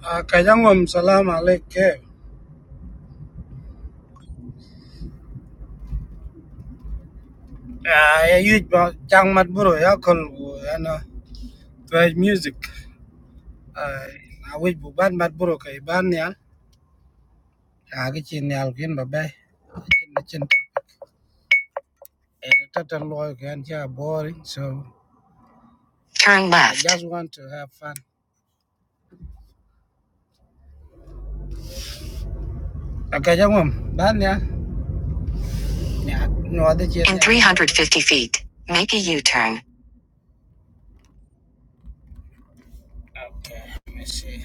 Kajang'om Salam Alaik Kev. I used Jang Matburo Yakol and Twitch music. I wish Buban Matburo Kaibanial. Agachin Alvin Babe. Total lawyer can hear boring, so turn left. I just want to have fun. Kajang'om, Banya. No other chin. In 350 feet. Okay, let me see.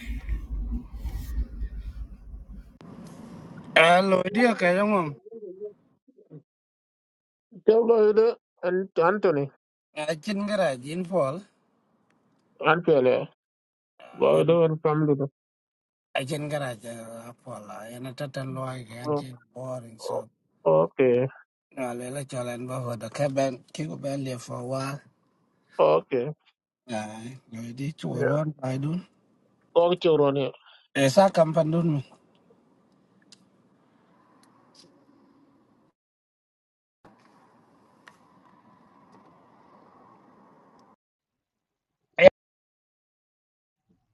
Hello, dear Kajang'om. Tell lo ide and Anthony I Chin Garage in Fall. and Pele. Lo And ide and family. do. I can get a Apollo and a Tatan Loy and Oh, Jim boring. oh, So, Okay, no, Lela Cholan Baho, the cabin, Kiko Belly for a while. okay. Aye, no, it is to a Yeah. one, I do. Okay, children. Yeah. Esa Campandun.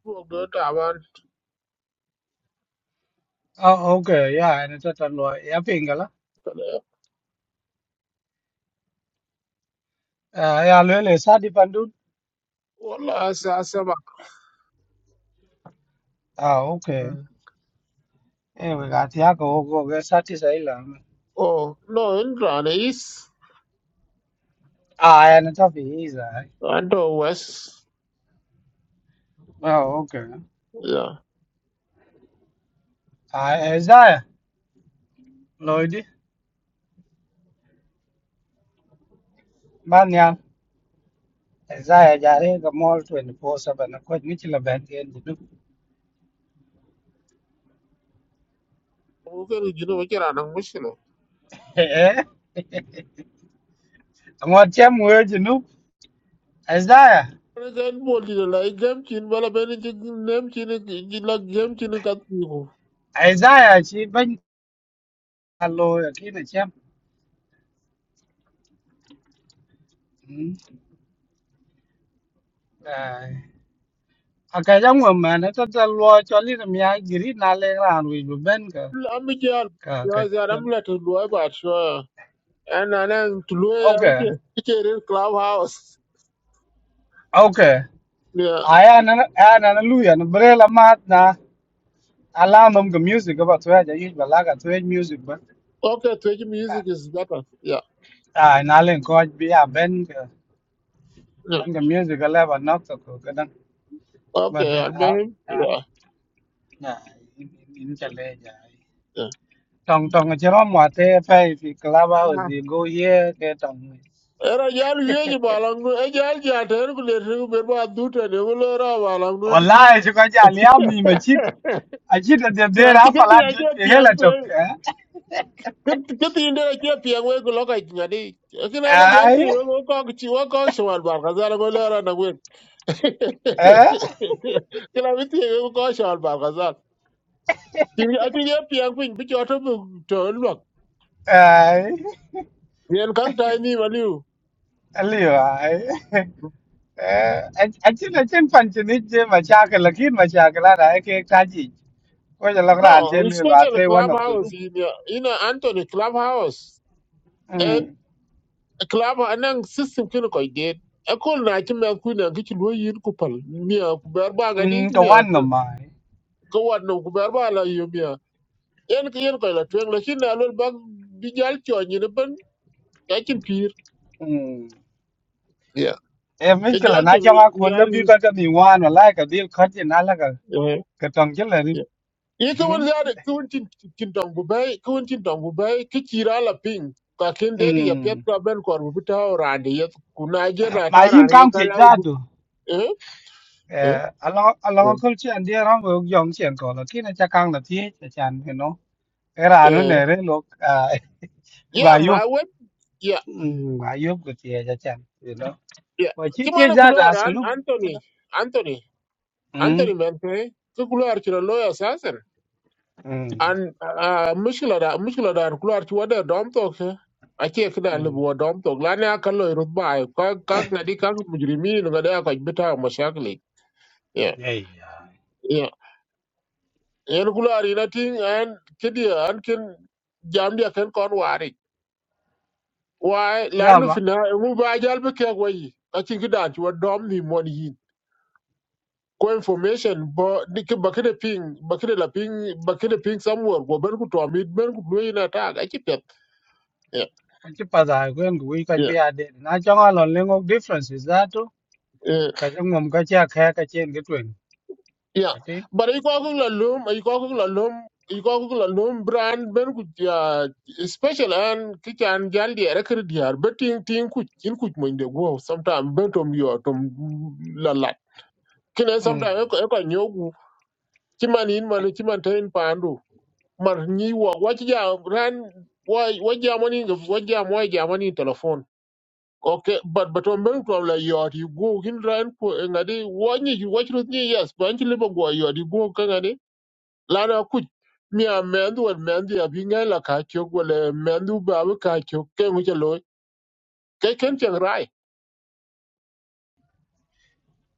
Go go to Avan. Ah, okay, yeah, and it's a lo ya pingala. Pele. Ah, ya lo le sa di pandun. Wala asa asa bak. Ah, okay. Mm. Eh, we got ya go go ge sa ti sai la. Oh no, in Rana is Ah, and it's a visa. and to West. Ah, okay. Yeah. Ah, esa ya. Lo e di. Isaiah jare ga mol 24/7 na ko ni chila ben gen jinu. Okay, you know what you're on. Mushroom. Eh. Amot chem wo jinu. Isaiah. President Bolton, like them chin, well, a benefit name chin, chin like them chin, that people. Isaiah chi ben alo ya ki na chem. Ah. Aka jang wo ma na ta ta lo cho li na mya giri na le ran wi bu ben ka I'm a jar. ka ka. Yeah, yeah, ka- I'm letting do about sure. And then to Louis, Okay. everything. It's a real clubhouse. Okay. Yeah. Aya na aya na na lu ya na bre la mat na ala nom ga music e ba to ya ja yi ba la ga to music ba. Okay, Twitch music is better. Yeah. Ah, na len ko bi ya ben yeah. and the music I love not so good but Okay, I the uh, mean, uh, yeah. yeah in in in Chile yeah yeah. tong tong chỉ có một thế phải thì club house thì go here cái tong Era jal yeji balang nu e jal jater ku le ru ber ba dute ne wo le ra balang nu ti online chứ có chả liam gì mà chít à chít là đẹp đẽ na ti ra ke phải pi là a chít ke thì pi hết là an chọc ku ke ti inde ke pi an we ku lo ka ti ngadi e ke na ba jal ai ti wo ko ko ti wo ko shwal ba ka za go le ra na we ai ke na ti wo ko shwal ba Thì I think yep yang ping bi cho to to look. Yen kan tai ni ma liu. ai liệu ai à chít là trên phần chân ít chứ mà cha cái là khi mà cha cái là đấy cái cái gì có chả lắc ra anh No, chơi lừa là especially thế one of the clubhouse room in your in a Anthony clubhouse. A Ừ. club anang system kin ko did. A kol na ki me ku na ki ki lo yin ku pal. Mi a ku ber ba Ừ, ga di cái mi a quan ngầm mà ko wat no ku ber ba la yu mi a. Yen ki yen ko la twen la kin na lo ba bi jal cho ni ne ban. Ya kin pir. ừ. Yeah. em biết Ke cái là jol te nói trong mi ác quân lớp yar biết ni. con cái mình ngoan mà lại cái điều khó thì nói là cái cái tầng chất là đi yi ka ừ. wen zare ka wen tin tin tong bu bai ka wen tin tong bu bai ka chira la ping ka ken Ừ. de ya pet ka ben kor bu ta ran de ya ku na je na mà ta yên ran ye cam ka thì la ra bu được eh eh ờ alo alo eh không chuyện đi nó vừa dòng chuyện cổ là khi nó chắc căng là thiết là chán thì nó cái là nó eh. nè đấy lúc à bà ya yêu ma we ya ừ, bà yêu của chị là chán thì nó ya và chị ti thiết mana ra ku là sẽ lúc cái anthony đó anthony ừ anthony men pe ka ku lo ar chira lo ya sasen ừ an ah, mushkila da mushkila da ku lo ar chwa da dom to ke ake kida ừ lebuwa dom to la ne aka lo rut ba ai ka ka ngadi ka mujrimin ngada ka bita mashakli yeah yeah yen kular ina ting an kidi an ken jam dia ken kon wari why yeah landu fina mu ba jal be ke wai a cin gida ci wa dom ni mon yin ko information bo dik bakide ping bakide la ping bakide ping somewhere go ben ku to mi ben ku do ina ta ga ci pet yeah Chứ bà già quên của quý cái Kachi pada kwen kui kachi yeah bi ade. Na chonga lon lengo differences that too. yeah. Kachi ngom kachi akhe kachi en gitwen. Yeah, Kati. but I go la lum, I go la lum, I go la lum brand ben ku ya special an ki kan gal di ara kir diar betin tin ku tin ku mo inde go sometime betom yo tom la la kine Mm. sometime e ko e ko nyogu ti man in man ti man ten pandu mar ni wo wa ti ja ran wa wa ja mani ga wa ja mo ja mani telephone Okay, but but on ben problem yo ti go kin ran ko ngadi wo ni wo chru ni yes ban ti le go yo di go lana kuc mia mɛɛnd wɛt mɛɛnd ya bi ŋɛn la kaa cök wɛl mɛɛnd u bi kaa cök ke ŋu cɛ looi ke ken piɛŋ raai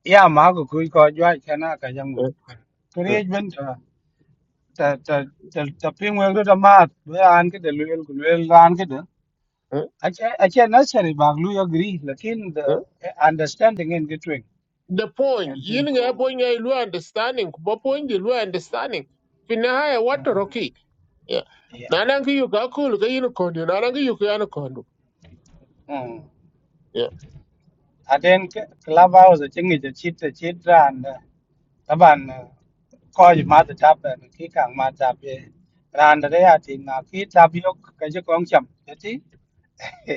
Ya ma ko kui ko jwa cái kachi ngom. Eh, Kuri eh, ej ben ta ta ta ta ta ping weng do ta mat. Do ya an kide luel ku luel ga an kide. eh, Ache ache necessary bag lu agree lakin the eh. understanding en gitwen. the point And yin think ŋɛ ko pony ŋɛ lu understanding ku bɔ pony di lu understanding fi nihaya watoro mm, ki Yeah. yeah. nanan ki yu ka kul ka yin kondi nanan ki yu ka yan kondu Mm. yeah Aden cái club house chingi chit chit ran. Taban ko ji ma ta ta pe no ki kang ma ta pe ran da ya ti na ki ta bi ok ka ji kong cham ya ti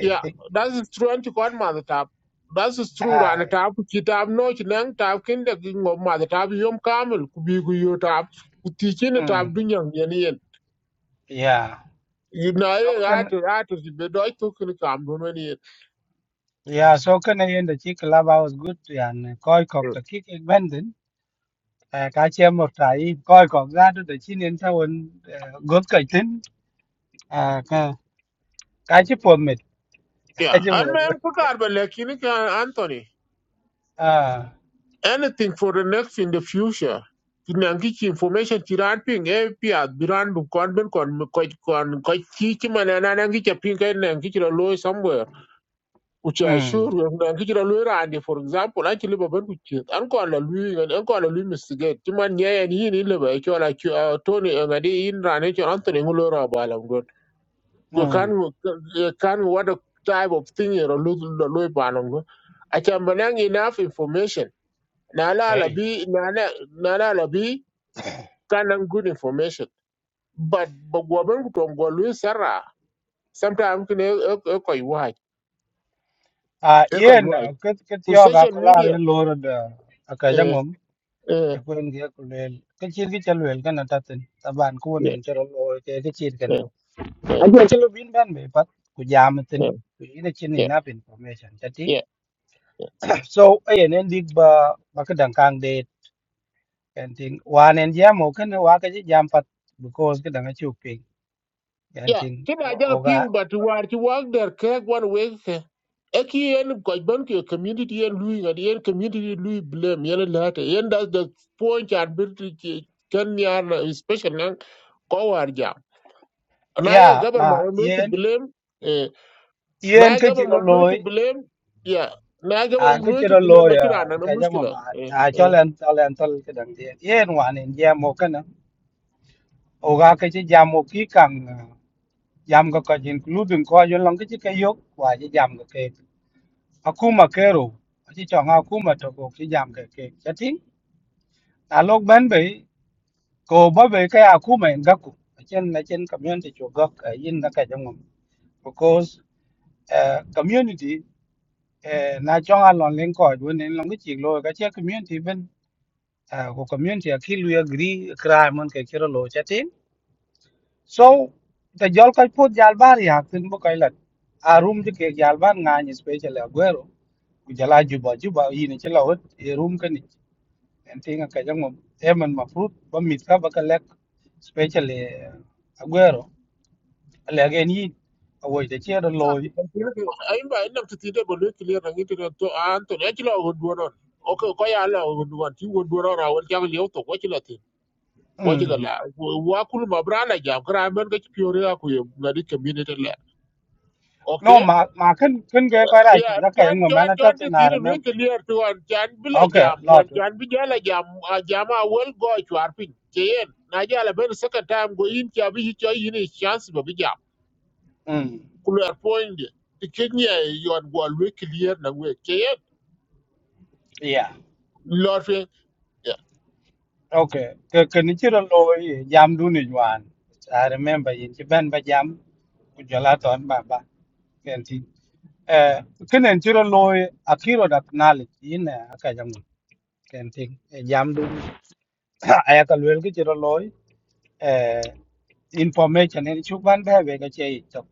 Yeah, that is true anti kon mother tap that is true ran ai tap ki tap no ki nang tap kin de ki ngom mother tap yom kamel ku bi ku yu tap ku ti kin tap mm du nyang yen yeah yibna so ye kan atur atur be doy to kin kam don woni yeah so kan ne yen da chi club house good ya ne ko ko ta ki ke ben din eh, ka che mo tai ko ko ra do da chi nên sao won god ka tin à, ka ka chi po me ka yeah chi po and mem ko kar ba lekin ka anthony À, anything for the next in the future kinangi chi information ti ran ping e pia biran bu kon ben kon ko kon ko chi chi mana na nangi cha ping ka nangi chi lo somewhere which Ừ, i sure nangi chi lo randi for example anchi liba ben ku chi an kon la lui an kon la lui mistigate ti man ye en yin ile ba chola chi tony ngadi in ran e chon anthony ngulo ra ba la Ừ, you can you can what a type of thing you lose the loy panong I can bring enough information nala cái, labi nala nala labi can good information but but woman from Golu Sarah sometimes can echo you white à echo you yên à, white cái cái to tiêu gà social có là media cái lô rồi đó À, cái uh, giống uh, akwên ge ko lel ke chir ki chal wel kana tatin taban ko ne yeah chero lo ke ke chir kana yeah yeah akwên chelo bin ban be pat ku jam tin yeah ku ina chin ni yeah nap information chatin yeah. so ayen en dik ba ba ka dang kang de kan tin wan en jam o kana wa ka ji jam pat because ka dang a chuk ping kan ya tin ki da o jang ga ping but war ti wag der ke wan we ke e ki yen ko ban ki community yen lui ngad yen community lui blame yen la ta yen das the point and bit ki kan ya special nan ko war ja na ya ye ma government lo ki yen blame eh, yen na ye ke chiro government lo ki loy blame ya na ye à government cái lo chế ki đó blame lôi à akira na na cái giống mà mushkila bà- à cho lên cho lên tôi cái đằng tiền yên hoàn hiện ra một cái nữa. oga ke che jam o ki kang ah, jam ko ko jin including ko yo long ke che ke yo wa che jam ko ke akuma kero che chong akuma to ko che jam ke ke che ting a lok ban be ko ba be ke akuma en ga ku chen na chen community chu ga yin na ka jong because eh, community eh, na chong a lon len ko du nen long ke chi lo ga che community ben ah, ko community a ki lu agree crime mon ke chiro lo che ting So the Jolkoi put Jalbar Yakin Bukailat. A room to cake Jalban Nan, especially Aguero, Ujala Juba Juba, in a chill a room can it, and think a Kajam em and Mafruit, but Mitka Bakalek, especially Aguero, Legan Yin, away the chair Isa, loy. ayimba inem ti tide bolu clear na ngi tide to an to ne chilo wo duoron. Oke ko ko ya la wo duon ti wo duoron a wo chang liu to ko chilo tin. Wo chilo la wa kul ma brana ja kra men ga ti piore ya ku ye ngadi community la. No, Oke? ma ma can can get quite right, Ya but that John Kayam John man at all, John ti and I tide lu remember. clear to an chan bila Okay, jam lot. wan chan bi jala jam a jama wel go chwar pin. Chen na jala ben second time go in ti abi cho yin chance ba bi jam. Mm. Kuler point ti kenya yon go lu clear na we. Yeah. Lord, yeah. Okay, ke kenichiro loy jam duni juan. I remember yin chi ben ba jam kujala ton ba ba kenti. Eh kenen chiro loy akiro da knali yin eh, aka jam kenti eh, jam duni. Aya ka lwel ki chiro loy eh information en chuk ban ba we ga chei to.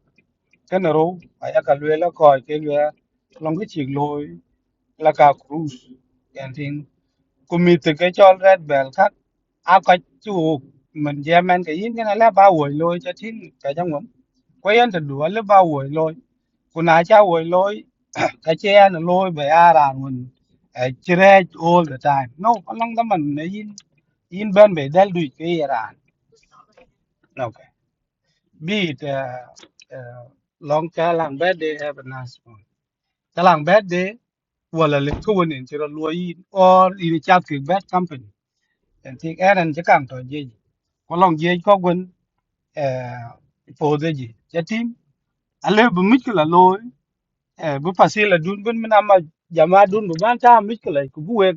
Kenero aya ka lwel ko ke lwel long ki chig loy la ka cruise kenti. ku mi từ cái chol red bell khác, áo cái chu mình je men cái yin cái này là ba wo lôi cho tin cái jang mum quay anh thật du le ba wo lôi, cô na cha wo lôi cái che an lôi về a ran un che re all the time no ko lang da man ne yin yin ben be dal cái ke ran no ke bi te long ka lang be de have a nice one ka lang be de wala le ko wonin che ro lo yin or in a chat ke bad company chẳng tiếc ăn ăn chắc càng thôi gì có lòng gì có quên phô thế gì chắc tim à lê bấm mít cái là lôi bấm phát xe là đun bên mình làm mà giờ mà đun bấm ăn cha mít cái là cũng buê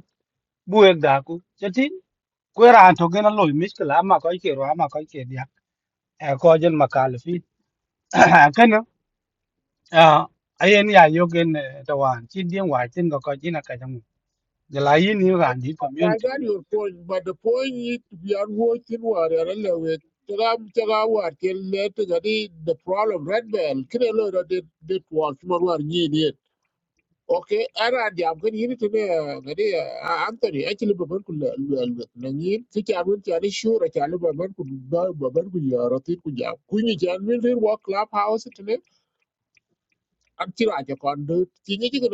buê đã cũng chắc tim quê ra thôi cái nó lôi mít cái là mà có ý mà có ý kiến à có dân mà cả là phi cái à ai anh nhà yêu cái tao hoàn chín tiếng ngoài có coi chỉ là cái trong giờ lại yên yên I làm đi I community got your point, but the point is we are watching war and Chagam Chagawar till later the problem red bell. Kirelo did did was more war need it. Okay, ara diam kan yini tene gade Anthony actually babar ku lel nan yin ti ta mun ta ni shura ta lu babar ku babar ku yaro ti ku ja ku ni jan min rir clubhouse? club house i am ti ra ja kon do ti ni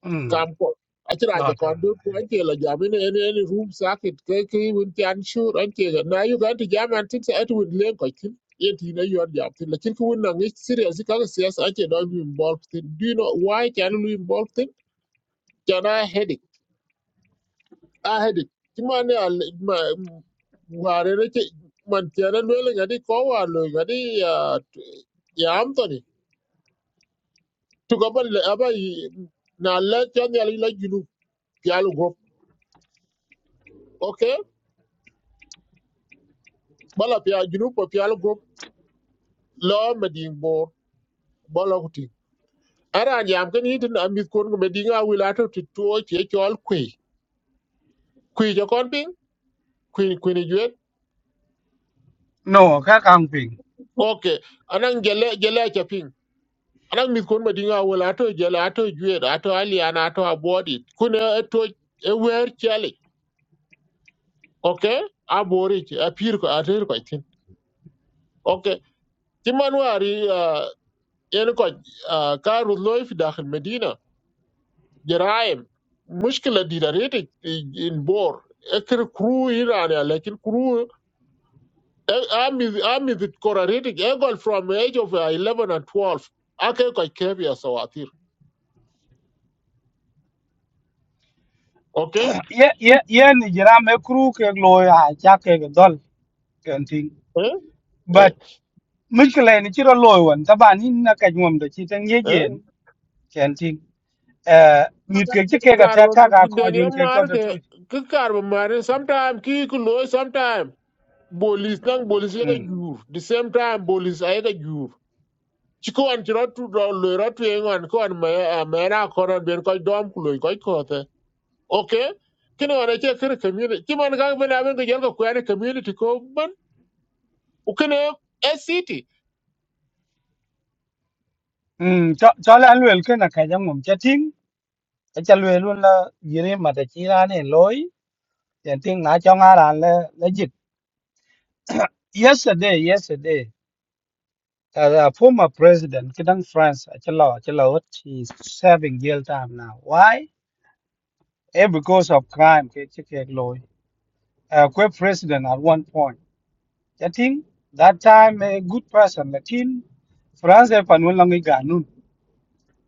ừ kam ko achira lo ja chuyện kon do ko anke la jamin en en room sakit ke ke won tan shur anke ga na yu ganti jaman tin at won len ko tin yeti na yor jam tin la kin ko won na ngi serious ka ga serious anke do mi involved tin do you know why can you involved tin can i headache i headache ti man ya ma ware ne ke man tera no le ngadi ko wa lo ngadi ya ya Anthony to ni to go ba aba na le chan ya la junu ya go bala pya junu po pyal gop lo meding bor bolo kuti aran yam ken yitin amit kon ko medinga wilato to to che chol kwi kwi jo kon ping kwi kwi ni juet no các ông oke anan gele gele cha ping anan mit kon medinga wilato gele ato juet ato aliana ato abodi kune e to e wer chali oke abori apir ko ater ko tin oke timan wari en ko ka rut loy fi dakhil medina Jereem, most people did not read it in bore. Every crew here are like, but crew, every every that correct it. Even from age of uh, eleven and twelve, I can go carry as our teacher. Okay? ye ye ye ni jira me kru ke loy ha cha ke ga dol ken ting Eh? but mikle ni chiro loy won ta ba ni na ka nyom de chi ten ye Eh? jen ken ting eh mi ke chi ke ga ta ka ga Carve, ko jun Daniel ke to Mark. de tu Carve, my friend. Sometimes, keep the noise. Sometimes, police, then police like mm you. The same time, police like you. You can't write to write to anyone. You can't, may I may I can't bear. I can't do. I can't go out. okay kene wana che kere community ti man gang bena ben gel ko kwani community ko ban u kene city mm cho cho la luel ke na ka jam mum cha ting ta cha luel luôn la yire ma ta chi ra ne loy ken ting na cho nga ran le le jit yesterday yesterday as a former president, Kidang France, Achalaw, Achalaw, he's serving jail time now. Why? eh, because of crime ke che ke loy uh, que president at one point i think that time a good person lakin france panun lang ganun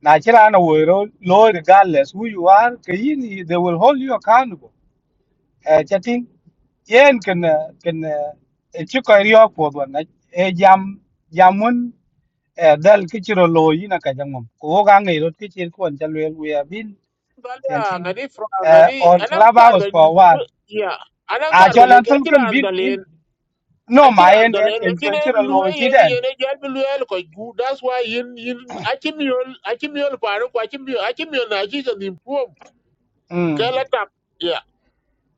na chira na wo ro loy regardless who you are ke yin they will hold you accountable uh, i think yen can can che ko rio po do na e jam jamun eh, dal ke chiro loy na ka jangom ko ga ngi ro ke chir kon chalwel we have been i dalya think ngani fra uh, ngani on anan kar clubhouse ben for a while ya anan à kar cho ben lan leke thân akira cần bin bin andalen no mà akira en en andalen cần chơi lekine chơi là luwe lôi chi yene đen yene gel bi luwe ko gu that's why yin yin akimiol akimiol paru ko akimiol akimiol na ji ka nim pum um kala tap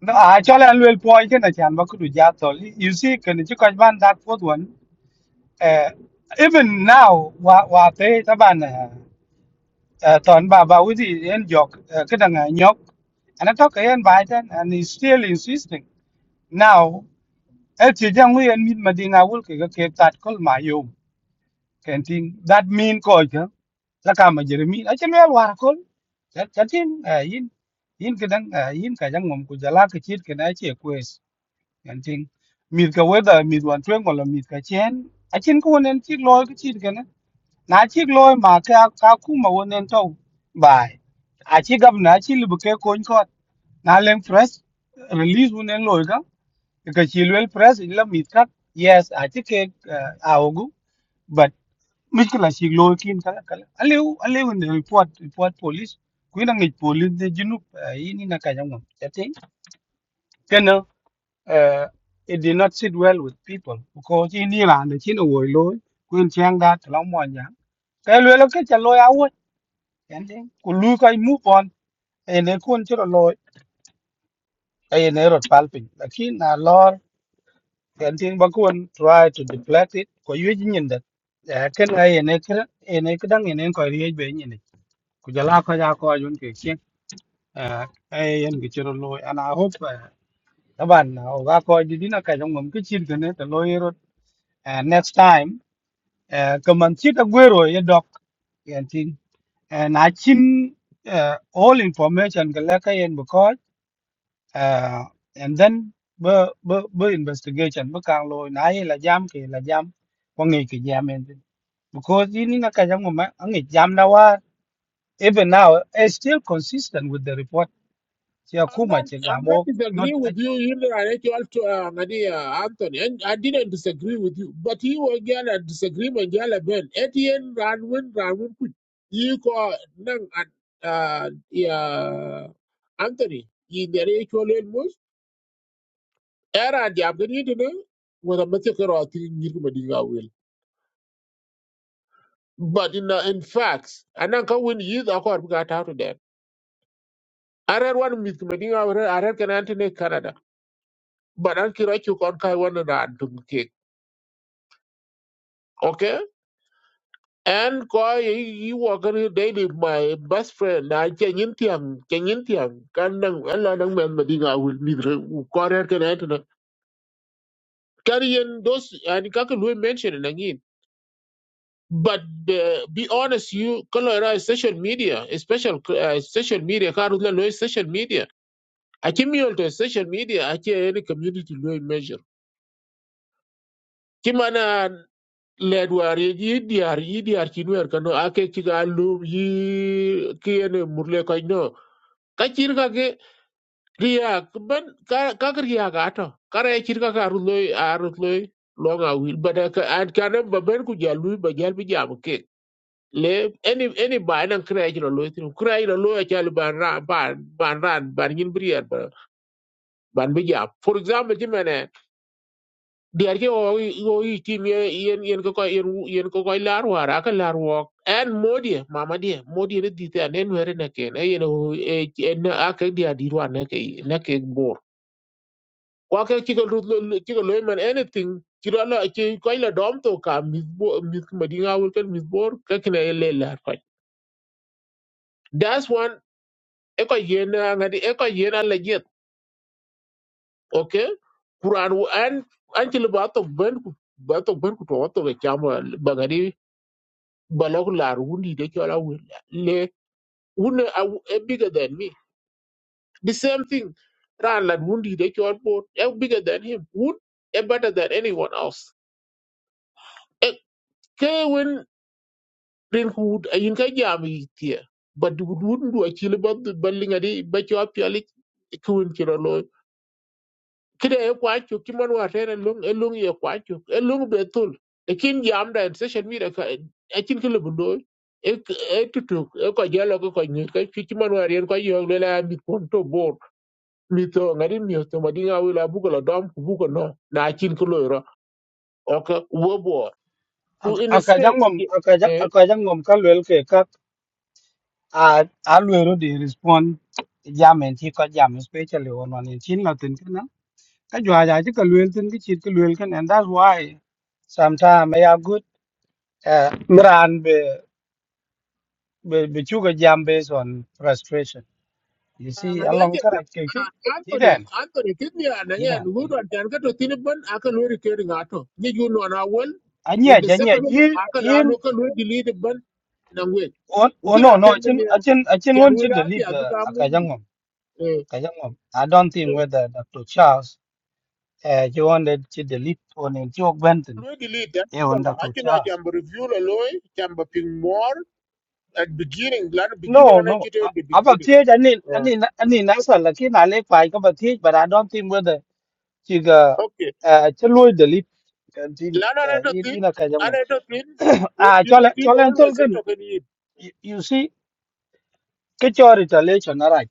no à cho lan luyện point cái này chẳng bao giờ giá thôi you see cái này chỉ có bạn, đặt phốt vấn eh even now wa wa thế ta ban này toàn bà bà uzi gì en jok cái đằng này nhóc and I talk cái em bài Biden and he's still insisting now el chi jang wi en mit cái cái cái ke tat kol ma kenting that mean ko ka la ka ma jere mi a che me war ko cha cha tin eh, yin yin ke dang eh, yin ka jang mom ku jala ke chit ke na che kwes kenting mi ka weda mi wan twen ko la mi ka chen a chen ko nen chik loy ke chit ke na na chik loy ma ka ka ku ma wonen to bai a chi gab na chi lu ke ko ko na lem fresh release wonen loy ka ka chi lwel fresh la mi ka yes a chi ke a ogu مشكلة شيء لو كين كلا كلا أليو أليو إن report report police كوينا نيج police the جنوب يني نكاجمون تاتين كنا it did not sit well with people because in Iran the China war lo kuin chang da tlam mo nya ka lo lo ke cha lo ya wo yanting ku lu kai move on and they kun chro lo ay ne rot palpin lakin na lor yanting ba kun try to deflect it ko yu jin that ken ay ne kra ne kdang ne ko ri be kujala ko ja ko yun ke kien eh yen ke chiro loy and i hope eh, taban ah, o ga ko di dina ka jong mum ke chin tene to loy ro Eh, next time eh, ka man chi ta gwero ye dok yen tin and i chin eh, all information ke la ka yen bu ko eh, and then bu bu bu investigation bu kang loy na ye la jam ke la jam ko ngi ke jam en tin because ini na ka jong mum ngi jam na wa even now it's still consistent with the report ci I'm akuma not. ci I'm not gamo not disagreeing with you. You know, I actually to uh, Ngadi, uh, Anthony, and I didn't disagree with you. But you were girl a disagreement. Girl, a ben. At the end, ran win, ran win. Quick. You call nang uh uh yeah Anthony. You there actually most. Era di abgani to know. Wala mati kero ati ngiru madinga will. But in uh, in facts, anang ka win youth ako arbi gata out there. Arer one with madinga arer arer kan Anthony Canada. But ankiro chu kon kai one ran to okay and ko you work daily my best friend na che nyin tiam che nyin tiam kan nang ala nang men ma dinga will need ko re ken et na kariyen dos and kak lu mention na but uh, be honest you color is social media is special uh, social media kar la lo is social media a kimio to social media a che any community lo measure kimana led war ye yi diar yi diar chin wer kano ake chiga lum yi kiyene murle ko no ka chir ka ke riya ban ka ka ki riya ka to kare chir ka ka ruloy aruloy long a wil but ka an kanam ba ben ku jalu ba jal bi jam ke le any any ba nan kra jiro loy tin kra jiro loy chal ban ran ban ban ran ban yin brier ban bi jam for example jimene diar ke o o i tim ye yen yen ko ko yen wu- yen ko ko lar wara ka lar wo en modie mama die modie ne dite ne nwere ne ken e yen o e en ake dia di rwa ne ke ne ke bor kwa ke ki ko ru ki ko lo man anything ki ro la ki ko la dom to ka mis bo mis madinga wul ken mis bor ka kine e le lar ko that's one e ko yen ngadi e ko yen ala jet okay kuran an an ti le ba to ben ku ba to ben ku to to ke chama bagadi balok lar wundi de chola wundi le wundi a bigger than me the same thing ran lad wundi de chol bot a bigger than him wood a better than anyone else a ke when rin hood a yin ka jam yi tie but would not do a chill about the building a day but you are purely kun chiro kide e kwa chuk ci man tere lung e lung ye kwa chuk e lung be tul e kin jam da session mi da ka e kin kile bundo e e tutuk e ko jalo ko ko ni ka ci ci man war ko yo le la mi kon to bor mi to ngari mi to ma dinga wi la bu ko la dom bu ko no na kin ko lo ro o ka wo bor ku in akajang state mom akajang akajang mom ka lwel ke ka a a lwero di respond jamen ci ko jam especially on on in chin latin kana ka jwa ja ci ka lwel tin ki ci ka lwel kan and that's why sometimes i have good uh, mran be be be chuga jam based on frustration you see ngadi along aje. ka ja ke ci ti Anthony den Anthony kidni ana ti nya den lugu ti don tan ka to tin ban aka lo rike ringa to ni ju no na wal u anya de ja nya sefa yin aka la yin lo ka lo delete ban na we u on no kina no ken chin ni achin achin tian won we ci la bi delete adu ka mu ni akajang mom eh Kajangom. I don't think eh. whether Dr. Charles uh, he wanted to delete on in Joe Benton. lo delete an He on la an Dr. Charles. jam review la lo jam ba ping more at beginning la beginning No, ana no. kite Uh, the about beginning teach, I need, I Eh, need, I need answer. Like in I like five about teach, but I don't think whether she go okay uh, to Louis delete uh, in la na uh, to in tin in a Kajangom. ana to tin u Ah, tin Cholan tin Cholan always Tolkien. to ken You you see, get your retaliation, all right?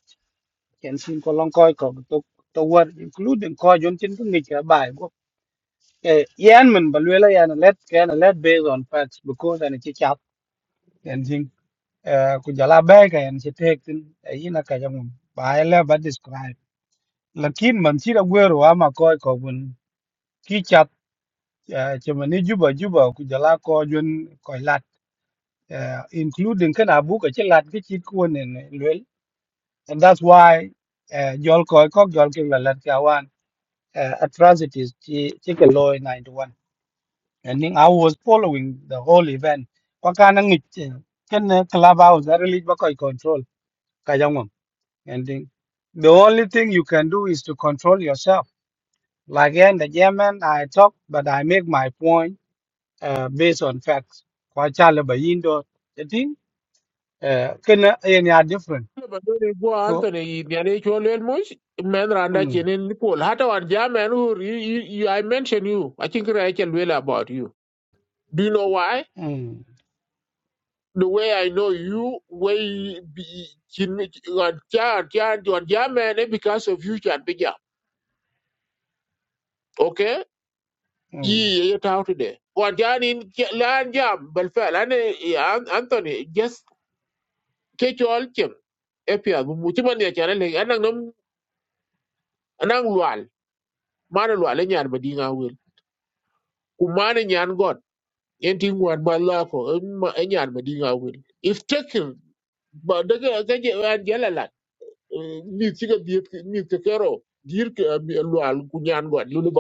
Can sing along Koi Kog to to work, including Koi Juntin to meet your bye. Eh, yan man balwela yan let cái là let based on facts because anh chỉ chat anh thing eh ku jala ba cái anh chi tek tin eh ina ka jam ba la ba describe lakin man chi da gwer wa ma ko ko bun chi chat eh chi man ni juba juba ku jala ko jun ko coi eh including kan abu ka chi lat ki chi ko ne lwel and that's why eh jol ko ko jol ki la lat ka wan eh atrocities chi chỉ cái loy 91 and then I was following the whole event. Kwakana ngit ken eh, clubhouse I really bakoi control kajangom. And then the only thing you can do is to control yourself. Like in the German, I talk, but I make my point uh, based on facts. Kwa chale ba yindo. The thing eh, ken any are different. ba dole go So, Anthony nyane cholel mush men randa mm, chenen Paul hata wan jamen who you, you, you I mention you I think I can well about you do you know why mm, the way I know you way be chin wan chan chan wan jamen eh, because of you chan bija okay mm. ye ye ta today wan jan in lan jam bal fel ane yeah, An- Anthony just catch all chem epia bu mutima ne chan le anang nom anang lual mana lual eh, nyar badinga kumane nyan got enti ngwan ba enyan ma dinga wil if taken but daga ga je an jalala mi tiga bi mi ke kero dir ke eh, mi eh, lwal ku nyan got lulu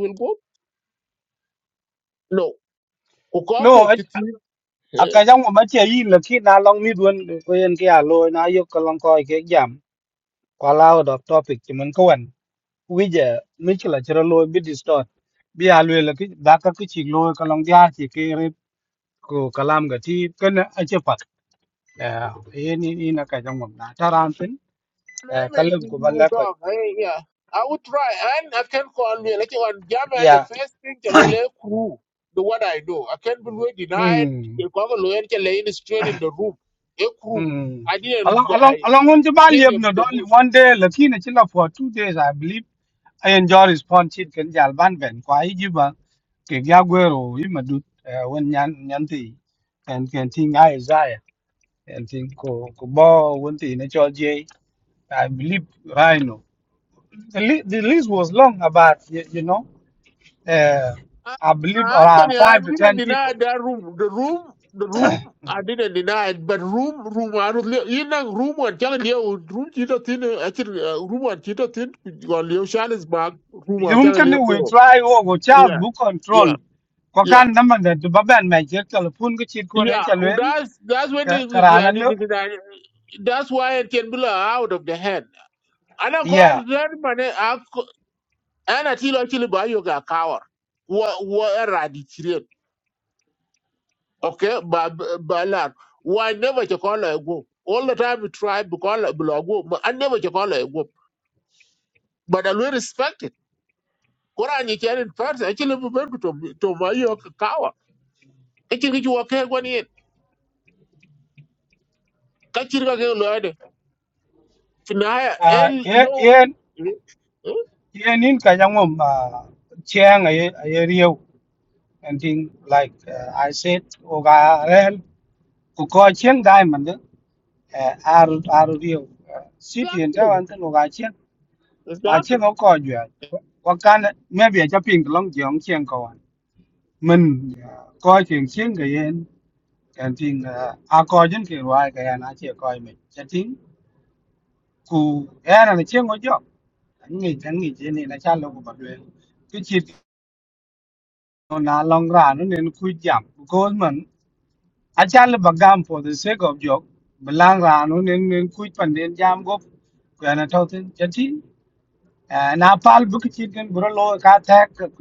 wil go no ko ko No, eh, kiti a kajangom bache yin laki na long midwan kuyen kia loy na yok kalong koi kek jam. Kwa lao dot topic chiman wije michila chiro lo bi distort bi alwe la ki daka ki chi lo ka long dia chi ki re ko kalam ga ti ken a che pat e ni ni na ka jang mom na taran pin and kalam ko you balla ko talk. Hey, yeah. I would try, and I can call me. Like on Jama, the ya first thing to really crew do what I do. I can't be denied. hmm You come and lay it straight in the room. A crew. hmm I didn't. along along I along on ji ba hit lieb the, no the only bush. one day la ki na chila for two days i believe i enjoy response chit ken jal ban ben kwa i ji ba ke ga gwero i madut won nyan nyan ti and can think I and think ko ko bo wonti ne chol je I believe Rhino. The, li- the list was long about you, you know uh, I, I believe around Anthony, I five to didn't ten deny people. that room. The room, the room, I Mm. didn't deny it. But room, room, I don't. li- You know, room and tell you, room, you don't think. room and you don't think. You Room and Yun tell kan we you, try wo go Charles yeah, book yeah, control ko yeah, kan naman da to baban mai je telephone ko chit ko ne yeah. chalwen That's that's when ka it is- yeah, karana it lo is- that- that's why it can be like out of the hand. And I got yeah that money. I co- and I tell actually buy your cower. What what a radical? Okay, but but like, why never to call a go? All the time we try because like below go, but I never to call a go. But I will respect it. Quran you can in person actually be to to buy your cower. Actually, you walk here one in. Kachirika ke loade في النهاية إيه uh yeah لو yeah yeah nin ka yangom uh chiang ay ay riu and thing like uh, I said o ga ren ko ko chiang dai eh, ar ar riu city in ta exactly wan ta no ga chen a chen exactly ko ko ju ko kan me bia cha ping long jong chen ko wan mình coi chen chen cái yên, cái ting à coi jen ke wa cái ya na che ko me cha ting ku ya na chen ko jo ngi tan ngi chen này là cha lo ko ba le ki chi là long ra nó nên khui jam ko mình a cha le ba gam for the sake of jok belang ra nó nên nên khui phần den jam go cái na thau tin cái ting Ah, na pal bu ki chit ken bro lo ka ta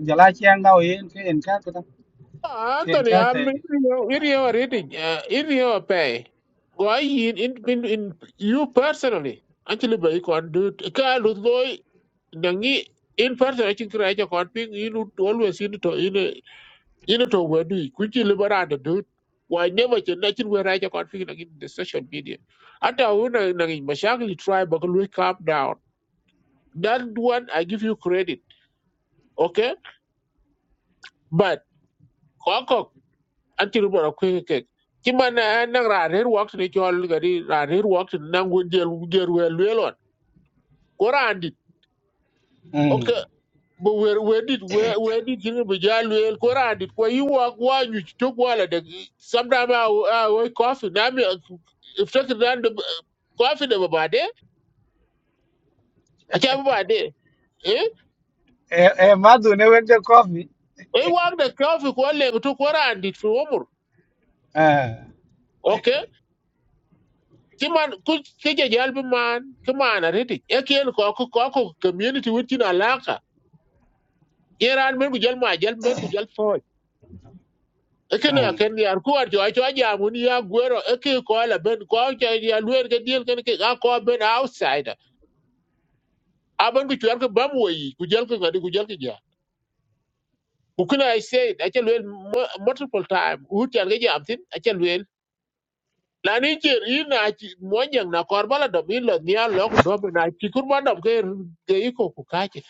jala chiang da o yen ke en ka ta ke en Anthony ka ta I'm in ke your in your reading uh, in your pay why in in in, you personally actually by con do ka lu loy nangi in person I think right con ping you would always in to in in to wedu kuchi liberate dude. why never can nothing where I can ping in the social media ata una nangi mashakli try but calm down that one I give you credit Okay. but kokok anti boro kwe ke ci man na ran her wak ni chol gari ran her wak na ngu jel jer we lwelon ko randi mm okay bo wer wedit we wedit ni bo jal wel ko randi ko yi wak wa nyu to wala de sometimes i will- I will coffee na mi if take that the coffee de ba de a cha ba de eh e e ma du ne wen de coffee we wak de coffee ko le to ko randi fi umur eh ki man ku ke je jal bi man ki man a reti e ken ko ko ko ko community wit tin alaka yeran men ku jal ma jal men ku jal so e ken a mm ken yar ku ar jo jo ja mun ya gwero e ke ko la ben ko ke ya luer ke diel ken ke ga ko ben outsider aban ku chwer ke bam wo yi ku jal ke ngadi ku jal ke ja ku kena i said a chel wel multiple time u tan ke jam tin a chel wel la ni jer ina chi mo nyang na korbala do mi lo nya lo ku do na chi kur ma dom ke ke iko ku ka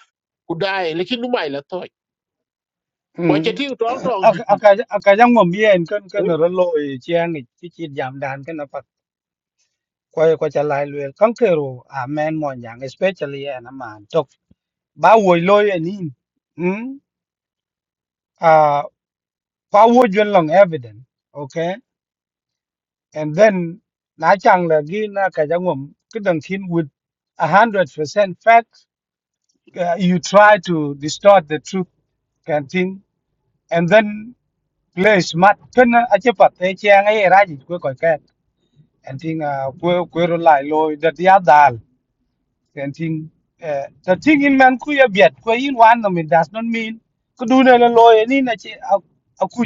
ku dai lekin du mai la toy ko mm che ting tong tong ju chi aka aka jang mom yen ken ken ro lo e chiang ni chi chit jam dan ken pa quay ko cha lai lue kan ke ro a men mon yang especially an man tok ba wo lo yen ni mm ah pa wo juen long evident ok? And then na chang la gi na ka jang um kedang thin with a hundred percent fact uh, you try to distort the truth can thing and then play smart ken a che pat e chang ai ra ji ko ko ka and thing uh, ko ko ro lai lo that ya dal can thing uh, the thing in man ku ya biat ko in wan no it does not mean ko du na lo lo ni na che a a ku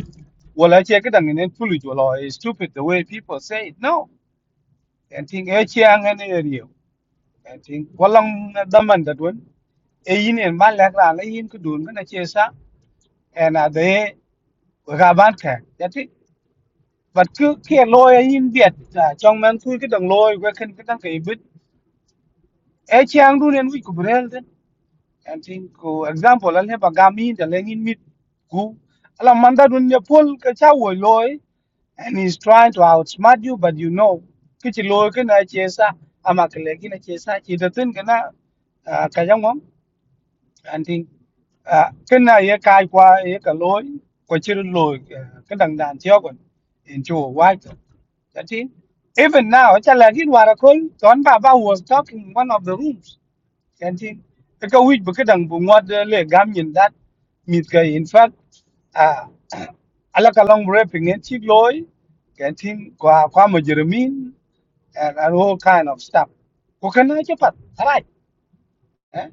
wala che kedang ne pulu jo lo is stupid the way people say it no en ting e chiang en eriu en ting walang daman da dun e yin en ban lek ran la yin ku dun na che sa en a de ga ban ka ya ti bat ku ke loy a yin biet ta chong man ku ke dang loy we ken ke dang ke bit e chiang dun en wi ku brel den en ting ku example al he ba ga mi da le yin mit ku ala man da dun ne pol ka cha wo loy and he's trying to outsmart you, but you know, kichi loy kena chesa amakle kina chesa chidatin kena kajangwam and thing kena ye kai qua ye ka loy ko chiru loy kedang dan tiyo kon in chuo wai to that thing. even now chala kin warakol John baba was talking in one of the rooms kanti ka wij bu kadan bu ngwat le gam nyin dat mit ka in fact a ala ka long rapping en chik loy kanti kwa kwa ma jeremin and and all kind of stuff ko kana che pat right eh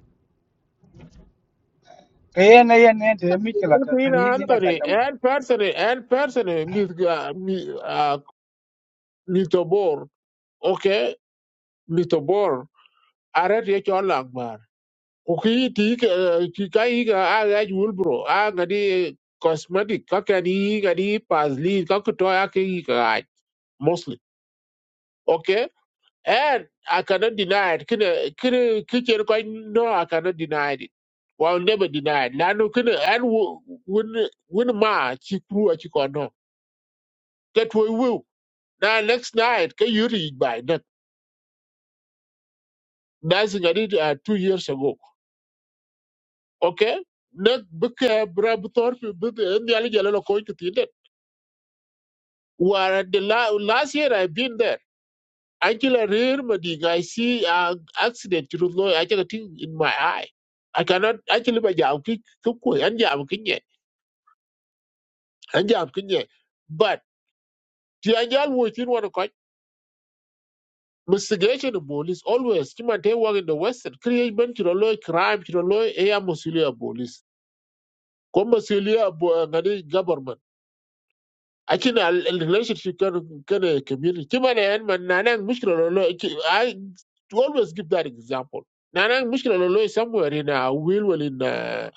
ka yen yen yen te mi kala ta ta queen ni ni na ka anthony jang and person and person mis ah, mr bor okay mr bor aret ye chon lang bar ku ki ti ke ki kai ga a jul bro a ga di cosmetic ka ka di ga di pasli ka ko to ya ke ga mostly okay And I cannot deny it. Kina kina kitchen quite no, I cannot deny it. Well never deny it. Nano kina and win win ma chi crew a chikono. That we will. Now next night can you read by that? That's what I did uh, two years ago. Okay? Not because Brabthorpe but the only jalo coin to think that. Where the la- last year I've been there. Actually, rare mading. I see uh, accident. You know, I take a thing in my eye. I cannot actually by jam ki kukui and jam kinye and jam kinye. But the anjal wo tin wana kwa investigation of police always kima te work in the western create man to loy crime to loy area musulia police. Come, musulia bo ngani government. Actually, al- al- relationship can can a community. Chimane and man nanang mushkila lolo. ki- I always give that example. Nanang mushkila lolo is somewhere in a will well in a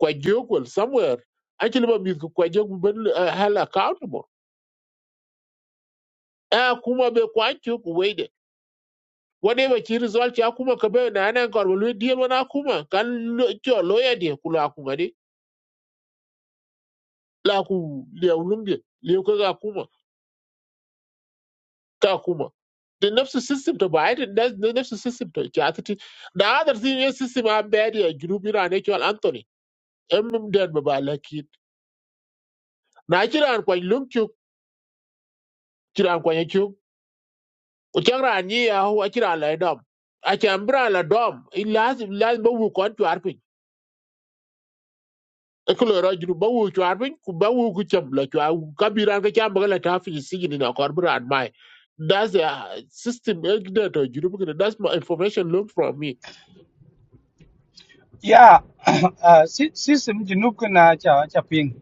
kwajokwel somewhere. Actually, but with kwajok ben held accountable. Ah, kuma be kwajok wade. Whatever she result ya kuma kabe Nanang anan kor will deal wana kuma kan lo- cho lawyer de kula kuma de la ku le ulum de le ka kuma ka kuma. The nervous system to buy it, the the nervous system to chat The other thing is system I'm bad here, group in an actual Anthony. Em dead by like it. Nigeria and Quan Lumchuk, Chiran Quan Chuk, Uchangra and Yea, who are Chiran La Dom. A Chambra La Dom, in last last Bowu Quan to Arpin. A Colorado Bowu to Arpin, Kubawu Kuchambla to Kabira Kambala Tafi is singing in a corporate and my. That's the uh, system eh, that uh, you look at it. That's my information looked from me. ya a system jinu kana cha cha ping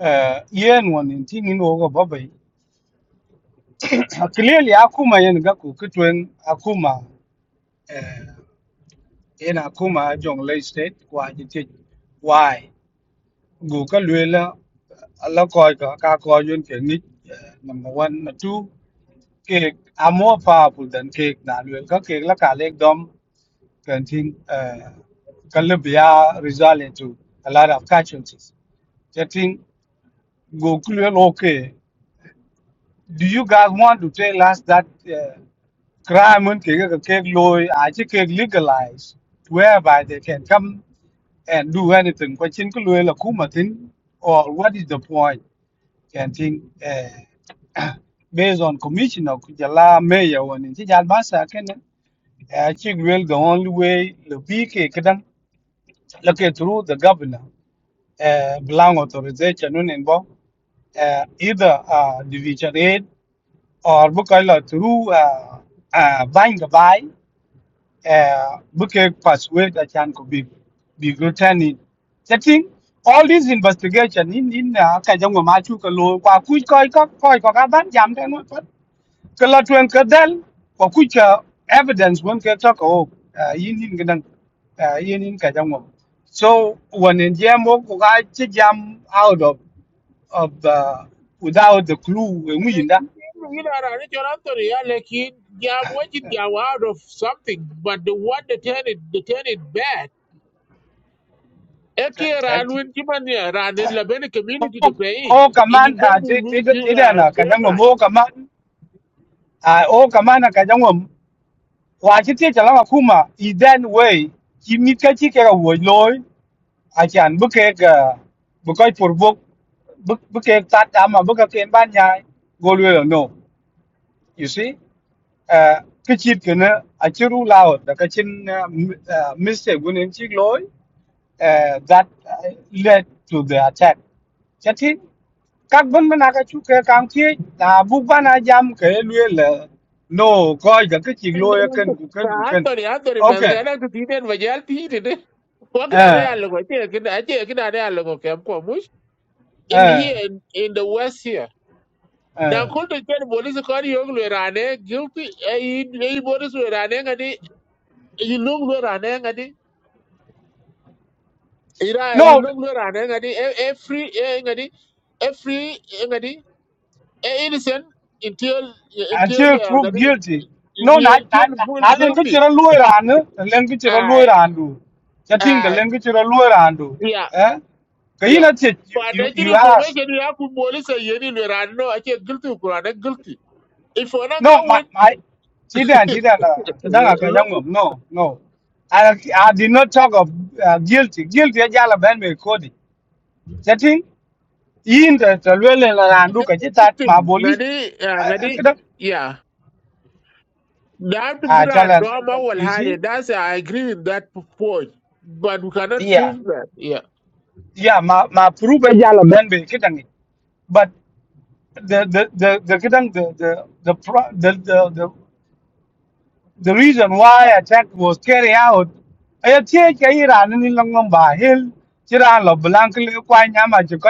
eh yen won in tin ni no go babai clearly akuma yen ga ku kitwen akuma ina kuma a jong lay state kwa ji chỉ why gu ka lwe la la ko ka cả coi yun cái ni number 1 na 2 ke are more powerful than cake na lwe cái cake la ka lek dom cái tin Calabria result into a lot of casualties. I think go clear okay. Do you guys want to tell us that uh, crime and cake cake law are actually legalized whereby they can come and do anything. Question Kulwela Kumatin or what is the point? Chanting uh, based on commissioner Kujala Mayor when in Jalbasa can achieve well the only way the PK can look at through the governor. Uh, belong authorization nun in bo uh, either uh, division aid or book through uh, uh, buying the buy uh, Bukek persuade that can could be be returning. The thing, all this investigation in in uh, kajang ma chu ka lo kwa ku koi ka koi ka ban jam ta no pat ka la tuen ka dal kwa ku cha evidence won ka ta ko in in ga dang in in kajang ma so when in jam wo ko ka jam out of of the without the clue when we Lekin, in da you know, I reach out to the Lekin, yeah, watching yeah, out of something, but the one that turn it, they turn it bad. ka Eke ran when ka Jimania ran in Labene community to pay it. o ka man In a de de Bergu, de na kajang ma a o kamana ka jangwa wa chi tie chala kuma i den way chi mit ka chi ke ga wo loy a chan bu ke ga bu kai por bu bu ke ta ta ma bu ka ken ban nya go lwe lo no you see uh ke chi ke na a chi ru lao da ka chin uh, m- uh, mistake gun en chi loy uh, that uh, led to the attack Chatin các vấn bên ác chú cái càng thi là bục ban à jam cái luyện là no coi cái cái chỉ lôi cần của cần của cần Anthony, Anthony, ok man, can I to eat and Vajalti eat it? What can I ờ look at? I can I can I look at Kamush? In ờ here, in, in the West here. Now, ờ could the police call you Rane guilty? Eh, you- you police were running You yilum lo rane ngadi ira no yilum lo rane ngadi every ngadi every ngadi e innocent until until until uh, proved ngadi guilty no na until na full na lên cái guilty chữ lôi ra nữa lên cái chữ lôi ai ra đủ chắc chắn là ai lên cái chữ lôi ra đủ yeah eh cái gì yeah nó chết but you you actually you ask information you have to police yeni lo rane no actually guilty or not guilty if one ka No, my, win my, Chidan, Chidan, uh, Kadanga Kajango, local no, no. I, I did not talk of uh, guilty. Guilty, I jala ban me kodi. Chatting, in the Talwele and look at it at my victim police. ngadi ah, I ngadi could have, yeah They have to be I around jala, Dom Awal you see? That's I agree with that point, but we cannot Yeah, prove that. Yeah. yeah, my, my proof a jala ban me kitangi. But the, the, the, the, the, the, the, the, the, the, the, the, the, the, The reason why attack was carried out, I think Iran ni long ba hill, Iran lo blank le kwa nyama chiko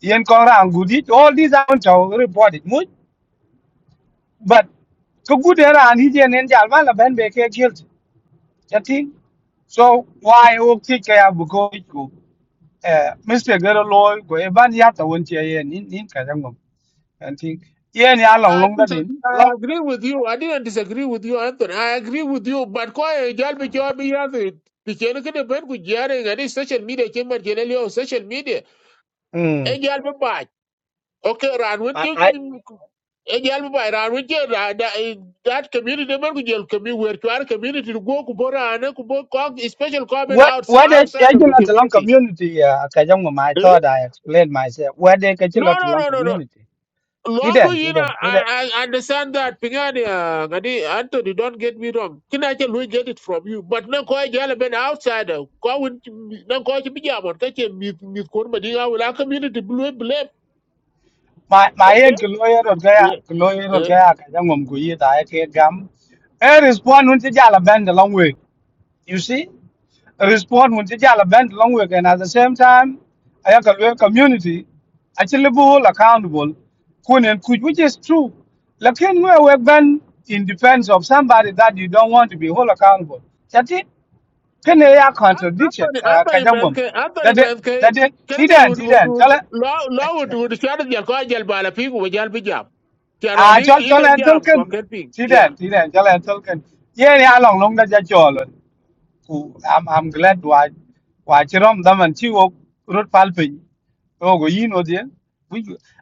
yen kong rang gudi. All these are to reported much, but ko good Iran hi jen en jal la ben be ke guilty. Chati. So why o ti ke ya bu ko ku. Eh Mr. Gero lo go e ban ya ta won che yen nin nin ka jangom. Chati. Yen ya And long I, long da din. disagree, I Long. agree with you. I didn't disagree with you, Anthony. I agree with you, but quite a be job be yaki. The channel can depend with Jerry and his social media came at Genelio social media. Mm. A girl be bad. Okay, Ran with you. A girl be bad. Ran with you. That that community, man, could you community where to our community to go Kubora and Kubora, special comment What outside what I outside I of do the not long community. community uh Kajong I Hmm? thought I explained myself. What they catch a No, lot no, long no, no, no. community. Longu, Didn't you know, didn't didn't I, I understand that. Pingani, uh, gadi Anthony, don't get me wrong. Can I tell we get it from you? But no, koi jala ben outsider. Koi win, no koi chibi jamon. Kache mit mit korma di ngawu community blue blame. my my Okay? end lawyer or gaya Yeah, lawyer or yeah. gaya Kajong Guyi I can gam, A respond when jala bend a long way. You see? A respond when jala bend a long way and at the same time I have a community actually bull accountable kun and kuj which is true. Lakin we work ban in defense of somebody that you don't want to be hold accountable. That's it. cái kene ya An- contradiction Anthony, ka Anthony jangum Menke, da Anthony de da Menke. cho Kere jal tidan would would tidan would chala law law would would shara jal koi jal bala pingu jal bi jam. Chano a ni chol ide chola jam tolken koi ken ping. cho Yeah. tidan chala tolken ye ya long long da ja chol ku am am glad wa wa chirom da man chi wo rút pal pin o go yin o de bu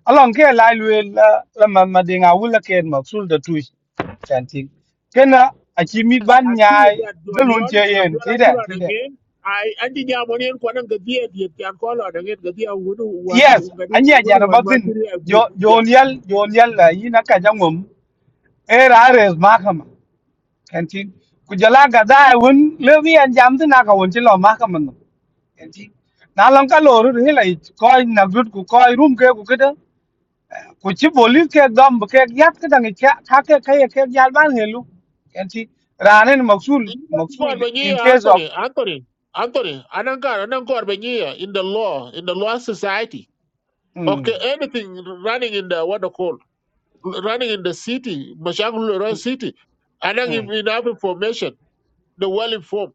along ke lai lu la là man mà de nga wul cái ma sul da tu chanting kena a chi mi Yes, ban I agree with nhai that. đó John luôn your, chơi John yên, che yen your tidan I on tidan again. I anti jamoni en kwanan ga biye diye kyan kolo da ngen ga biya wudu wan yes ngadi anya wudu jana wan ma batin tiri a gu jo ya jonial jonial la yina ka jangum era res mahkama kanti kujala gada un lewi an jamdu na ka wonti lo mahkama no kanti na lon ka lo ru hila ko na gut ku ko rum ke ku keda ku chi bolis ke gam ke yat ke dangi ka ka ke ka ye ke jal ban helu kanti ranen maksul din ga kor maksul ba nyi in case of Anthony, Anthony, akore anan ka anan kor ba in the law in the law society mm, okay anything running in the what they call running in the city mashangulu Road city Anang mm. in, in have information the well informed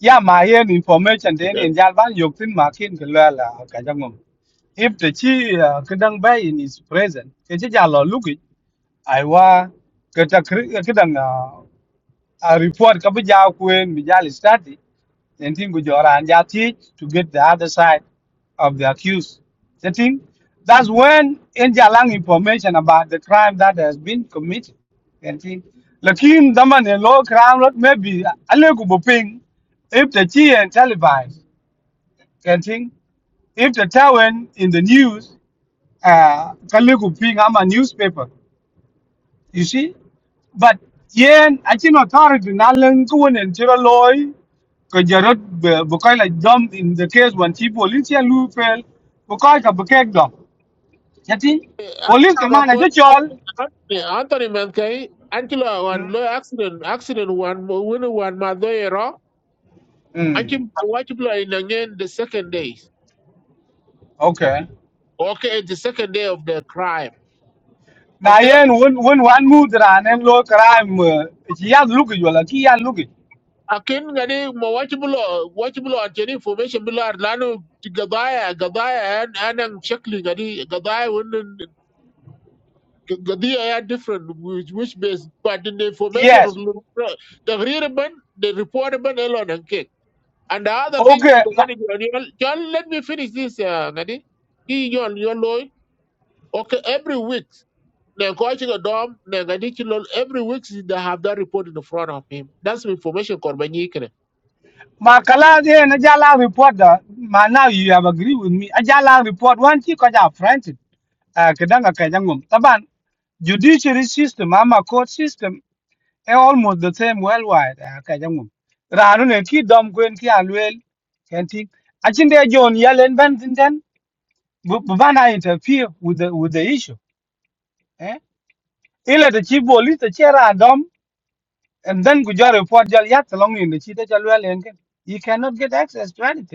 ya ma yen information den in jal ban yok tin ma kin ke la la ka jangum if the chi kadang bay in his present ke chi jalo luki ai wa ke kadang a report ka bija kuen bijal study and thing go jora and ya to get the other side of the accused the thing that's when in jalang information about the crime that has been committed and thing lakin daman a low crime lot maybe alegu boping if the chi and televised and thing if the town in the news uh, Kaliku Ping, I'm a newspaper, you see. But yen, I think authority, Nalan Kuan and Chiraloy, Kajarot, Bukaila Dom in the case when she police and Lou fell, Bukaika Bukak Dom. Yeti, police command, I Anthony, just all. Anthony Anthony man kai Angela wan Mm. lo accident accident wan win wan ma do ero Anchi mm, watch blow in again the second day. Okay. Okay, the second day of the crime. Now, Okay, yen, when, when one move around and low crime, she has look at you, like he has look at akin ngani mo watch blow watch blow Anthony information blow lanu gadaya gadaya and anang shakli ngani gadaya win gadaya are different which which base but in the information of Yes. the reader ban the report ban elon and And the other thing Okay. that organic John, John, let me finish this, uh, Ngadi. He John, John Loy. Okay, every week, they go to the dorm, they go Ngadi Chilol, every week they have that report in the front of him. That's information Korbanyi Kene. My colleague, and a jala report. da, Ma now you have agree with me. A jala report. One thing, cause I'm frightened. Uh, kedanga kajangum. Taban judiciary system, ama court system, eh, almost the same worldwide. Uh, kajangum. Ranu ne ki dom kwen ki alwel. Kenti. Achinde John Yellen ban tinten. bu- bu Bana interfere with the with the issue. Eh? Ile the chief police the chair dom and then kujo report jal yat along in the chita jalwel enken. You cannot get access to anything.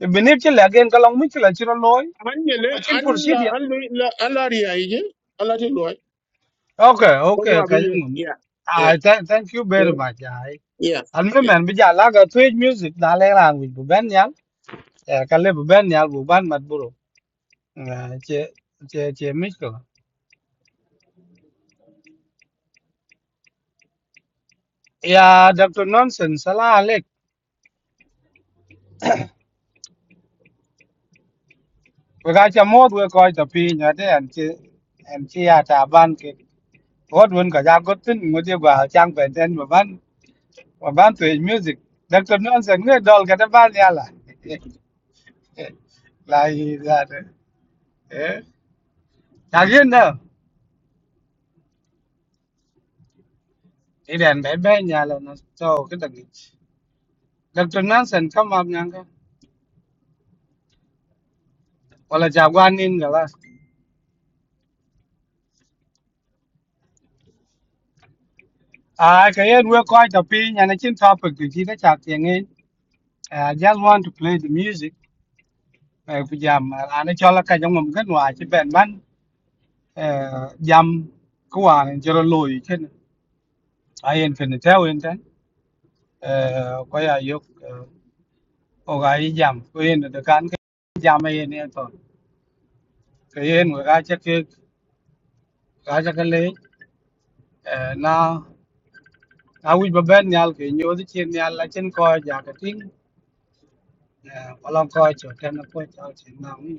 Benir ci legen ka long mi ci la ci loy a Anjele, cin pur si Anla, dia Anla, Anla Ria, Ije, Anla Chiloy. okay okay ka ngum Yeah, yeah, ai thank thank you yeah, very much ai yeah. an me men bi ja la ga tweet music da le rang wi bu ben yal er ka le bu ben yal bu ban mat buro che che che mi ko ya dr nonsense sala alek we ga cha mod we ko ta pi nya de an che an che ya ta ban ke hot won ka ja got tin ngo je ba chang ben ten ba ban ba ban tweet music dr nonsense ne dol ka ta ban yala là gì là thế? nhà riêng đâu thì đèn bé bé nhà là nó eh yakin dah Đặc bai bai nyala na so kita ni dr là chào quan nyanga wala jagwan nin gala ah kayen we ko ta pi nyana chin topic ti nó chào tiếng yenge i just want to play the music à Bây giờ mà là nó cho là eh jam ana chola ka jam mum kan wa chi ben man eh jam ko wa ni jero loy chen ayen fen ta wen tan eh ko ya yok o ga jam ko yen de kan jam ayen ne to kayen wa ga kaja ka le na na wi ba ben nyal ke nyo di chen nyal la chen ko ja ka ting kolon ko cho ten ko cha chen na wi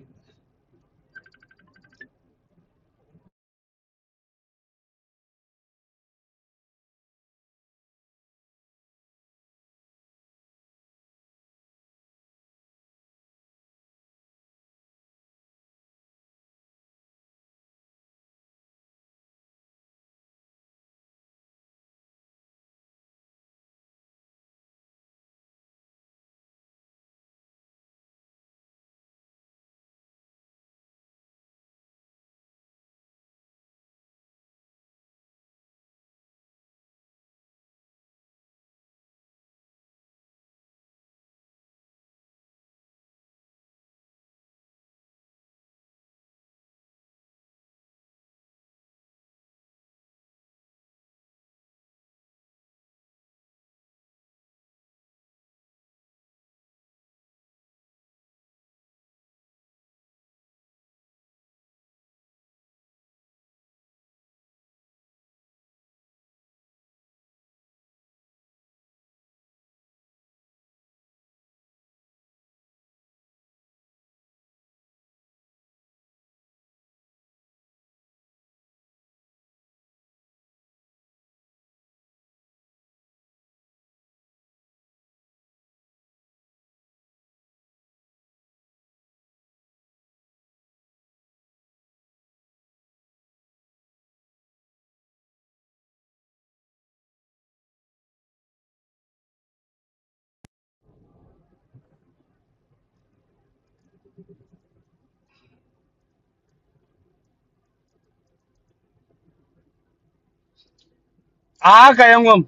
a ka yangum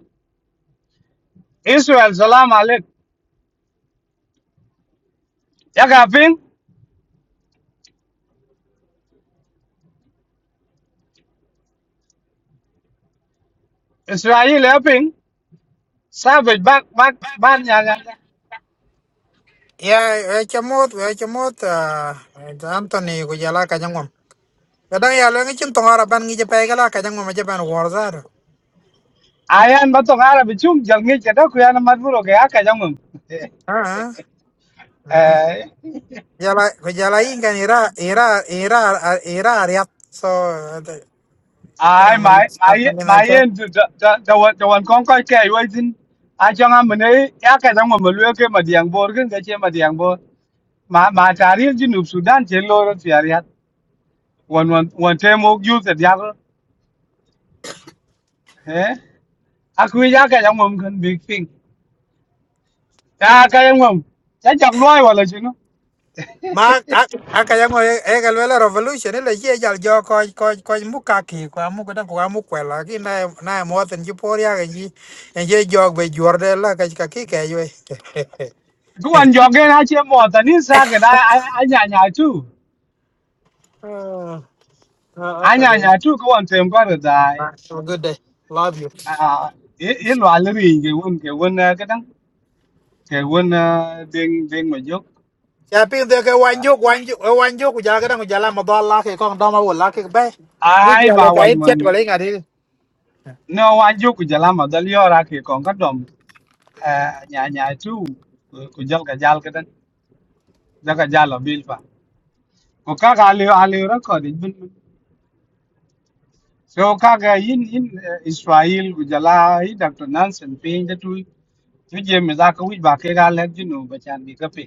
israel salam alek ya ka ping israel ya ping savage bak bak ban nyal yang ka ya e chamot we chamot Anthony ku Anthony ka jangom kadang ya lo ngi chin tong ara ban ngi je pe gala ka jangom je ban war zar ayan ba tong ara bi chung jal ngi cha da ku ya na mat buro ke a ka yangum eh ha eh, jala ku jala yin kan ira ira ira ira ariat so ai kana mal mai smart mai man na mai ja yên ju ja ja wan con wan kon với ke yo cho a mình am ne cái ka jang mo lu ke ma diang bor cái ga che ma diang bor ma ma tarif ji nub sudan che lo rồi tiar ya wan wan wan te mo ju se ya ro eh a ku ya ka jang mo kan big thing ya ka jang mo ja jak loi wala chi no ma aka jango e gal wela revolution ile je jal jo ko ko ko mukaki, ki ko amu ko ko amu ko la ki na na mo ten ji por ya ji en je jog be jor de la ka ka ku wan jo gen a che mo ta ni sa ke da a nya nya tu Uh, a okay, nya baby. nya tu ku wan tem ko ro dai All right. Have a good day. Love you. a i i lo cái ri cái won cái đó Kewun ding ding ma juk. Yeah, pin the one joke, one joke, one joke. We are going to jalan madal laki kong dama wul laki bay. Muy Ai bien, mà lo quên kait chat mình wala nga di. no wa juk ku jala mà dal yora ra kon còn dom. đom Nya nya tu ku jal ka jal cái đó Da ka jal a bil fa. Ku ka ka ali ali record bin. bin. So ka ga yin in uh, Israel ku jala hi Dr. Nansen pin da tu. Tu je mi za ka wi ba ke ga le jinu ba chan bi ka pe.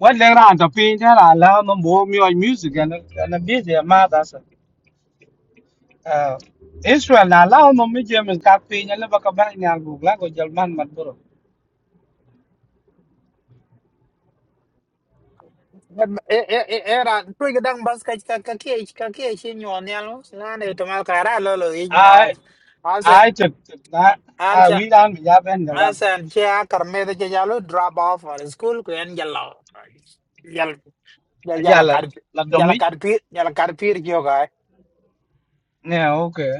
Wan le ran to pin thế là la la no bo mi music an an bi je ma da Uh, Israel na lao no mi jem ka pi nya le ba ka ba nya gu la go jal man mat bro. e e eh era tu ke dang bas ka ka ka ke ka ke chi nyon ya lo. Na ne to mal kara lo lo ig ma. Ai Asa ai chuk chuk na a archa wi dan mi ja ben ga la. asa kya karme de ya lo drop off or school ko en jalla. Jal A ja jala la kar la do jala mi. kar pir jala kar pir kyo ga. Ne okay.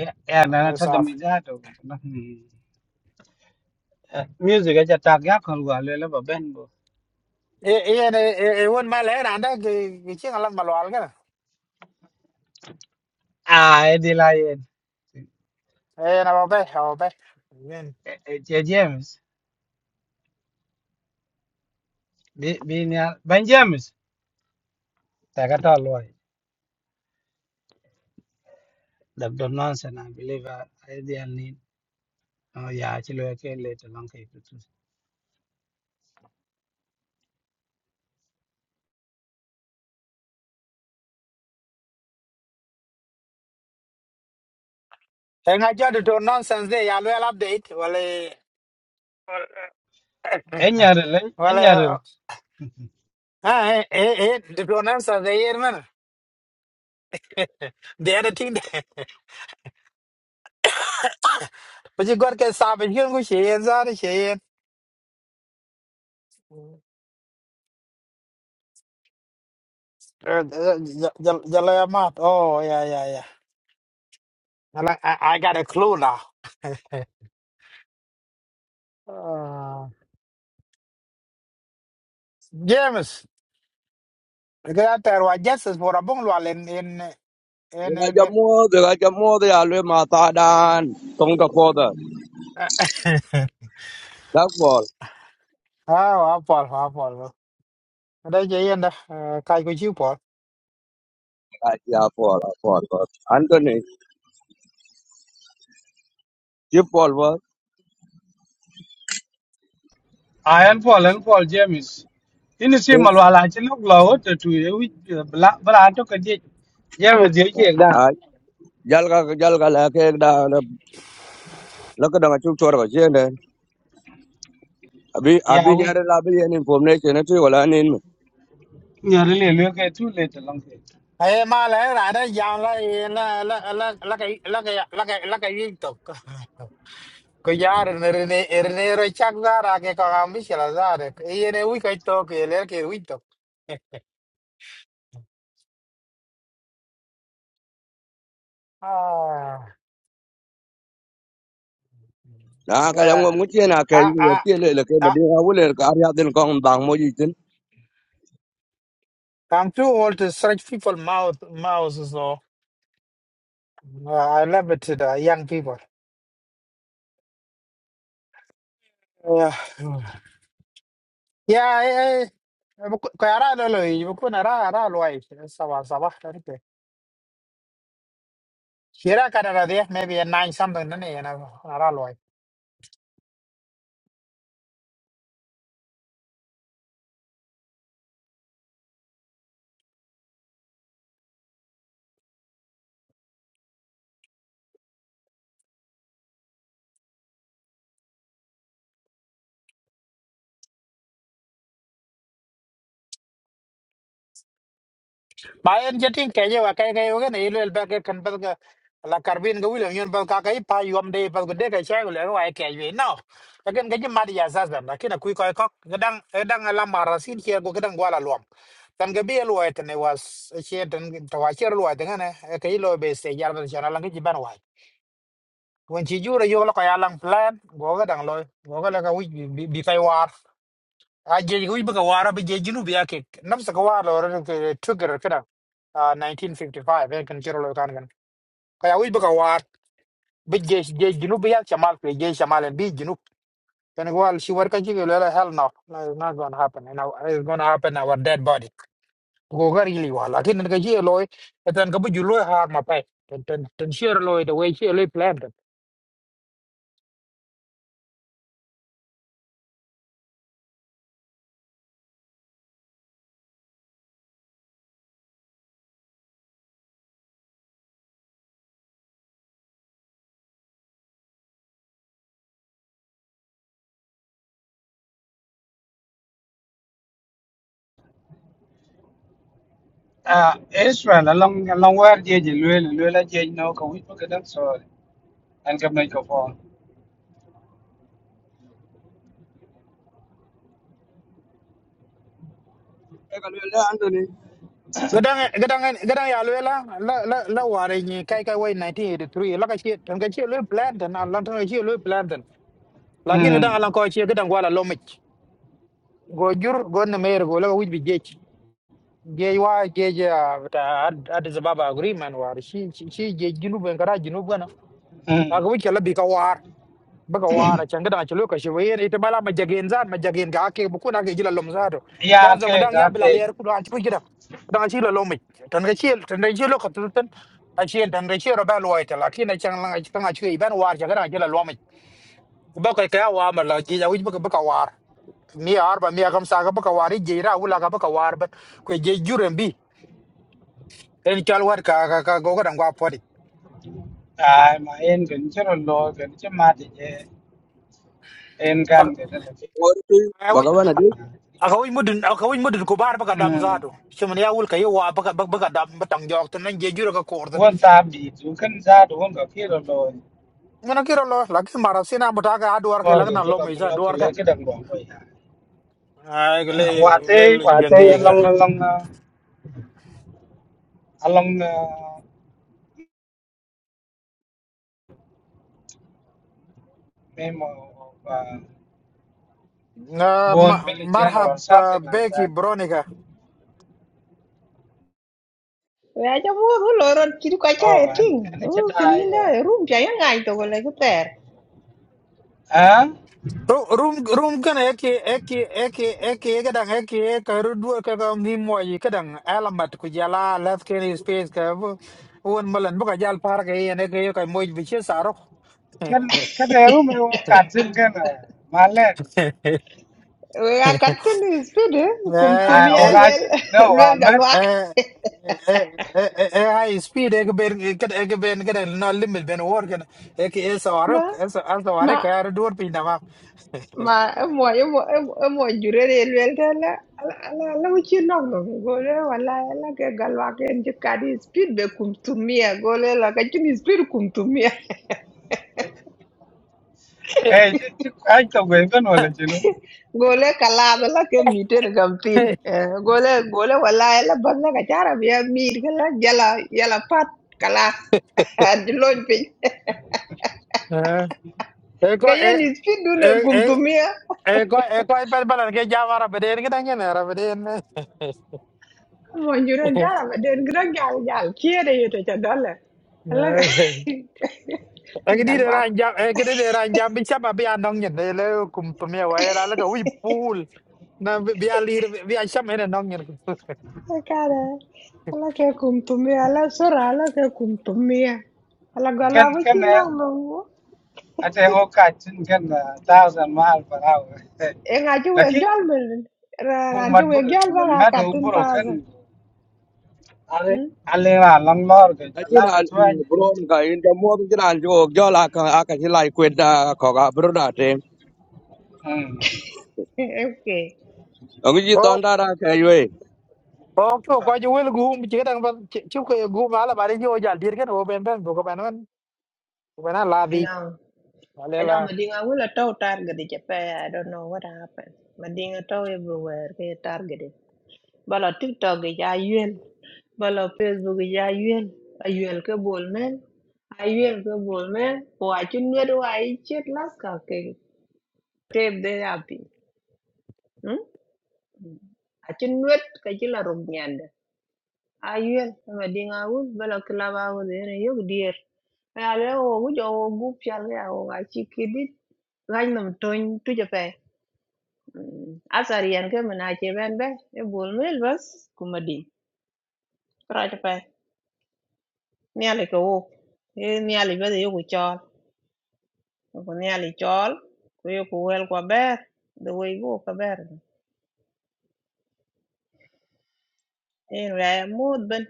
E e na na ta do mi ja to ko na. hmm. Eh, Music a ja ta ga ko wa le le ba ben bo. e Ian e ne e won ma le ran da ki ki chi ngalan malwal ga Ai di la ye. e na ba be ha be men E e che James. Bi bi nya ben James. Ta ka to lo. The nonsense I believe I I didn't need. Oh yeah, actually I can later long ke e nga jo de to nonsense de ya lo update wale Enyaril, wale enyaril. ha e e de to nonsense de yer men de ya ting de bu ji gor ke sa be hi ngu shi yen za de shi yen jala ya oh yeah yeah yeah Ala- I, I got a clue now uh, James, I got a justice for a bungalow in in in Gina in, Jammu, Gina Jammu, they always mata dan for the that ball. à hoa bò hoa bò đây vậy anh đó cài cái chiếu bò Yeah, for for for Anthony, chip ball was. Ayan Paul and Paul James. Ini si malwala ci lok la wote tu ye wi bla bla to ka je James je ke da. I jalga jalga la ke da la ka da chu chor ga chen den abi Ya abi wi nyare la bi en information na chu wala nin nyaril le le ke tu le te long ke. ê mà lẽ lại đó giàu là là là là là cái là cái là cái là cái gì tục cái giá rồi rồi rồi rồi rồi chắc ra ra cái con ông biết là ra đấy cái này uy cái tục cái lẽ cái uy tục ah, na ka yang yeah mo chen na ka à yi à ti le le ke ba à di ha wule ka ar ya den kong bang mo yi tin I'm too old to stretch people mouth mouths so uh, I love it to the young people yeah Yeah, eh, ko ara lo lo, ko na ra ra lo ai, sabah sabah tar ke. Kira kana ra dia maybe a nine something na ne na ra lo ai. Ba en jetin ke je wa kai kai wa ne ile ba ke kan ba ga la karbin ga wilan yon ba ka kai pa yom de ba de ka cha le wa ke je no. Ka gen ga jim ma dia za za na kina kui ko ko gadang gadang la mara sin ke go gadang wala lo. Tan ga bi lo ai ne was che tan ta wa che lo ai ne ke lo be se yar na chana la ga jiban wen ci jura yo la ko lang plan go ga dang loy go ga la ka wi bi bi kai war a je wi ba ka war bi je jinu bi ake nam sa ka war lo ra ke trigger kada ah, 1955 eh kan jiro lo kan kan ka ya wi ba ka war bi je je jinu bi yak chamal ke je chamal en bi jinu kan go al shi war ka ji lo la hell no no it's not going to happen and now it's going to happen our dead body go ga really war la kin ka ji loy tan ka bu ju loy har ma pai tan tan tan share loy the way share loy plan Ah Israel la long long wer je je le le la je no ka wi ka da so an ka mai ka fo. e ka le le Anthony Gadang gadang gadang ya lwe la la la la ware ni kai kai wai 1983 la ka chi tan ka chi lwe planten. tan ala tan ka chi lwe plan lakini dang Mm. ala ko chi gadang wala lomich go jur go na mer go la wij bi jej jej wa jej ah, ta ad ad agreement war shi shi jej jinu ben kara jinu bana ka Mm. wij ka bi ka war baka wara changa da chulu ka shiwe yen ita bala majagen zan majagen ga ake bu kuna ga jila lom zato Ya dan zama ke dan ya ka bila ke layar kudu an tibu gida dan shi la lomi tan ga shi tan ga shi lokacin tan a shi tan ga shi rabal waita lakina chang lan ci kan a shi ban war changa da jila lomi baka ka ya wa mala ji ya wuji baka baka war mi arba mi kam sa ga baka wari je ra wula ga baka war ba ko je juren bi en chal war ka ka ka go ga dan gwa podi ai ma en gen chero lo gen che ma ti je en kan ke da la. or tu bagawan adi aka wai mudun aka wai mudun ku bar baka dam zato Mm. chimin ya wul ka yewa baka baka dam batang jok tan nan je jura ka kordan Wan ta bi tu kan za du wan ga ki lo lo ngana kiro lo laki mara sina buta ka adwar ke mor ge lagna ke lo ba mai kul za lo kul dwar ka le ke dang bo ko ya ay le wa le te wa te jangi ka long long along memo of uh, Ah, bone ma- mill general marhab or ah, something like beki that bronika Wee cha muut ku lo rot chiri kwa cha e oh and ting. and it Oo, kini dai inda e rum cha yang ngai to ko le ku ter. ah Ru- rum rum kana yake yake yake yake yake dan yake yake rudu ka ga ni moyi kadan alamat ku jala left can space ka bu- won malan buka jal par ka yene ka yake moyi bi che saro kan ka de ru me ka tin kan mà le Wee a kat kini speed eh, kum Eh, à tumia ô eh, ga lwel no lwel wa met galwak. eh, eh, eh, eh, high speed ek ben ket ek ben ket no limit ben war ken ek es Ma, warok es as ma, warek ar dur pin dama ma, e mo, e mo, e mo, e mo jure re lwel ta la, la, la, la uchi nok no. Gole wala e la ke galwak en je kadi speed be kum tumia. Gole la ka chini speed kum tumia. eh chứ chứ ai tao quên cái nồi là chứ nó gole kalab la ke miten gampin gole gole wala e la balla ka chara biya mir kala jala jala pat kala diloj pin eh ko eh kayen is fit dune eh eh gumtumia eh, ko eh ko per balan ke jamara beden ke tangen ara beden mo jure jara ba den gran gal gal kiere yete cha dole ala ek di de galwak ran jam ek di de ran jam bi chama bi anong nyen de le kum pemia wa era le ko wi pool na bi alir bi acham ene nong nyen kara ala ke kumtumia ala sura ala ke kumtumia ala cái galwa ko cái này chinna I say all cats in can a thousand mile per hour. en a chu wek Laki jol bel bung ran chu mat wek buru jol chuman ba ka madu tin buru thousand kan ale ale la lang lor ke la ke Achiran chuai. bro ka in the mo chiran jo jo la ka ka chi lai kwet da ko ga bro da te. Hmm. okay ông chỉ Bố, toàn đã ra cái vậy bố chú có chú will gum chỉ đang bên chú có gum mà là bà đi vô giải tiền cái nó bên bên bố có bạn nó bạn nó là đi no mà i lên know là madinga will a tow target the japan i don't know what happened madinga tow everywhere they targeted bala tiktok ge ya yuen bala facebook ge ya yuen a yuen ke bol men a yuen ke bol men o a chu nwe do ai chet las ka tape de api hm a chu nwe ka chi la rum ayuel ma ding awul bala club awo de ne yok dier ya le wo gu jo wo gu pyal ya wo ga chi kidit gany nam ton tu je pe asar yen ke mana che ben be e bol mel bas ku ma ding tra je pe ne ale ko wo e ne ale be de yok chol ko ne ale chol ku yo ku wel ko ber de wo go ka ber e re mod ben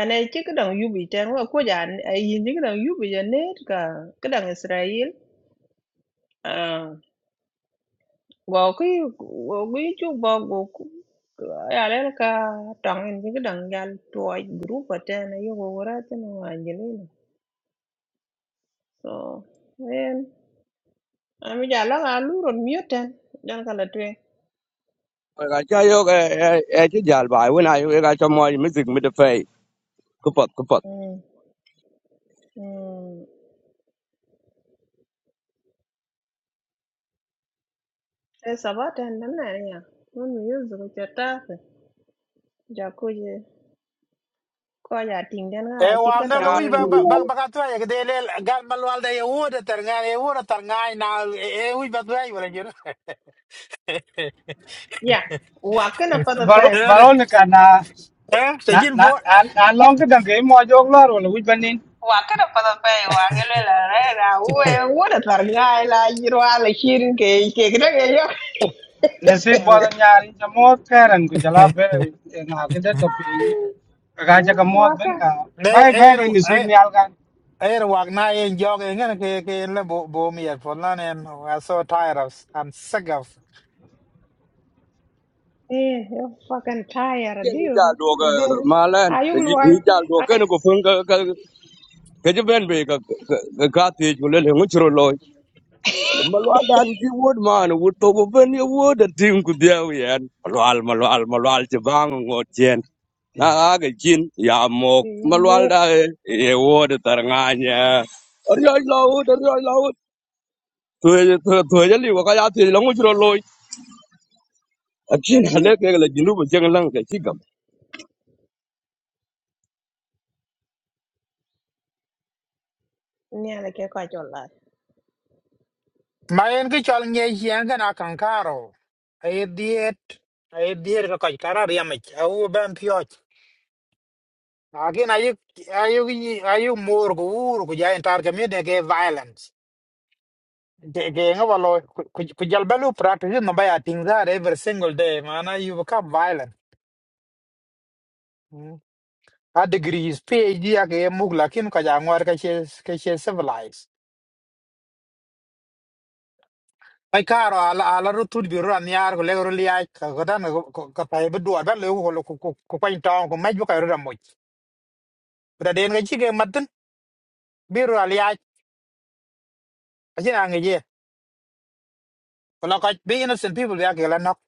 ane chi ka dang yubi ten wo ko ja yin chi ka dang yubi ja net ka ka dang israel Ờ. vô cái vô cái chỗ vô cái cái là cái cái trang cái cái đăng ký cái cái group vậy nè nếu vô rồi thì nó không anh lên đâu rồi anh cái là lâu rồi mute nè chẳng có là chuyện cái cha yêu cái cái chỉ giải bài với này cái cái cho mọi mới dừng mới được phải cứ phật cứ phật em em thấy sao vậy nè nó này nha nó mute rồi chết ta giờ cô ấy cô ấy nhắn cái nào e à chỉ có wang na trò ga nhà wi lôi cái ba ba lôi ba ba ka to ya de le gal mal wal da ye wo de ter nga ye wo de ter nga na e wi ba to ya wala jiro yeah hoặc cái nào phải Balon tới balon ka na eh te na jin na fo al along ke dang ke mo jog lor wala wit banin. Wakana pada pay wagele la rega uwe uwe targa la yiro ala hirin ke ke kira ke yo. Nasi bodo nyari chamo karan ku jala be na ke de topi ni. Ka ja ka mo Waka ben ka. ne Bai bai e ka nisi e ni al e wang na ye jog e ngan ke ke le bo bo mi ya fo na ne i so tired of i'm sick of eh yo fucking tired a này deal fa. giải đồ cái There mà lên thì ayuk luai giải đồ cái nó cũng phương cái cái cái chỗ bên về cái cái cái thì chúng lên hướng chửi lôi mà loa đàn chỉ vuốt mà nó vuốt tôi cũng bên yêu vuốt để tìm cái đeo vậy mà loa mà loa mà loa chỉ vang ngồi trên kan. na cái chín ya mok ay mà loa muk đã yêu vuốt để tar ngay nhá tuwejali wakayati langu chiro loy a akin deal hale ke la jinubu cheng lang ke chigam ni ala ke ka jolla. ma en ki chol nye yen gana kankaro ay diet ay diet ka kaj kara riamich au ben pioch akin ayu ayu ayu mor ko ur ku jain tar kamide ke violence ke ke ngabalo ku ku jal balu practice no baya tingza every single day mana you become violent Mm. a degrees phd ake mugla kin ka jangwar ka che ka che civilized ai karo ala ala ro tut bi ro an yar ko le ro li ai ka ko dan ko ka pa be do ba le ko ko ko ko pa ta ko mai bu ka ro da mo da den ga chi ge matin bi ro ali ai ka chi na nge ye ko la ka be innocent people ya ke la nok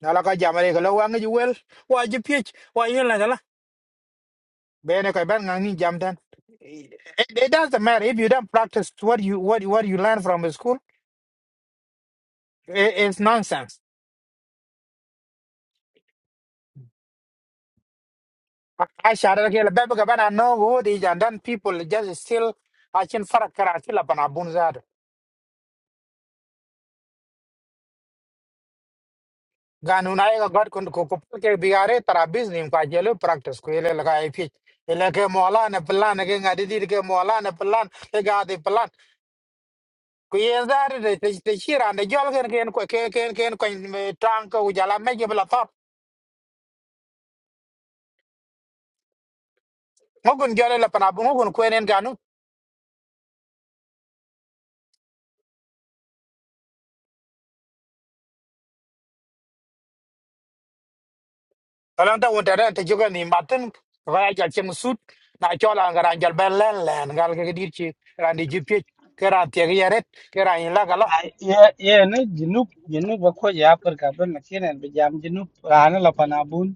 na la ka jam re ko la wa nge wel wa ji pi wa ye la la be ne ka ban ngi jam tan it, it doesn't matter if you don't practice what you what what you learn from the school it, it's nonsense I I shouted ke la ba ba ka ba na no go di jan dan people just still I can farak kara ki la bana ganunai ga god kun ko ko ke biare tara business ka jelo practice ko ele laga ifi ele ke mola ne plan ke ngadi dir ke mola ne plan ke ga di plan ku ye zar de te shira ne jol ken ken ko ken ken ken ko tang ko jala me je bla top ngun jole la pana bu ngun ko nen ganu talan ta wonta te joga ni matin ga ja chem sut na chola ngara jal ben len len gal ke dir chi randi jipi ke ran te yeret ke ran la gala Ai- ye ye ne junub junub ko ya par ka ben lakin be jam junub rana la panabun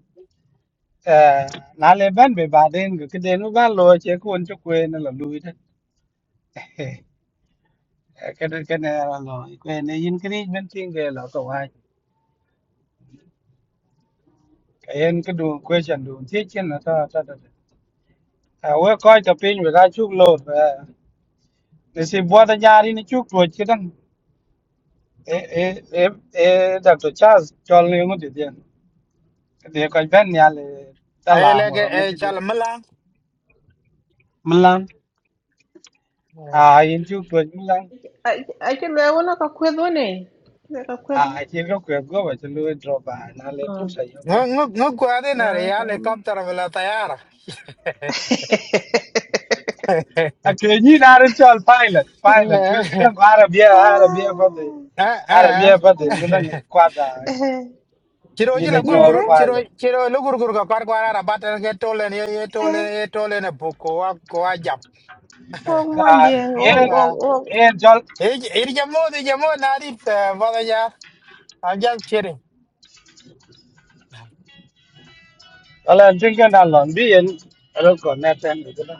eh na le ben be baden ko de no ba lo che ko on ko ne la lu ita ka de ka ne la lo ko ne yin kri ben tin ge la ko wa ka yen ko du question du ti chen na ta ta ta a we ko ta pin we ga chuk lo Eh, ne si bo da jari ni chuk lo che dan e e e e da to chas chol ne ngut ti den de ko ben ya le ta la ele ngo ke la ngut e chal ti mala Milan, ah, in tu tu Milan, Ay ay ke lewo na ka kwedo ne. Ne ka kwedo. ah, here go kwe go ba chulu drop ba na le Ah pur sa yo la. نكو هذين na ka homa. هليكوبتر ولا طيارة A ke ni na re chol pilot, pilot kwe ke dang Arabia, Arabia pa de. Ah. Arabia pa de ni Eh dang kwa da eh. ciro ni jila le chol gurguru Yere ciro pilot. ciro lu gurguru ka kor kwara ra batan ke tolen ye ye eh. tolen ye tolen e buko wa ko wa jap Kok mo Ah, jeng yen ok Ah, ok yen chol e e jamo de jamo na rit vada ya i'm just kidding ala jing ka na lon bi yen alo ko na ten de da.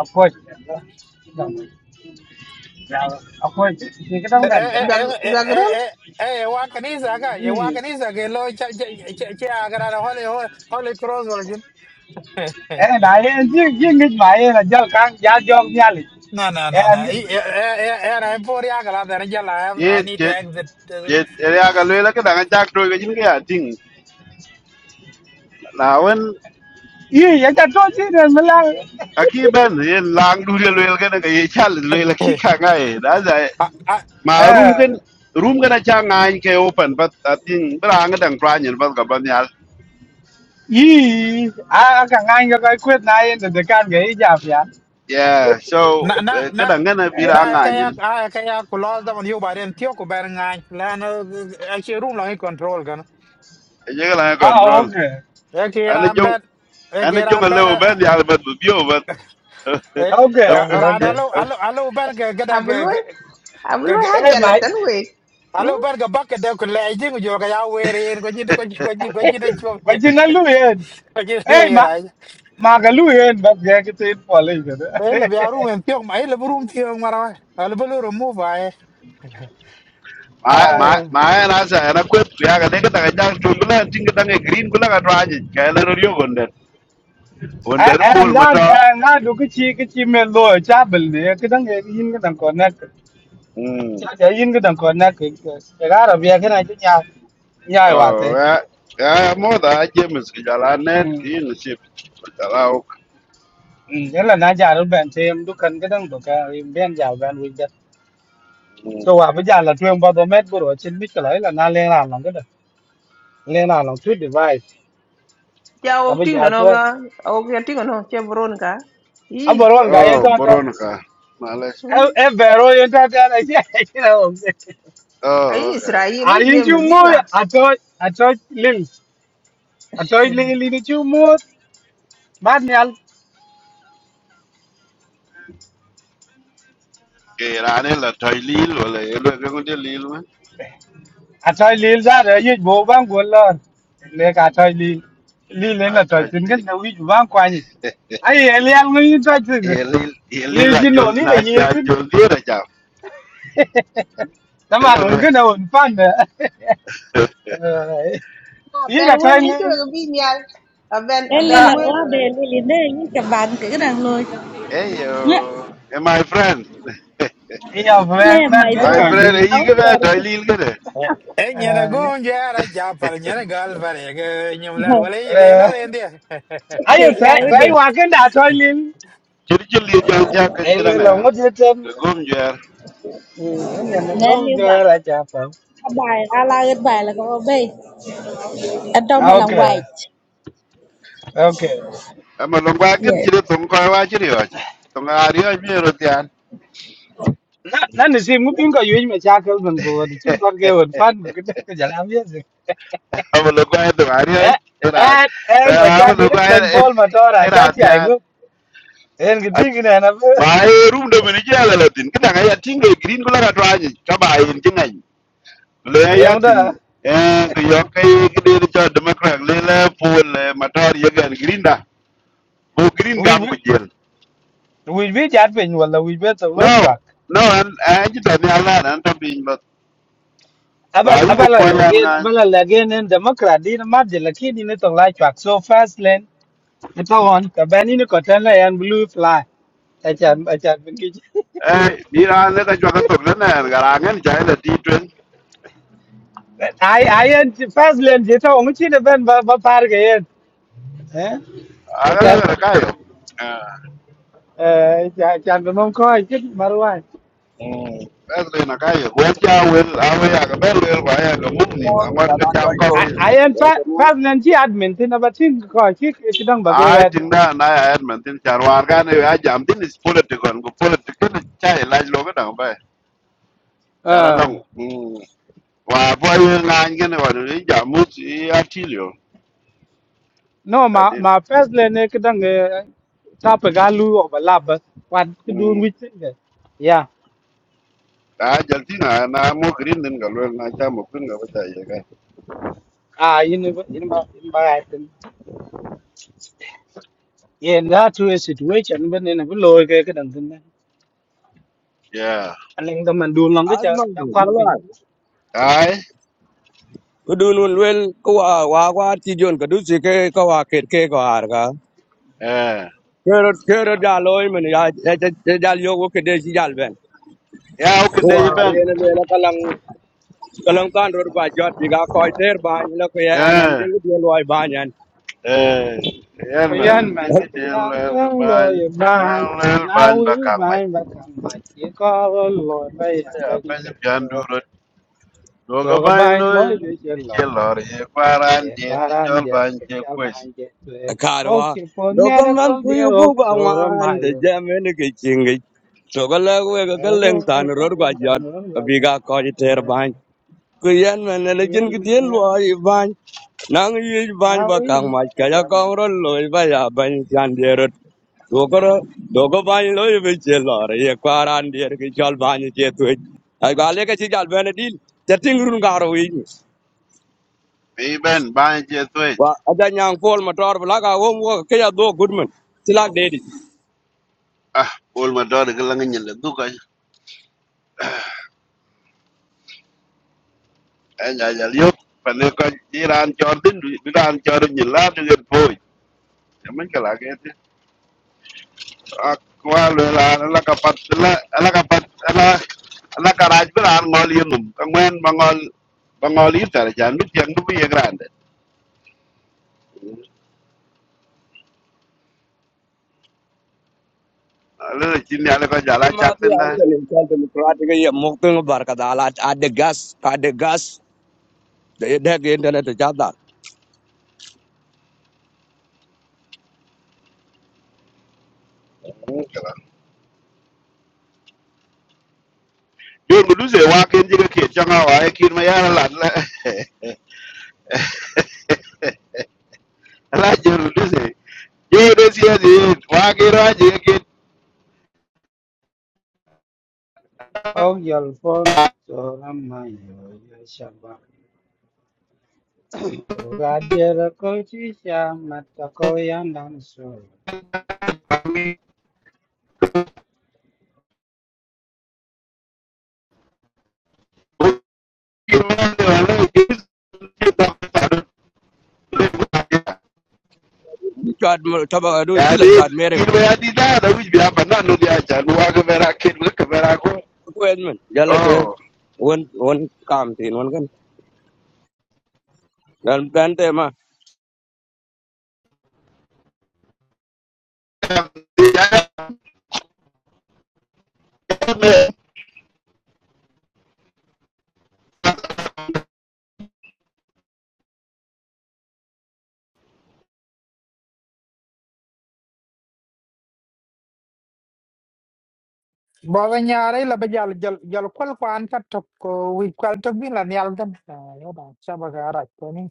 A ko ji da. Da mo. Ya, a ko ji ni ka e dang e ban da. e e zagrel e e e wa kanisa ka e wa kanisa ke lo cha cha cha agara hole hole hole cross wala jun Em này એને નાયે જી જી ngit માયે ને જલ કાંગ જા જોગ ન્યાલી No, no, no, M no. E- e- e- Era Emporia Galata Angela. I I ye need to che exit the che roof. ya ga le la ka I, dang chak to ga jin ga ting la wen ઈ એટા ટોચી ને મલા a ki ben ye lang du le le ga ga ye chal le la ki ka ga e da za I, A ma rum ken rum ga na cha nga in ke open but i think bra nga dang pra nyen ba ga ban ya ઈ આ આ કાંગ anh કઈ કુત નાયે ને de કાન ગઈ જા પ્યા yeah so na, na, eh, ka na. dang na bi ra Na nga kaya nyen kaya kaya kulos da man yu baren tiyo ku ber ngany lan achi room lang i control gan ye ga la આ control ok, e ana kira jong ben e ana kira jong le ben o ben ya ba bu bio ba e ok. rada okay lo alo alo ben ke gada ke abului ke abului ha ke- એ jalla માય tan we alo hmm ben ke bakke de ku leji ku jo kaya weri ko jit ko jit ko jit ko jit ko બજી ના લુ એ એ મા jit mà mà cái lùi hên Bắt ghé cái tên bỏ lên rồi đấy Ella be arum en tiok ma ella burum tiok marawa. Al bolo remove ay. ma ai ma ma na sa na kwet ya ga de ga ta jang chung la ting ga ne green kula ga tra ji ka la ro yo gonde à wonde à pul ra ma ta à ra đủ cái chi cái chi mệt rồi cha bẩn đấy cái thằng này hin cái thằng còn nét mm cha cha yin gidan ko na ke ke cái đó bây cái này kana jin ya ya thế, oh te ya ya mo da je mis ga la net mm in sip ga la ok mm là na ja ru thêm te yam cái gidan ko cái yim ben giàu ban wi da Mm. so à bây giờ là la tu yam mét do met trên mít cái kala là na le na long đó le na long tu device ja ka ok bi ting ja no tu ga ok ya ting no che bron ga i aboron ga yen oh ta ta boron ka males hmm e vero yen ta ta na ya kira o ai oh okay israel a i yin jem ju mo zinga a to a to lil a to lil ni ju mo ke ra ne la toy lil wala ye lo ga ngonde lil ma à trời lil ra rồi yết bố bang quần lon. Lê cả trời lil. Lil lên a là trời toy chín cái lil đâu yết bang quay nhỉ. Ai ai lê ăn ngon trời chín, ye tin. lil ye lil chín la chỉ jo nổ ní là la yết ja tin. jo dira ja de Tama la luôn be cái nào cũng fan đó. Yết ben wel atoi gi chu lil. ga bi nyal a ben a Eli ben là Nga. wel qua no de Lili de những cái bạn cái cái đang lôi hey yo nhé eh, my friend Iya fan bên lê bên mày cái Vai rồi atoi lil. frere yi áo ke ba đờ dai lil ke de. Eh nyana go njara japal nyana gal fare ge nyum lal wala đi de lal endia. Ai ye yao trái trái đi hoa cái nào atoi lil. Chiri chiri lil jan cha ke Ai ke lê dang là ya. ngon yết tin. Ke gom jer. Ừ, cái nhà nó nè li gông bạn ra là chả phải. bài ala cái bài là có bay ở đâu mà Ok, làm Nge. white ok. Ama lo ba ken yeah chiri tong ko wa chiri wa. Tong ari wa mi ro tian. na na ni sim ngupin ko yuy me chakel men ko won chu kor ke won fan ko kit ko jala mi se Ama lo ba tong ari wa eh era. en en me Ama lo chakel ba ben pol ma to ra cha era ti ai tian. go en ki ti ki na na Ba e rum de mi ja la tin ke dang ya tin ke green ko la ka twa ni. Ka ba yin tin ngai. Le ya en da tin eh ke yo ke ke de cha democrat le le pol le matar ye gan green da. Ko green wi gam ku jel. wi bi chat pe ni wala wi be to lok No, chak no, an an ci tan yalla an tan bin ba. Ma abal ru abal po la yan gen nga. abal la gen en democrat din ma de la ki ni ne to la chak so fast len to on ka ben ni ko tan la yan blue fly Achan, Eh, mi ra ne ka jwa ka tok na na ga ra ngen ja ile ti twen. ai ai I, fast lane, chứ tao không chỉ là bên bà, bà phá cái yên. A ga ga ka yo. Ah, chan ko mong coi chứ mà rồi mm. Ba le na ka yo. Wen ja wen a we ya ga ba le ba ya ga mum ni ba ngor ka wala jam chol ko chol ai ai ki. em ya phát jamu phát lên chi admin thì nó bắt xin coi chứ cái đằng bạc cái A tin da na ya ad man tin char war ga ne ya jam tin is political go political cha ila lo ga da ba. Chara la ờ ngu. Mm. Wa po yan nga ngen wa ni jam mu ti atilio. no mà Adit. mà phát lên cái đằng top cái galu ở bà lab quan cái đun với thế này yeah a jaltina na na mo green den ga lwel na cha mo kun ga bata ye ga à in in in ba in ba ai tin yeah that to a situation bên này nó cứ lôi cái cái đằng thế yeah anh em tâm mình đun lòng cái chợ azma cho quát mala ai kudun un wel ko wa wa wa ti jon ka dusi ke ko wa ket ke ko har ga eh kero kero ja loy men ya ya ja yo ko ke de si jal ben ya o kede wa ye ben re ne me la kalang kalang kan ror ba jot bi ga ko ter ba ni la ko ya nan eh ding di loy ba nyan eh yan man Kuyan man ding na ni kiyang lel kang lo ban ye lel ban lel na ban ba wi kang mai ban ba kan ba ye ko lo ba Ba ya ba ya ni ben pe pian do duro do do ga ga ban ban lo lo ye che ni che lo lor ye paran ye dir ni karan chol de ban ke che cha kwes ban je tu e o karwa ki po me ra dokaman ko de kuyu ro bu ba so ro ma wan de yo jamen ke chingi to gala we ga e galeng ro tan ye ko ror po ba ta jot no ro ga bi je ga jat biga ko ji ter ye ka ban ku yan men le jin kuyan gi man den na lo ai ban nang yi na ban ba wi kang ma ka ka ya ja kong man ro lo ba ya ban chan de ro do ko do ko ban lo yi be che lo re ye kwaran de ke chal ban che tu ai ga le ke chi jal ben dil te ting run ga ro yi bi ben ban che twet wa ada nyang pol ma tor bla ga wo mo ke ya do gudman tilak ah ol ma do ga lang nyen le du ka ai ya ya yo pa ne ko diran chor din diran chor nyen la de po Minkälainen kenti? Akku älyllään, äläkäpät, äläkäpät, älä, äläkäräis perään ngol yunum. Kangwen bangol, bangol yutar jan, mit yang nubi ye grande. Lele chini ale ka jala Ima chak tu yang tinda. aku lihat demokratik ya mukti ngebar kata alat ada gas, ada gas. Dia dia ke internet jada. Yo nguduse wa kenji ka kiet changa wa e kirma yara lan la. Ala yo nguduse. Yo desi ya di, wa kira je ke. o yol pon so ro ma yo ye sha ba Gajere ko chi sha mata ko yan dan so. Kirma yara lan, kirma yara lan, kirma Cuat coba aduh sila yani cuat merem. kin ba ya di da da wuce biya ba nan no ya ja luwa ga mera kin ga kamera ko Aku edmen jalan tu. eh. oh Wan wan kam tin wan kan. Dan dan tema ya ne Ba ba nyara ella be jal jal jal kwal kwan ka tok ko wi kwal tok bi la nyal dan. Yo ba chaba ga ara ko ni.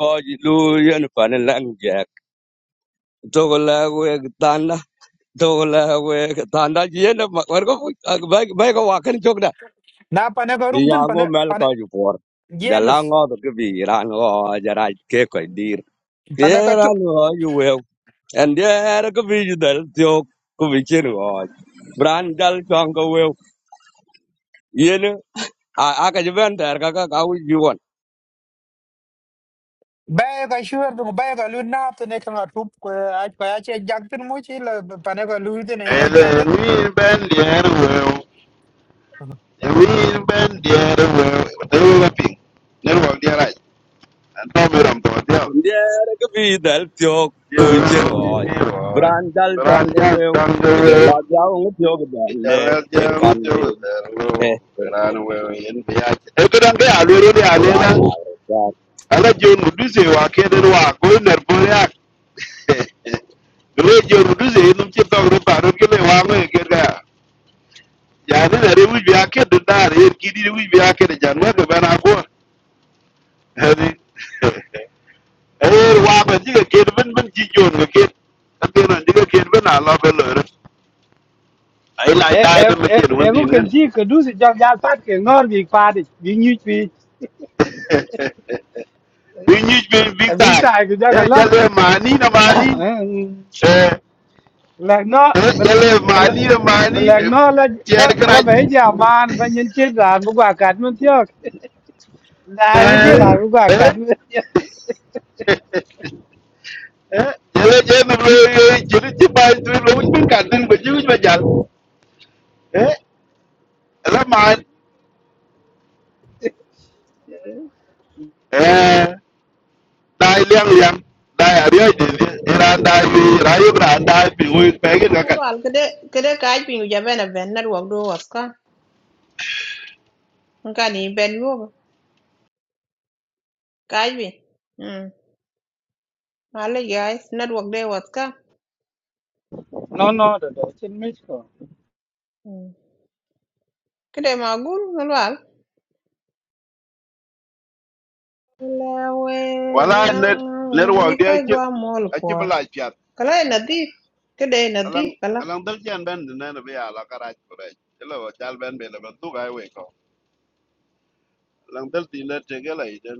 kau lu yang panen lang jack. Togola gue tanda. Togola gue tanda je na makmar ko baik baik ko wakan cok dah. Na pa ne ko rum Iya tin pa aku ne mel pa ne kau jupor. Jalan James ngau tu kebiran ngau jarak ke kau dir. pa ne ka tu. Kebiran ngau India के बीच दल त्यों को बिचे noise brand डल चांग को वो ये ना आ कज़िबान तेरे का का कावी जीवन Ba ka shuar du ba ka lu na to ne ka tup ko a ko ya che jak tin mo chi la pa ne ka lu tin ne ka ele jak tin. win ben der we win ben der we de wa pin ne wa di ra an to me ram to dia India के बीच दल त्यों yo को बिचे bi noise mi ro brand डल चांग ran को ja वो tan de we किधर लग जाऊँगा त्यों के bi ja डले la ja ru इरकाम de we नहीं der थे lo ran we yin bi ya e ko dan ga ya lo ro ya le na याद आये याद ala je mu du se wa ke de wa ko ner bo Rồi giờ rồi we joru du ze num che tog ro paro ke le wa me ke ga này là na re wi bi ake de dar er ki di wi bi ake de jan wa de bana ko hadi er wa ba ji ke ben ben ji jon ke ke ta ke ran ji ke ben ala be lo re ai lai e dai e de me e che e won ngu din kan nen ji ka du si jok ya pat ke ngor bi pa di bi nyu bi bi ni bi bi ta ta bi ta ke ja e ka lot jale mani na mani e la no bel jale mani là mani bel no la la tier kra la ba ja man ba nyin chi da bu ga kat mun tyo da bi ji da bu ga eh kat mun tyo eh eh yele yele lo jiri ti ba tu lo wi bin kan din ba ji wi ba jal eh la ma eh dai liang liang dai a ri de de ira dai bi ra yu ra dai bi wi pe gi ga na kan lwal kede kede kaj pin ja ben a ben na ruok do waska nka ni ben yo kaj bi mm ale guys na ruok de waska No no da da chin mi ko. hmm kede ma gul na lwal wala net net wa Wee de ka chi gwa mol a chi ba por la chat kala e nadhif kede e alang nadhif kala alang dal jan ben de na be ala ka ra ko re chelo wa chal ben be le ba tu ga we ko alang dal ti le te ge la i den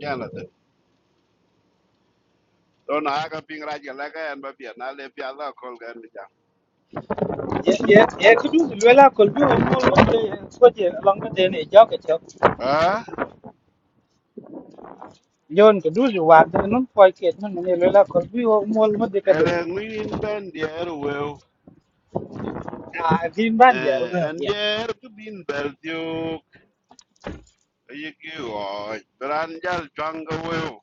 jan la de don a ka ping ra ja la ka an ba bi na le pi ala ko ga ni ye ye ye ku du si la kol bi wo mo wo ko je long ma de ne jok ja yon ko du ju war de non ko ke non ne le la ko bi o mol mo de kade Ela ngwin ben dier weu. a din ban dia ro Eh, wel en dia dier ke bin bel diok. Ye ki oi. Bran jal chwang ke weu.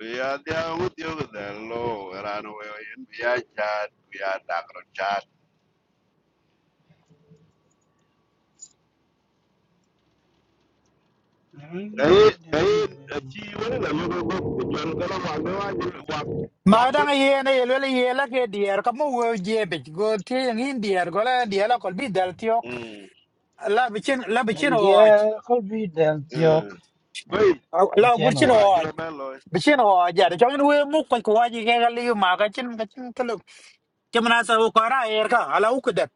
Biya dia ngu diok del lo. Ran weu yin biya chat. Biya dakro chat. Kai, kai, chi wani la yu ko ko. Jal kala wak ne wak jil wak. Ma Wak dang gut. ye na ye le ye la ke dier ka mo wo je be go te yang in dier go la dier la kol bi dal tiok Hmm. la bichin la bichin and o aj dia ko bi del tio Eh. Koi, ko la tieno gurchin kuwa o aj jiro ben lo. bichin o ja de chong we mu ko ko ji ke ga li ma ga chin ga chin ka lu ke mana sa u ko ra er ka ala u kudat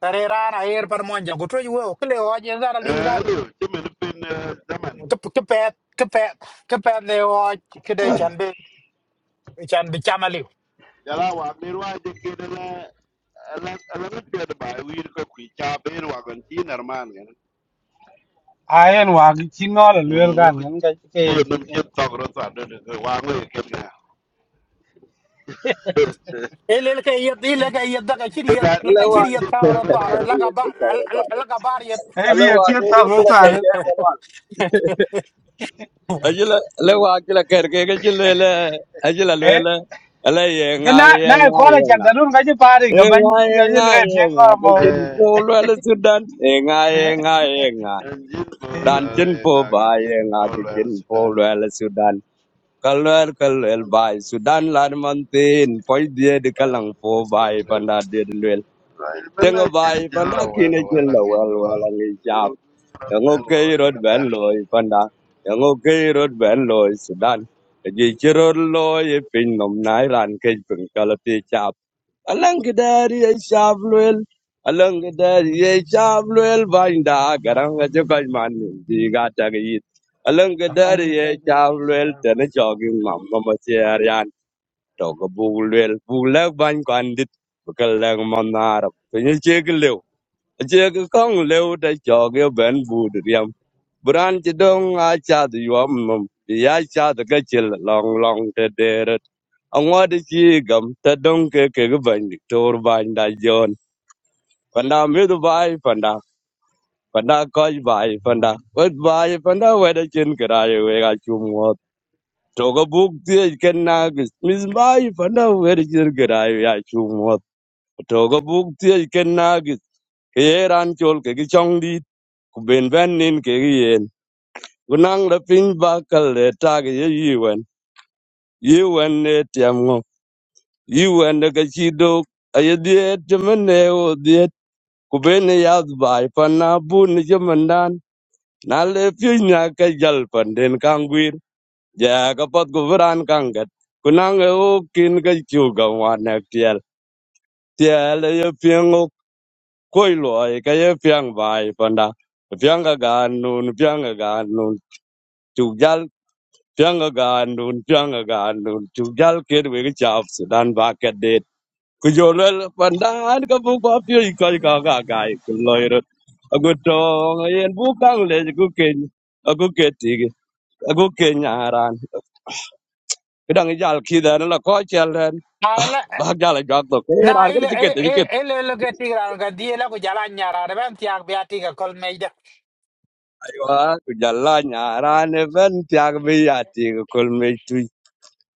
tare ra na er par mon ja go to wo ke le o je za ra li Eh, za de lu, chimin pin e, zaman. ke ke pe ke pe ke pe le o aj ke de chan be chan bi chama Jala wak ni wak jikini alanga pia de bai wir ko kwi cha be wa gon ti nar man gen a en wa gi ti no le le gan mm ngan ga ke ti en ti num ke ti ta gro sa de de wa ngo e ken na Ele ka yed ele ka yed da ka chiri e yed ga आये la ka ye अलवा chiri yed ti ka ta ro gro ta ba ro la नहीं ka ये ba सब रहता है la ka ba yed. e bi e अलवा ti नहीं ta ro रहता ta ne करके है वो आल अजल e ke na na ko la Al chan da non ga ji pare เอ ga งไง ban เอ ga ง ji ไง le เอ ti งไง ngor ไป mo กินโฟ eh ลเวลสุดันเองไงเอ e งไงเองไง en jin bol ร้านกินโฟ e nga gi บายเอ jin งไงไป bol กิ wel นโฟล sudan เวลสุดันกัลเวลกัลเวลบายสุดันลานมันตีนพอยเดียดกำ bai ลังโฟ bai ti บาย ru ปัน wel ดาเดียดเวล bai เจ ben na งบา je ย je ปันดา la wa กิน la เจ wa la ลเว ngi ลเว wa ลังอีจับยังโอเครถแบนลอยปันดายังโอเครถแบนลอยสุดันยิชิรถลอยเป็นนมนายร้านเคยเป็นกาลตี alangi dari ye shabluel alangi dari ye shabluel vainda garanga je kaj mani diga tagit alangi dari rong ye to ni ti shabluel tene jogi mamma ma serian toga bugulwel bugla bain kwandit bukal lang manara pinyi je ko kong leu da cho ge ben bu de yam bran ti dong a cha de yom mum ya cha de ge chil long long te de re angwa de chi gam ta dong ke ke ge ben tor ban da jon panda me du bai panda panda ko bai panda wet bai panda we de chin kra ye we ga chu mo to go buk ti ken na gis mis bai panda we de chin kra ye ya chu mo to go buk ti ken na gis ke ran chol ke gi chong kubin ben nin kekien kunang da piny bakal le tak ye yiwen yiwen ne tiam ngo yiwen de kachi dok aye diet chemene o diet kubin ne yath bai pan na bun ni chemendan na le pyo nya ka jal pan den kang gwir ja ka pat kuvaran kang gat kunang e o kin ka chu ga wan na tiel tiel ye pyang o koi loy ka ye pyang bai pan da pyang ga gan nun pyang ga gan nun Tianga gandun, tianga gandun, chugal kid wing chop Sudan back at date. Kujolel pandan kapu papio ikoi kaga gai kuloiro. Agutong ayen bukang lej kuken, aguketig, agukenyaran. Kedang jal kidan la kochelen. Ala Bak jal jok to kir na ar kiri ele chiket chiket. ele ele ka tigra ka di ele ko jala nyara re ban tiak bi ati ka kol me da. Aywa kujala nyaran even tiag biati kul me tu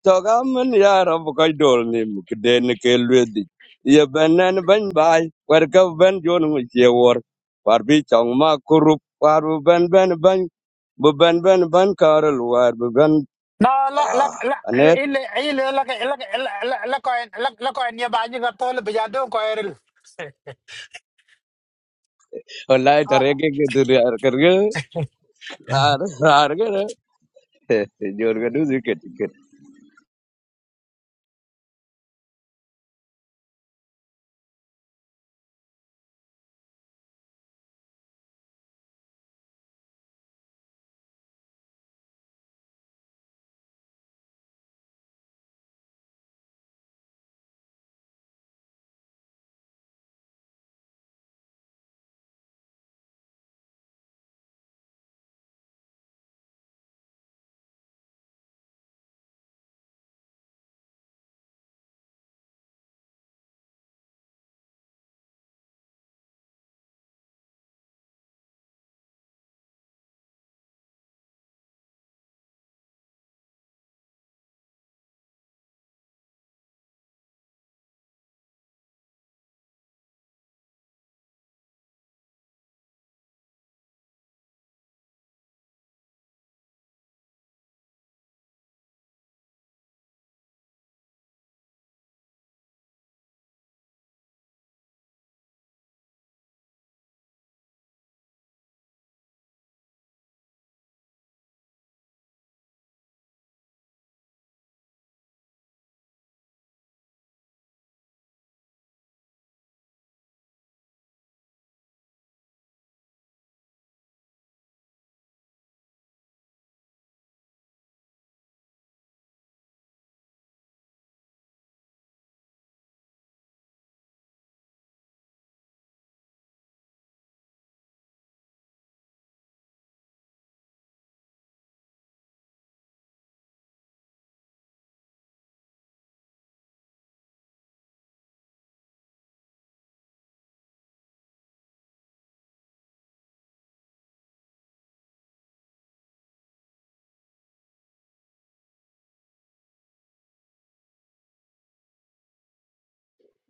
Togaman ya Rab ka ni mukden ke lwedi. Ye benen ben bai wer ka ben jon ngu che wor. War bi chong ma kurup war bu ben ben ben bu ben ben ben karel war bu ben Na la la ah la anet ele ele la ka la la la ko la la ko ni ba ni ka tol bi ja do ko eril. wallahi tare ke ke dur yar kar ge rar rar ge re. jor ga du ziket ziket.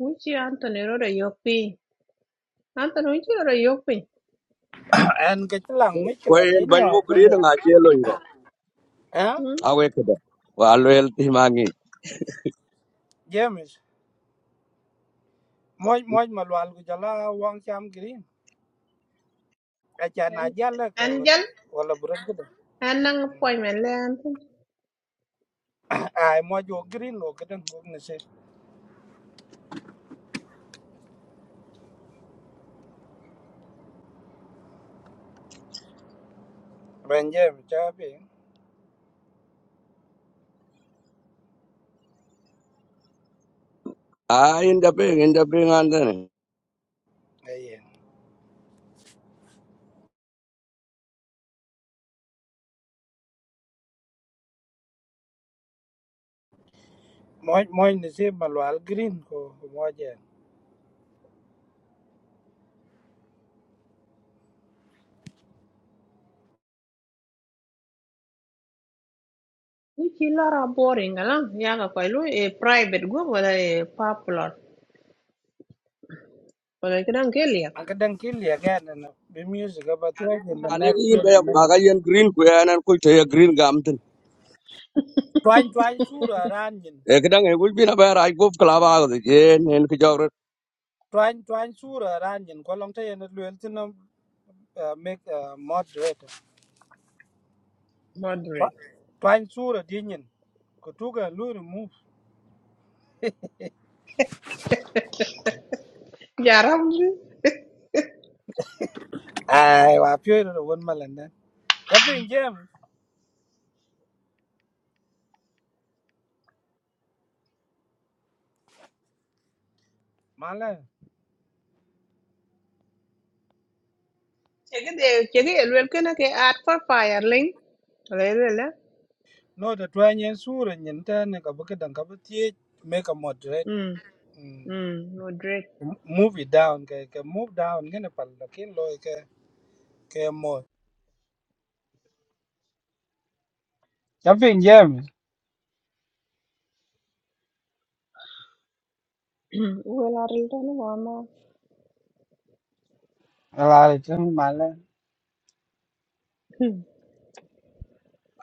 wichi Anthony rode yok piny Anthony wichi rode yok piny en ke lang mi ke Ko la en tin ben yo mu ke gri de nga che lo ngo. eh mm? Awe ke da. el ti Moj moj malwal ku jala wang cham green. Acha en na jala ka en wat- jal wala burak kuda. en nang appointment le an Ai moj wo green lo kuda wo nisi. Ranje cha pe. Ah in da pe in da pe Ayen. Moj moj nisi malwal green ko ko moj en. wichi lara boring kala yaga koy lu e private go wala e popular wala kidan ke Angka dang kil ya gan na be music about in the Malek next yin be 20 baga minutes. yen green ku en en kulte ye green gamtin. Twain twain sura ran yin. E kedang e wul bina bayar ay gof klaba ko je nen ki jogro Twain twain sura ran yin ko long ta yen luel tinam make a moderator. Twa- moderate Twain sura din yin. Kutuga lu remove. jaram ji ai wa pyo ro won malanda ja pin jem mala chege de chege el wel kena ke art for fire link wala el wel eh? no to twenye sura nyinta ne ka buka dan ka buti make a moderate mm mm, mm moderate move it down ke ke move down ngene pal lakin lo ke ke mo ja pin jem Welarildana mama. ala le tin mala en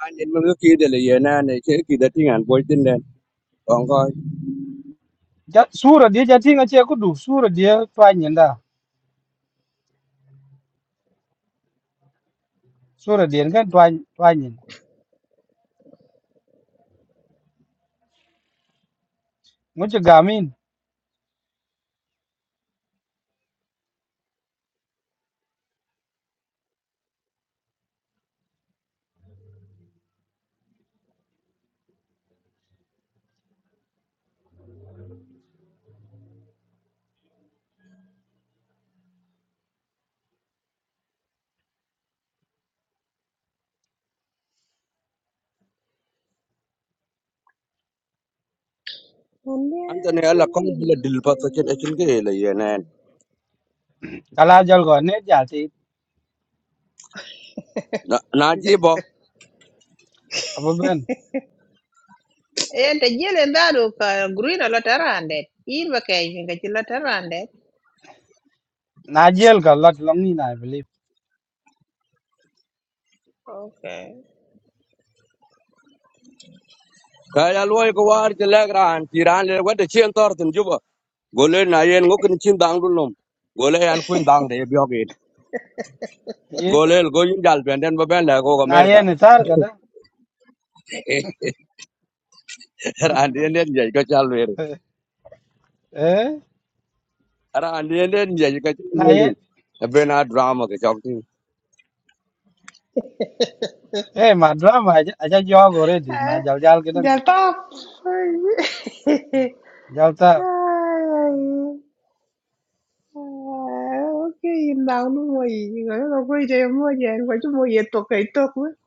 an yen mun ki de le yen an e ke ki de tingan boy tin den. On ko ja sura die ja tinga che ku du sura die twan nyinda sura die ngan twan twan nyin mu che gamin antene alla kong bile dil pato chen e chen ke le yen an. ala jal go ne ja ti Na na ji bo abu ben te jelen dhadu ka gurin lo tarandet in ba kei finga ci lo tarandet na jel ka lot long ni na believe okay ka ya loy ko war je le gran ti ran le wa de chen tor tin juba. Gole na yen ngok ni chin dang dun lom. Gole an kun dang de biogin. ye Golel go yin jal benden ba ben le go na ye Amerika. ne tar ka da Ran den den je ko chal เอ๊ ara ande ne nje ka นาย chulu bena drama ka chok tin เอ๊มาดราม่าจะย้อนก็เรียดีมาจัลจัลกันตั้ง The top. จัลตา Okay, in down no more. You know, go to your mother and go to more yet to get talk with.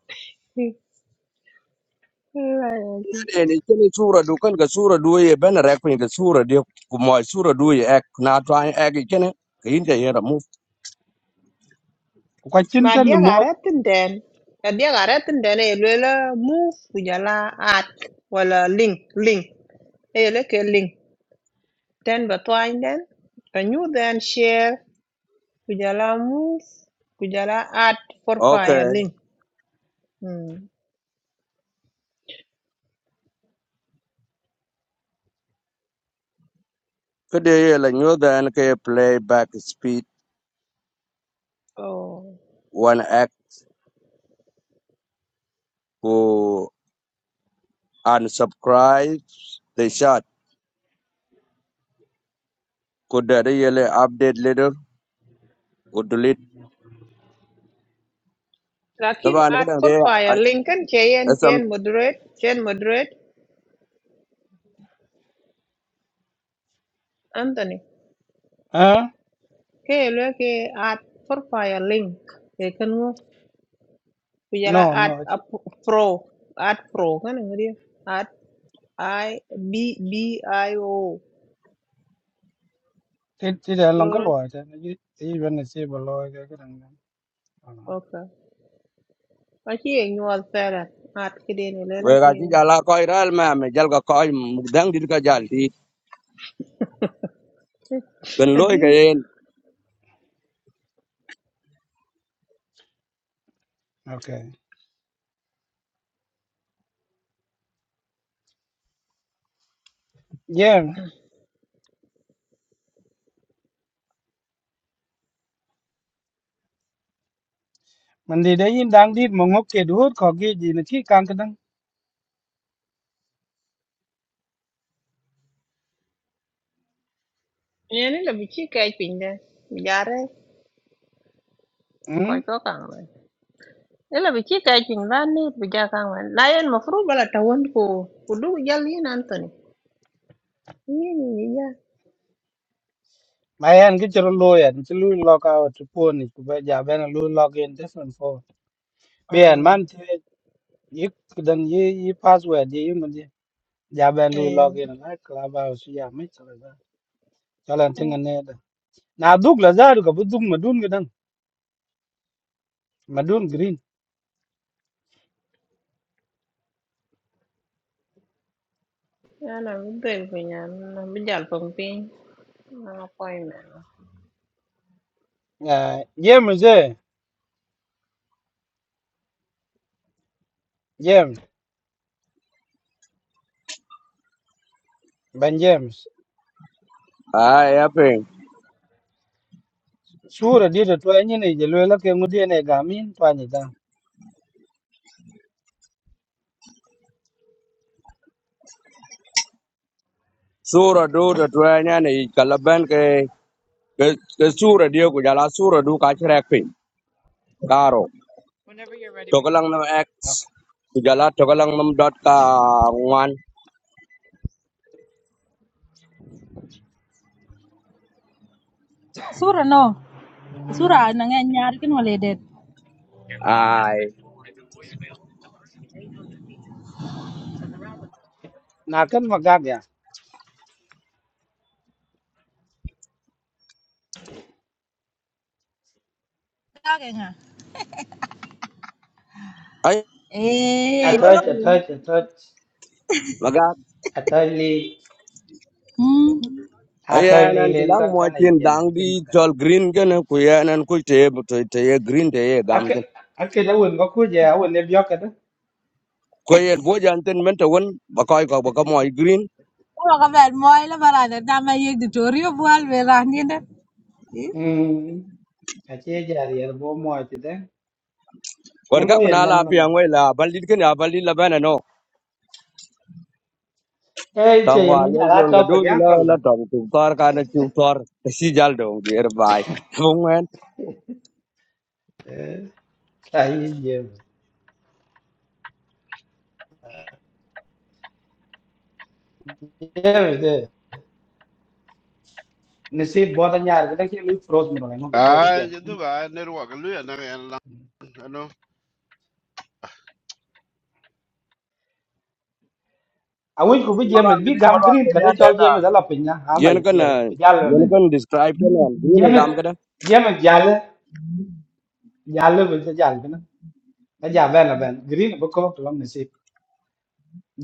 ene chene sura du kan ka sura du ye ben rek pin ka sura de ku mo sura du ye ek na twa ek chene ka inja ye ra mu คุยกันจ ma ริงๆดี dia หมด garet den ya dia garet den e lela move kujala at wala link link e le ke link ten ba twain den a new then share kujala jala move ku at for fire okay link hmm. ka de ye la nyu dan ka play back speed oh one act ku unsubscribe the shot ku de de ye le update later ku delete lakin taban ka at dang de for fire link kan chain asam chain moderate chain moderate anthony ฮะ ke le ke at for fire link e kan ngo ku no no at a pro at pro kan ngri I B B I O ที่เดี๋ยวลองก็ล Lord อยใช่ไหมที่วันนี้บอกรายกันตั้งยัง okay aci ye nyuɔl fɛɛlɛt ŋat kiden i lele we ga ti chi jala ko iral ma me jal ka ko dang dit ka jal ti kan loy adi ka yen โอเคยังมันดีได้ยินดังดีมองกเกดดูขอกีจีนที่กางกันตั้ง yani la bi ci kɛɛc piny de bi jare อืม kɔc kɔ kaŋ mɛn ni la bi ci kɛɛc piny la niit bi ja kaŋ mɛn la yen mafuru bala tawon ko ku duk jal yin Anthony yin yi ja ไปอันก็จะลุยอ่ะจะลุยล็อกเอาทรูปุ่นอีกไปจากเบนลุยล็อกยันแจ็สมันโฟเบียน mm มันที่อีกกันตั้งยี่ยี่ pass ไว้ยี่ยี่มันยัง ya ben lu eh login na clubhouse ya mi chala da chala tinga ne da na duk la zaru ka buduk madun gidan madun green yana bi bel bi nyan na bi jal pong piny na appointment Ah, james eh james ben james ai sura di da to anyi ne je lo la ke ngudi ne ga min to anyi da sura do da to nya ne kalaban ke ke ke sura dio ku jala sura du ka chrek pin karo to kalang nam x ku jala to kalang nam dot ka ngwan sura no sura nó nghe nhà cái nó lê đệt ai na kan ma ga ya ra cái ngà ai ê jiro atoj la atoj atoj maga atoj li hmm atoj ayan li an len to tilang mo ta ne chin james dang di jin ma ga tol green gen ku yan an ku te to te ye green te ye gam ake ten ake da won ba ku je a won ne biyo ka da ko ye bo jan ten men to won ba ko ko ba ko mo green Ủa các bạn mọi là bà là đã mà yêu cái được rồi vào về ra như thế mm ka ce jari yar bo mo ti da war ka ngulo ye kuna la pi man an wai la balid ken ya balid la bana no Eh, Tong cioè, wa non già lel la jon ga du troppo che ha la la quello. tong tu tor ka na tu tor si jal do dir bai. Mong men Eh, sai, io. Io, nasib bota nyar kada ke lu froze mo ngam ko di ai bien je du ba ne ru wa ga lu ya na ya la no a wi ku bi jeme malwal bi kede gam malwal green kede kada ande chol na jeme da la pinya ha ma yen kan je bi jalo yen da kan describe kan ni na jeme gam kada. jeme jale jale bi se jal bena da ja bena ben green bu ko to lam nasib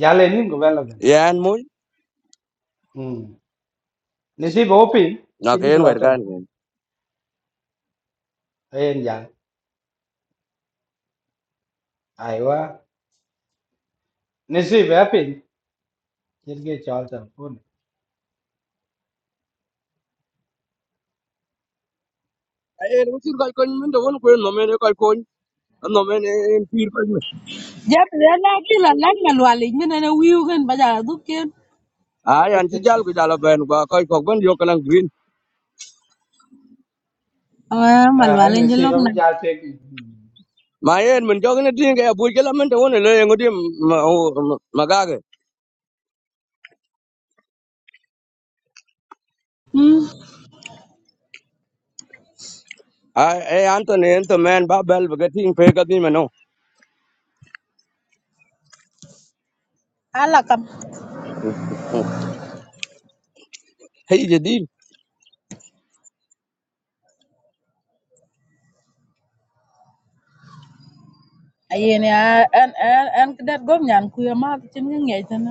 jale nim go bena ben Yan mu hm nasib o pin na chi ka bi yen lo wer tel kan. fun ayen jal aiwa nasib a pin chi ge chol tel Ayer usir ka kon min do won ko no men ka kon no men en pir ko. Jap ya la ki la la la wa li min na wiu bây giờ ja du Ay an si jal ku jal ben ba ka ko ben yo kan green. Ah, à malwal anh je si lok ba na. mi ja te I Ma yen men jog ne tin ga bu ke la men do won e le ngodi magage. Hmm. Ay ay an to ne en to men ba bel ga tin pe ka tin men no. Ala kam है ज़िदी ayene an an an kadat gom nyan ku ya ma tin ngi ngi tan.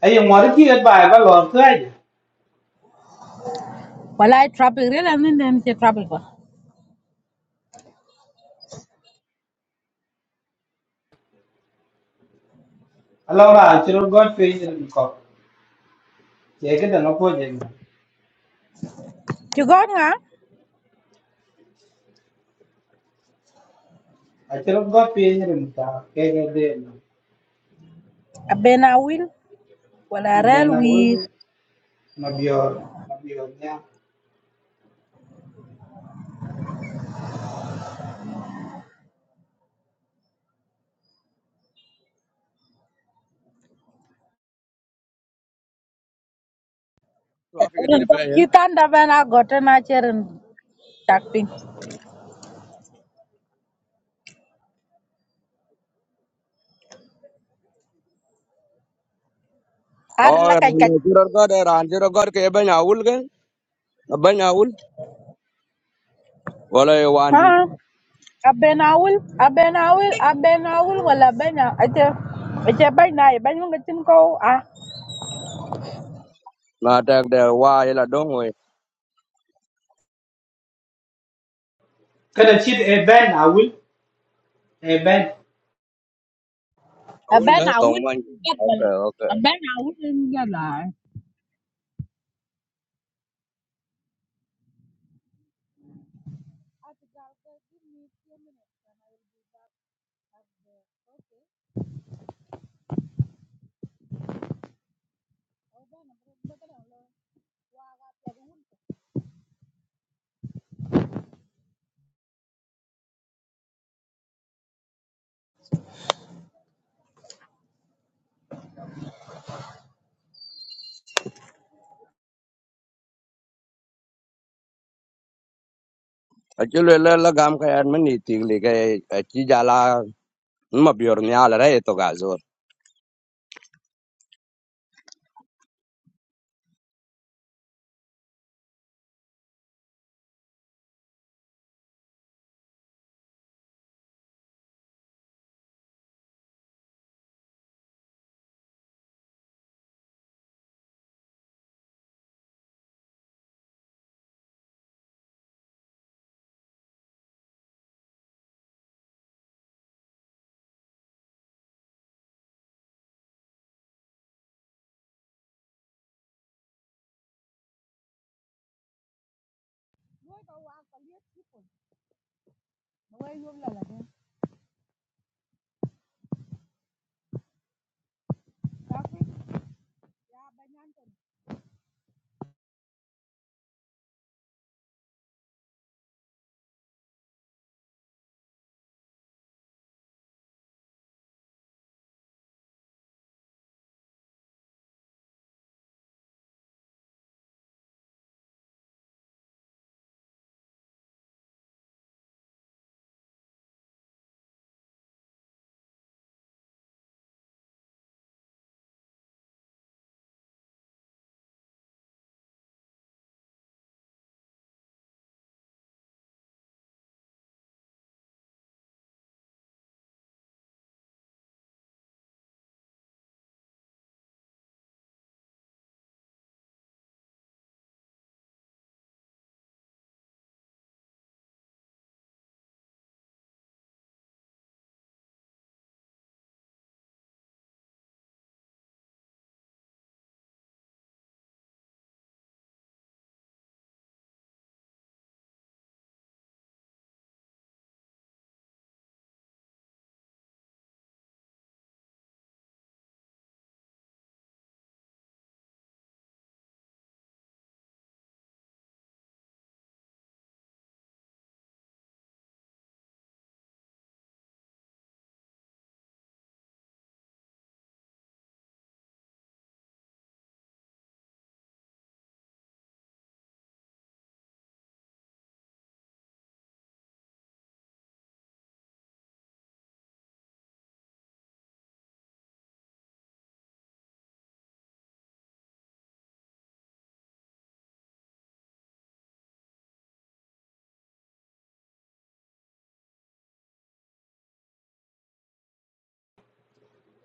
ai yo ngor ki et bai ba lon kai Wala ai traffic re la nin den che traffic ba. alo ra chi ro got pe ni rim ko che ke da no po je na Ti gon nga a chi ro got pe ni rim ta ke ke de no abena wil wala be rel na wi ul ma bior ma I nya तो आप इतनी ren ko रफ़ाय हैं ki tan da bena gote na cheren tak pin. Ar la kai kai. और रांची रोगार के बंजायूल कहने बंजायूल वाले Ha वांडी abena wil abena wil abena wil wala bena ache ache bai na e bai ngi tin ko ah माताकंदा वाई लड़ोंग हुए kada chi I ben a ul e ben abena wil तोमानी gat wala okay okay abena wil ngi la. A अच्छी लोग लगाम कहाँ मनीतिंग लेके चीज़ आला मार्बियोर नियाल रहे तो गाज़ौर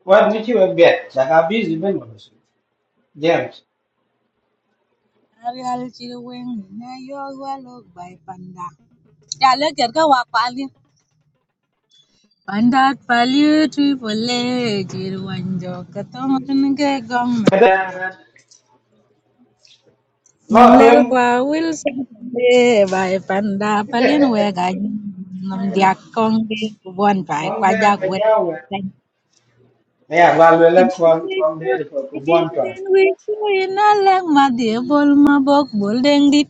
wa mi chi we bet da ga bi zi ben mo so james ryəl shìi wíŋ inə̀ yɔ̄ gwɛ̂ pàndà. Yà lɛ̂kɛ̀t kâ wa kpà'à Pànda kwàl yu ɨtǔ i bù le gong, wànjɔ̀ kɨ̀ tɔŋə̀ ŋge gɔ̂ŋ kada mɛ̀tsàgə̀. by I lɛl tuen kwàʼ wîl sɛ̂ gbàì pàndà pəlin wɛ gha yi nɨ̀m dyàk kɔŋge kɨ bwɔ̂n ŋ̀bàì kon de kwajaŋ ba wɛ ja we nsəŋ. ya ba le le kon kon de ko ko bon Kɨ̀dìŋ wì ku inə lɛ̂k madhì ɨbwol mə bǒk bol ŋgeŋ dit.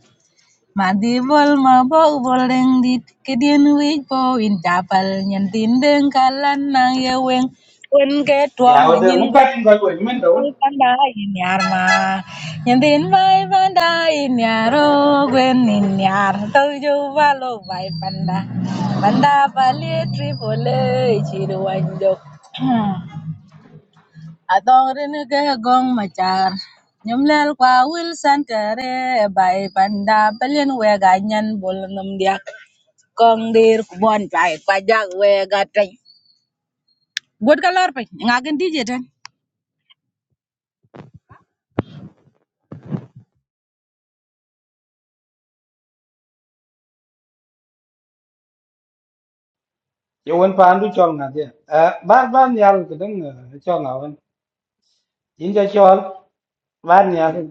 Mandibol mabok boleng dit kedien wich bowin japal nyen tindeng kalan nang ye weng wen ke tuang ya wo de nyen mu pa gwet in ko wo men do mai panda in yar ma nyen tin mai panda in yaro gwen in yar to jo valo vai panda panda pali tripole chiru wanjok Adore ni gaya gong machar. Nyumlel kwa Wilson kere bai panda pelin wega nyen bol num diak. Kong dir kubon bai pajak wega teng. Buat kalor pe ngagin DJ ten. ye won pa andu chol na de ba ba nyal ke deng chol na won in ja chol ba nyal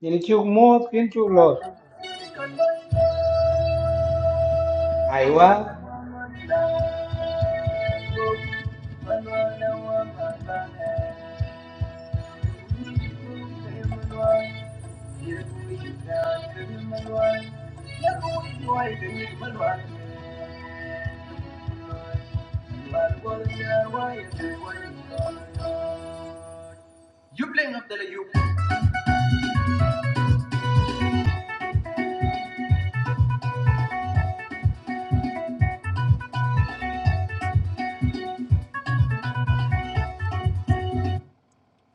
ni chu mo kin chu lo ai wa You playing up there, you.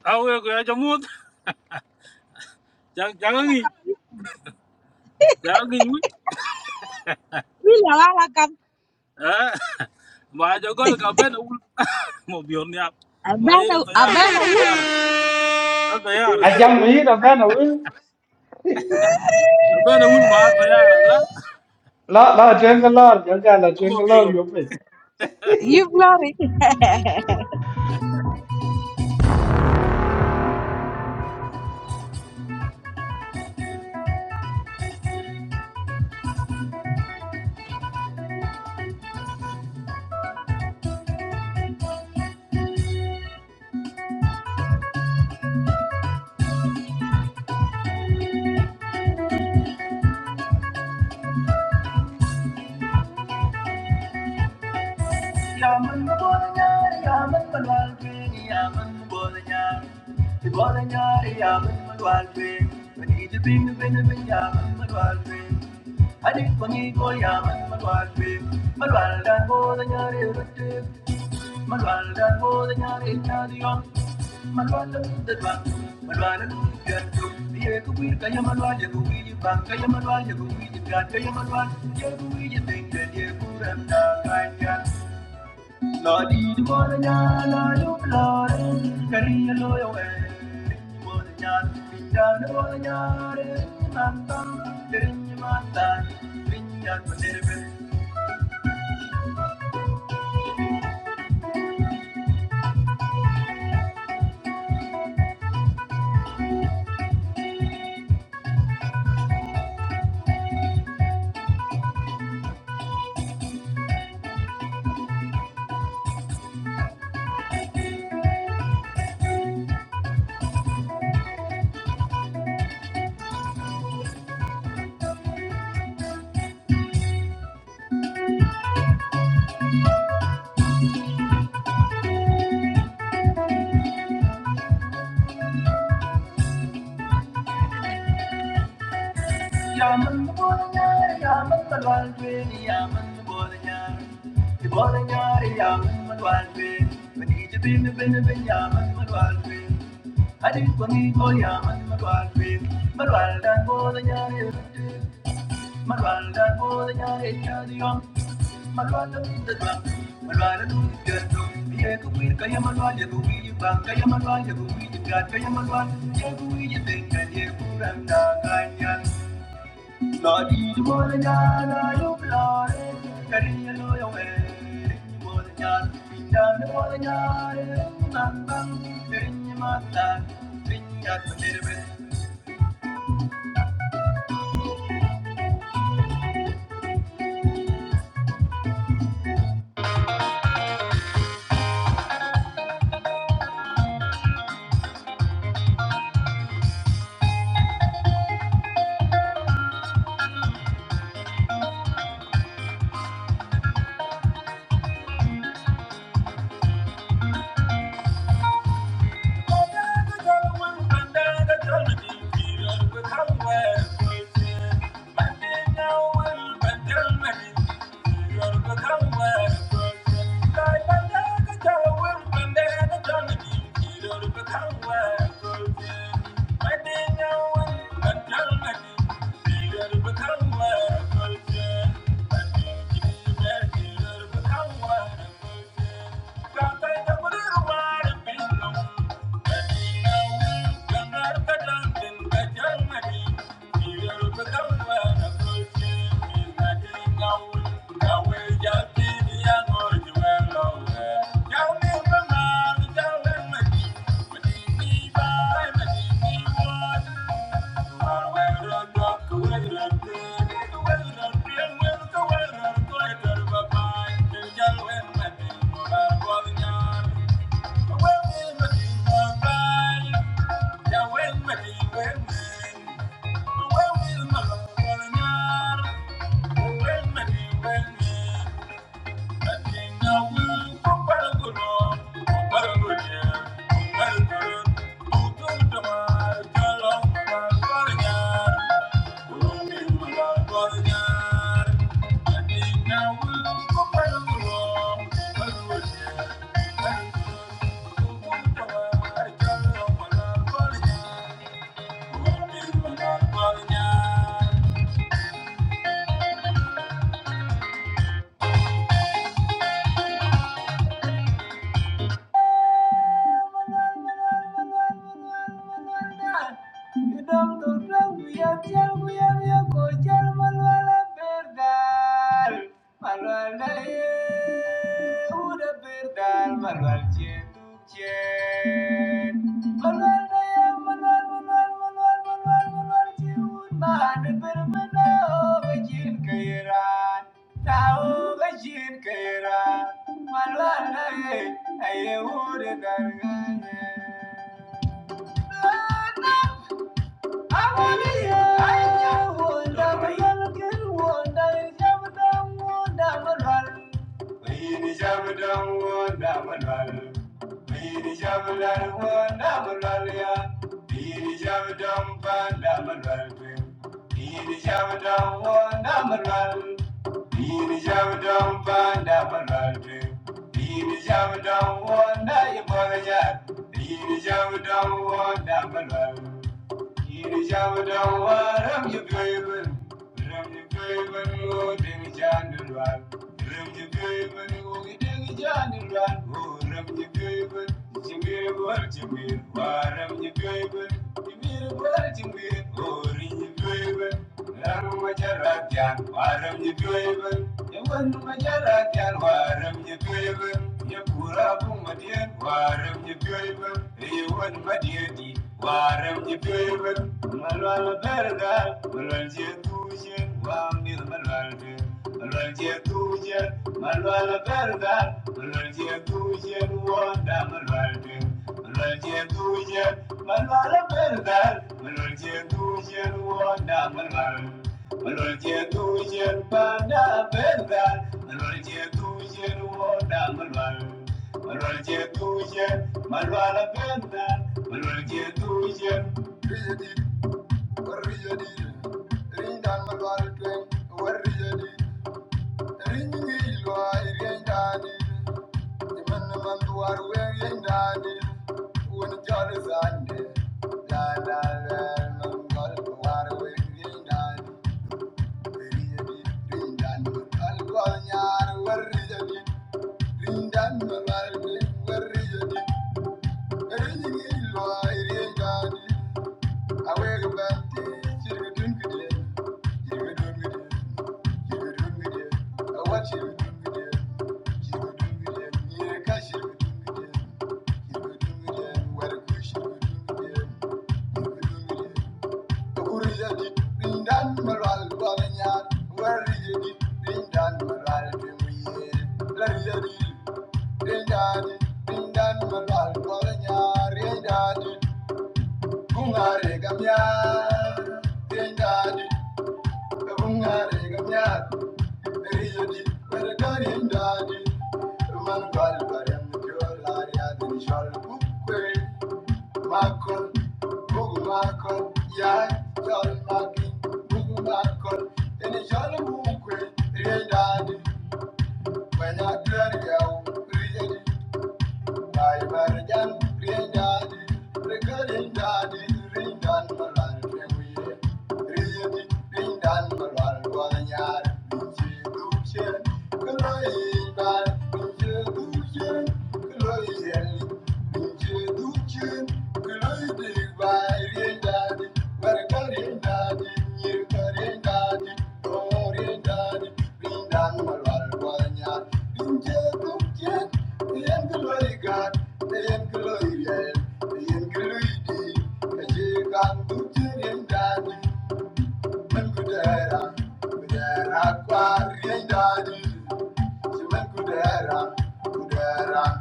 awe ko ya jamut Ala jangangi kap wil jangangi mu ya ala kap. eh ma jogar ka ben is mo bior ni ap ma Abena yera abena tayara wil. tayara tayara a jam mi da ba no ben ul ma tayara la la la tren ga lor ga ga la tren mo ga lor bior yo pe You glory. Yaman Bolanyari, Yaman Manwalpin, Yaman Bolanyari. The Bolanyari, Yaman Manwalpin. When he the bin, bin, bin, Yaman Manwalpin. And if one equal Yaman Manwalpin, Manwaldan Bolanyari, Rutte. Manwaldan Bolanyari, Tadion. Manwala Mundadwan. Manwala Mundadwan. Yegu Wirka Yamanwal, Yegu Wijiban, Kayamanwal, Yegu Wijiban, Kayamanwal, Yegu Wijiban, Yegu Ramda, Kanyan. Lord, you are the one and I love Lord. Carry a loyal way. You want to yard, we down the one yard. Man, man, you're in your man, man. We yard for never. Yaman the one yard, yaman the one way, yaman the one yard. The one yard, yaman the one way. When he's a bin, the bin, the bin, yaman the one way. I did for me, boy, yaman the one way. But while that was a yard, Malwala bodaya echadiyam. Malwala mindadam. Malwala dudiyatam. Ye kuir kaya malwala kuir bang kaya malwala kuir gat kaya malwala ye kuir tengan ye kuranda kanyan. Nadi bodaya na yublare kariya loyo eh. Bodaya pindang bodaya eh. Bang bang kariya matan. Pinyat menerbe Thank you. Thank you. Thank you. Thank you. Malwal na ye, aye wude dargane. Jam down, one, now you bother yet. Leave the jam down, one, now my love. Waram you Yatwebe, Yaman Majara can Waram Yatwebe, Yapura Pumadian, Waram Yatwebe, Yaman Madiati, Waram Yatwebe, malala Berga, Malanjia Tuja, Wamil Malalde, Malanjia Tuja, malala Berga, Malanjia Tuja, Wamil Malwala Rindan, Rindan, Rindan, where is it? Bring down my ride, bring me here. Let it be. Dindan magal kolenyar dindan bungare gamyar dindan bungare gamyar riyadi bergarindan man gal barem jolar ya din shal bukwe makon bugu makon ya shal makin bugu makon din shal bukwe riyaw dindan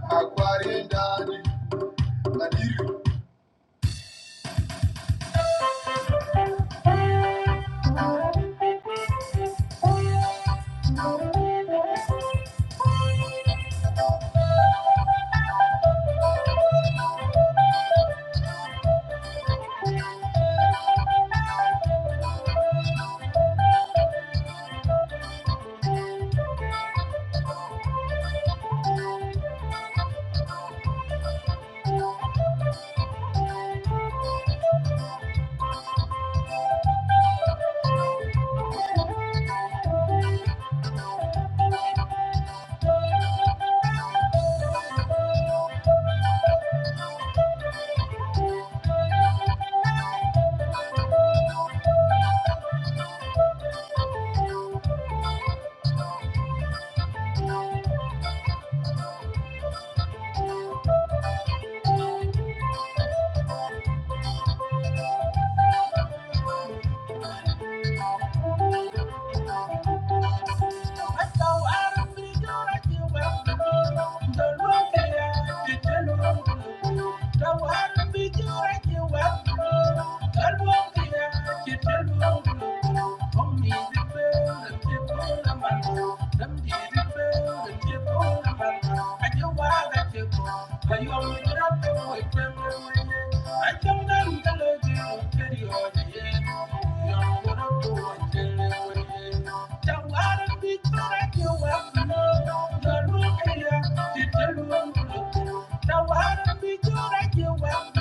Aquarinha, Thank you. want to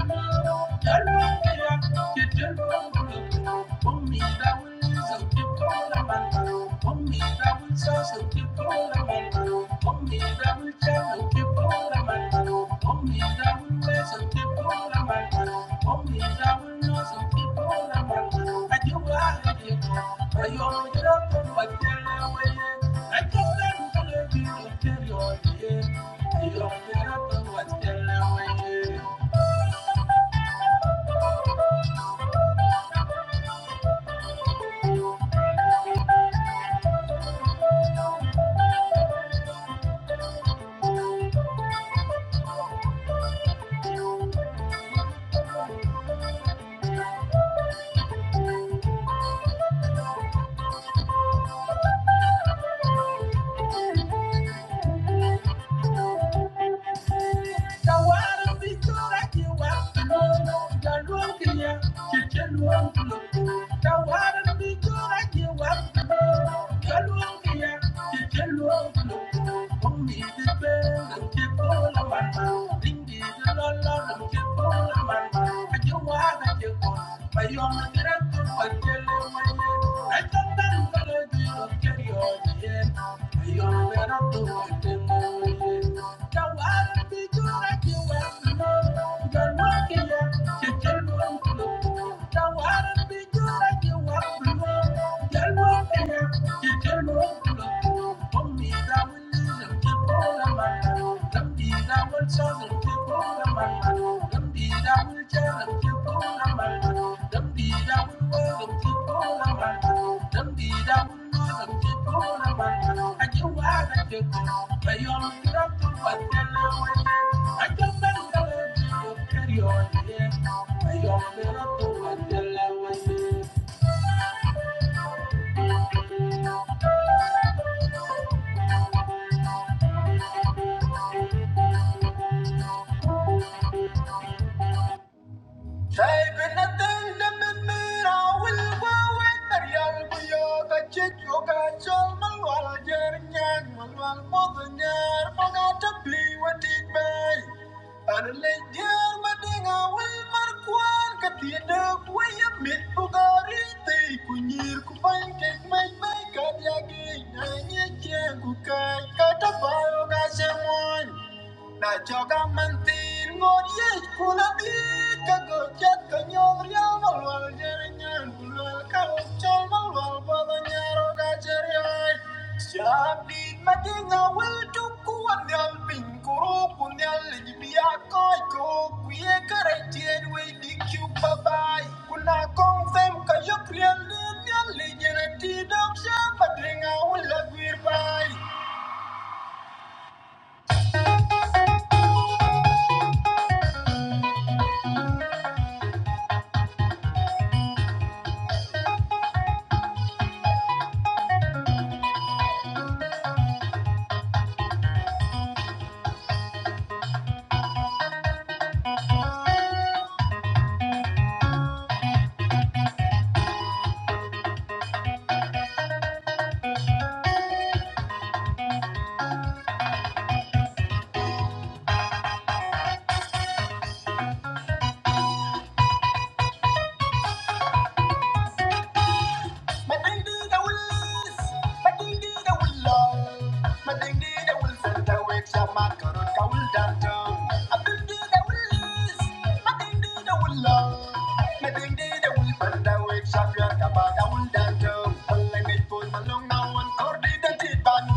Thank you. Thank you. Thank you. Kata bayo gase moy Na joga mantin ngor ye kuna di ka go chat ka nyog ria mal wal jere nyan bulwal Siap di madinga wel tuku wanyal ping kuru kunyal li biya koi ko kuye kare we di babai. Kuna kong fem ka yok riel ni nyal li jere ti dok wel la Along now. and Thank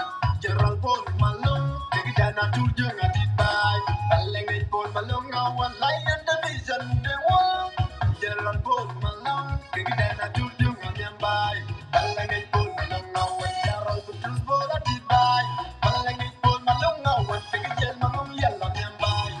you. Gerald Paul Malone, the Guyana to young at it by. Balangay Paul Malone, our lion and the vision the one. Gerald Paul Malone, the Guyana to young at it by. Balangay Paul Malone, our Gerald Paul Malone, at it by. Balangay Paul Malone, our Guyana to yellow, at it by.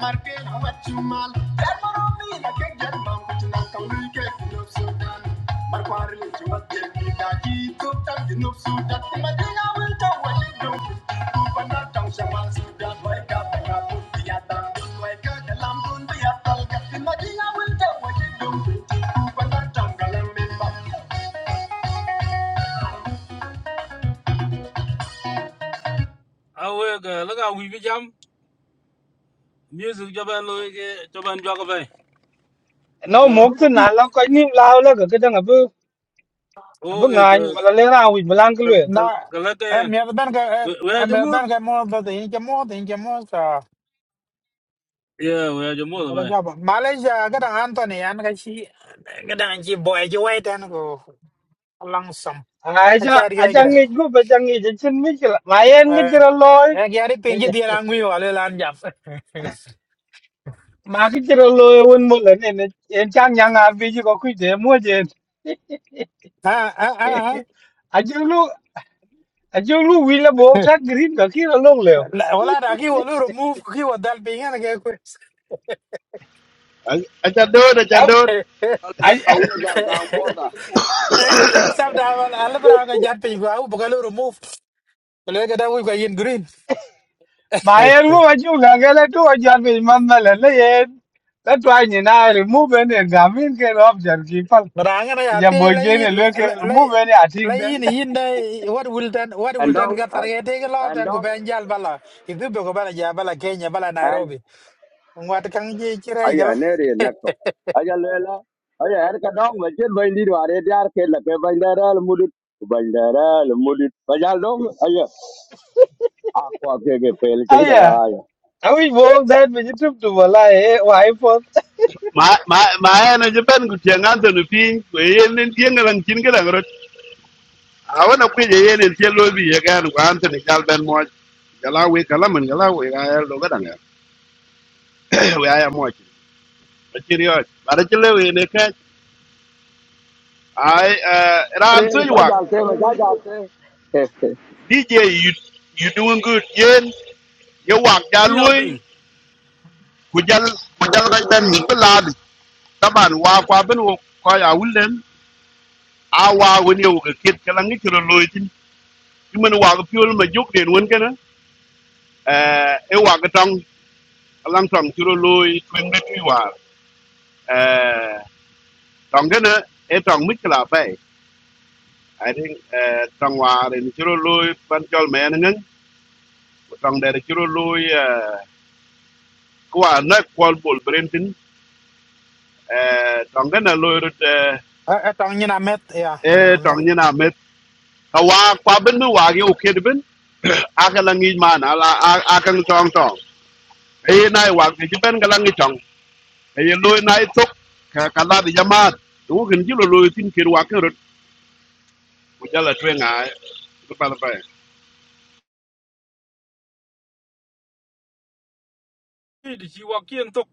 Marquez, how about you, mal? That what I mean, I will tell you do. Who and that town shall man Sudan, jam music jaban jaban jwa ka bai no ya mo ko tu na ping la ko ni la la ga ke deng bu o bu ngan wala le ra wi blang ke le Na em yed ban ka em yed ban ka mo ba de in ke mo de in ke mo Yeah, we are Jamal, boy. Malaysia kadang Anthony an kachi kadang ji boy ji wait an go along some ai ja kachar yo a ja gira ngi go ba ja ngi chen mi ke la ma yen ngi eh ra eh gyari pingi loy dia langwi wale lan jap mà cái chiro lo e won mo này, em chẳng chang yang a bi ji ko ku je mo je ha ha ha ha. a lu a ju lu wi le bo ta green ka ki lo le La- wala da ki wolu remove ki wadal pingi na ke ku Acha do, acha a do, sab da wala ala bra ga jap pingi ko au bugalu remove ko le ga da wi ga yin green ma e lu a ju ga ga le to a jan bi man na le le ye ta to ni na ri mu be ne ga min ke ro jan ki pal Ranga na ya yapte bo je ne lay le ke lay mu be ne a ting lay den ni yinde what will then what will then एंडोंग get target take lot and go एंडोंग banjal bala idu be go bala ja bala Kenya bala and Nairobi ngwat kang ji chire अये gala नेरी नक्को अच्छी लोग लगाम अये हर कंदों बजर � Ako agege pele a cheki ya dakaya. a wi bo that bi tu tu wala e wa i po ma ma ma ena je pen ku tieng Anthony piny kwe yen en tieng elang chin ke dang rot awana kwe je yen en tieng lobi ye gan ku Anthony jal ben moj jala we kala men jala we ga el do gadang we aya moj achiri oj bara chile we ne ka ai eh, ran tu Sa wak jalte me sa jalte. DJ you you doing good yen ye wak ja You know, lui Bing. ku jal ku jal ga ben mi pelad taban wa kwa ben wo ko ya wulen a wa woni wo ke kit kala ngi chiro loitin men wa ko piol ma juk den won eh e wa ga tong lang tong chiro lui twing de twi war eh tong de ne e tong mit kla bai i think eh tong war in chiro lui ban chol me ne ngen tong de chiro lui eh kwa na kwal bol brentin eh tong de na lui rut eh atang nyina met ya nyina e met tong ni na met ka wa kwa ben mi wa ge o ked ben a ka lang ni man ala a ka tong tong e nai wa ge ben ka lang ni tong ye loy na itok ka kala di jamaat wo gen jilo loy tin ker wa ker ko jala twenga ko pala phải Did she walk in talk?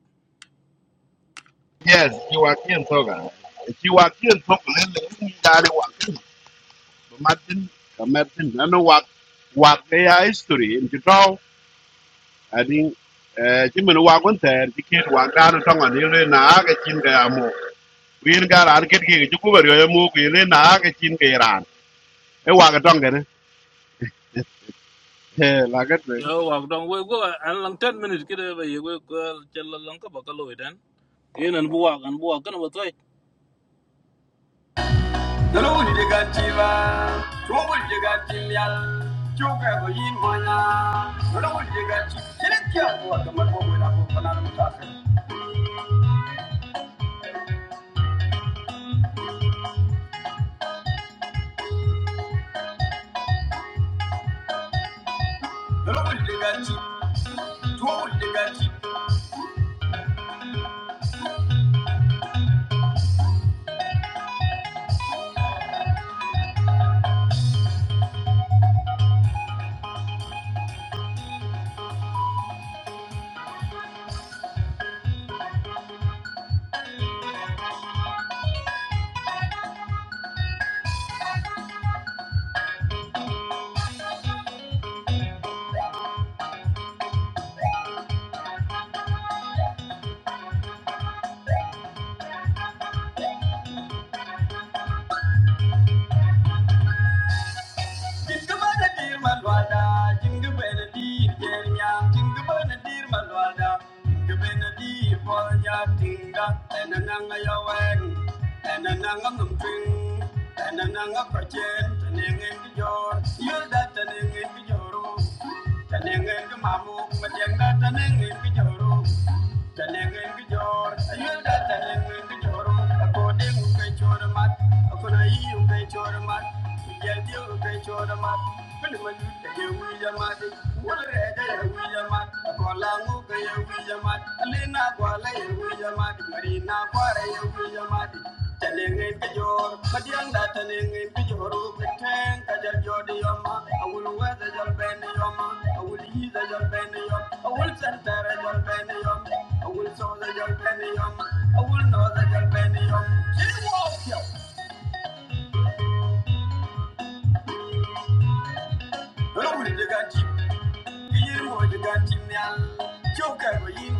yes ki wa kien toga ki wa kien tok le le ni dare wa kin Ba martin martin na no wa wa ke ya history in to draw i think eh ti men wa kon ter ti ker wa ga no tonga ni le na ga chin ga ya mo cái ga cái ket ki ju ku ba cái mo ki cái na cái chin cái ran cái quá cái trong cái này thế là cái You walk down. We go and long ten minutes. Get over here. We go tell a long about the lawyer then. In and walk and walk and what's right. Dalo wul diga chiba, tuwa wul diga chimyal, chuka ko yin monya. Dalo wul diga chib, chirik kya ko wa kamar ko wala ko kanar mutasa. Dalo wul diga chib, tuwa wul diga Jingabana dear Malwada, Jingabana dear Jeremia, Jingabana dear Malwada, Jingabana dear Polya Tinga, and ananga Yawan, and ananga Mumtring, and ananga Prachen, and Engin Yor, you'll that an Engin Yoru, and Engin Mamu, but Yanga an Engin Yoru, and Engin Yor, I'm Thank you. yin mo de gan tim nyal chou kai go yin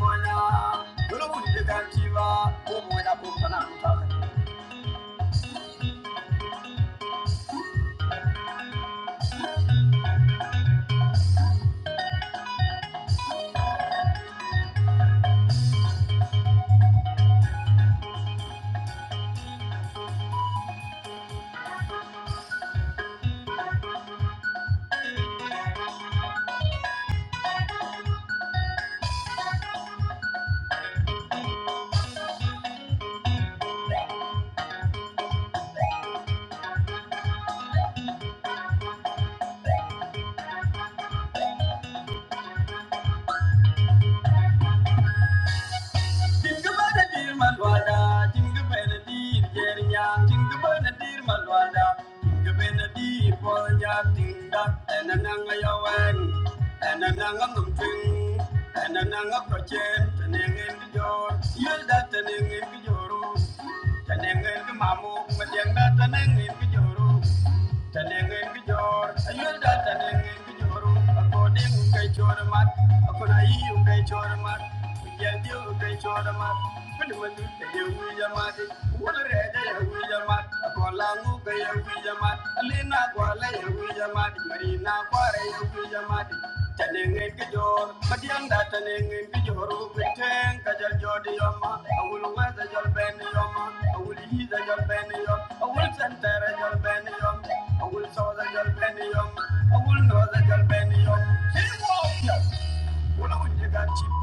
According to Kay Chormat, Akona Yu Kay Chormat. I'm Thank you. got?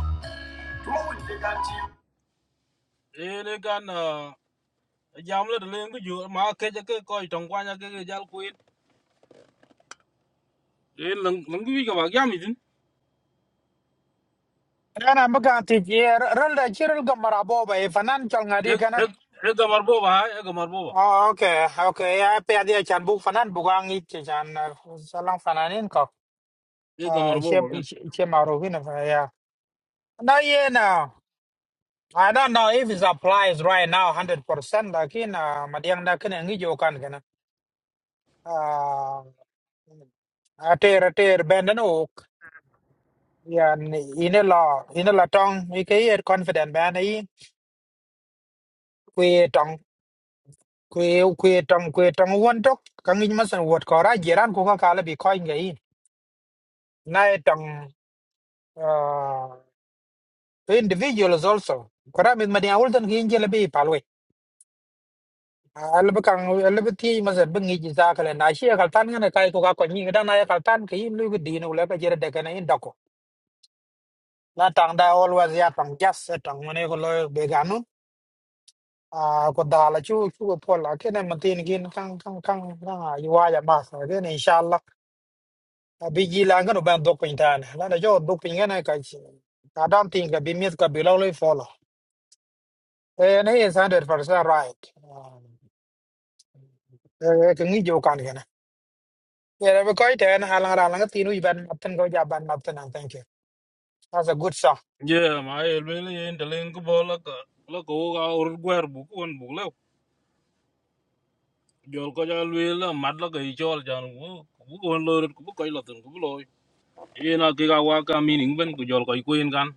mawun ke gan ti ele gan jam le le ngu ju ma ke je ke ko tong kwa nya ke ke jal kuin e lang lang wi ga ba jam idin ana mbaga ti jer rol da chirul go marabo ba e fanan chol e ngadi e kana e ga mar bo ba e ga mar bo ba oh okay okay ya pe dia chan bu fanan bu gang i chan salang fananin ko e ga ah, mar bo ishe ba gan ishe ishe marovina ya na ye na I don't know if it applies right now 100%, lakini uh, madiang da kene ngi jo kan kana. Uh, ater ater benda no ok. Ya ine la ine la tong ike ye confident benda i kwe tong kwe kwe tong kwe tong won tok kangi masan wot ko ra jiran ko ka kala bi ko ngai. Na e tong uh, individuals also. Kora mit madiang ultan ki injele bi palwe. ala ba kang ala ba ti ma zat ba ngi ji za kala na shi kal tan ngana kai ko ka ko ni da na ya kal tan ke im lu gu di no la ka jere de kana in dako la tang da always ya tang jas eh, tang mane ko lo be ganu a ko da la chu chu ko pol la ke na ma tin gin kang kang kang na yu wa ya ma sa ge ne inshallah A bi ji la ngano ban dok pin tan la na jo dok pin ngana ka chi ka dan tin ka bi mi ka bi lo lo fo lo e ne is 100% right Ah, eh ke ngi jo kan Yeah, we quite an halang ralang at tinu iban matan ko jaban matan ang thank you. That's a good song. je ma e le le en de le bo la la ko ga ur gwer bu ko on bu le jol ko jal le la la ga i jol jan bu bu ko on lo ku bu ko lo tun ku bu lo e na ke ga wa ka mi ning ku jol ko kuin gan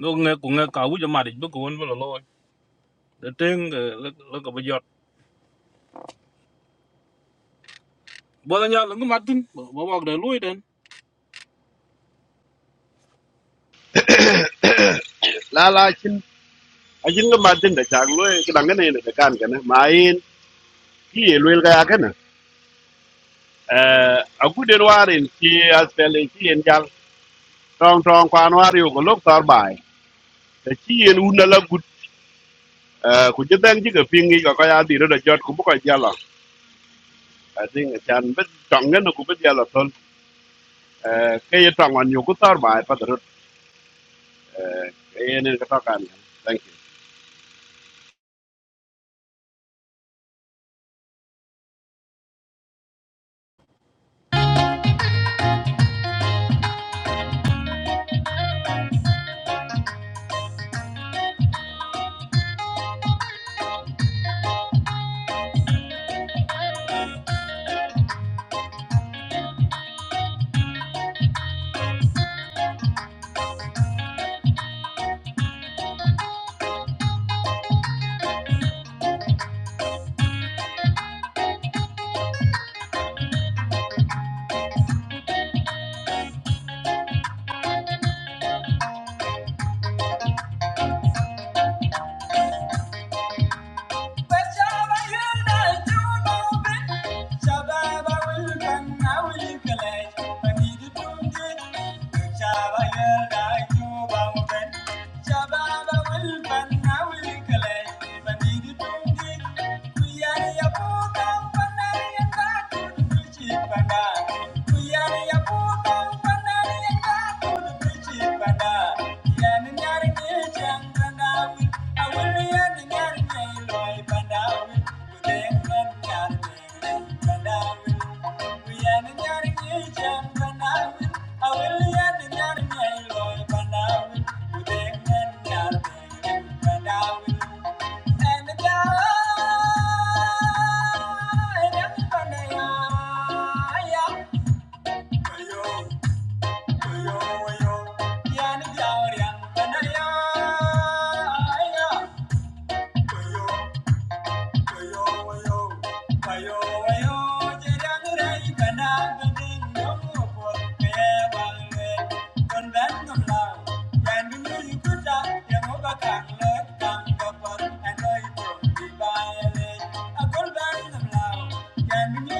no nge ku nge ka wu je ma de bu ko on bu lo lo de teng la la ga ba Bola nya lungu matin, ba wag da loy den. là là la ajin nga matin da chak loy kedang ne ne da kan kana main ki ye loy ga kana eh agu den warin ki aspel ki en jal tong tong kwan war yu ko lok tar bai da ki en un la gut eh ku je dang ji ga pingi ga ka ya di da jot ku bu ka jala i think chan bet tong ne ku bet jala ton eh ke ye tong an yu ku tar bai pa da eh ye ne ka ta kan thank you We're Thank you. Thank you.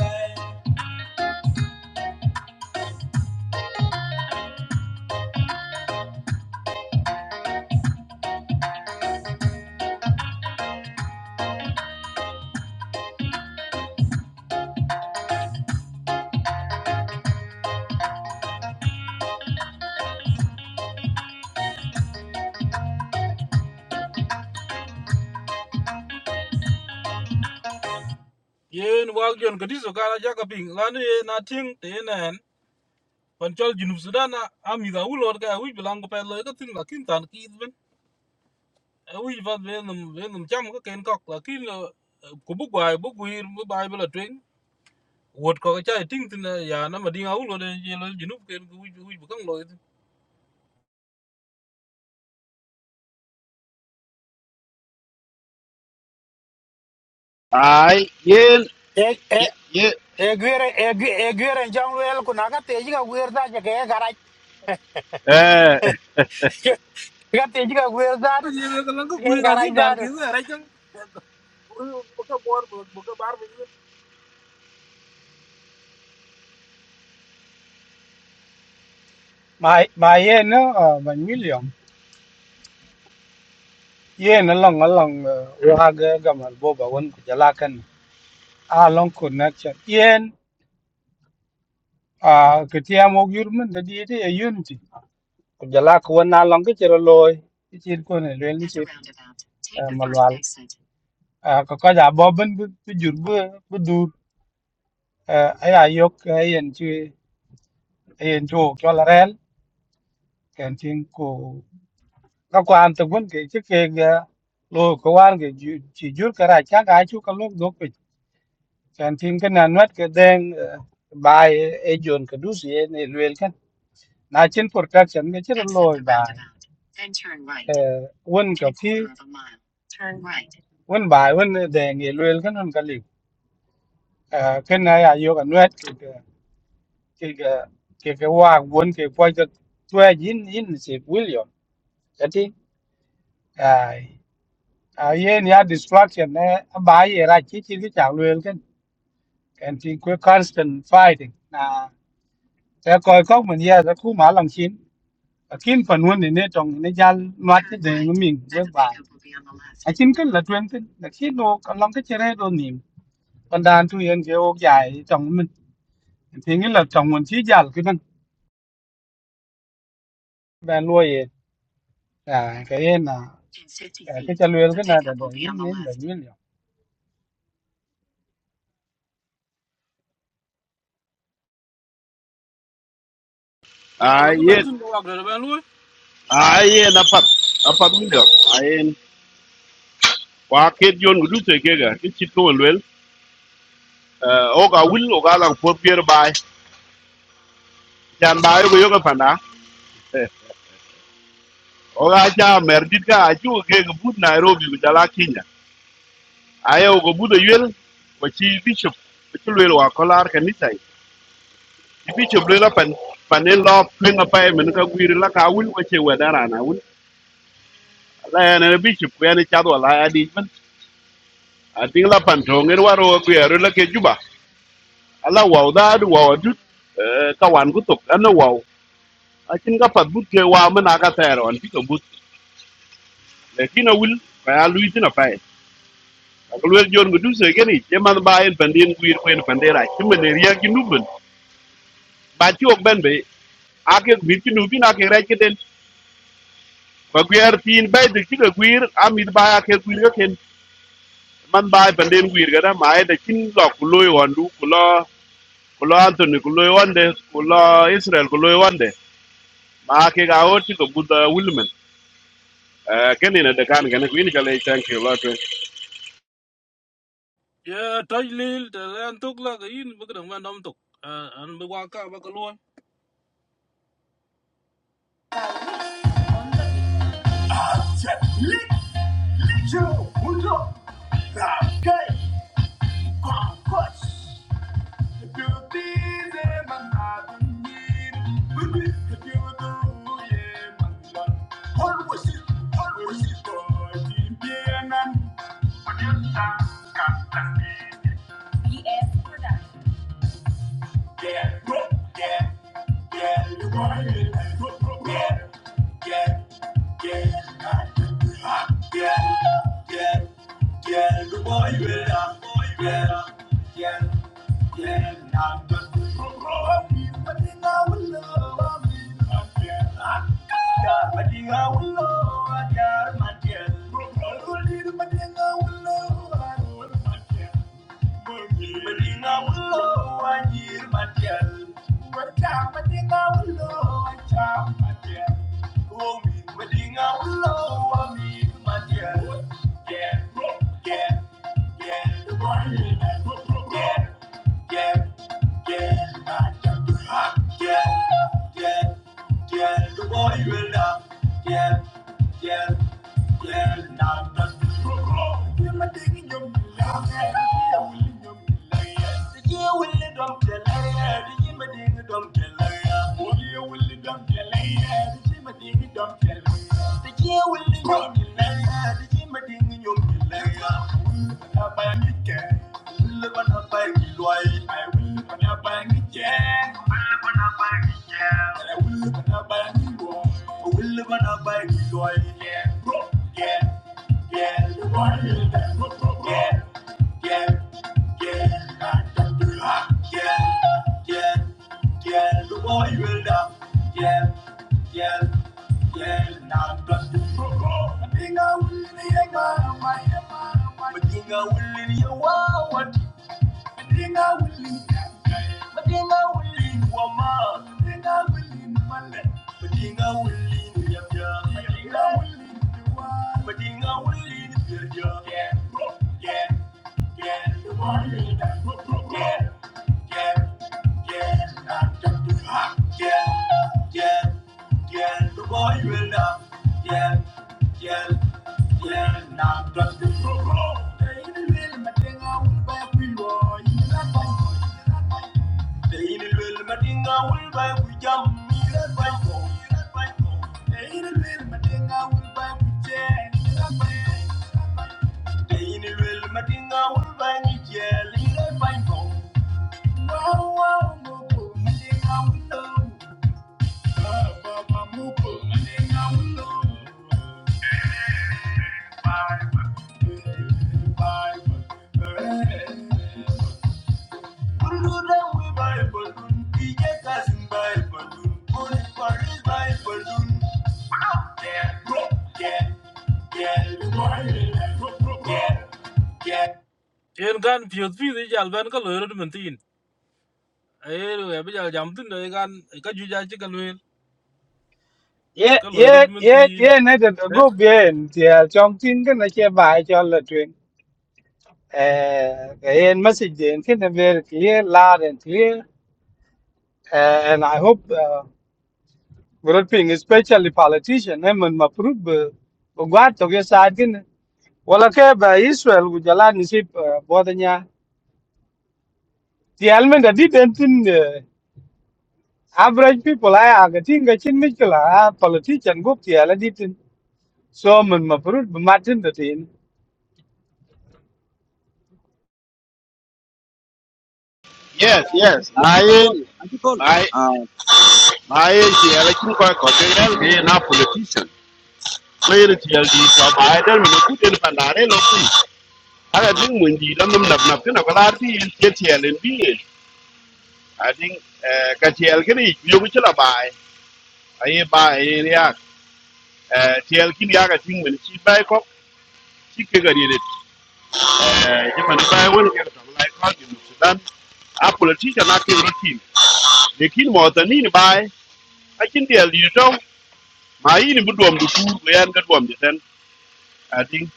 Thank you. yen wak jon kadis okara jaka ping lanu ye na ting te nen pan junub sudan na amida ulor ka wi bilang ko pe le ka tin lakin tan ki ben wi vat be num cham ka ken kok lakin ko bu gwai bu gwir bu bai bela twing wot ko ka chai ting tin eh, ya na ma dinga ulor de ye le junub ken ko wi wi bu kang lo ai yen Eh ye eh ye eh gwere eh gwere eh gwere jang wel kunaga teji ka gwere da ja kaya garaj. eh Ka teji ka gwere da ye ye ka lang ko kaya gwir garaj agin tan ki da. ra chang ko ka bor bu ka bar be ni ma ma ye no million ye na long a long uh, wa ga ga mar bo ba won ku jala kan a long connection yen a ke ti am og yur men de di de unity ku jala ku won na long ke ro loy ti chin ko ne le ni ti ma lwal a ko ka ja bo ben bu bu jur bu bu dur a ya yok a yen ti a yen to ko la rel ken tin ku ka kwa an te gun ke ti ke ga lo ko wan ge ju ti jur ka ra cha ga chu ka lo do chan tin cái nan mat cái den bai e jon cái du sie ne luel kan na chin protection cái chir loy bai won ka phi won bai won den e luel kan won ka li cái này ya yo kan wet cái cái cái cái cái wa won cái poi cái twa yin yin se william cái tin ai ai yen ya distraction ne bai e ra chi chi cái chang luel kan kan tin cái constant fighting na ta coi có mình ra ta khu mã lòng chiến akin pan won ne tong ne jal mat ke de min we ba akin kan la twen tin la ki no kan lam ke chere do nim pan dan tu yen ke ok jai tong min thì nghĩ là tong won chi jal ke nan ban lo ye à cái yên à à, cái chân luyện cái này là để yên yên để yên liệu la ai lang ma yen tin wak de ben ai yen apat apat mi do ai wa ket yon gudu te kega ti chit ko lwel o ga wil o ga lang pot pier bai chan bai go yoga panda ô ga cha mer dit ka a chu ke go bud nairobi go jala kinya aye o go bud yel ko chi bishop ko chi lwel wa kolar ka ni tai ti bishop lwel pan panen lo pinga pai men ka gwir la ka wil ko che wedara na wil la ya ne bishop ya ne cha do la ya di man a ding la người to rồi waro ko ya ro la ke juba wow wa da du wa du ka wan ku tok ana wa akin ka pat but ke wa mena ka tero an pika but lekin awil ka ya lui tina pai akulwer jon gudu se geni ke man ba en pandin guir kwen pandera kimme ne riya ginuben ba ti ok ben be ake guir ginubin ake ra kiden ko guir tin bai de kida guir amit ba ake guir ga ken man ba pandin guir ga da ma e de kin lo kuloy wandu kulo kulo antoni kuloy wande kulo israel kuloy wande ma ake ga oti ko buda wilmen kenina de kan gane kwini kale thank you lot Yeah, taj lil ta an tok la ga yin bu kan wan dom tok Ah, an bu wa ka ba ka lo Production. Yeah, yeah, yeah, you want it. Bro, bro, yeah, yeah, yeah, ah, yeah, yeah, yeah, you want it, ah, yeah, yeah, yeah, nah, bro, bro, bro, I I will love, I ah, yeah, ah, yeah, that thing I will love, ah, yeah, my dear. Bro, I will love, I yeah it up. Yeah, yeah, yeah, nah, that's Give my thing in your belly, yeah, will in your belly, yeah. The year will it dump the lay, yeah, the year my thing it dump the lay, yeah. Oh, yeah, will it dump the lay, yeah, the year my thing it dump the lay, yeah. The year will it dump the lay, yeah, the year my thing it dump the lay, yeah. Will it dump the lay, yeah. I will in your Wow, what Dinga wuli, dinga wuli wama, dinga wuli male, dinga wuli nyabya, dinga wuli dua, dinga wuli birja. Yeah, bro, yeah, yeah, you want it, bro, bro, bro. Yeah, yeah, yeah, not just to ha. Yeah, yeah, yeah, the boy will not. Yeah, yeah. Wow, wow, wow, en gan piöth pith ical bɛn ka loi rot min thin aer wɛp ical jam thïn dɔ ekan ka juic acï ka lueel ye ka loi rot ye min ye thin ye này để go biển thì à, trong tin cái này chơi bài cho là truyền eh cái yên message đến cái này về cái yên la đến cái and I hope Growth ping, especially politician, eh, men ma prove be, guard to get side gin. ke ba Israel ku jalan ni sip bodanya. Ti almen da dentin eh, average people ay agatin ga chin mikla politician gup ti ala ditin. So men ma prove be matin da tin. Yes, yes. Anti My kakol, anti kol. my Ah, my TL kin ko ko te yel ge na politician. Player TL di so my del mi ku den pandare lo ku. Ara ding mun di dam dam nap nap kana kala ti in cái TL in bi. đi. I think eh ka TL cái i yo ku chala bai. Ai bài. ai ya. Eh TL kin ya ga ting mun chi bai ko chi ke ga ri de. Eh je man bai won ke cái lai ko sudan. A politician là cái gì? Để khi mà mo ta ni ni bai. A kin TL di ma yini bu duom du tuur ko yan ga duom je ten ating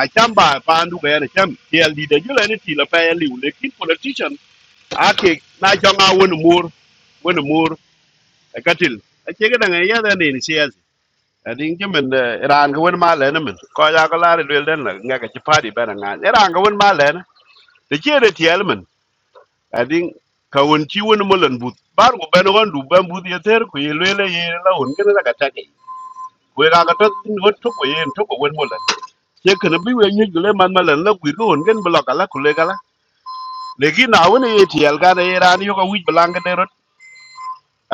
a cham ba pandu ga yan cham tiel di de jule ni ti la pa yan liu lekin politician a ke na changa won mur won mur e katil a che ga dang ya da ne ni sias ating ke men ran ga won ma le na men ko ya ga la re le den la nga ga chi pa di ba na nga ran ga won ma le na de che de tiel men ating ka won chi won mo len but bar go ben won du ben but ye ter ku ye le le ye la won ga na ga ta ke we ra ga to tin won to ko ye to ko won mo ye kana bi we nyi gule man malan la gwi gon gen bla kala kule kala le gi na woni ye tiel ga ne ran yo ko wi blang de rot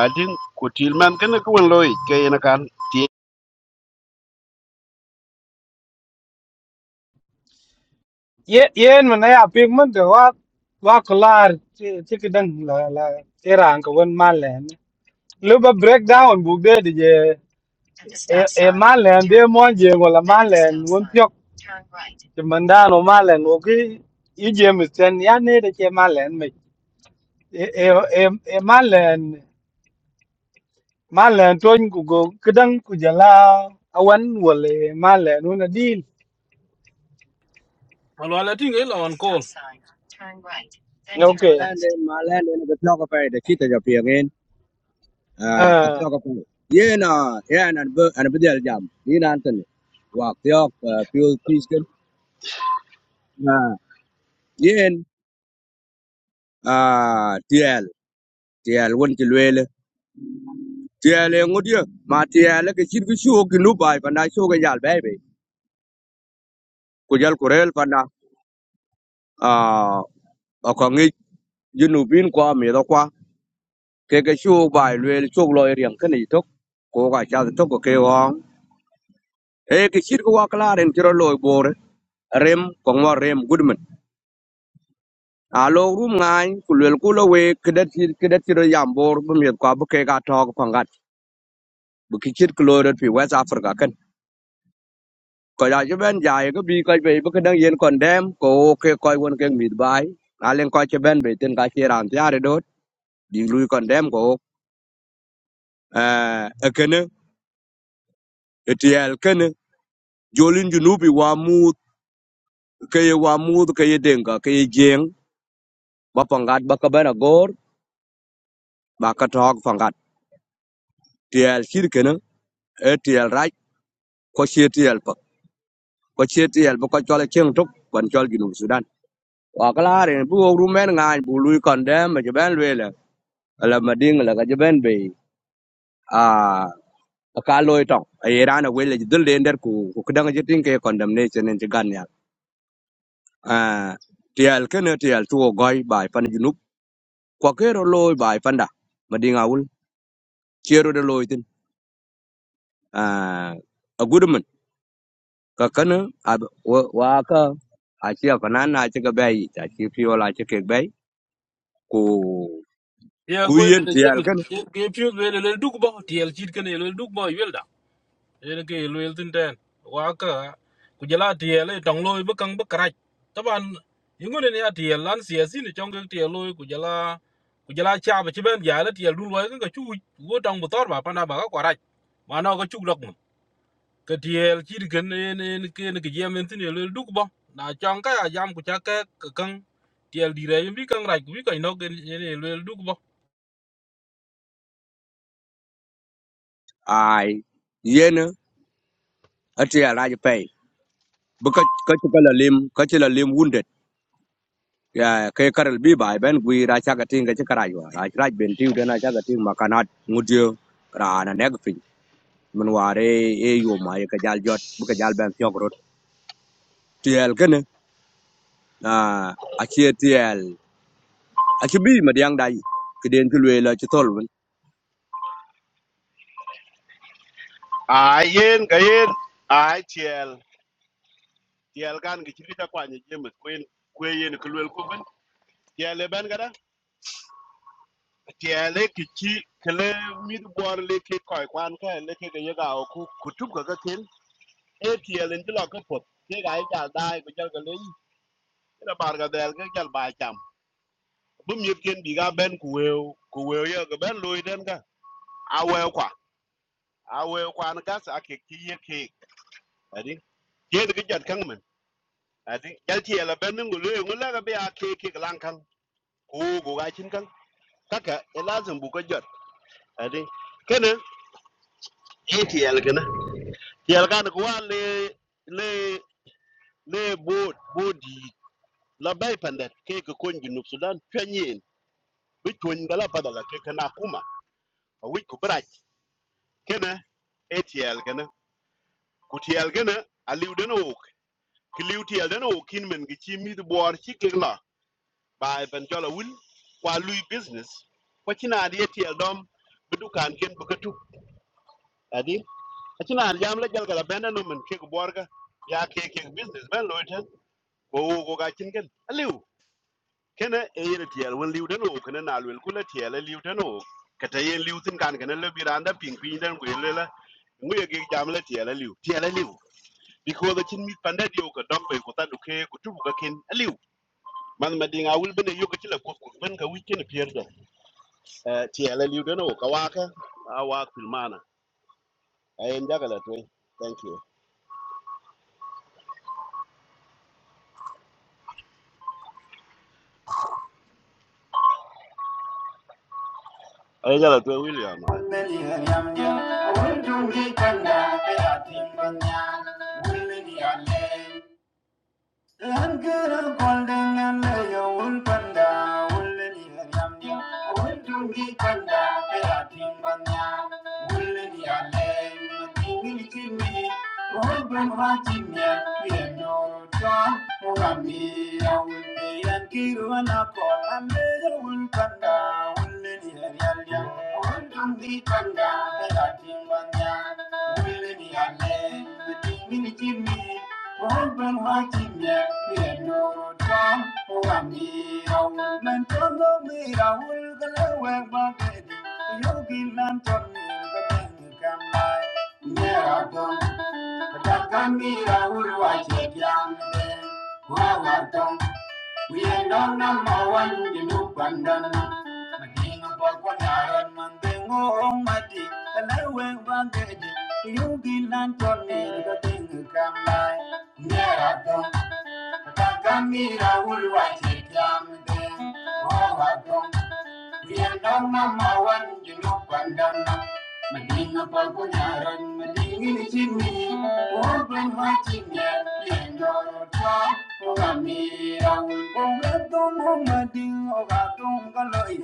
adin ko til man ken ko won loy ke yen kan ti Ye yen man ay apik man de wa wa kular ti ti la la terang kawan malen. Lu ba breakdown bu de de je e e malen dia mon je wala malen won thì mình đã nó mà lên ngô cái ý gì mình xem nhà này để chơi mà lên mình em em em mà lên mà lên tôi cũng có cái đăng của giờ là awan wala mà lên nó là đi malual ating i lɔn kol ok malende, malende na gatlo ka pare, chita ja piangin. Ah, à atlo ka pare. Ye na, ye na bu, ana bu del jam. Ye na antan. Wa tyo fuel tisken. Na, ye ah tiel, tiel won ti lwele. Tiel e ngudia, ma tiel ke chit ku shu ki nu bai pa na shu ga jal bai bai. Ku jal kurel pa na. Ah, akangi junubin kwa mi da cái cái shu bài luyện chuk loi riêng cái này tok ko ga cha tok ko ke cái e của chit ko wa klar en tro loi bor rem còn mà rem goodman alo room rum ngai ku lue ku lo we ke dat chit ke dat tro yam bor bu mi ko bu ke ga tok pangat bu ki chit ko loi west africa cần coi ya ju ben jai ko bi ko be bu ke dang yen kon dem ko ke ko won ke mi bai a len ko bên ben be ten ga che ran ti are dot di lui kon dem ko eh e kene etiel kene jolin junubi wa mu ke ye wa mud ke ye denga ke ye jeng ba pangat ba ka bana gor ba ka tok pangat tiel shir kena e tiel raj ko she tiel pa ko she tiel ba ko chole cheng tok kon chol ginu sudan wa kala re bu wo rumen ngai bu lui kon dem ma ben wele ala mading la ga ben be a ka loy tong e rana wele dul den der ku ku kdanga jitin ke condemnation en jigan ya a tiel kena tiel tuo goi bai pan ginu ko kero loy bai panda madinga wul chero de loy tin ah, a gudmin kökönö a wakö acël këna na cï kïbëc aci pïö na cï kïbëc ku Yeah, ku going to yen the tyël gym kënë is- ke pyo le le duk ba tiel chit ke ne le duk ba yel da en ke le tin loy ba kang ba krach taban yingu ne ya tiel lan sia sin chong ke tiel loy ku jala ku jala cha ba chi ben ya le tiel dul wa ka chu wo tong bu tor ba pa na ba ka krach ma no ka chu lok mu ke tiel chit ke ne ne ke ne ke gem tin le duk ba na chong ka ya jam ku cha ke ka kang tiel dire yim bi kang rach ku bi ka no ke ne le duk ai yen ëtyël na jï pëy bï ka cï ka lalim ka cï lalim wundet kï karë bïbà ëbën gwir acakö atïng ka cï karac war rac rac ben tïu den acakö atïng makanat ngutio raa na nëgï pïny mën war ë yom ëka jal jöt bï ka jal bën thiök rot tyël kënë acë tyël aci bi ma diaŋ dai kiden ki lueel aci thol wen a yen ga yen a tiel tiel gan gi ti ta kwa ni jemes queen kwe yen ko yen ko lel ko ben tiel e ben gara tiel e ki chi kle mi du bor le ki ko kwan ka le ki ga ye ga o ku ku tu ga ga ken e tiel en ti lo ko pot ke ga ja dai ko jal ga le ina bar ga del ga jal ba bu nhiệt ken bị ga ben ku weu ku weu ye ga ben loy den ga a weu kwa a weu kẹt na gas a ke ki ye ke adi ye de jat chia là adi jal ti la ben ngu cái ngu kẹt kẹt be a ke ke lan kang ku go ga chin kang kaka e lazim bu ko jot adi kene ye ti el kene ti el kan nó wa le le le bo bo di la bay pandat kẹt cái con gi nước sudan chuyên nhiên, bị là là bắt đầu penyen bi twen gala padala ke kana cái nữa, wi chia là cái ATL ku tiɛl aliu a ok dene wok ki liu kin men ki ci mith buɔɔr ci kek lɔ baai bɛn jɔl awil lui business kua ci naan ye tiɛl dɔm bi ken bi adi aci naan jam la jɛlgal abɛnde no men kek buɔɔrkä ya ke kek business bɛn loi tɛn ko ga wok ken aliu kena e yen tiɛl wen liu dene wok kene naal wel ku la e liu dene wok kete yen liu tin kan kene le biranda raanda piŋ piny den ku ye lela ŋu ye kek jam la tiɛl aliu tiɛl aliu because the chin meat panda dio ka dombe ko tandu ke ko tubu ka ken aliu man ma dinga wul bene yo yoga tila ko ko ben ka weekend pier da eh ti ala liu deno ka waka a wa filmana ay ndaga la toy thank you ay jala toy william Wouldn't you be Langara golden and laya wool panda, wool ni yam yam, wool dungi panda, pera ting banya, wool ni alay, tingi ni chimi, wool bun wa we pira no twa, murami ya wool ni an kiru anako, langara wool panda, wool ni yam yam, wool dungi panda, pera ting banya, wool ni alay. Thank you. Kami Raul wajib yang de, wawatong. We ain't on number one, the new pandan. Mading a bakwanar, manding o mati, a lawen bandage. You be lantern, the thing you come by. Near a Kakamira will watch it, damn thing. Oh, I don't. Tiyanama mawan junub pandana madinga pagunaran madingin chimni urban hachinga yendoro twa mugamira ulbon gadom mading ogadom galoi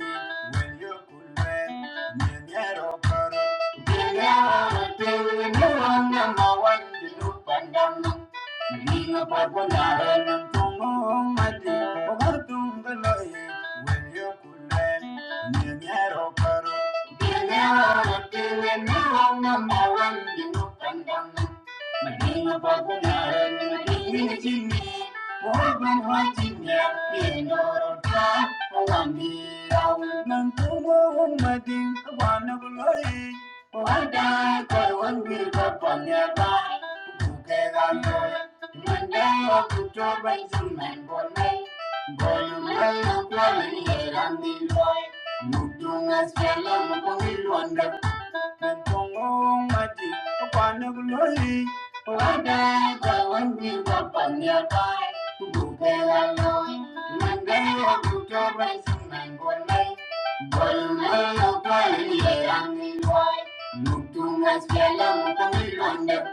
Thank you. Maging mapagmularan ng maging naginip Huwag man hating niya, pinurot ka Walang diyaw ng tulong mading Kawan na bulay Huwag dahil ko, huwag mirka pa niya ba Bukay ang doon Monday, October, Suman, Bolay Bolumay, ang kwalan, hirang diloy Tungas jalan mukongil wanda, kantongong mati, kapanag loli. Wada kawan di kapan ya pai, bukela loy, mandai aku coba senang golai. Golai lokai, yerang ni loy. Look too much, feel no more. We wonder,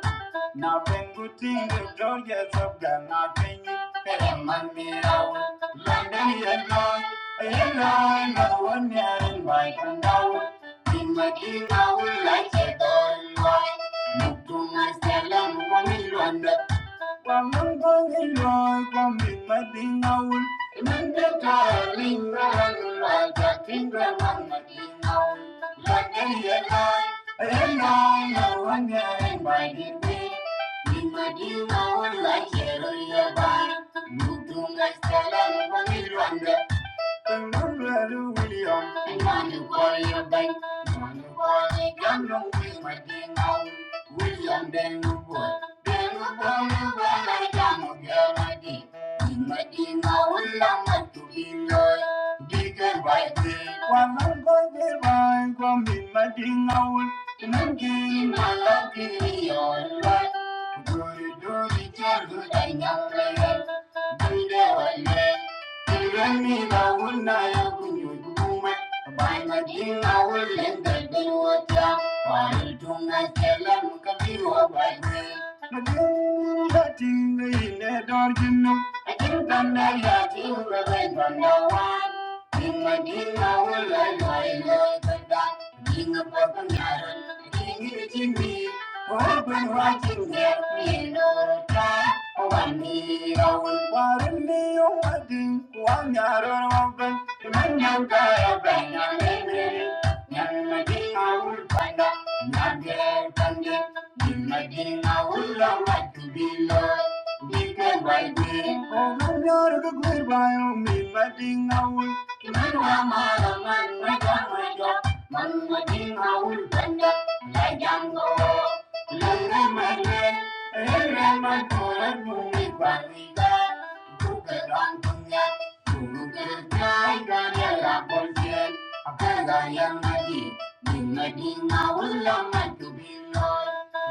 not even good things are for you. So girl, not even. Hey, man, we are one. One day, you know, you know, I know one day, my candle. Tim là Đi một lấy che loạn đất. Imagine our lights are gone wide. Look to my salam, wamil wanda. Wamil wamil wai, wamil madin awul. Imanda darling, rahang wai, jatin ramang madin awul. Ladai đi. Đi lawan yain by the way. Imagine our lights are gone wide. Look to my salam, loạn đất. William, warrior bank, money warrior gun, no way, my ding out. William, then the boy, then the boy, well, I done, girl, I did. Medina ulang at tubingay Bigay bay di Walang bay di bay Kwamin Medina ul Nangkin malaki yolwan Duri duri jaru danyang leyan Bude wale Irani na ul na ya kunyuy kukumet Bay Medina ul lendal bilwata Wal tunga selam kabiwa bay di Medina tinga ine darjinam I think I'm not happy when I'm no one. Ding a ding a will I lie like a duck. Ding a pop and yarn. Ding it in me. Open watching get me no time. Oh, I need a will warn me. Oh, I ding. One yarn open. The man young guy, a bang, a bang, Manadi naul pada, naadaiyan. Manadi naulamattu billu, billgamai billu. O manyaruguirvaiyum, manadi naul. Manuamma manuja manuja, manadi naul panna. La jango, langa manne, enna matthoru billvaiyum. Kukalangkya, kukalangkya laapunthiyan. Abandaya Madi, Nimadi Mawula Matubilon,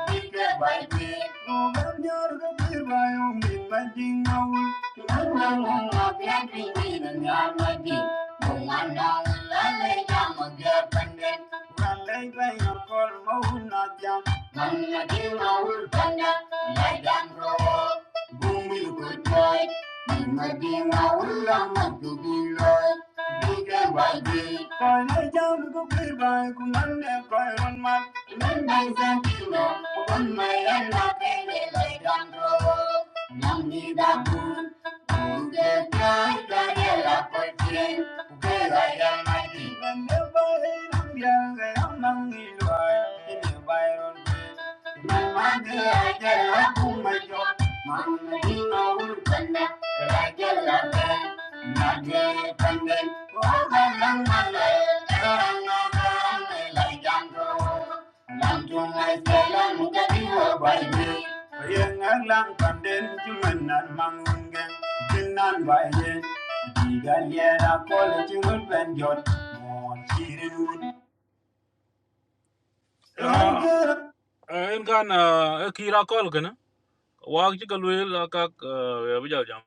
Bika by Bik, Overdur Birbayom, Bimadi Mawul, Tunanang Mabiyadri Nidanya Madi, Bumanang Lale Yamadia Pandit, Ralay by Yokol Mahuna Jam. Mannadi maullanda, ladangroo bumilukudai. Mannadi maulla magubilol, bige waii koi ladangroo bilwaai kungan koi runmat. Mannai zakiroo, manai ladangroo langida pun, punge kai kai la kochien. Ladangroo manuwaai namjangai mangilwaai, namjangai runmat en kan eh, e kira kol gana. Wak ci ka luel la kak uh, ya bi jal jam.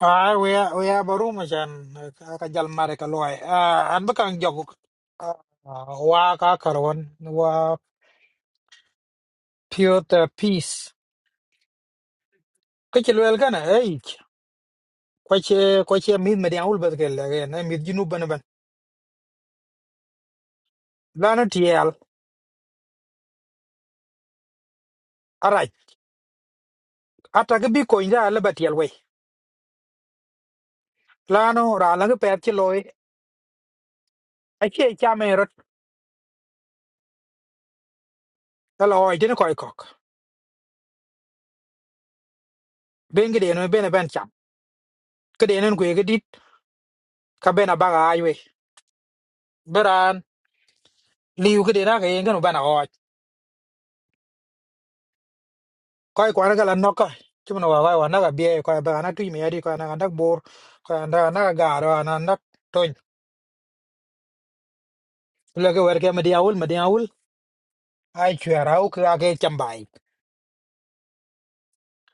Ah, we are we are baru macam kajal mare kaloi. Ah, an bekang joguk. Ah, wa ka karwan wa pure the peace. Kecil wel kan eh. Kwace kwace mid median ulbat kel mid junub lano tiel arac ataki bi kony dha alaba tiel wei lano raa langi pɛɛth ci looi acie cam en rot ala ɔɔc tini kɔc kɔk ben kideen wen bene bɛn cam kideenin kue kidit ka ben abak aac wei bi raan liu kideen ake yenkin ben aɔɔc kɔc kuan kala nɔka cimin wa kɔc wa naka biɛɛi kɔc bɛk anak tuc miɛdi kɔc anak anak boor kɔc anak anak agaar kɔc anak anak tony leke werke midi awul midi awul ai cuɛɛr au ke ake cam baai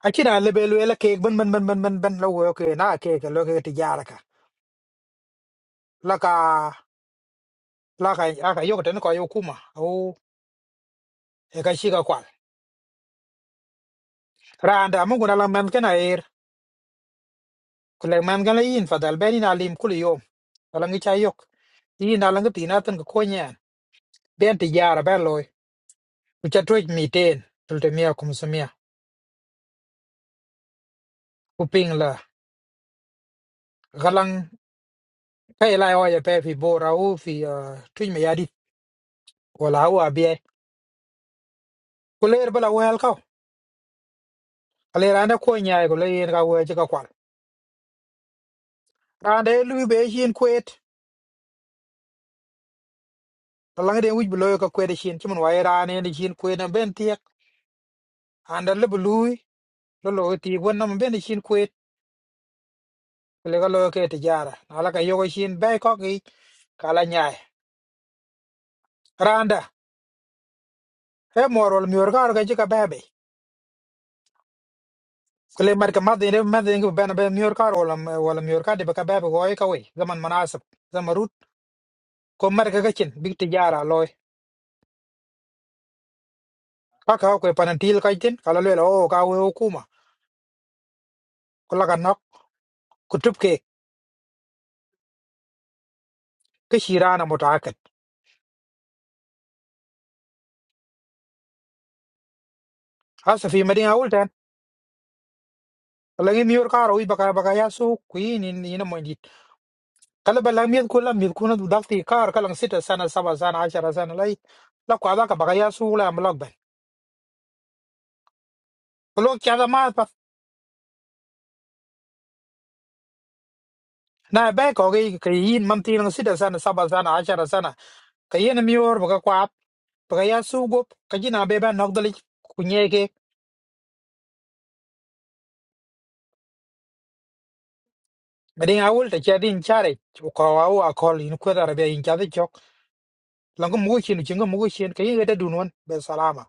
acin a lebe lueel akeek bin bin bin bin bin bin lo wo ke na akeek aloke tijara laka laka aka yokoten ko yokuma au eka shika kwal randa mungu na lamen kana ir kule man kana yin fadal beni na lim kuli yom alangi cha yok yin na langi tina tan ko konya ben ti yara ben loy ucha toj miten tulte mia kumsumia kuping la galang pe la yo ya pe fi bora u fi ah, tuj me yadi wala u abie kule ir bala wel ka ale randa konya ko le yin ka we ka kwal randa lu be yin kwet lang de wuj bloy ka kwede shin chimun wa ira ne ni shin kwe na ben tiek anda le blui lo lo ti won na ben ni shin kwe le ga lo ke ti jara ala ka yogo shin be ko gi kala nyaay randa he morol mior kar ga jika bebe kle mar ka madde ne madde ngi ben be mior kar wala wala mior kar de ba ka bebe goy ka we zaman manasab zamarut ko mar ka gachin big ti jara loy ka ka ko panantil ka tin kala le o ka we hukuma kula ka nok kutub ke kishirana mutaakid hasa fi madina Lagi miur kar oi baka baka ya so kuin in ina mo dit. Kala ba lang miur kula miur kuna du dakti kar kalang sita sana saba sana ashara sana lai. La kwa baka baka ya so la mlog ben. Kulo kya da ma pa na ba ko ge ke yin mam ti lang sita sana saba sana ashara sana. Ka yin miur baka kwa ap, baka ya so gop ka jina be ba nok dali kunye ke. Madin awul ta kya din chare. Ko wa wa kol in kwa da be in kya da chok. Lang ko mu shin chin ko mu shin ka yin ga da dunwan be salama.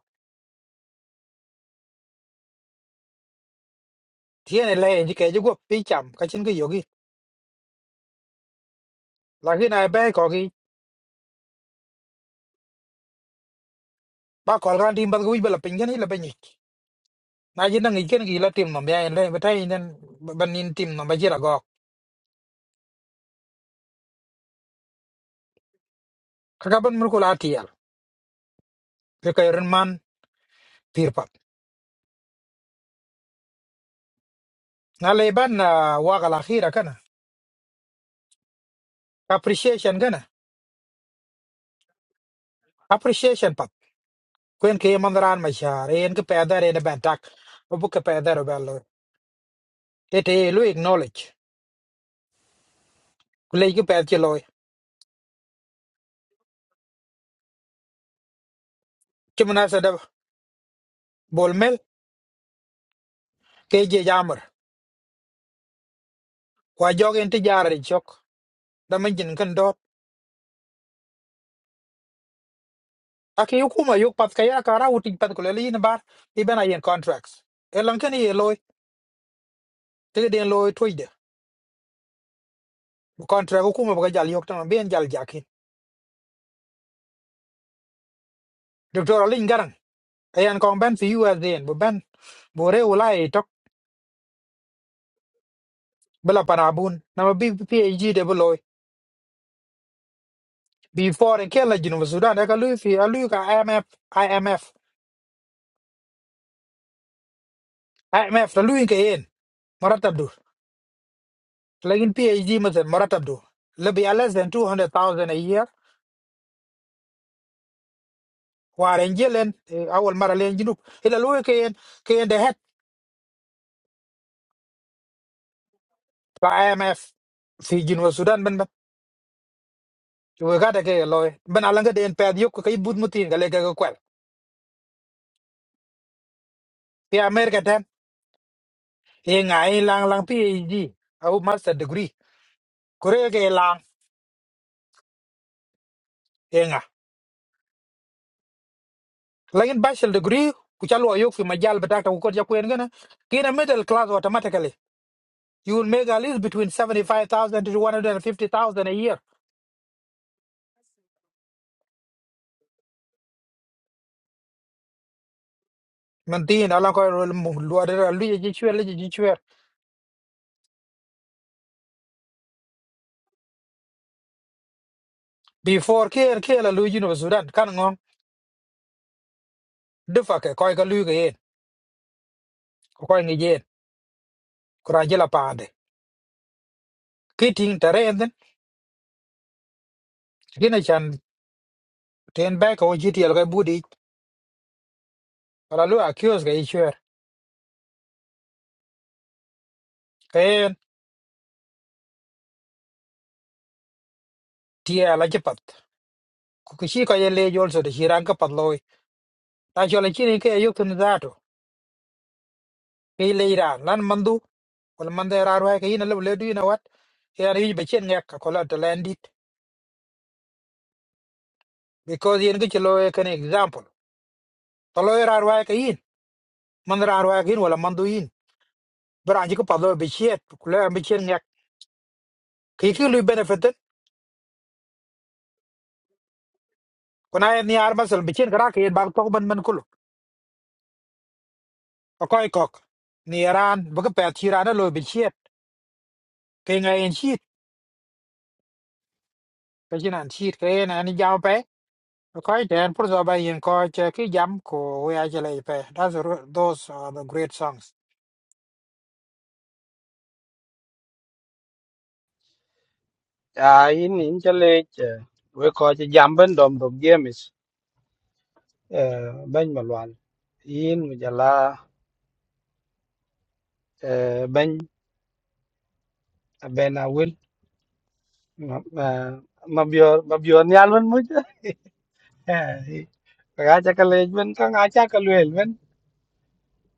Tiene le ni cái ji gop pi cái ka cái ga lakin ai bai ko ki ba kol gan tim ba wi bala pingen ila banyi na jin ngi ken gi la tim no ya en le betai nen ban nin tim no ba jira go ka ka ban mur ko la tial ke ka ren man pir pat na le ban na wa ga la khira kana appreciation kana appreciation pat kwen ke man ran ma shar en ke pa da re ne ban tak bu ke pa da ro ba lo te te lu acknowledge ku le ke pa ti lo ke mna sa da bol mel ke je jamar kwa jogen ti jarar chok da man jin kan ake yu kuma yu pat kaya kara uting pat kulele yin bar iben ayen contracts elan ken ye loy tege den loy toide bu contract ko kuma baga jal yok tan ben jal jakin doctor alin garang ayan kon ben fi us den bu ben bu re ulai tok bela parabun na ma bi phd de bu loy before en kela jinu bu sudan ka lui fi alu ka imf imf imf la lui ke yen maratab dur lakin phd masen maratab dur le bi less than two hundred thousand a year Hoặc Anh Ireland, Âu Âu Malaien, Châu Âu. Hela luôn cái en, cái en đại học, B A M F, Fiji, New Zealand, bên bên. Tôi có thể cái loại bên Alan cái en phải đi học cái buổi mốt tiên cái là cái câu. Bi-America thế. Hình à, hình lang lang phí gì? Àu Master degree, có rồi cái lang hình à. Lại en Bachelor degree, quay luôn ở chỗ phi مجال bắt đầu ta học có gì quên cái na. Kiến a middle class automatically. You will make at least between seventy five thousand to one hundred fifty thousand a year. Mình tiên Alan có luộc luộc gì chứ gì chứ gì chứ gì before kir kir la lu jinu sudan kan ngong defa ke koy ka lu ke yen ko koy ngi yen kura jela pande kiting taren den gina chan ten ba ko jiti al ga budi ala lu accuse ga ichwer ken tie ala jepat ku kishi ko ye le jol so de hiran ka patloy ta jola chini ke yuk tun zato ke le iran lan mandu wal mande raru ke yin lu le du yin wat yan yu be chen ngak ko la to landit because yen gi chlo e ken example to lo raru ke yin man raru ke yin wala mandu yin beranji ko pablo be chiet kula be chien nyak ki ki lu benefit kuna ni ar masal be chien kra ke ba to ban man kul ko koy kok ni ran bu ko pet chi ran lo be c h i r t ke ngai en chiet ke jin an chiet ke na ni jaw pe ko koy ten pur so ba yin ko che ki jam ko we a chele pe that's ru- those are the great songs à in in cho lên với coi cái giảm bên đồng đồng games bên mà loan in bây giờ là ờ, bên à, bên à will mà mà mà biểu mà biểu nhà luôn mới chứ cái cái cái lên bên cái ngã chắc cái luyện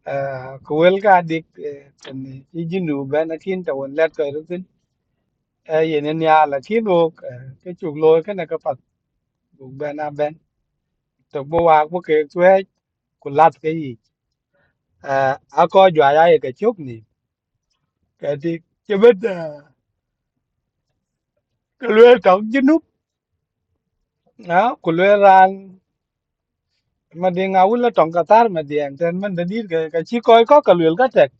Ah, ko wel ga dik eh, tan i jinu ben akin ta won let ko rutin e yen en ya la kin wo ke chuk loy ke na ka pat bu ben a ben to bo wa ko ke twe ku lat ke yi Ah, a ko jwa ya ye ke chuk ni ke ti ke bet eh, ke lwe tong jinu na ku lwe ran ma de nga wul tong ka tar ma de an ten man de dir ke ka chi ko ko ka lwe ka tek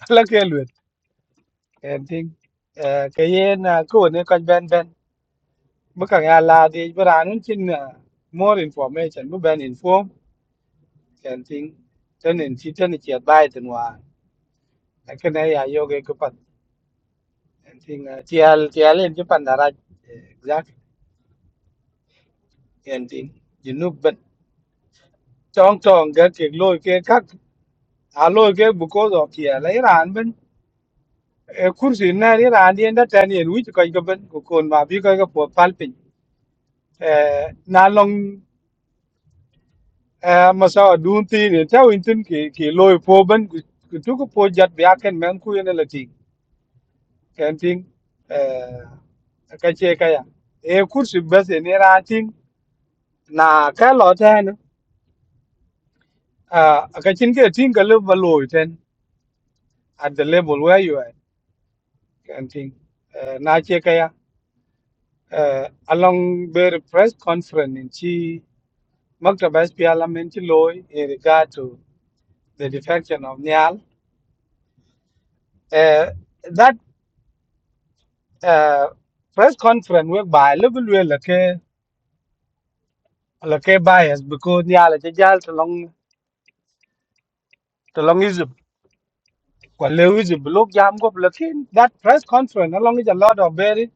la ke lwe en ting ke yen ko ne ko ben ben ไม่กังวลเลยเวลาเรื่องนี้มั่วเรียนฟอร์เมชั่นไม่เบนฟอร์มอะไรสิ่งเจนสิทธิเจนเชี่ยวบ่ายตัวแต่แค่ในรายย่อยก็เป็นสิ่งเชี่ยวเชี่ยวเล่นญี่ปุ่นดาราเยอะสิ่งยูนูเบนจ้องจ้องกันเกลูเกลักฮารุเกะบุโกะดอกเชี่ยวไรร้านเบนเอคุชินนาริร้านเดียดแตนี่รวยที่ใครกันบุกคนมาบิ้กอะไรก็ปูฟ้าเป็นเอานาลง Eh, masawa dun tini ta wintin ki ki loy po ban ku tu ko po jat bi aken men ku yene lati ken ting eh ka che ka ya e kursi bas ne ra ting na ka lo ta ne a ka chin ke ting ka le ba loy ten at the level where you are ken ting eh na che ka ya eh along the press conference in chi maktaba parliament chi loy in regard to the defection of nyal eh uh, press conference we by level we la ke la ke bias because ya la jal to long to long is kwa le is block jam go blocking that press conference along is a lot of very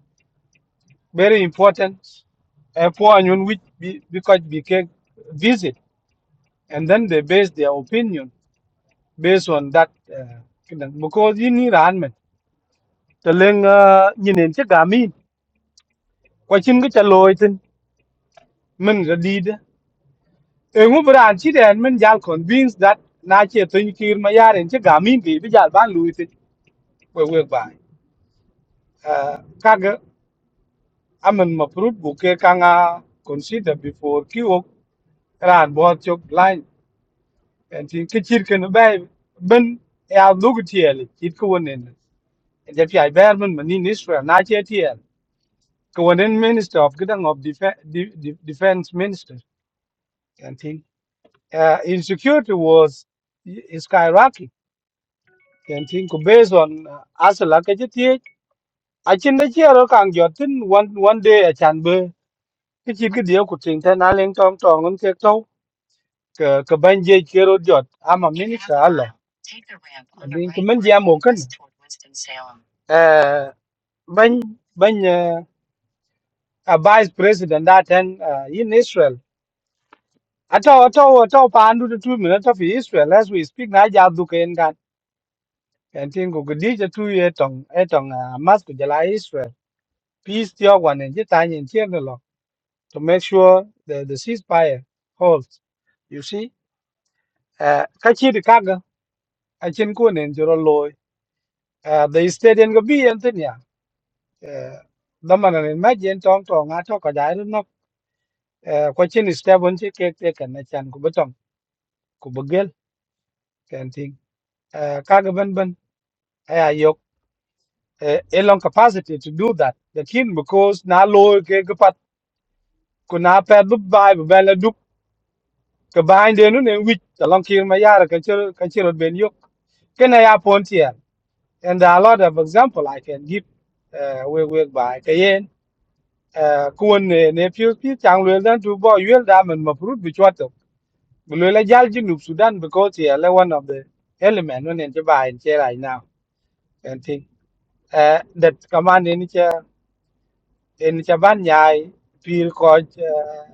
very important uh, for anyone which be, because we can visit and then they base their opinion based on that uh, cái đằng- because you need an man to len uh, nhìn đến chiếc gà mi qua chân cái chà lôi tin mình ra đi đó Engu beran ci den men jal convinced that na ce tun kir ma yaren ci gamin bi bi jal ban lui ti we we ba. Eh, Kaga amen ma prut buke kanga consider before ki ok ran bo chok line and tin ki chir ken bai ben ya lugu tiel chit ko wonen. And if I bear man man in Israel na ce tiel ko wonen minister of gidang of defense defense minister and tin uh, insecurity was skyrocketing ken tin ko based on asala ke ji ti a lucky tea. I chin de chi ro kang jot tin one one day a chan be ki chi ki dio ku tin ta na leng tong tong un ke to ke ke ban je ke ro jot ama min ka ala bin ko men ja mo kan eh ban ban eh, a vice president that and uh, in Israel ato ato ato pa andu de two minutes of Israel as we speak na ja du ken kan ken tin ko gdi je tu ye tong e tong ah, mas Israel peace the one and just in here no, no. to make sure the the ceasefire holds. You see, uh, kachi de kaga achin ko nen joro loy. Uh, the stadium go be antin ya. Uh, daman an imagine tong tong a to ka dai no. Uh, kwachin step on che kek te kan na chan ku betong ku begel kan ting. Uh, kaga ben ben aya yok uh, a long capacity to do that. The kin because na loy ke kapat ku na pa du ke bahan de nu ne wich ta long kir ma yara ka chiro ka chiro bên yok ken ya pon tier and a lot of example i can give uh, we we by cái yen uh, kuon ne ne pyu pi chang le dan tu bo yel da men ma prut bi chwat to le la jal ji nu sudan because yeah le one of the element when in ba in che right now and thing uh, that command in che in che ban nyai pir ko uh,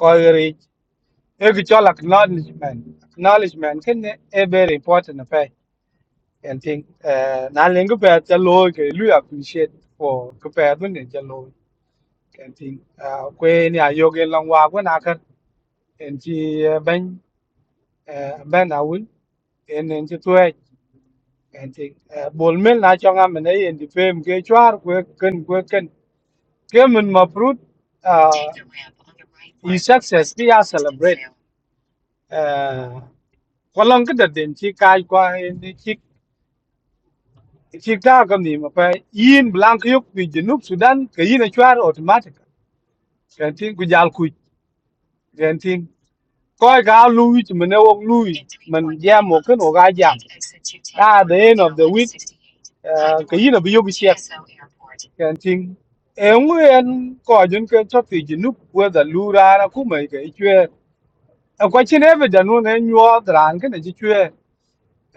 ko ri e ki chol acknowledgement acknowledgement ken ne e very important affair and think uh na len ko pa cha lo ke lu appreciate for ko pa dun ne cha lo and think uh kwe ni a yo long wa ko na kan and chi eh, ben eh, ben a wul en en chi tue and think uh bol mel na cho ngam ne en di fem ke chwar kwe ken kwe ken ke mun ma prut uh i success bi a celebrate uh ko long ke den chi kai kwa Chikta kamni ma pa yin blank yok pi Junub Sudan ka yin achwar automatic. Kantin ku jal ku kantin. Koi ka lui chi mane wok lui man jam wok kan wok a jam. At the end of the week uh, ka yin abi yok chek kantin. E ngwe en ko jun kan chot pi Junub whether lu rara ku mai ka ichwe. Akwa chin eve janu ne nyuo dran kan chi chwe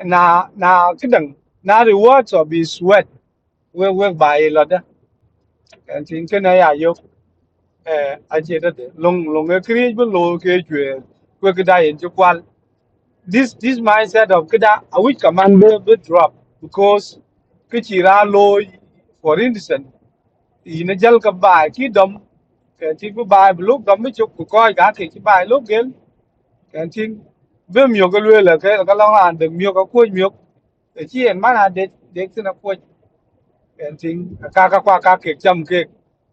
na na kidang na rewards of his sweat we we bai lo Kan cái này à ya yo eh aje da de long long cái kia bu lo ke jwe ko cái đại yin ju kwal. This this mindset of cái đã, a which command be be drop because cái chi ra lo for instance thì nó dal cái ina jal ka ba ki dom kan lúc đâm ba chụp lu coi cả thì cái bài lúc ke cái ba với nhiều cái lưỡi là cái ko cái la ke được nhiều cái de nhiều, ka ko mà là để để na de de and thing kaka kwa kake cham ke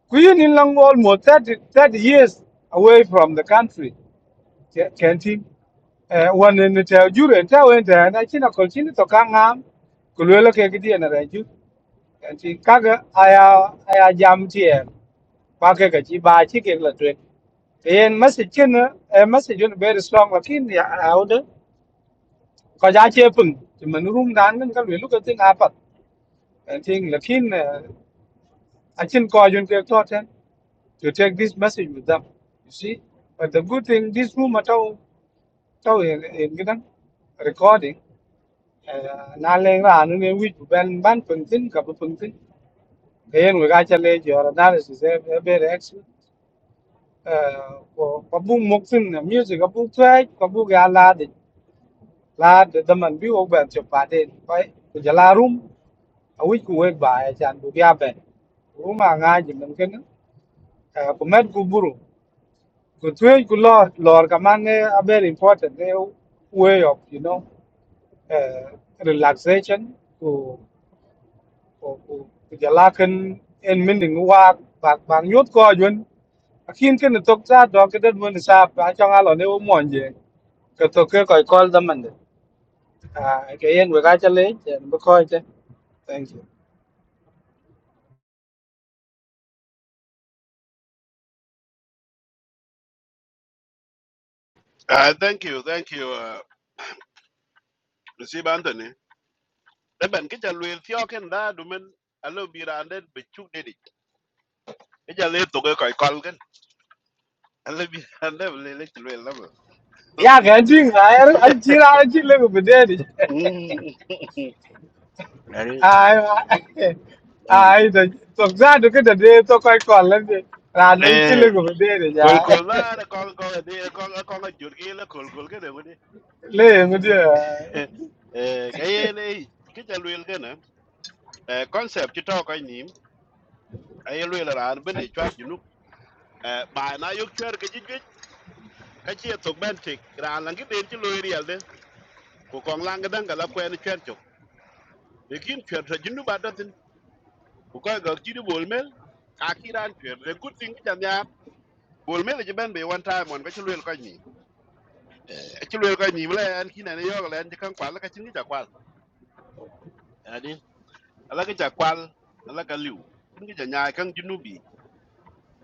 queen in long almost 30, 30 years away from the country can thing one in the jure and tell and I china continue to kang am kulwela ke kidi na ranju and thing kaka aya aya jam tie kwa ke ke chi ba chi ke la twen and message chen a message on very strong lakin ya out ko ja che pung man room dan men ka lwelu ke ting apat and thing lakin achin ko jun ke to to take this message with them. You see, but the good thing, this room at all, tao in cái gidan recording. à, Na leng ra nu ne wit ban ban pung tin ka pung tin. Kayen we ga chale jo analysis e be rex. Ko ko bu mok tin music ko bu twai ko bu ga là de la de da man bi o ban cho pa de. phải, ko là room a wit ku we ba ya chan bu ya ben. Room a ga ji man ken. Ko met ku buru. Good way, good Lord. Lord, command eh, are very important eh, way of, you know, uh, relaxation to to to to jalakan en min ding wa bak bak yot ko yun akin ken tok cha do ke det mun sa pa chong a lo ne o mon je ke to ke ko kol da man de a ke yen we ga cha le chen bu ko che thank you ah thank you thank you uh, receive anthony da ben ke jalu el tio ken da du men alo bi rande be chu de di e jale to ko ko kol ken alo bi rande le le jalu el la ma ya ga jing ra er al chi ra chi le bu de mm ari ai mà mm ai rồi tổng ra được cái đợt đi tôi quay còn lên thì là nó chỉ eh lên của vấn đề để kol giá kol na ko ko ni ko ko ko jur ki la kol kol ke de ni lên cái ri điều eh ka ye ne ke ja luel ke na eh concept ti to ko ni ay luel ran ben ni chat junu eh ba na yuk ter ke ji ji ka chi to ben ti ran lang ki den ti luel ri alde ko ko lang ga dan ga la kwen chen cho lekin chen ta junu ba da tin ko ko ga ti di bol mel ka ki ran chen the good thing ti jan yar bol mel ji ben be one time on ka ti luel ko ni ti luel ko ni la an ki na ne yo la an ti kan kwa la ka chin ki ja kwa alaga ja kwal alaga liw kin ja nyaay kan junubi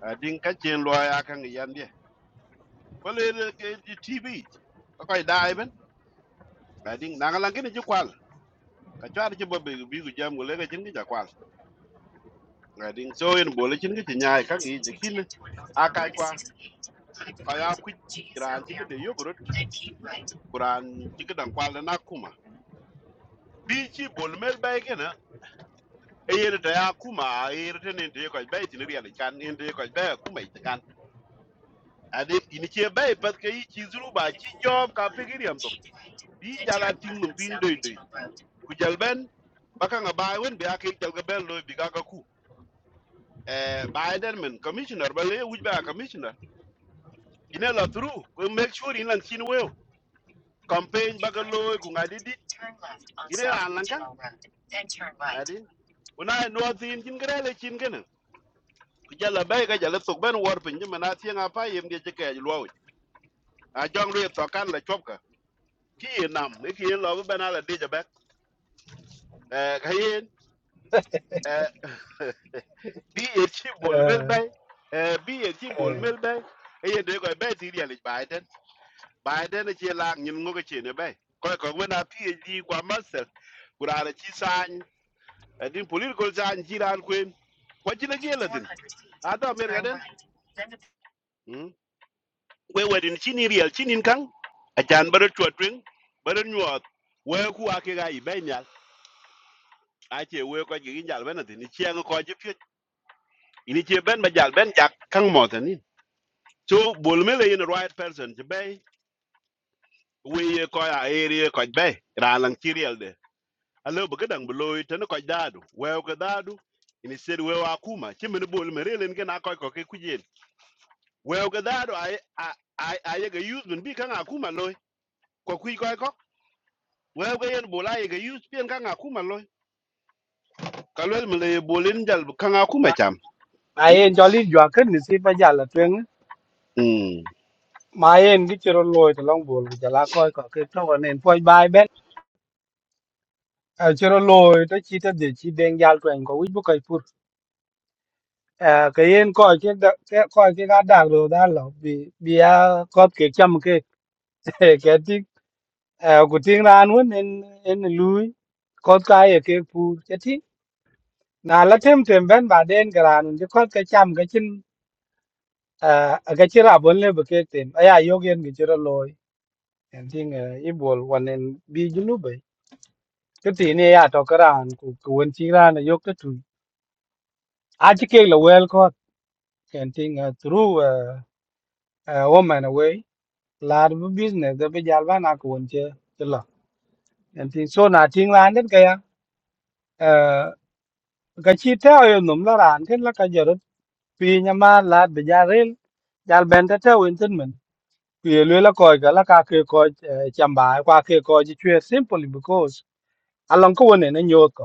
adin ka chen lo ya kan yande ko le le ke di tv ko koy daay ben adin na nga langi ji kwal ka chwa ci bobbe bi gu jam le ga chin ja kwal adin so en bo le chin ga nyaay kan gi de kin a ka kwa ka ya ku ran ci de yogurt kuran ci dan kwal na kuma bi ci bol mel bay gena e yere da ya kuma e yere tenen te ko bay tin riya le kan en te ko bay kuma idan ade ini che bay pat ke yi chi zuru ba chi job ka pegiriam to bi jala ting num tin doi doi ku Jalben, ben baka nga ba wen be ake jal ga ben loy bi ka ka ku eh biden men commissioner ba le wuj ba commissioner ine la tru ku make sure in lan sin weo campaign baka loy ku ngadi di ire an lan kan ade una no tin jin gre le chin gena ku jala bay ka jala sok ben wor pin jima na tieng apa yem ge che ke loy a jong re to kan la chop ka ki nam ne ki lo ben ala de ja ba eh ka yen eh, bi ye chi bol mel bay eh, bi ye chi bol mel bay e ye de ko be ti ri ali biden biden chi la nyin ngo ke chi ne bay ko ko we na phd kwa master kurana chi san din political san chi ran kwen ko chi na je la din ada mer ga den Mm. we we din chi ni real chi nin kang a jan bar tu twin bar nyuot we ku ake ga i bay nyal a che we ko gi jal ben din chi an ko chi pye ini chi ben ba jal ben jak kang mo ten ni So Bolmele in the right person to bay. We call our area quite bay. Ralang Kiriel de. Hello, Bagadang below it and a quite dadu. Well, Gadadu. And he said, Well, Akuma, Chimney Bolmele and Ganako Kikuyin. Well, Gadadu, I I I a usman be Kang Akuma loy. Kokui Koiko. Well, we and Bola a use Pian Kang Akuma loy. Kalwel Malay Bolin Jal Kang Akuma mà cham. mà em cho lên dọa cái thì xin bây giờ là tuyên á. Hmm. mà em cái chỗ lôi từ long buồn của chả lá coi có cái trâu anh em quay bài bên ở chỗ lôi tới chi tới để chi đen giao tuyển có ít bức cây phun à cái em coi cái đợt- cái coi cái gã đạc đồ đó là vì vì à, có cái chăm cái cái tí eh ku ting ran won nên en lui kot ka ye ke pu che ti na la thêm tem ben ba den gran ni kot có cái chăm cái eh ga chi ra bon le ba cái tem aya yo gen gi chiro loy en ting i bol wan nên bi ju lu be ke ti ne ya to kran ku ku won chi ran yo ke tu à chỉ cái là well có en ting through eh, eh, woman away lar bu business da bây giờ ba na ku won chưa che là en tiếng so na ting ran det ka ya ka chi teo yo nom la ran ken la ka jorot pi nya ma la be ja rel jal ben ta teo en tin men ku ye le la ko ga la ka ke ko chamba kwa ke ko ji chwe simply because along ko ne ne nyot ko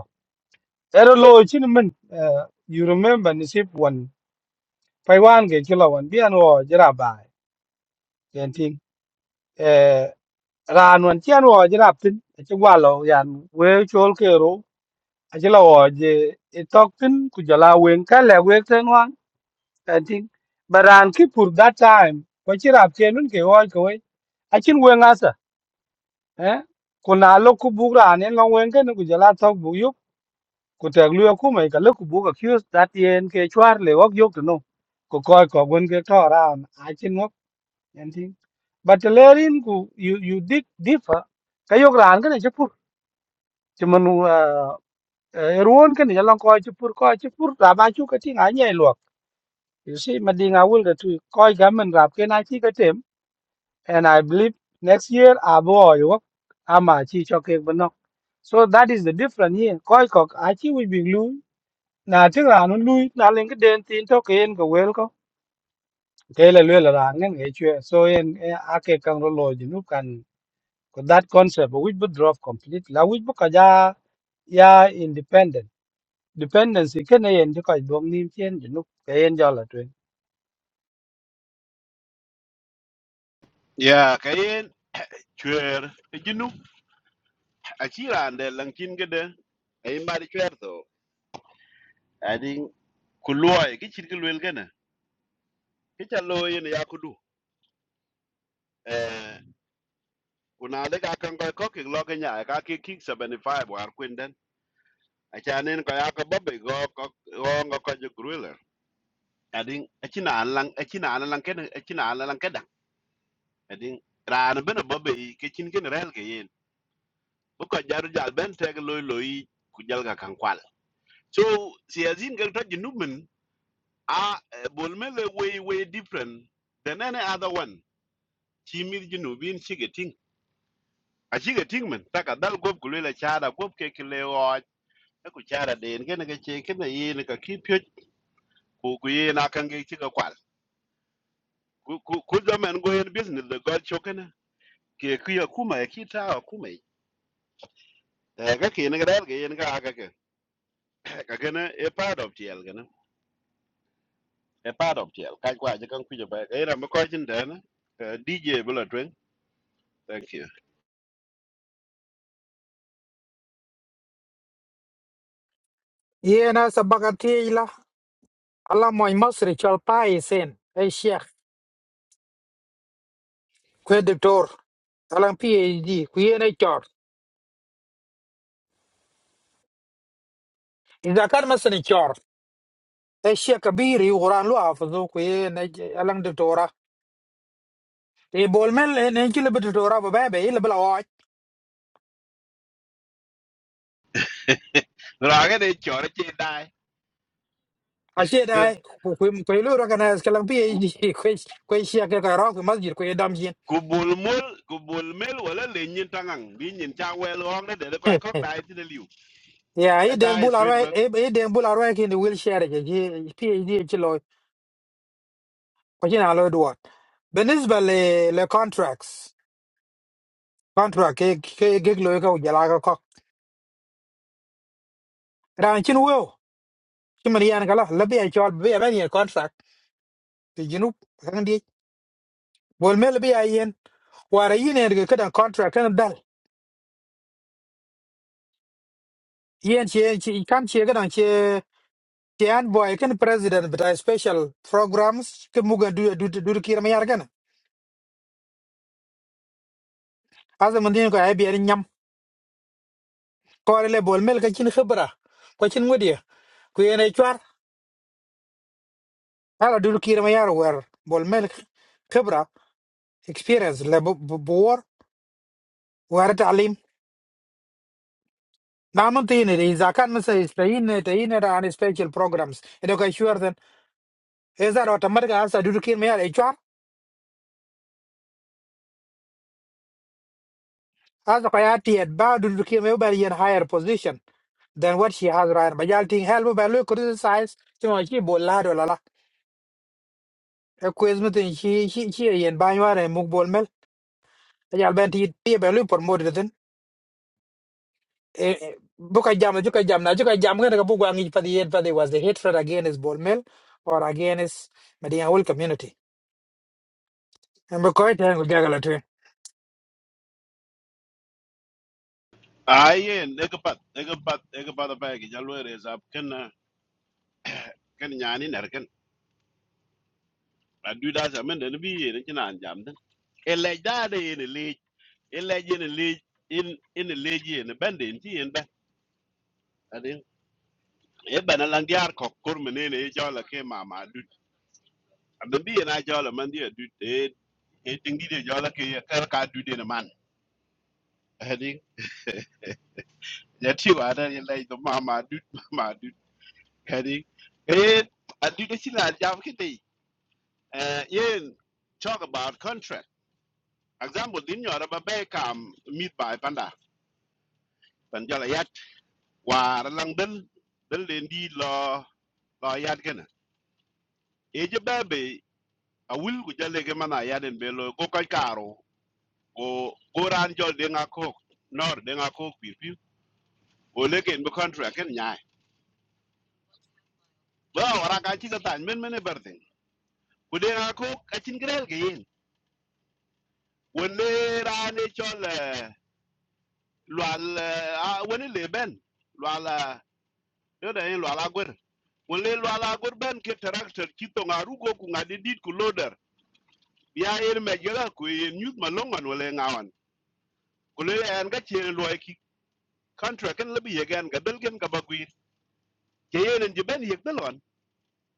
ero lo chi ni men eh, you remember ni sip one pai wan ge kilo wan bi an wo jra ba ken ting eh ran wan chen wo jra tin chi wa lo yan we chol ke ro a chi lo wo je i tok tin ku jala wen ka le we ten I think but ran ki pur that time ko chi rap che nun ke oi ko ai a chin wen asa eh ko na lo ku bu ra ne long wen ke ne ku jala thok bu yu ku te lu ku mai ka lo ku bu ka kyus that yen ke chwar le wak yok no ko koi ko wen ke to ran a chin ngok and thing but the lerin ku you you dig differ ka yok ran ke ne chu pur chu manu ruon ke ne jala ko chu pur ko chu pur ra ba chu ka ti nga nyai lo you see madinga wul da tu koi ga men rap ke na chi ka tem and I believe next year abo yo ama chi cho ke bno so that is the difference here koi kok a chi we big lu na ti ra no lu na len ke den tin to ke en ko wel ko ke le le ra ngen ge chue so en eh, a ke kang ro lo ji nu kan ko that concept we would drop complete la we bu ka ja ya independent dependency ke ne en ko dong nim chen ji nu ke en jo la twen Yeah, Kayen. Chuer. You know, Achira and the Lankin Gede. I'm by the Chuerto. adin kuluoi ki chin ki luel gene ki cha lo yin ya kudu eh kuna de ka kan ko ko ki lo ke nya ka ki ki 75 war kwinden achanen ko ya ko bobe go ko go ngo ko ju gruler adin achina an lang achina an lang ken achina an lang kedan adin ran ben bobe ki chin gene rel ke yin bu ko jaru jal ben te lo lo yi ku jal ga kan kwal so si azin gel ta jinumen a eh, bol mele way way different than any other one chimir jinubin shigeting acïdhö tïng mën thaka dhal gwöp kulwela cada gwöp ke kï lëö öc ëku cada den kënë kece kënë yen ka kï pyec ku ku yen akange cï ka kwal ku dhamen go yen business dhö göl cökënë ke kï akuma ëkï taa akuma ic ëka kïn kïdël ke ne ga dal ge yen ga ga ke E ka akakä kakënë ë part of tyël kënë ë part of tyël kac kwa cï kan kuc ba ëra më köc cïn tënë dj bïla tweng thank you ye na sabakati la ala moy masri chal pa isen ay sheikh ko doctor alang phd ku ye na chor izakan masani e shia kabiri quran lu hafizu ku ye ne alang de tora e bol mel e ne ki le bit tora ba ba e le bla wa rakë de cörë cï daai a shia dai ku ku ku lu ra kana es kalang pi e ku ku shia ke ka ra ku masjid ku e dam jin ku bul mul ku bul mel wala le nyin tangang bi nyin cha wel ong de de koy kok dai ti de liu ya a e deng dai bula straight ra but e e deng bula ra ki ni will share ke ji pi e ji ti lo ko jina lo do بالنسبه ل لكونتراكتس كونتراكت كي كي لو يكو جلاغا كو ران شنو ويو كمان يان كلا لبي اتشال بي ابان يان كونتراكت في جنوب bol mel bi ayen wara yin erga kadan contract kan dal yen che che kam che kadan che che an boy kan president but a special programs ke muga du du du kir ma yargan aza mandin ko ay bi yar nyam ko le bol mel ka chin khibra ko chin ngodiya ku yen ay chwar ala du kir ma yar wer bol mel khibra experience le bor war talim namun tine de zakan masa istayin ne tayin ra an special programs edo ka sure then is that automatic asa du kir ma yar ay As Kayati at Badu became a very higher position than what she has right. But y'all think hell by look criticize to she bolado la. A quiz meeting she she she and Banyar and Mugbol Mel. Y'all bent it be a loop or more than Buka jam, Juka jam, na Juka jam, gonna go and a Bugangi for the end but the was the hatred against Bol Mel or against Medina whole community. And because then we gaggle at ayen e ka pat e ka pat e ka pat pa ki jalo re sap ken na ken nyani ner ken a du da sa men de bi ye ne nan jam den e le da de ye ne le e le ye ne le in in ne le ye ne ben de ti en ben adin e ben a lang diar kok kur me ne ne e jalo ke mama du a ben bi ye na jalo man di du e e tingi de jalo ke ye kar ka du de ne man Adin. ya tiwa ada ya lai to ma ma dut ma dut kadi eh adu de sila jam ke dei eh yen talk about contract example din yo ba be kam mit bai panda pan jala yat war lang den den len di lo lo yat gana e je bebe a wil ku jale ke mana yaden be lo ko kai karo go go ran jol de nga ko nor de nga ko pi pi o le ken bu contract ken nyai ba ora ka chi ka tan men men e berde ku de nga ko ka chin grel ke yen wani rani chole lwal wani leben lwal yoda yin lwal agur wani lwal agur ben ke tractor kito ngarugo ku ngadidit ku loader ya yin mejela ku yin youth malongan wale ngawan kule en ga chen lwa ki contract kan labi yegen ga belgen ga bagwi ke yin ji ben yek belon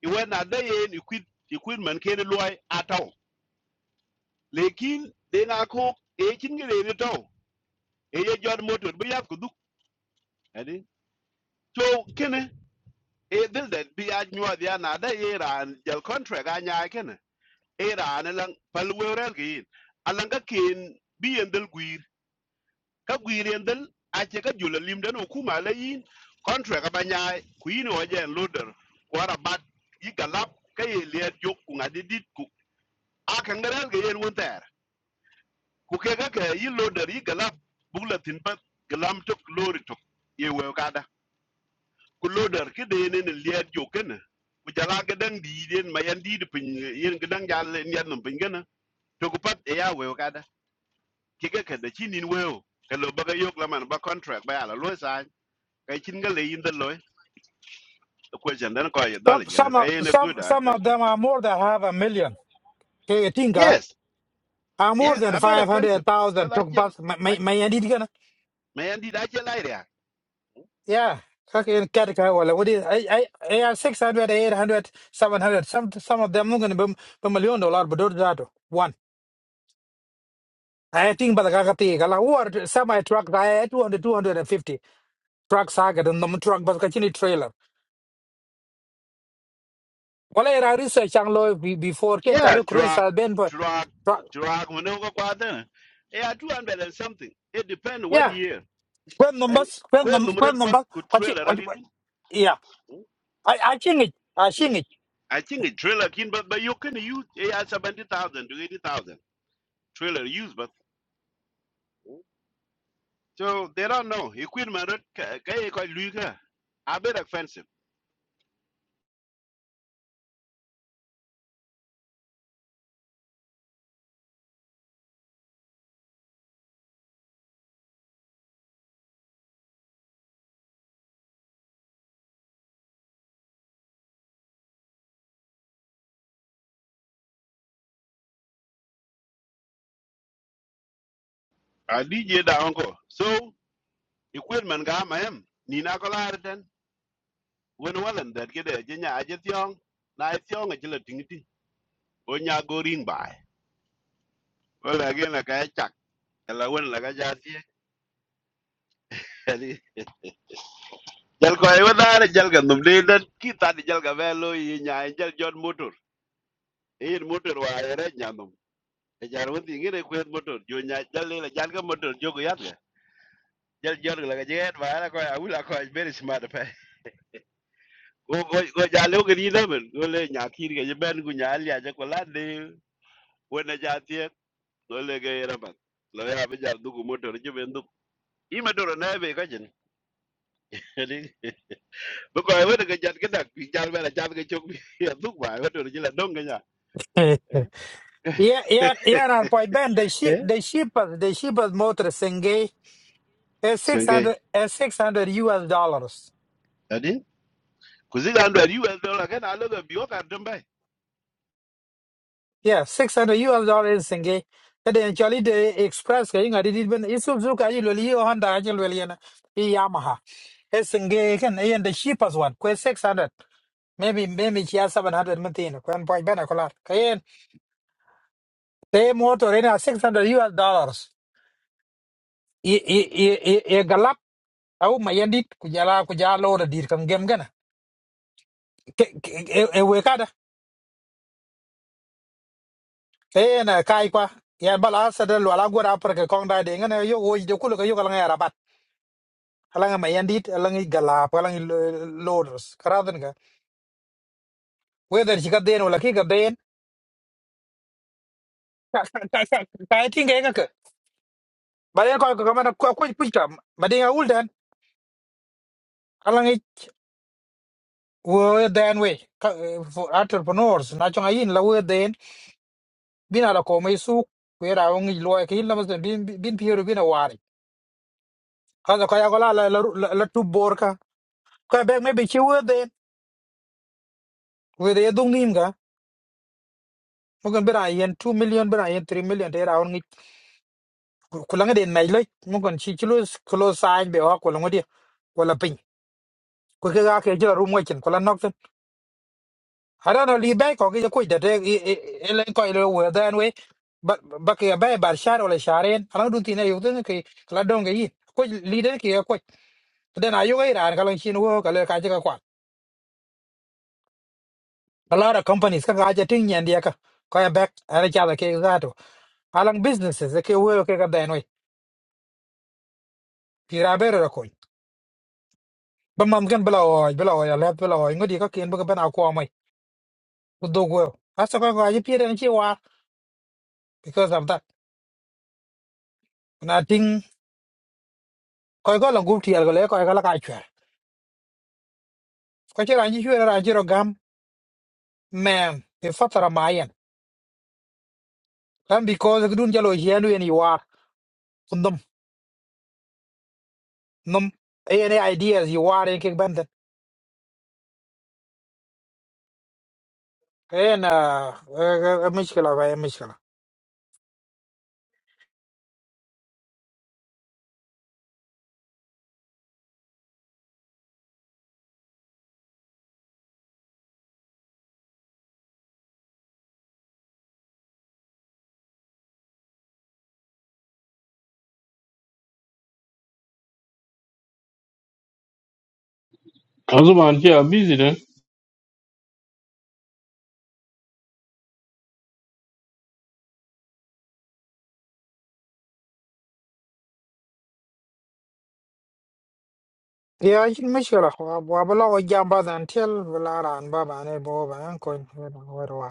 i wena da yin ikwid ikwid man ke lwa ataw lekin de na ko e chin gele ni taw e ye jod motor bu yap ku duk adi so kene e dil det bi a nyua dia na da ye jal contract a nya ke ne e ran lan pal werel bi en dil guir ka guir en dil a che ka jula lim den hukuma la yin contract a ba nya e, ku yin o jen loder ku ara yi galap ka ye le jok ngadi dit ku a kan garel ke yen won ter ku ke ga ka yi loder yi galap bugla tin pat galam tok lori tok ye we ka ku loader ki de ne ne liet jo ken ku jala ga dang di den ma yan di de pin yen ga dang jal ni yan num pin gana to ku pat e ya we ga da ki ga ka da chin in we o ka lo ba ga yok la man ba contract ba ala lo sa ka chin ga le in the lo the question then ko ya dal Some gana some ka of yen some good i some of thank you them are more than half a million. Hey, Tinga, yes are more yes i than bet five hundred offensive ko thousand. la Talk chel bus, my i my my ma yan di da chel ai ya Yeah, fucking Katika wala. What is I I I have 600, Some some of them going to be a million dollar, but don't that one. I think but kakati kala who are semi truck I 200, 250 truck saga and the truck but kachini trailer. Wala I research ang lo be- before ken yeah kalu cruise drug has been but drug truck. drug mo no ko kwa da yeah 200 and something it depend what Yeah, year when Ani numbers when ko num when numrat pat numbers ku kachi trailer ali kachi- tu. yeah. Hmm, I I think it I hmm. think it. I think a trailer kin but but you can use AI seventy thousand to eighty thousand trailer use but. So they don't know. Equipment ka ka e ko luga. A bit expensive. A DJ da onko. So equipment ga ma em ni na ko la den. Wen walan that get a jenya a jet yong. Na a yong a jela tingiti. O nya go rin bai. Wala gen la ka chak. La wen la ka ja ti. jal ko ay wadare jal ga num de den ki ta di jal ga velo yi nya jal jon motor e motor wa re nya num e jar wonti ngire ko motor jo nya jal le jal ga motor jo go yat ga jal jor la ga jet ba ra ko awula ko very smart pe go go go jal o gri na men go le nya kir ga ben gu nya ya ja ko la de wona ja tie go le ga era ba lo ya be jal du gu motor jo ben du i ma doro na be ka jin bu ko ay wada ga jat ga dak pi jal ba la jal ga chok bi ya du ba wada ji la dong ga nya yeah yeah yeah and point Ben the ship the ship the ship motor singay. It's Senge, 600, it's 600 US dollars. adi? Kuzik andwer US dollar ken aloga bioka tumbe. Yeah, 600 US dollars Singe gay. actually the Express, you know, did even Isuzuka, you will, you Honda, you will, you know, Yamaha. It's in gay, and the cheapest one, quite 600. Maybe, maybe she has 700 Matina, one point better color. Kayan, they motor in 600 US dollars. I I I I galap. Au mayandit kujala kujala ora dir kam gem gana. e na kai kwa ya bal asad al wala gora par ke kong da de ngana yo wo de kulu ke yo kala ngaya rabat kala ngama yandit ala ngi gala kala ngi loaders karadan ga whether shi ka den wala ki ka den ka ka ka ka ka tin ga ga ka ba den ko ko kamana ko ko ku ta ba den ya uldan ala ngi wo den we ka eh, for entrepreneurs na chonga yin la wo den bina la ko mai su ku era ngi lo ke yin la mas bin bin piero bina wari kaza ko ya ko la la la la tu borka ko be me be chi wo den we de dung nim ga mugan bira yen 2 million bira yen 3 million te raun ngi kulanga de nai le mugan chi chilo kilo sign be ha kulanga de wala pin ko ke ga ke jira rumo kin kula nok tan hada no li bay ko ke ko de de elen ko ile we dan we ba ba ke bay bar shar wala sharen ala dun tin yo tan ke kala don ga yi ko li de ke ko den ayo ga iran kala chin wo kala ka ka kwa a lot of companies ka ga ja tin yan dia ka ko ya back ara cha da ke ga to alang businesses ke wo ke ga den we pira bero ba mam gan bela o bela o ya let bela o ngodi ka ken ba ban akwa mai ku do go asa ko ko aji pire ni chi war because of that na ting ko ko la gup tiel go le ko ga la ka chwer ko chi ran ji chwer ran ji ro gam man e fatara mayen kan because gdun jalo yenu en you are kundum num any ideas you are in kickband en a mishkala ba mishkala yeah, busy then. ya ji mishkala wa bela o jam ba dan tel bela ran ba ba ne bo ba ko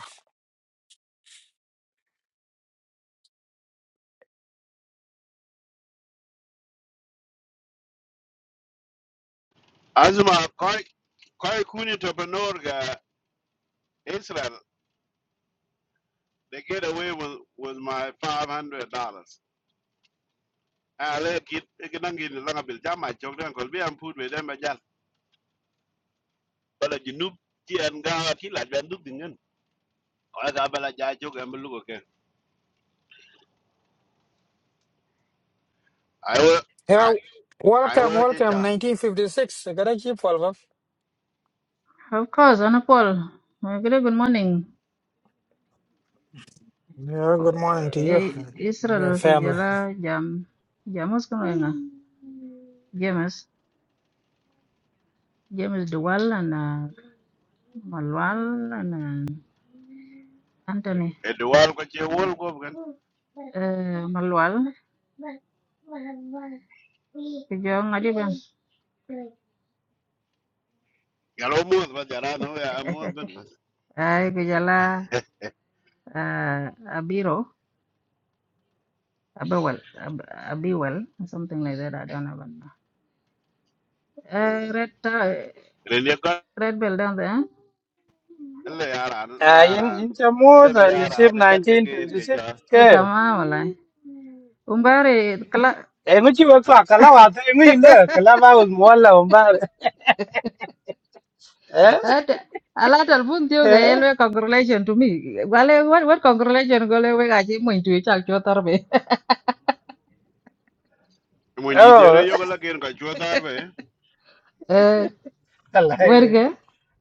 Azuma koi koi kuni topenor ga Israel. They get away with with my five hundred dollars. Ale kit kenangi langa bil jama chokde an kolbi am put with them ajal. Bala jinub ti an ga ti la ben duk dingen. Ola ga bala ja chok am lugo ken. I will I Yeah, I welcome, will che welcome. cha. 1956. I got a cheap follow Of course, Honorable Paul. My good morning. Yeah, good morning to you Eh, and your Israel family. Kujala Jam Jamus Kamarenga. James James Duwal and uh, Malwal and uh, Anthony. Eduar ko che wol ko ken. Uh, Malwal Kujo Ngadiban. Galo mo ba jara no ya mo ben. Ay Kujala uh, Abiro Abawal Ab- Abiwal something like that. I don't know. Uh, red uh, Rene red bell down there. le yara a in yara in cha more le bi than yara ne gat ke ke ke ja Eh 1956 Tama wala. Umbari Em chỉ vừa qua cả lao à Kalawa. Em in the mua là more ba Eh? At alatal pun tiyo ga Eh? elwe congratulation to me. Wale what what congratulation gole we ga ji mo itu chak cho tar be. mo ndi dere Oh, yo la ken ka chu dar be Eh lao, cái werge.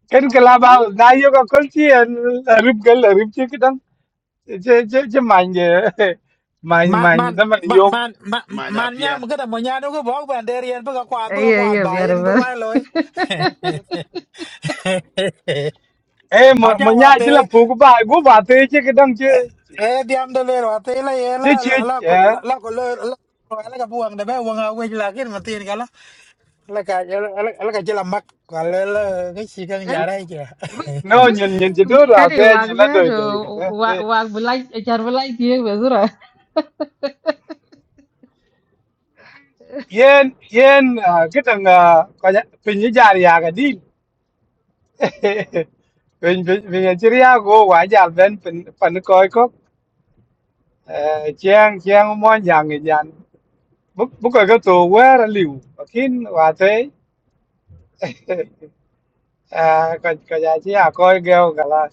cái cả lao bao nay vô có con chi rụp cái là rụp Ken cái was chứ chứ chứ mạnh and mạnh Man, mạnh, man, girl, a man, rib man, man, ma nya man, pier nyam kada mo nyano ko bog ban der yan baga kwat baga Iya kwat iya biar bayan ber. berwai loy. em mà mà Aja nhà mind, là man yum. Eh, Monya Chilla wate Pukuba, chứ cái to chứ, eh diam de ler wate là ye chứ Là chứ, là là eh? là là là là cái la ko la ka buang de be wang a tiền la kin Là cái là cái la la ka jela mak cái la ka chi kang No, jarai nhìn nhìn chị đưa ra Kari thế wag nhìn là za đời to đời cái thế thế wag belai char belai tiyo be zura. yên yên à, cái thằng à, coi nhá, pin như già thì à cái đi Vinh Vinh Vinh ở Syria go quá giờ bên phần phần coi có chiang chiang mo nhàng người nhàn bốc bốc coi cái tù quá là liu và kín và thế à cái cái giá chỉ à coi gel cả là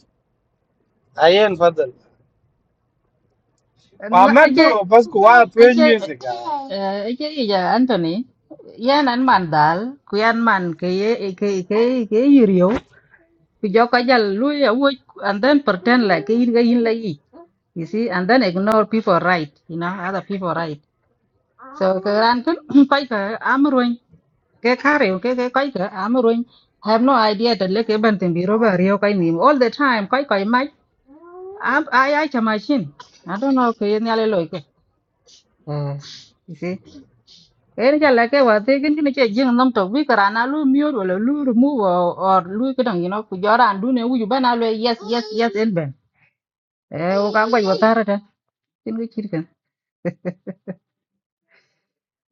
ai em phát được và mất Aje bro bas của à thuê aje music à aje iya Anthony. Ya nan mandal ku man ke ye eh, ke ke ke yirio. Ku jokajal lu ya wuj and then pretend like ke yin ga yin You see, and then ignore people right, you know, other people right. So Karankin Kaika Amruin, Kekari, Kaika, Amruin, have no idea that Lake Ebenton be robber Ryokain all the time, Kaika might am I I can machine. I don't know Kayani Loike. You see. Any like what they can get young num to weaker and a loo mute or a loo remove or loo kidding, you know, Kujara and Dune, you ban away, yes, yes, yes, and Ben. Eh, okay, what are it?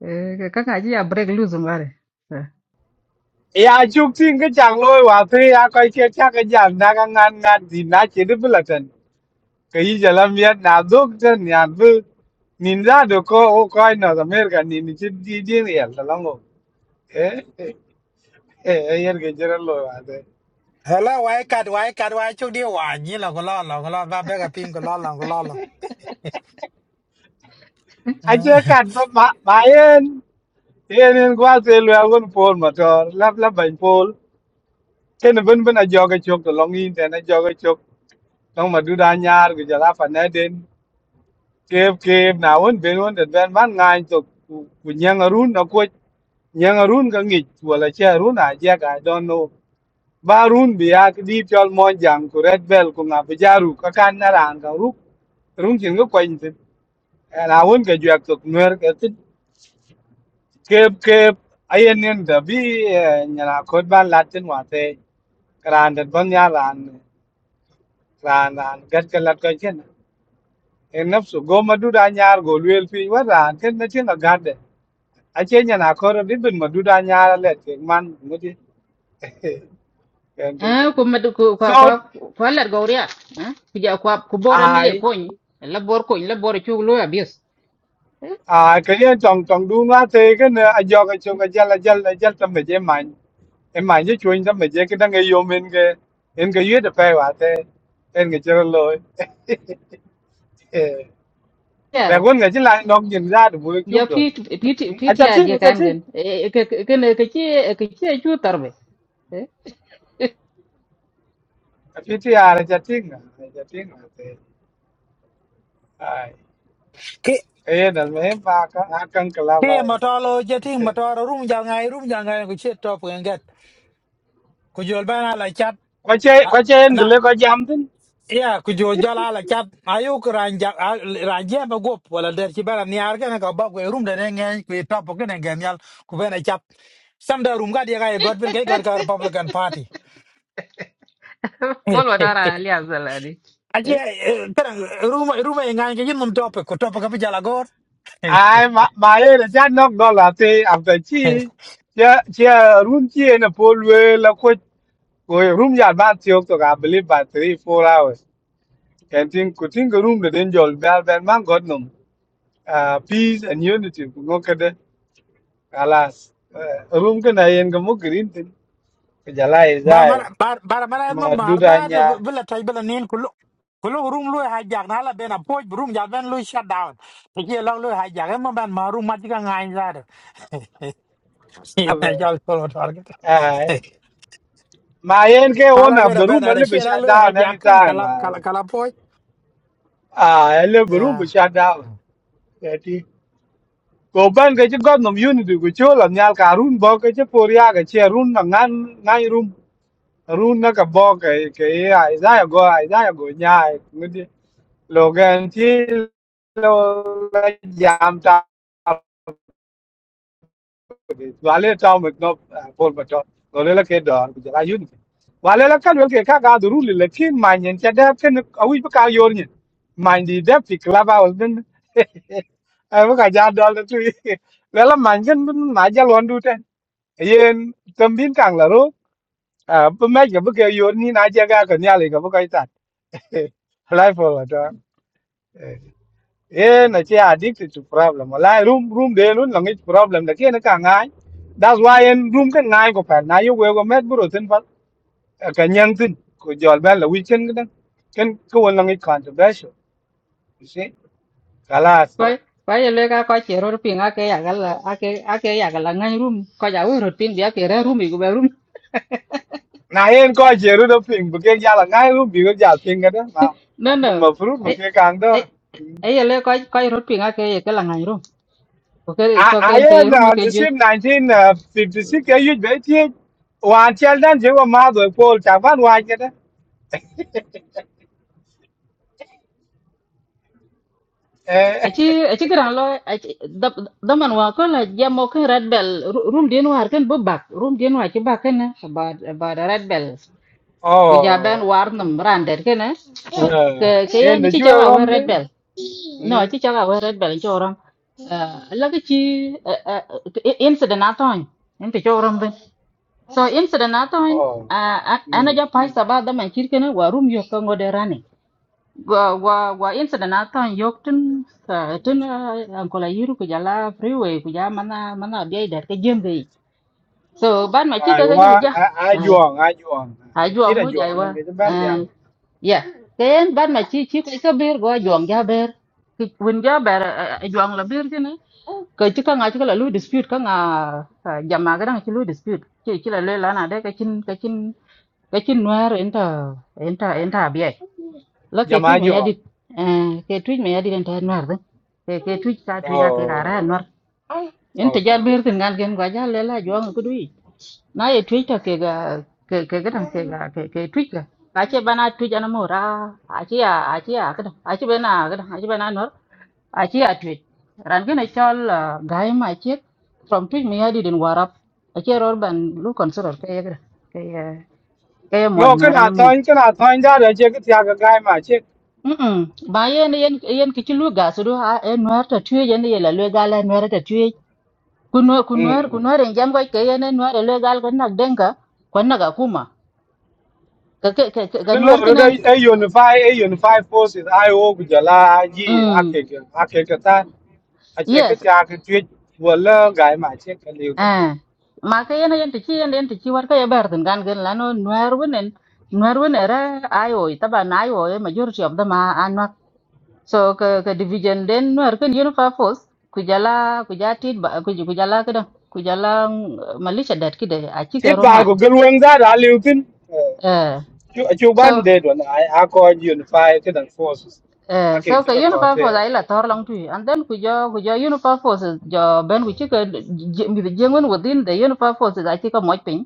Eh, kaka achi a break loose mare. Eh. ya chụp tin cái chàng lôi và thế à coi kia chắc cái giảm đã ngang ngang ngang gì nã chỉ được bớt lần cái gì giờ làm việc nào đốt chân nhà vừa nhìn ra được coi coi nó là mấy cái nhìn chỉ đi đi đi là lắm rồi Eh, eh, eh, yen ke jiran lo ate. Hello, why cat, why cat, why chú đi hoài như là có lo, là có lo, và bé gặp pin có lo, là có lo, là. Ache kat ba ba ba yen. Yen yen gwa se lo agun pol motor. Lap lap bain pol. Ken ben ben a joge chok to long in ten a joge chok. Long ma du da nyar ke jala fa na den. Kep kep na won ben won den ben man ngai to ku ku nyang arun na ko nyang arun ka ngi wala che arun a je ga don no. Ba run bi ya ki di chol mo jang ku red bell ku nga bi jaru ka kan na ran ka ru. Rung chin ko And I won't get you up to Nuer, get it, Cape, Cape, I and in the B, and I could ban Latin what they granted Bunyal and Ran and get a lot of chin. Enough so go Madudanyar, go real fee, what I can let in a garden. I change and I could have been Madudanyar, let it man, Moody, Candy. eh ku med ku kwa kwa So kwa lar gauria eh ku ja kwa ku bore ne le I, kony la bor kony la bor chu lo abis eh I can hear Tong Tong do not take cái jog a choke là jell a jell a jell to my em ma ye chuin da me je ke dang e yo men ke cái ke ye de pe wa te en ke chero lo yar pe gon ga jin la nok jin ra de bu ya chu do pit pit a pit cha ya ting de a cha kan ting gen eh eh, ke ke ke ke ke chu tarbe eh a pi ti a ra cha ting a cha ting a te ai Khi, ke ye da me pa ka a kan ka la khi mà to lo, chứ thì mà to lo, rung vào ngay, rung vào ngay, cứ chết to phương kết. Cứ dù bà na là chát, quay chơi che mà- ko che en na, le ko jam tin yeah, cứ dù cho la là chát, ayu cứ ràng dạ, à, ràng dạ mà gộp, hoặc là đẹp chứ bà là nhà cái này có bọc, cái rung đến nghe, cứ to phương cái này nghe nhau, cứ bên này chát. Xong đó rung cái đi ngay, gót bên cái gót cái Republican Party. Paul Watara alias Zalani. Aje, eh eh, kadang rumah rumah yang ngai ke yin mum topic, ko topic apa jala ai ma ma ye da cha nok do la te am ta chi chia chia room chia na po lue la ko ko room ya ba tiok to ga believe ba 3 four hours Can think could think a room the danger of bell bell man got num. Uh, peace and unity could go kada alas. Uh, room can I and go green thing. Kajala is bara I. mara bara bara mara ma marda Maduranya. bila tay bila nin kullu kullu room lu hijack na la bena poj room ja ben lu shut down to ye lang lu hijack ma ban ma room ma diga ngai za de ya jal ko target Aye. My end can ala one of bena the room a bena de little she lang shut lu down hijack kan anytime. kala Aye. kala kala poj Aye, a room but ya shut down. Kati. Go ban cái chứ got num unity của chỗ làm nhà cả room bao cái chứ poria cái chia room là ngang ngang room. Run nó cả bo cái cái ai ra go ai ra go nhà Loganchilo jam ta nó ta mit no pol pato wale la ke bây giờ là yun ke wale la kan wel ke ka ga duru le le kin cái yen ta da ken a wi ka yor nyen man di da fi klaba wal den a bu ka ja là da tu là la man gen bun ma luôn lon du yên yen tam bin là la à a bu ma ja cái ke yor ni na cái cái ka này, cái ka cái ka ta life wala ta Yeah, na che addicted to problem. Wala room room de lun lang it problem da kia na ka ngai. That's why en room kan ngai ko pa na yo we go met bro tin pat eh, ka nyang tin ko jol ba la weekend kan kan ko won lang it controversial. You see? Kalas. kwa kwa ye le ka kwa che ror pinga ke ya gal a ke a ke ya gal ngan rum ko ja we ror pin dia ke ra rum i ku be rum Na en ko je ru do ping bu ke ya la ngai room bi ko ya ping ka da. Ma no no mun ma fru bu Eh, ke kang do. eh, ấy là coi coi rốt pin cái cái là ngay rum ok A cho a cái ye cái rum na ni cái gì sim ấy 1956 ke yu be ti wan chel dan je wa ma do ko ta van wa ke da. Eh. chứ ấy chứ cái nào lo ấy đâm đâm anh hoa có là giờ một cái red bell rum điên hoa cái bắp bạc rum điên hoa chứ bạc cái nè bà bà đã red bell cái giờ bên Oh. war nằm ran đấy cái nè Uh, cái cái and này the chứ you cháu bảo hoa around red there? bell no Mm. chứ cháu bảo hoa red bell cho rum là cái chi incident nào thôi em phải cho rum bên so incident nào thôi Oh. à anh anh Mm. giờ phải sao ba đâm anh chỉ cái nè warum yêu cầu ngồi đây wa wa wa incident aton yok tin ah, tin ankola yuru ku jala freeway ku ja mana mana dia dar ke jembe so ban ma chi I ka ga ja wa ja I I ai juang I juang. ha I ju chỉ là mu jai juang wa nên cái thứ bên eh, này là ya ken ban ma chi chi ka ber go jong ja ber ki win ja ber jong la ber tin ka chi ka nga chi ka la lu dispute ka nga ah, jama ga dang chi lu dispute chi chi la le la na de ka chin ka chin ka chin nuar enta enta enta biai lo ke giờ mà tuj me juang. yadit eh ke tuj me yadit en tan war de ke ke tuj sa tuj ja ke Oh. gara en war en te Okay. jal ber tin gan gen gwa jal le la jo ngu dui na ye tuj ta ke ga ke ke ga ke ga ke ke tuj ga a che bana tuj ana mo ra a che ya a che ya ga a che bana ga a che bana nor a che ya tuj ran gen chal gai ma che from tuj me yadit en warap a che ror ban lu kon soror ke ga ke eh, ke moy No, cái na ran nào mo thôi cái nào thôi ra rồi chứ cái thằng cái guy mà chứ. Mm-mm. Ba yen yen yen kichi lu ga su du a e nuer ta tue yen ye la lu ga la nuer ta tue. Ku nuer ku nuer ku Mm. nuer en jam ga ke yen en nuer lu ga ga nak denga ko na ga kuma. Ka ke ke ke- ga Cái lỗ nuer rồi ken đây a unify a unify forces IO của giờ là gì à mm cái cái à cái cái tan. à chứ cái yes thằng cái chuyện vừa là guy mà chứ cái liều tin. eh ma ke yen yen tichi yen yen tichi war ka ye ber den gan gen la no nuer wenen nuer wen era ayo ta ba na ayo e majority of them are so ka ka division den nuer ken unifa force kujala kujatit ba kuj- kujala kada kujala mm, malisha dat kide achi ke Ít ron bài mat của cái luồng ra đã liều tin. Ờ. eh Chu chu so ban de don I I call unify cái đảng forces. eh so Okay, chứ ka có unifa thế. force ai la tor long tu and then kujo kujo unifa force jo ben kuchi ka mi de jengon within the unifa force achi ka moj pin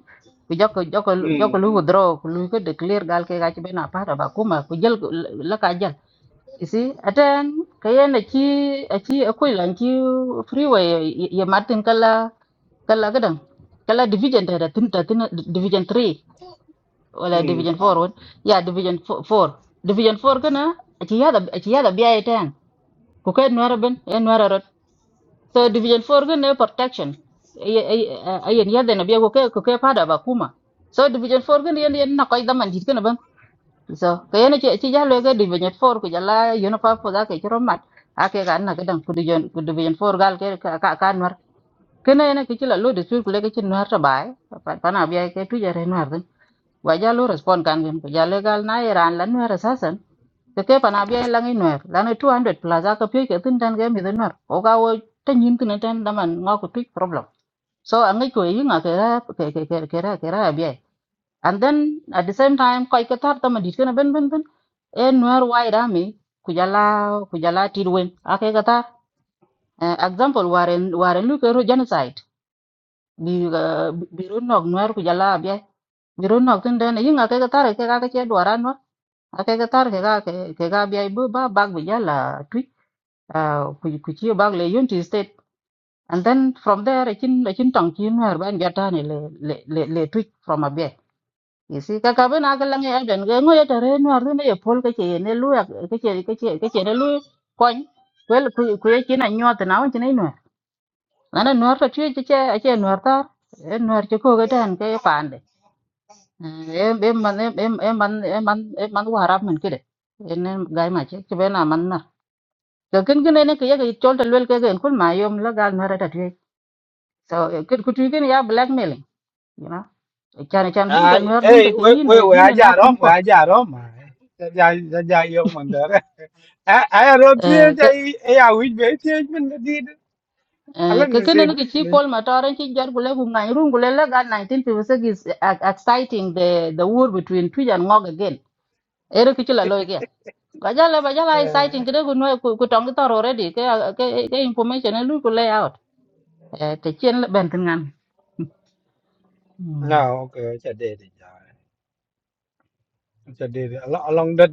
kujo ko joko Ừ. joko lu withdraw ku lu ko declare gal ke gachi bena para ba kuma kujel la ka ja. You see, atan kayan na ki a ki akwai lan ki freeway ya martin kala kala gadan kala division da da tun da tun division 3 Ừ. wala division 4 won ya division 4 division 4 kana a ki yada a ki yada biya ita ko kai nuwara ben ya nuwara rot so division 4 kana protection ayen yada na biya ko kai ko kai fada ba kuma so division 4 kana yan yan na kai zaman dit kana so kayene che ci ci jalo ga division 4 ku jala yono pa po da ke chro mat ake ga na gadan ku division ku division 4 gal ke ka ka ka nwar kene ene ke chila lo dispute ku le ke chin nwar ta bai pa pa na bia ke tu jare nwar den wa jalo respond kan gen ku jalo gal na iran lan nwar sasan ke ke pa na bia lan nwar lan 200 plus aka pye ke tin tan ge mi den nwar o ga wo ta nyin tin tan da man nga ku tu problem so angai ko yi nga ke ra ke ke ke ke ra ke ra bia and then at the same time koy ko tar tama dit kana ben ben ben e nuer white army kujala kujala tirwen. ake kata uh, example waren waren lu kero genocide bi uh, bi ru nok nuer kujala bia bi ru nok tin den yin ake kata ke ka ke duaran no ake kata ke ka ke ka bia bu ba bag bujala twi uh, ku ku bag le unity state and then from there a chin a chin tong chin nuer ban jata ni le le le, le twi from a You see, kaka ben akalang ya ben ga ngoya tare no ardu ne pol ka che ne lu ka che ka che ka che ne lu kon wel ku ku ye na nyot na won ne no ana no ta che che a che no ta e no che ko ga tan ke pande em em man em em em man em man em man wa harap men kide en ga ma che che ben man na to kin kin ne ke ye ke chol ta lel ke gen kun ma yom la ga no ta tre so kin ku tu kin ya blackmailing you know chan chan bin ka À no dun ta ê ke we yin we we bin na aja kum rom we aja rom mai. Ja ja ja yo mandar. À à ro thế ko ja e à which be thế mình đi. Eh, Alan ka is kene it ne ki pol ma tore ki jar gule ku ngai rum gule nineteen ga 1956 is ex- exciting the the war between Twitch and Ngog again. Ere ki chila loy ke. Ga jala ba jala exciting kide ku no ku ku tong tor already ke ke ke information ne lu ku lay out. Eh te chen le ben tin ngan. Hmm. No, okay, chả để đi ja. Chả để đi. Along along that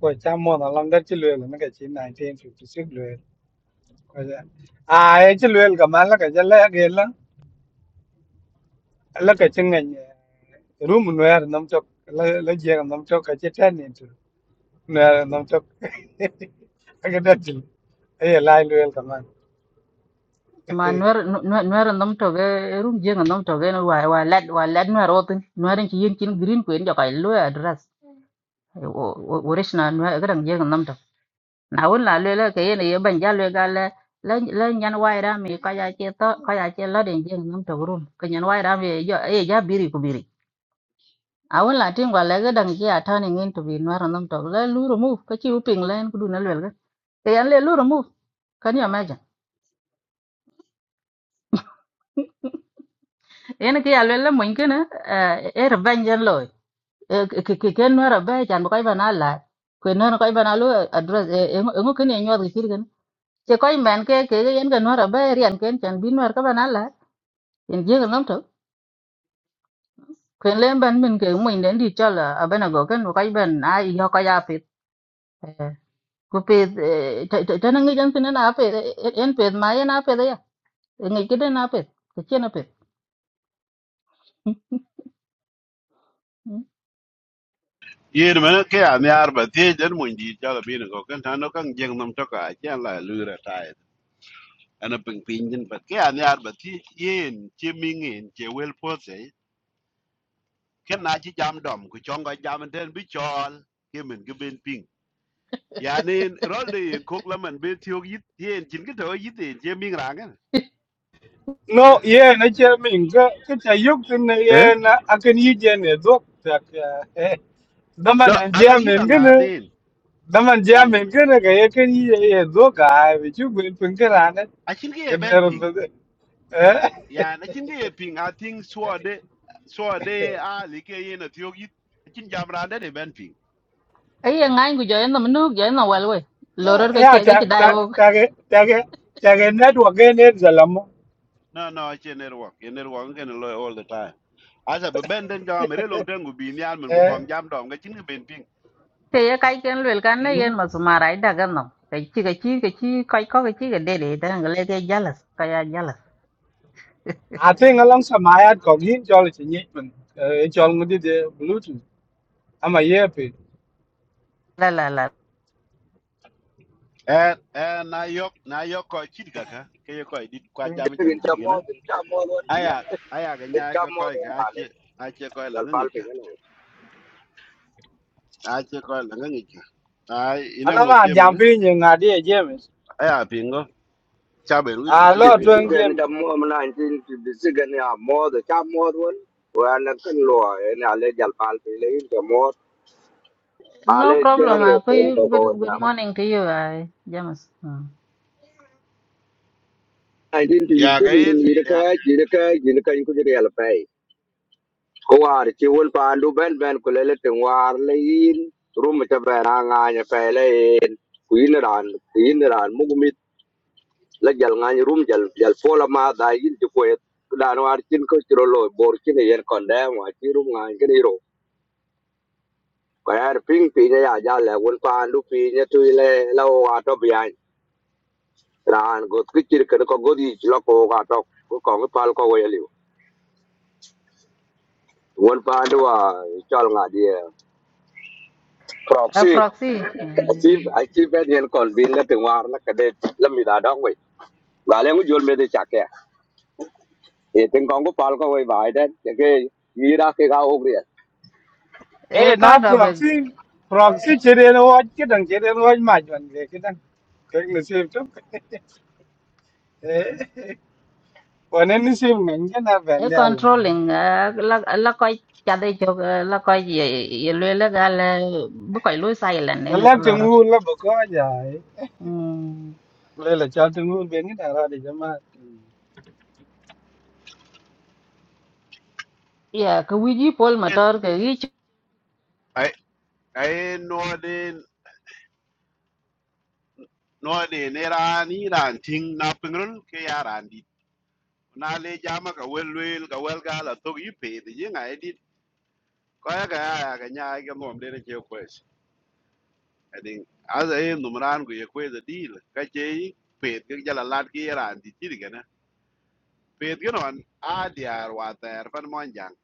ko cha mo along that chi lue là nó cái chi 1956 lue. Ko ja. À ấy chi lue cái mà là cái là cái là. là cái la ka ci ngany rum no yar nam tok la la jega nam cái ka ci tan ni tu no yar nam cái aga datil ay lai lu cái kaman Ma nwer nwer nwer nom to ge rum jeng nom to ge wa wa lad wa lad nwer otin. Nwer ki yin kin green ku en jo kai lu address. Original nwer ga dang jeng nom na wun la lwe la ke yen ye ban ja lwe ga le le le nyan wai ra mi ka ya che to ka ya che la den jeng nam to rum ke nyan wai ra mi yo e ja biri ku biri a wun la tin gwa le ga dang ki ata ni ngin to bi nwar nam to le lu ru mu ka chi u ping len ku du na lwe ga ke yan le lu ru mu kan ya ma ja yen ke ya lwe la mun ke na e ra ban jan lo ke ke ke nwar ba jan ko ba na la ku nwar ko ba na lu address e ngo ke ne nyo ga kir Chỉ có bạn cái cái cái cái nó là bé riêng cái koy men ke ke yen ga nora ba rian ken chan bin war ka banala yen je ga nomto ken lem ban min ke mo cái di cái abena go ken cái ben a yo ka ya pit ku pit tan ngi jan tin na pit en pit ma yen na pit ya ngi ke den na cái ke chen na pit yer me ke a ne ar ba ti den mo ndi ja la bin ko kan tan no kan jeng nam to ka ja la lu ra ta ana ping ping din ba ke a ne ar ba ti yen che ming en che wel po se ken na chi jam dom ku chong ga jam den bi chol ke men ge ben ping ya ne ro le ko la man be ti yo yit yen chin ke to yit en che ming ra ngan no ye na ci min cái cái ta yuk thì nó eh yeah nó ăn cái ne ye na akan yi je ne dok tak daman no cái je alang yit men gane nga daman je cái Mm. gane cái cái kan yi ye cái ga bi ju gun cái kana ne I think he cái a ben eran ba ping. eh Yeah, I think he a ping. I think so de so de a like in a theo you. I think jam randa de ben ping. ai yen ngai gu jo yen no nu jo yen no wal we loror Yeah. ke ya cái ke ta cái dai ta wo ta cái ta cái ta cái network cái ne zalamo No, no, I can network. In network can lo all the time. As a ben den jam re lo den go bin yan men go thế kong jam dom ga chin ben ping. ke ye cái cái lel cái ừ. ne yen ma sumara ida ga no cái chi cái chi cái chi cái ko cái chi ke de de tan cái le cái jalas ka ya à thế ngalong sa mayat ko gin chol chi ni man e chol ngudi de bluetooth ama ye pe jalas Eh eh na yok na yok ko chit ga ka. Ke yok ko dit kwa jam jam Bin chit ga chammo, na. bin chammo don, Aya aya ga bin nya ko chammo ko don ga kale. chi a che ko la Jal pal ngi ga. pingan. A che ko la ngi ga. Ai ina ala mo ma je jam mo. pe ni nga de james Aya pingo. cha be ruj be a chena lo BBC pin tong go gan james chammo am 19 BBC gan ya mo the chammo don. Wa na kan lo en ale jal pal pingan chammo. Ale No den problem. we I tem to go good ya. good morning to you, I James. Mm. 19 ya BBC ga in in ya yirka yirka yirka in ku jere yal pai. Ko war chi wol pa andu ben ben ku lele tin war le in. Rum ta ben anga ya pele. Ku yin ran, ku yin ran mu la jal ngany rum jal jal fola ma da yin ti ko da no ar chin ko chiro lo bor chin e yen kon da ma chi rum ngany ke ro ko yar ping pi ne ya ja le won pa ndu pi ne tu le la o wa to bi an ran go ki chir ken ko go di lo ko ga to ko ko ngi pal ko we li won pa ndu wa chal nga di eh, A proxy proxy. achi achi be yen kon bin le ti war la ka de la mi da dong we ba le ngu jol me de cha ke e tin ko ngu pal ko we ba de ke yira ke ga o A e na part of a, proxy proxy chỉ đến chere no wat đến dang chere no wat ma jon cái ke xem ke ni sim to e wonen ni sim ngen na ben a ya la controlling. uh, La la koi chade chok uh, la koi ye ye lue la gal uh, bu koi lue silent ne la ne la kolor. tengu la ba ko ja Mm. le la chal tengu ben cái da ra để cho mà. de jama Yeah, cái gì, ka wiji pol in cái ka gi ch- ai ai no de no de ne ran ni ran ting na pingrul ke ya ran di na le jama ka wel wel ka wel ga la to yi pe de yin ai di ko ya ga ya ga nya ai ga nom de ne ke kwes i think as ai no ran go ye kwes di ka che yi pe ke ja la lat ke ya ran di ti ga na pe ke no an a di ar wa ter pan mon jang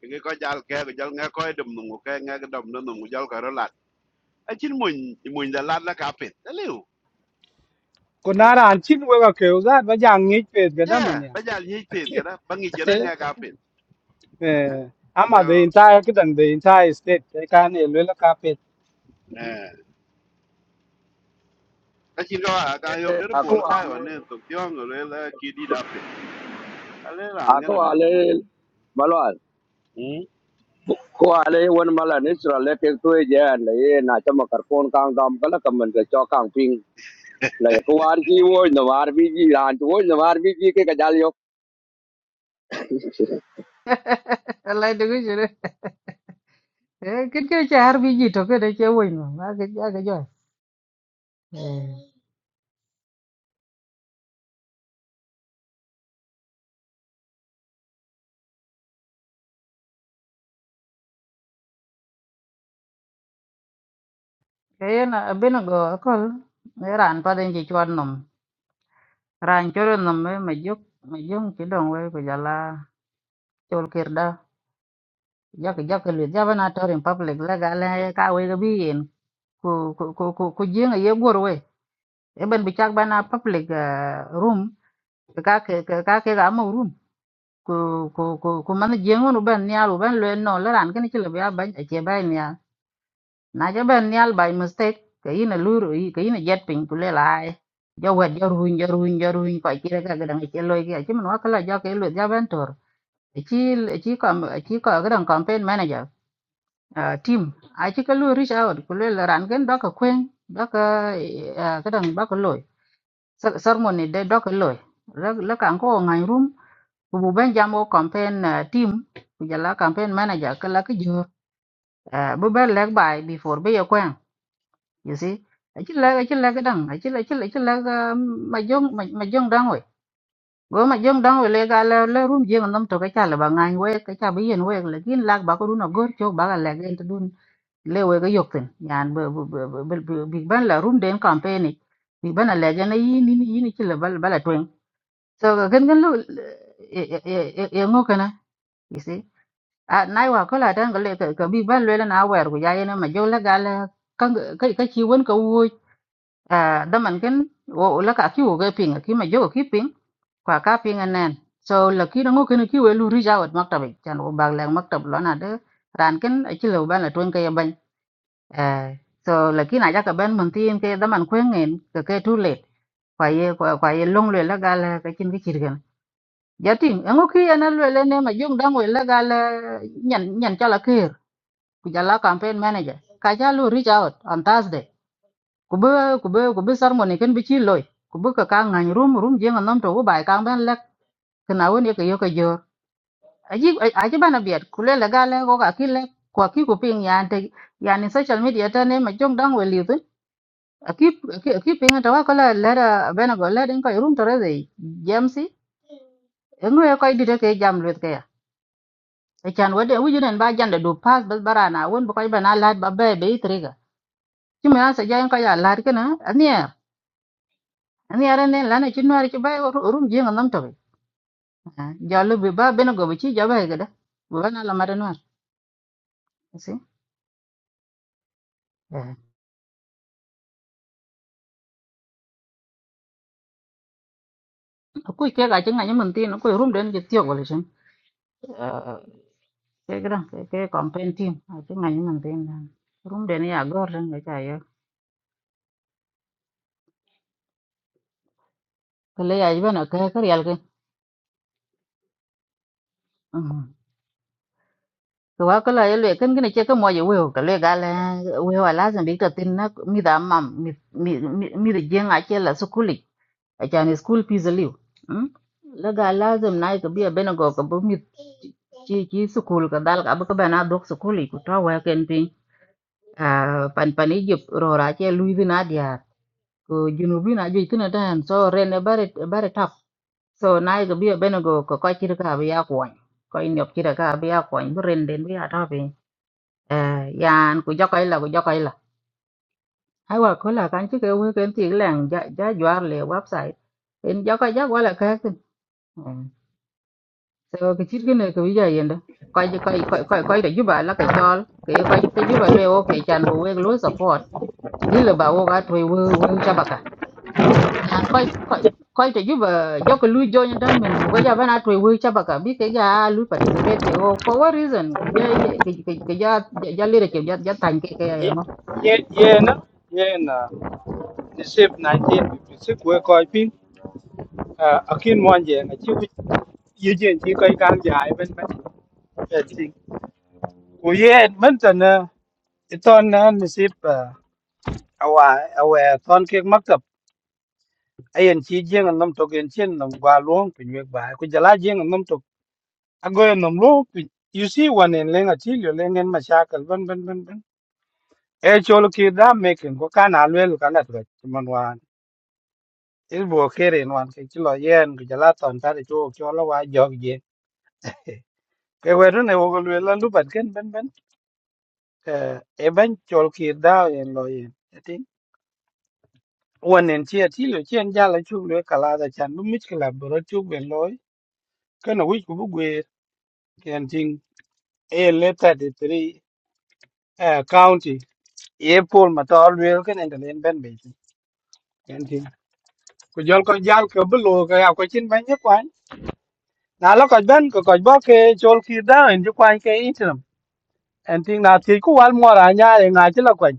ke ko jal ke ko jal nge ko dum nu ke nge dum nu nu jal ka ro la achin muny muny da lat la ka pet aliu kunara an chin wa ka ke uza ba jang cái đó mà yeah da ba jal nyi pet ga da ba ngi jera nga ka pet eh, Eh, ama so the entire kidan the entire state they can elwela carpet eh, achin ko a ka yo der bul ka gri wa ne to tyong le la ki di da pet ale la nga आखिर ne men वाले मालूम है hm कुआला ये वन माला निचले केंद्र तो ए जाए लेकिन नाचमकर कॉल कांगडम कल कमेंट के चौकांग पिंग लेकिन कुआला जी वो ज़मार्बी जी रांट वो ज़मार्बी जी के कज़ालीयों la cái gi jure. Eh cái cái cha har wiji to cái de che wo no. cái cái cái ke cái Eh. Ke na bena go kol. Ne ran pa den ji chwan Ranchoro nombre majuk majung kidong we kujala chol kirda jak jak lu jaba na tor in public la gale ka we ga bien ku ku ku ku ku jing ye gor we eben bicak bana public ah, room ka ke ka ke ga mo room ku ku ku ku man jing no ben nyal ben le no la ran ken chile ba ba che ba nyal na ja ben nyal by mistake ke ina luru ke ina jet pin ku le lai jo wet jo ruin jo ruin jo ruin ko chire ka ga dang e che loy ke chi man wa kala jo ke lu jaba chỉ ci ci chỉ ci cái đồng campaign manager uh, team ai chỉ có lu reach out ku le ran gen dok kwen dok ka dang ba ko loy ceremony de dok loy la kan có ngai room ku bu ben jamo campaign uh, team ku là campaign manager ka la ka jor uh, bu ben leg by before be yo kwen you see a ci chỉ a cái đồng, ka dang a ci chỉ ci la ci la ma jong ma jong dang go ma jong dang we le ga le le rum jeng nam to ka cha le ba ngan we ka cha bi yen we lekin lak ba ko dun a gor chok ba ga le gen to dun le we ga yok ten yan be big ban la rum den campaign big ban la gen yi ni ni ni chi le bal bala twen so ga gen gen lu e e e ngo kana you see a nai wa ko la dan ga le ka big ban le na wer ku ya yen ma jong la ga le ka ka chi won ka wo a da man ken wo la ka ki wo ga ping ki ma jo ki ping kwa ka pinga nen so la ki ngo ken ki welu ri jawat maktab chan wo bag lang maktab lo na de ran ken a chi lo ban la twen ke ban eh so la ki na ja ka ban man tin ke da man kwen ngen ke ke tu le kwa ye kwa kwa ye long le la ga la ka chin ki chir gen ja ting ngo ki ana le le ne ma jung dang we la ga la nyan nyan cha la kir ku ja la campaign manager ka ja lu ri jawat on thursday ku be ku be ku be sarmoni ken bi chi loy ku be ka ka ngan rum rum je ngam to wo bai ka ban la kana won ye ke yo ke jo aji aji bana biat kulela gale go ka kile kwa ki ku ping ya te ya ni social media ta ne ma jong dang we li tu aki aki ping ta wa kala la da bana go la den ko rum tore de jamsi engo ya ko dire ke jam lut ke ya e chan wede wu junen ba janda du pas bas barana won ba ko bana la ba be be triga ti me asa ja en ko ya la ke na ani ya ani ya ne la ne chin war ki ba rum ji ngam to be ja lu bi ba bana go bi chi ja ba e ga da bu bana la ma den war si Eh. ku ke ga chinga nyi mun tin ku rum den je tiyo gole chen ke gra ke ke campaign team a chinga nyi mun tin rum den ya gor ren ga cha yo ke le ya bana ke ke yal ke ke wa ke la ye le ken ken che ke mo je we ke le ga le we wa la zan bi ka tin na mi da mam mi mi mi de jeng a che la su kuli a cha ni school fees liu la ga la zan na ke bi a bena go ke bu mi chi chi su kul ka dal ka bu ka bana dok su kuli ku ta wa à pan pan Egypt ro ra che lui vi na dia ko junubi na ju tina tan so ren e bare bare tap so nai go bia beno go ko ko chira ka bia kwon ko ko in yok chira ka bia kwon bu ren den bia ta pe eh yan ku jo kai la ku jo kai la hai wa ko la kan chi ke we ken ti lang ja ja jwar le website en jo kai ja wala ka tin so ke chir ke ne ko bia yenda ko ko ko ko da ju ba la ka chol ke ko te ju ba le o ke chan bu we lo support ile ba wo ga thoi we we shabaka yan koy koy koy te juba joko lu jonya tan min buga ja bana to wi chaba ka bi ke ja lu participate ke o for what reason ke ja ke ke ke ja ja lire ke ja ja tan ke ke ye ya ngo ye ye na ye na the shape 1956 we ko pin akin monje na chi wi ye jen chi kai kan ja ai ben ben eh ting ko ye men tan na iton na ni sip awa awa ton ke makap ayen chi jeng nam to gen chen nam gwa luong pin we ba ko jala jeng nam to agoy nam luong pin you see one en lenga chi yo lengen mashakal ben ben ben ben e chol ki da making ko kan alwel kalat ko man wan il bo kere wan ke ti lo yen ku jala ton ta de cho cho lo wa jog je ke weru ne wo lwel la lu bat ken ben ben eh, e ben chol ki da yen lo yen ti won en ti ti lo chen jala chu le kala da chan bu mit kala bro chu ben lo ken wi ku bu gwe ken ting e le ta de tri county e pol ma to lwel ken en den ben be ti ken ting ku jol ko jal ko bu lo ka ya ko chin ben ye na lo ko ben ko ko bo ke chol ki da en ju kwan ke interim en ting na ti ku wal mo ra nya e nga ti lo kwan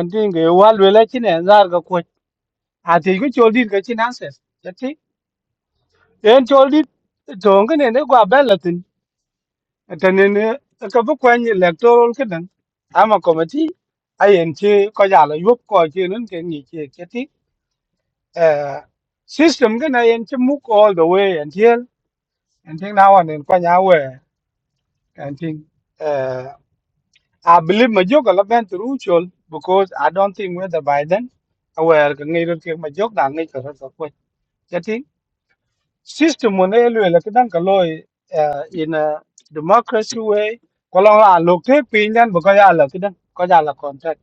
en ting ge wal we le chi ne zar ga ko a ti ku chol dit ga chi na ses ya ti en chol dit dong ge ne ne gwa ben la tin ta ne ne ka bu kwan ni electoral ke dan ama committee ai en chi ko ya lo yup ko chi nun ke ni chi ke ti eh system cái này em chấm mút all the way until until now and then qua nhà về and thing I believe Majok Alaban through Chol because I don't think whether by then aware can either take Majok than nature of way. That thing system when they look at Ankaloy in a democracy way. Kalau lah look take pinjan bukan ya lah kita kau jalan kontrak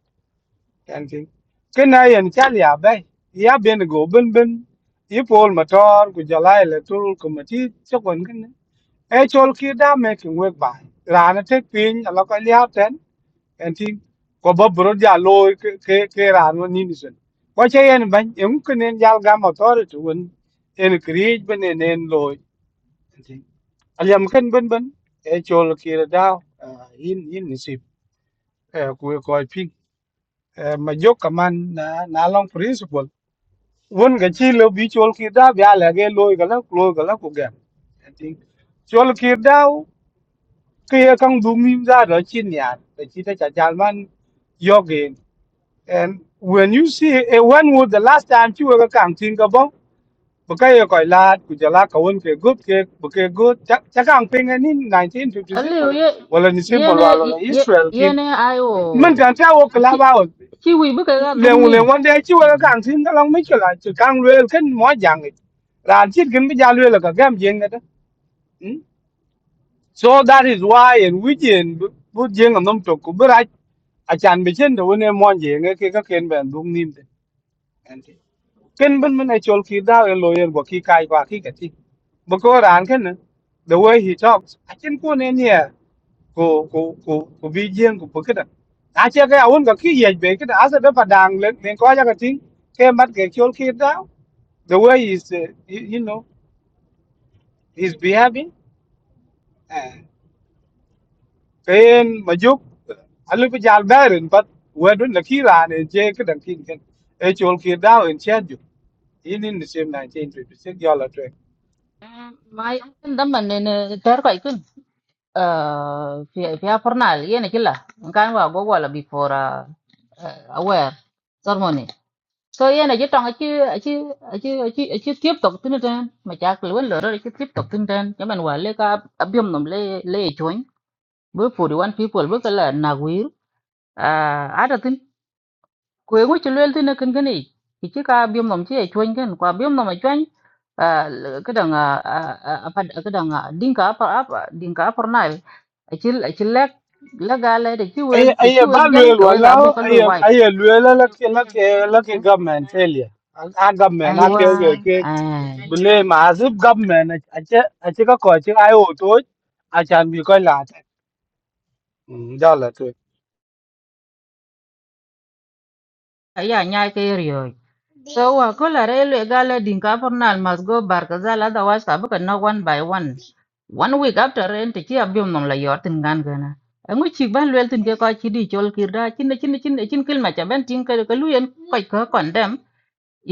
kan ting. Kena yang cari apa? Ia ben go ben ben. Ia pol motor ku jalan electoral committee cakap kan. Eh col kita making work by. Rana take pin kalau kau lihat enti ko ba bro ja lo ke ke ke ra no ni ni sen ko che yen ban em kun en jal ga motor tor tu un en kriej ben en en lo enti aliam ken ben ben e chol ki ra da in in ni sip ku ko pi ma jok ka na na long principle won ga chi lo bi chol ki da ya la ge lo ga la lo ga la ku ga enti chol ki da ke kang du mim ra da chin ya chi ta cha jal man And when you see a one wood the last time you were kang tin ka bong, baka ye koi la ku jala ka won ke good ke baka good cha cha kang ping ni 1956 alle ye wala ni simple yene wala la ye- Israel kin yene ayo man kan cha wo kala chi ba o chi wi bu ka ga le dung wu ni le wan de chi were kang tin ka long mi chla chu kang le ken mo jang it. ran chit kin bi ja le la ka gam jeng da. Hmm? So that is why in Wijen bu jeng am nom to ku bi ra a chan bi chen do ne mo jeng ke ka ken ben dung nim de. ken ben ben chol ki da e lawyer go ki kai ba ki ka ti bo ko ran ken na the way he talks a chen ko ne ne ko ko ko ko bi jeng ko pokeda a che ka un ga ki ye be ke da sa da padang le ne ko ja ka ti ke mat ke chol ki da the way is uh, you, you know he's behaving uh, ken majuk alu bi jal darin pat wedun la ki ran e je ke dan kin ken e chol ki da en chen ju in in the same 1956 yalla mai ndam man ne ter koy kun eh fi fi a fornal yene kila kan wa go wala before uh, uh, aware ceremony so yeah na jetang chứ achi chứ achi chứ tiếp tục tin ten mà chắc luôn lỡ rồi achi tiếp tục tin ten cho mình vào lấy cả abiom nom lấy lấy chuối với phụ đi one people với cái là na quỷ à à đó tin quê ngũ chỉ luôn tin cái cái này thì chỉ cả abiom nom chỉ chuối cái qua abiom mà chuối à cái đằng à à à, phần- cái đằng à đinh cá apa apa đinh cá apa này achi achi lek lek gà lấy để chỉ quê Aye, để aye, chỉ quê ba dân luel cái quê cả bộ wala, cái lôi aye, wipe aye Luella la ke la ke la ke government failure. A government a aiwa ke ke ke ai bule ma government a che a che ka ko che ai o to a chan bi ko la ta. Da la to. aya nya ke riyo so wa kola re le gala din ka pornal mas go bar ka zala da was ka buka no one by one one week after rent ki abim nom la yortin gan gana angu chi ban lwel tin ke ka chi di chol kir da chin chin chin chin kil ma cha ben tin ka ka luyen ka ka kondem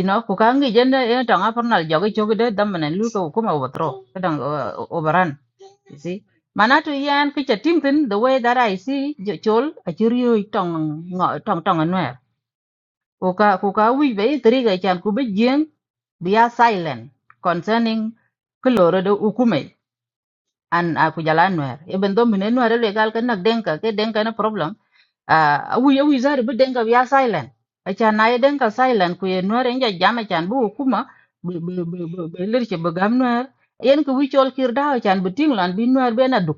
ino ku ka ngi jenda e tanga pornal jogi jogi de dam ne lu ko kuma wotro kadang obaran You see, manatu yan kicha timtin the way that I see jo- chol a chirio tong ngo tong tong anwer. Kuka kuka wi be triga chan ku be jeng be are silent concerning keloro de ukume an aku jalan nwer. Even though mine nwer le gal kan nak denka ke denka na problem. Ah wi wi zar be denka be are silent. Acha na ye denka silent ku ye nwer enja jama chan bu ukuma be be be be lir che be gam nwer. Yen ku wi chol kir dao chan be ting lan bi nwer be na duk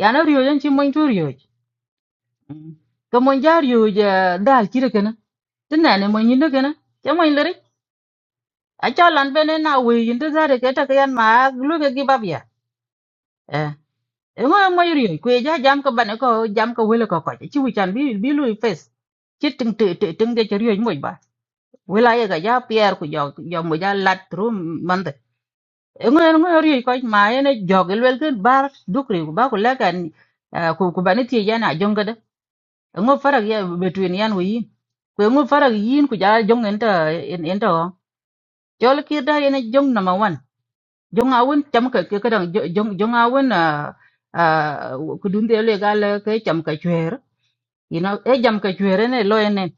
yana riyo yan chin mon chu riyo ka mon ja riyo ja dal chire kana tin na ne mon yinde kana cha mon lere a cha lan bene na we yinde zare ke ta yan ma lu ke gi babya eh e mo mo riyo ku ja jam ka bane ko jam ka wele ko ko chi wi chan bi bi lu face chi ting te te ting ge riyo mo ba wela ye ga ja pier ku jo jo mo ja lat rum mande e mo mo riyo ko ma ene jogel wel ke bar dukri ku ba ku la kan ku ku bane ti jana jonga ngo farag ya between yan we yin kwe ngo farag yin ku ja jong enta en- enta o chol kir da yana jong number 1 jong awun cham ka ke kadang jo- jong jong awun a a ku dun de le gal ke cham ka chwer you know e jam ka chwer ne lo ene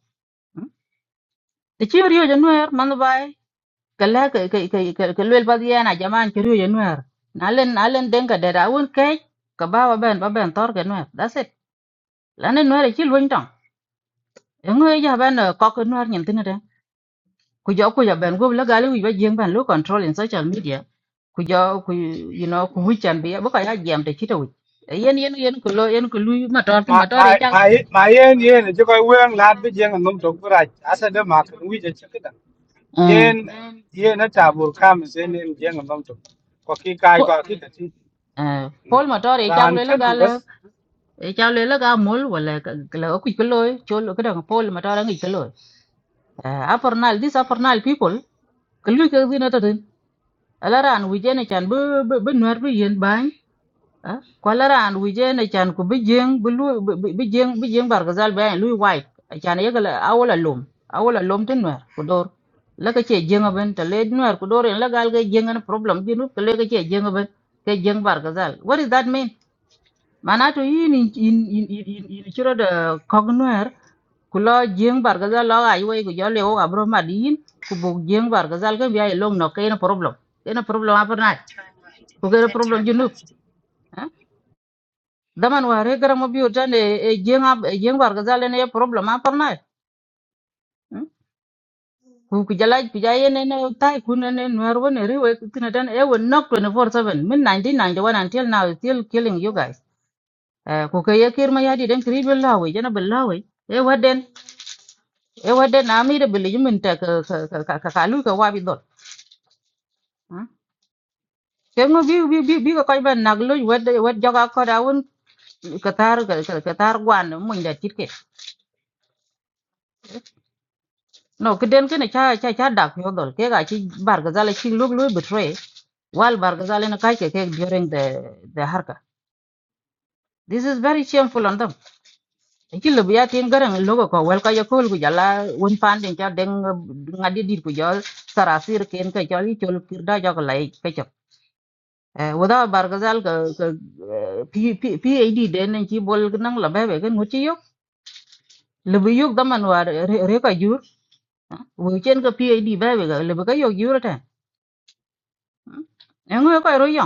te chi ryo ja nuer man bai kala ke ke ke ke lel pa yana jaman chi ryo ja nuer nalen nalen den ka de da awun ke ka ba ba ben ba ben tor ke nuer that's it lane nuer chi luin tong ngo ja ben ko ke nuer nyen tin ku jo ku ja ben go la gal wi ba jeng ban lo control in social media ku jo ku you know ku wi chan bi ba ka ya jam te chita wi yen yen yen ku lo yen ku lu ma tor Ma ma tor ma e chak ma ma yen yen che ko wen la bi je ngam to ku ra a se de ma ke wi je che ka. eh Yen yen ta bur kam se ne je ngam to. Ko ki kai po ko ki ka ti. eh pol ma tor e chak Ran lo la gal kin e chak lo la ga mol wala ka la ku ku lo cho lo ka dang pol ma tor ngi ku lo a for now this a for now people ku lu ka zina ta tin ala ran wi jene chan bu bu nuar bu yen ban Ah, kwala ran wije ne chan ku bijeng bulu bijeng bijeng bargazal be lui wai chan yegala awala lum awala lum tin wer ku dor la ka che jenga ben ta le nwer ku dor en la gal ga jenga na problem bi nu ka le ka che jenga ben ke jeng bargazal what does that mean mana to yin in in in in in chiro da kog nwer ku lo jeng bargazal lo ai wai ku jole o abro madin ku bog jeng bargazal ka bi ai long no ke na problem ke na problem apernat ku ke na problem junu daman ware gara mo biyo tan e jenga e jengwar ga zale ne problem a parna ku ku jalaj ku jaye ne ne tai ku ne ne nwar won ri we tina tan e won knock 24/7 min 1991 until now is still killing you guys Eh, ku ka ye kirma yadi den kribil lawe jana bil lawe e waden e waden na mi de bil yimin ta ka ka ka ka ka lu ka wabi dot ke mo bi bi bi bi ka koy ban naglo wad wad jaga ko da won katar katar gwan mun da tike no kiden kene cha cha cha dak yo dol ke ga chi bargazal chi lug lu betray wal bargazal na kai ke ke during the the harka this is very shameful on them chi lu ya tin garang logo ko wel ka yo kul gu jala un pan din cha deng ngadi dir ku jol sarasir ken ka jol chol kirda jog lai ke chok wada bargazal ka ka p p pad den chi bol nang la ba be ken ngu chi yo lu bi yo daman war re ka jur wo chen ka pad ba be ga lu ka yo jur ta. Engo ko ro yo.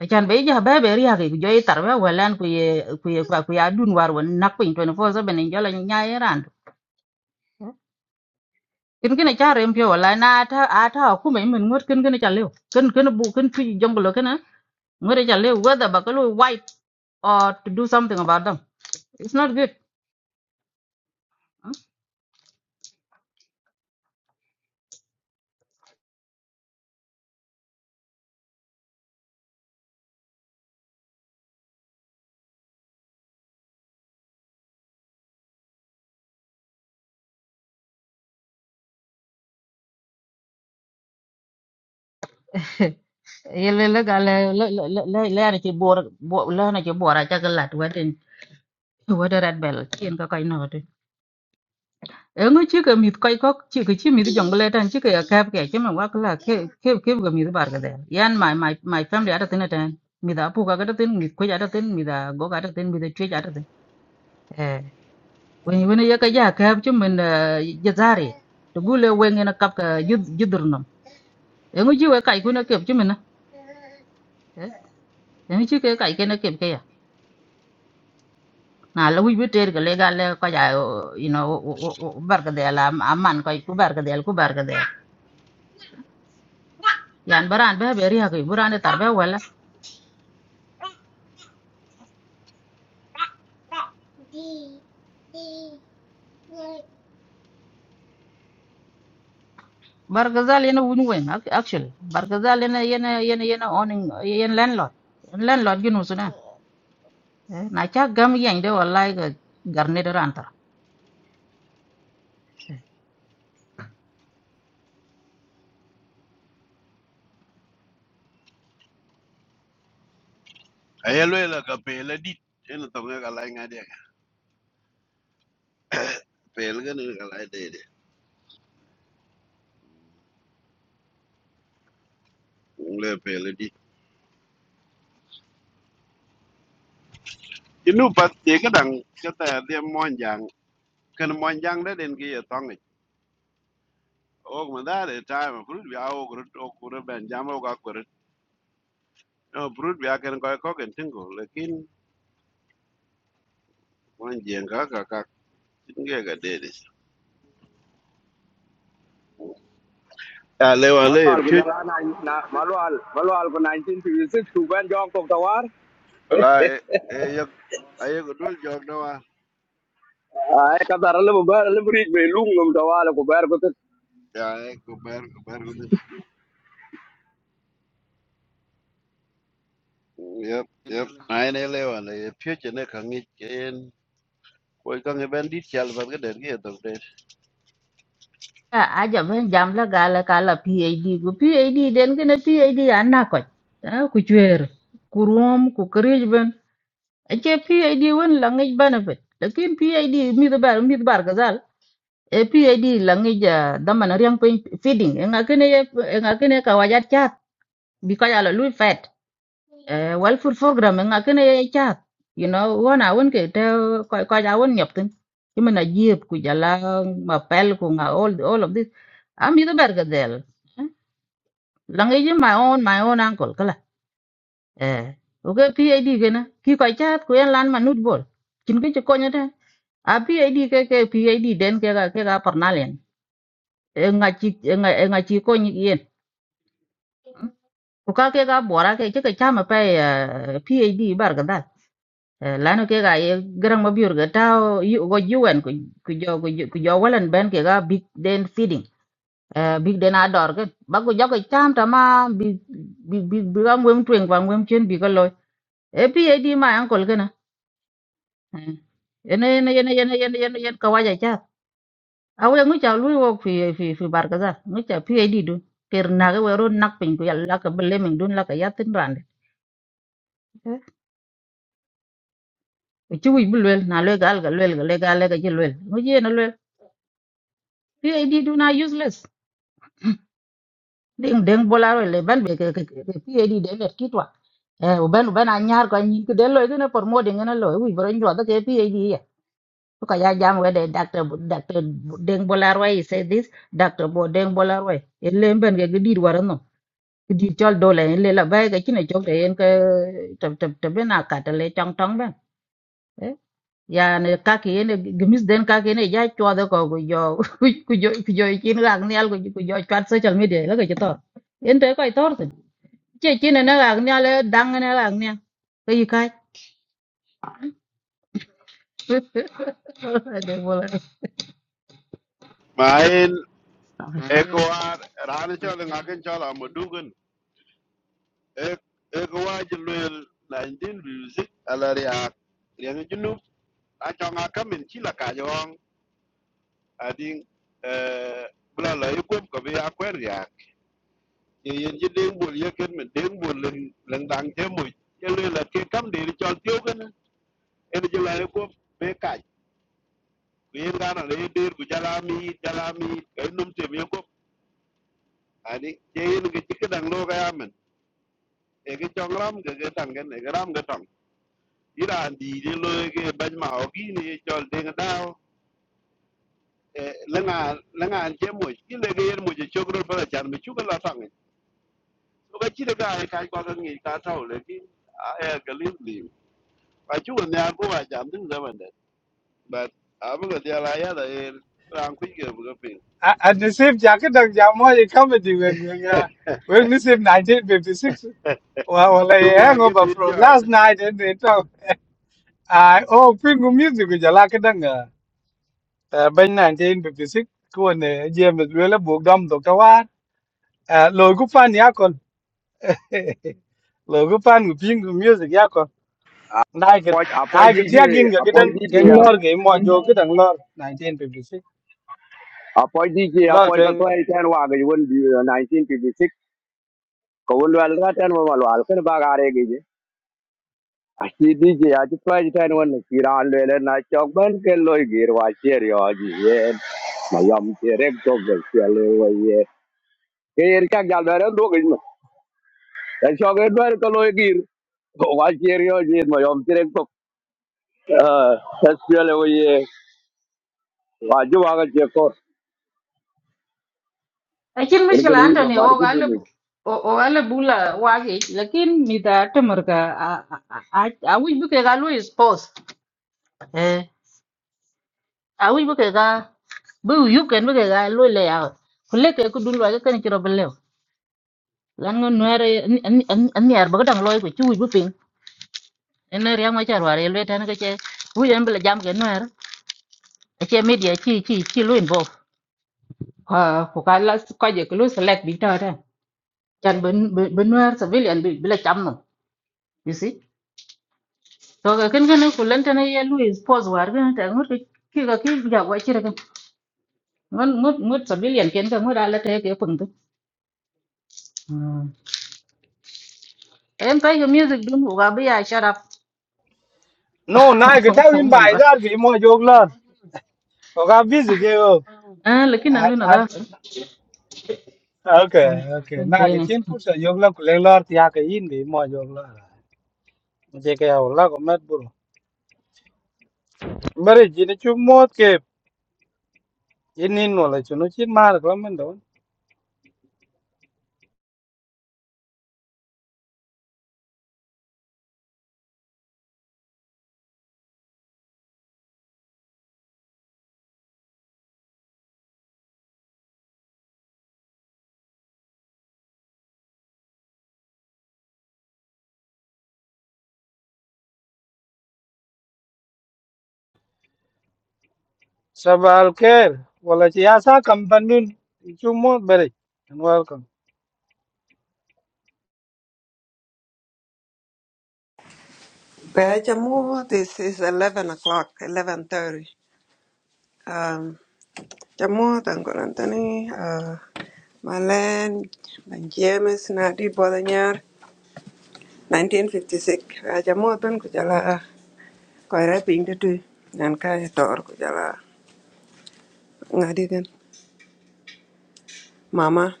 Achan be ja be be ri ha ki jo itar be welan ku ye ku ye kwa ku ya dun war won nak pin 24/7 en jala nya iran. Kin kin cha rem pyo wala na ta a ta ku me min ngot kin kin cha lew. Kin kin bu kin tu jonglo kin ngore cha lew whether ba ko wipe or to do something about them. It's not good. Yele le ga le le le le le na ci bor le na ci bor a cha galat watin wadat bel kien ka kai no Eng chi ka mit koi kok chi ka chi mit jongle tan chi ka ka ka chi ma wa kala cái cái ke ga mit bar ga de. Yan my my my family ada tin tan. Mi da pu ga ga tin mit ko ada tin mi da go ga ada tin mi da chi ada tin. Eh. Wen wen ya ka ya ka chi men ya zari. To gule wen na kap ka yud yudur nam. Eng chi wa kai ku na kep chi men cái Eh. cái nó ka kai à na kep ke ya. Na la wi bi ter ga le ga le ka ya you know bar ga de la amman koi ku bar ga de ku bar ga đấy Yan baran ba be ri ha ku buran tar ba wala Bargazal yana win-win ac- actually. Bargazal yana yana yana yana owning yana landlord. Landlord ginu suna. Eh, Na cha gam yang de wallahi ga garne da rantar. ay le la ka pe la di en to nga ka la nga de pe la ga ne ka la de de le pe la di inu pat te ga dang ka ta de mon jang kan mon jang da den ki ya tong o ma da de ta ma fru ya o cứ o gru bên, jam o no brut bi aken ko ko ken tingo lekin wan jeng ka ka ka tinge ga dede ya le wan le मालूम pi है nineteen fifty six to बें John को तो कुआला bala e e yak aye go dul jog na wa आये कब तक रल्लू बेर रल्लू ब्रीज में लूंगा ya e ko ber ko ber ko tin yep yep ai ne le wan le pi che ne ka ngi ken ko ka ngi ben dit chal ba ga der ge to de A aja ban jamla gala kala PhD go PhD den gina PhD anna ko. Ku chwer. Kurum ku kirij ben. Ache PhD wen langage benefit. Lakin PhD mi da bar mi da bargazal. E PhD langage daman riang pin feeding. Engakene engakene kawajat chat. Bikaya la lui fat. Eh, well food program nga kene chat you know wana won ke te ko ko ja won nyop tin kimena jiep ku jala ma pel ku nga all all of this am ido berga del langi ji my own my own uncle kala eh oke pid gena ki ko chat ku en lan manut bol kin ke ko nyata a pid ke ke pid den ke ga ke ga parnalen e nga chi e nga e nga chi ko nyi yen ku ka ke ga bora ke ke ka chama pe eh, pid berga Eh, lano ke ga ye garang ma biur ga ta yu go yuwen ku ku jo ku jo ku jo walan ben ke ga big den feeding Eh, big den ador ke ba ku jo ke cham ta ma big big big ga ngwem twen kwa ngwem chen bi ga loy e pi e di ma ankol ke na Eh, ene ene ene ene ene ene ene ka waja cha awe ngu cha lu wo fi fi fi bar ka za ngu cha pi e di du ker na ga wero nak pin ku yalla ka bele min dun la ka yatin brand ku chu wi bulwel na le gal ga lwel ga le ga le ga ji lwel ngu ji na PAD do na useless. Ding ding bola ro le ban be ke ke ke PAD de le kitwa. Eh u ban u ban anyar ko nyin ke de lo ke na por mo de ngana lo u bro ndo da ke PAD ya. To ka ya jam we de doctor doctor ding bola ro he say this doctor bo ding bola ro. E le ben ke ke dir war no. Ke dir chol do le le la ba ke chine chok de en ke tab tab tab na ka ta le chong tong ben. yani kaki ene gimis den kaki ene ja chwade ko ku jo ku jo ku jo chin rang nial ku ku jo chat social media la ke to en te ko tor tin che chin ne rang nial e dang ne rang nial ke yi kai de bola ma en e ko war ran cho le ngaken cho la mo dugun e e ko wa je le 19 music ala ria ria ni junu a cho ngaken min chi la ka ading eh bla la yukom ko bi akwer ya ye yen je deng bol ye ken men deng bol len len dang te mo ye le la ke kam de ri chol tio ken en je la yukom be kai ku yen ga na le der ku Jalami, mi jala mi ke num te mi yukom ani je yen ge ti kedang lo ga yamen e ge chong ram ge ge tang gen e ge ram ge tang iran di de lo ge ban ma o gi ni chol deng dao lenga lenga je mo ki le ge yen mo je chogro bala chan mi chu ga la tang Ka chi da ka ka kwa ka ngi ka tau le ki a ya ka lim lim. Ba chu ne a ko wa jam ding da ban da. But a bu ga dia la ya da e ran ku ge bu ga pe. I, I received Jakadang Jamoy comedy when uh, we received 1956. Well, well, Chu I bo ai ge hangover din from ya. last night and they talk. I oh, Pingu music with Jalakadang uh, by 1956. Kuan James Willa Bogdom Dr. Wat. Logo fan Yakon. Logo fan Pingu music Yakon. Like it. I could tag in Jakadang Ganglor game more joke at Anglor 1956. Lot ring. म Aki DJ aci tuai jitan wan kiran lele na cok ban ke loi gir wa cer yo aji ye ma yam cerek cok gel ciale ke yer cak jal bare do gis ma da cok e bare ke loi gir wa cer yo aji ma yam cerek cok es ciale wo ye wa ju wa ga je ko a chin er ke mishkala ni ma antoni bar o ke gale o gale bula wage lakin mi da tamar ka a a a wi bu ke galo is post eh a wi bu ke ga bu yu ken bu ke galo le ya kule ke ku dun wage kan chiro belle lan ngon nuare an an yar ba dang loy ko chu bu ping en ne riang ma char ware le tan ka che hu yan bla jam ke nuar a che media chi chi chi lu invo ha ko ka la ko je ko lu select bi ta ta chan ben ben nuar sa bil yan bi la cham no you see to ka ken ken ko lan tan ye lu is pos war ga ta ngot ki ga ki ja wa chi ra ga ngon ngot ngot sa bil yan ken ka ngot ala te ke pung tu em cái music dun ko ga bi ya shut up No, I could tell oh, in mo by lo that game more joke Oga busy ke yo. ah lekin an lu At na at da okay okay. Na ke Clinic. chin put sa yog la kule lor ti ha ke yin bi mo yog la. Mje ke ya ola ko met buru. Mbere jini chu mot ke yin nin no la chu no chin mar ko men don. Sabal ker wala chi asa kam pandun chu mot bere. And welcome. Well, Jammu, this is 11 o'clock, 11.30. Um, Jammu, Tangol Anthony, uh, Malen, Ben James, Nadi Bodanyar, 1956. Uh, Jammu, Ben Kujala, Koira Ping the Tui, Nanka Tor Kujala, Ngadi Gan, Mama.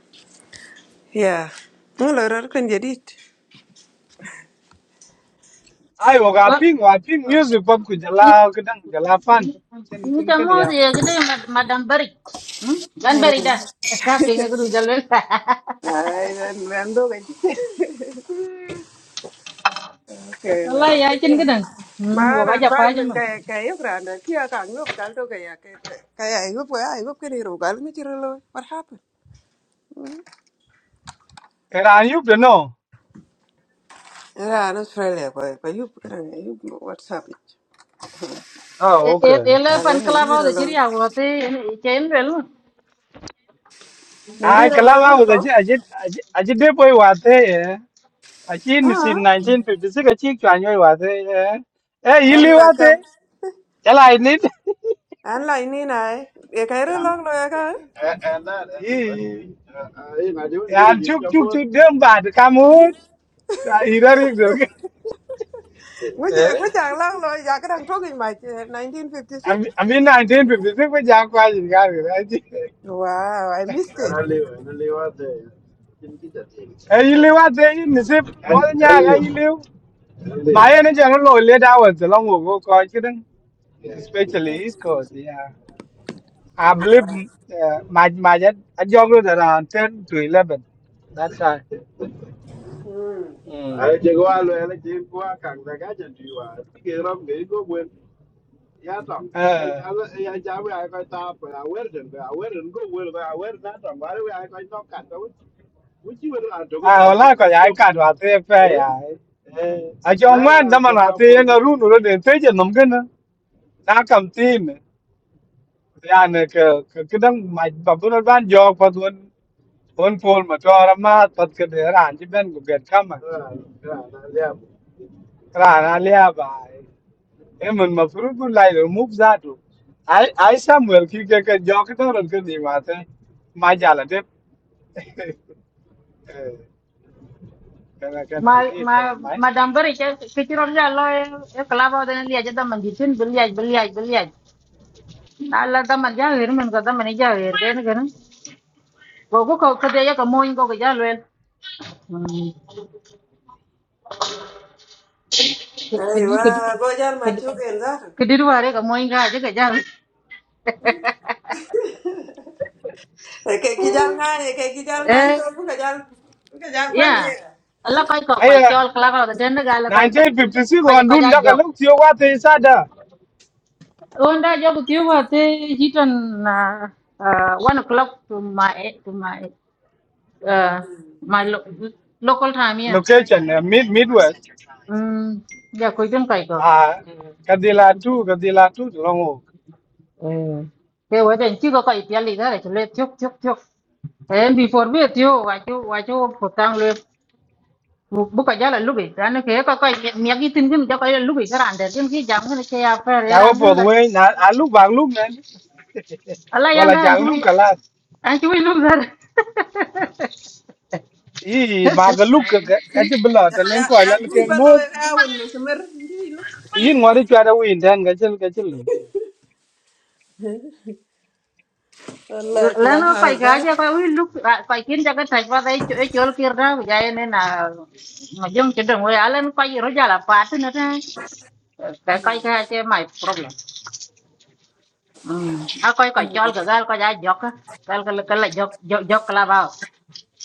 Yeah. Mulo Ror Kun Jadit. Ai oga Wah, ping wa ping music pop ku i- jala ke dang jala fan. Chin ini chin ke ni kamu yam. ya gede Mad- Madam Barik. Hmm? Dan Barik dah. Pengen aku jalan. Ay, Ben Ben Do Gan. Wallah ya cin gedang. Hmm, wak Maana aja apa aja fajmen mah. kaya kaya grande kia kang no bakal to kaya kaya kaya yup kaya yup kiri ro gal mi chiro lo what happened Kera you to know. ra no Australia ko ko yup kira yup WhatsApp Oh okay. Ele ya le pan ne kelapa ngiro udah lo ciri aku waktu ini cain bel. ne Ai ngiro lo kala ba wono wo da ko chi ajit ajit ajit de boy wa te. Achin ah sim 1956 achin chwanyo wate. Eh ili alla kam wate. Chala ini. an la ini nai e kaya ro And lo lo ya ka and and that and the what you did. Eh na de un beri Yan jin chuk jam chuk mo. chuk dem bad kamut. Irari gurke. nguje Eh. nguje ang lo lo ya ka dang to ngi mai 1956 Ami 1956 pe jang kwa jin gar achi, wow i missed it Ara le na le wa de. Kin ki da te. Eh ili wate ini sip And and bolnya ya live ili. and live. Maya ne jang lo le da wa te long wo go ko chidang. Yeah. Especially East Coast, yeah. I oh believe wow uh, my my I younger around ten to eleven that time. Ai che go a lo ele che go a kang da ga jan tu wa. Ki ge ram ge go bu ya tong ya Mm. ya ya we ai ko ta pa ya wer den ba wer den go wer ba wer na tong ba we ai ko to ka to wu chi wer an to ko à kan ko wala ko tu ya to ka wa te pe eh ya eh a jong la ga man ra da man to ka te po tu na tu ru nu de te je nom gen na kam tin ya ne ke ke ke dang ma ba bu na ban jo pa tun on pol ma to ra ma pat ke de ran ji ben gu get kam ra ra na ya ra na le ba e mun ma fru bu lai lu mu za tu ai ai samuel ki ke ke jo ke to ran ke ni ma te ma ja la de cái này cái này Ma gì phải ma máy Madam Barik ya keciron jalan. Ya kelapa udah nanti aja teman jitin beli aja beli aja beli aja. Nala teman jahir men kata mana jahir kan kan. Kau kau kau kerja ya kamu ingin kau kerja hey Kedi kedi wa go jan ma kedi chu kedi ruare ka moin ga je ka jam. Cái kia giao ngay này, cái kia giao ngay cho Eh bố cái giao cái giao quen ya. Ala rồi. kai ko ấy kai à chol kla ka ta ten ga la kai 1956 ka còn ka đun ja đã cả jok. lúc thiếu qua thế sao đó Onda jok tiu wa te hitan na uh, one o'clock to my to my uh, my lo local time ya. location uh, mid Midwest. Mm ya koi tem kai ko. Uh Kadila two, Kadila two, long walk. Eh ke wa ten chi ko kai piali ga le chok chok chok. em before biết we tiu wa chu wa chu photang buka jala lubi rani ke ko ko miyagi tin kin jaka jala lubi karan de tin ki jam kin ke ya fer Jago ran for kin the la way. Now I look back, look man. ala Well, yan I da an just look chui a lot. an chui luk zar Ee, mag look kachi bila. Ya Talen ya ko ala ya look nuôi ang ba lô look. cái ao mình mà xem rồi đi luôn. Yin ngari chwa da win dan kachil kachil. Wallahi lan ko kai clubhouse ga đó. ja ko wi luk kai kin jaka tai pa dai chu chol kir da ja ne na ma jong che dong we alan kai ro jala pa tin na ta ka kai ka che mai problem um a kai kai chol ga gal ko ja jok kal kal kal jok jok kala ba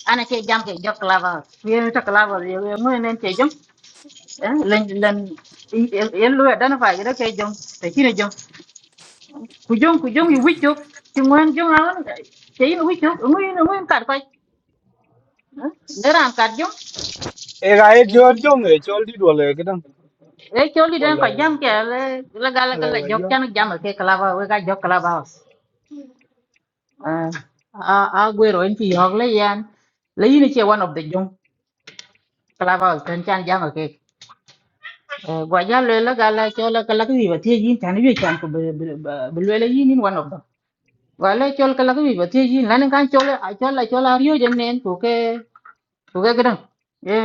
ana ce jam ke jok lava ye to lava ye mu nen ce jam eh len len yen lu dan fa ye ke jam te kire jam ku jom ku jom yi wicho ti ngwan jom awan te yin wicho mu yin mu yin kar kai deran kar jom Ega e jor jong e chol di dole kadang. e cho li den Wala ko jam ke là là là là wala le wa jok yo. nó jam ke lava we ga jok lava à à à quê rồi en ti hog le yan le như chơi one of the jom lava ten chan jam ở cái gwa ja le la ga la cho la ka la ki ba ti yin tan wi chan ko be be le le yin in one of them gwa le cho ka la ki ba ti yin lan kan cho le a cho la cho la ryo jam nen ko ke ko ke gran e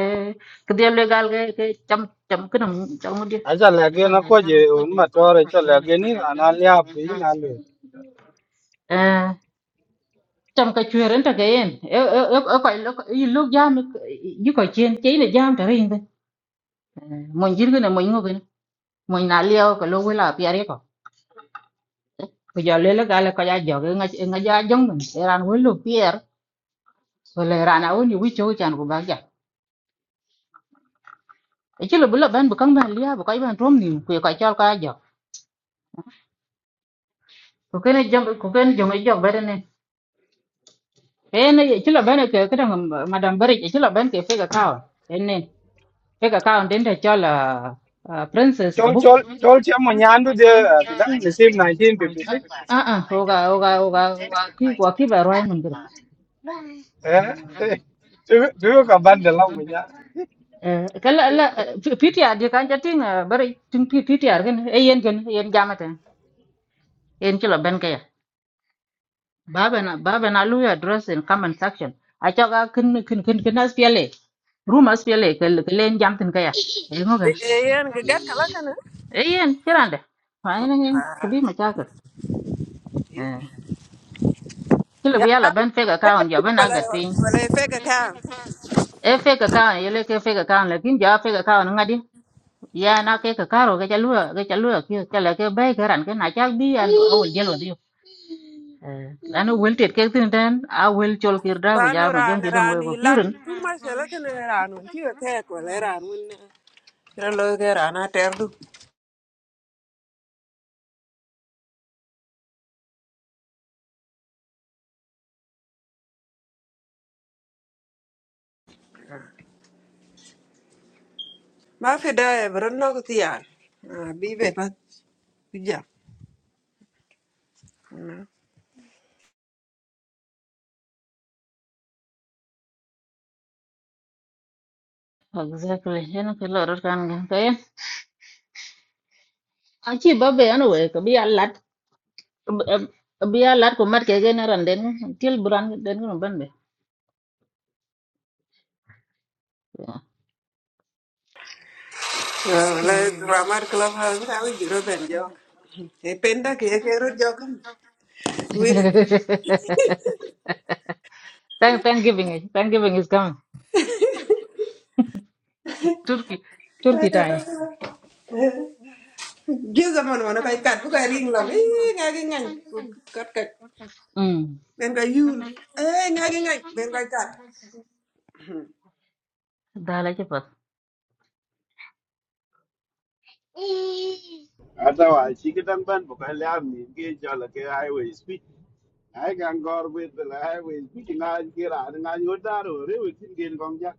e ke dia le gal ke ke cham cham ke dang cham mo dia Acha lagi na ko je un ma tore cho lagi ni ana liap ko yin alu. à trong cái chuyện đến cái em ở ở ở ở phải lúc ý lúc giam như cái chuyện chế là giam trở hình thôi À, mình chỉ cái này mình ngồi cái này. mình nã liêu cái lô với là bia ko ja lele gale ko ja joge nga nga ja jong men eran wulu pier wala rana woni wi cho chan ko bagja e chilo bulo ben bu kang ben lia bu kai ben rom ni ku ko chal ka jo ko kene jong ko kene jong e jog berene ene e chilo ben ke ke ka dang madam bari e chilo ben ke fega ka ene fega ka on den de chal Uh, princess Chol abuk chol chol che mo nyandu de kidang the same 1956. a a oga oga oga oga ki wa ki ba roi mun gre Eh. eh, Tu tu ka ban de long mo nya. Eh, kala la PTR di kan jating bari tin PTR kan e yen kan yen jamatan yen kilo ben kaya baba na baba na lu address in comment section a chaga kin kin kin kin as pele room as pele kel len jam tin kaya e ngo kan Ê anh cái gắt cả lắm nữa. e yen kirande fa yen yen À. kabi ma chaka eh kilo Ya. biya la ben fake account ya ben Wala agat pin wala fake ka. e fake account yele ke fake account lakin ja fake account ngadi ya na ke ka karo ke chalu ke chalu ke kala ke bai karan ke na chak bi an awol jelo Eh, lanu wel tet kek tin ten a wel chol kir da ku ja Rano ma jong ran ki dong we ran ko hilat kirin tu mà xem là cái này ran mình chưa thấy cái này ran mình. Nó lôi cái ran ở terdu. Mà phải đây bro nó cái gì à. Bị về bắt. Bị giặc. exactly yana ke lo rot kan gan kay a chi ba be an we ko bi a lat bi a lat ko mat ke gen ran den til buran den ko ban be Ah, La Ramar Club House, I will give them cái pen penda kia a rồi joke. không, thank thank Thanksgiving it thank is coming turkey turkey time give them on one of cái cắt book cái ring lam, eh, nagging and cắt cut. mm bên cái yul, ấy ngay, nagging and then I cut. dala ke pat ata wa chi ke tan ban bo ka la mi ke jo la ke ai we spi ai ga ngor we de la ai we spi ki na ki ra na yo da ro re we tin gen gong ja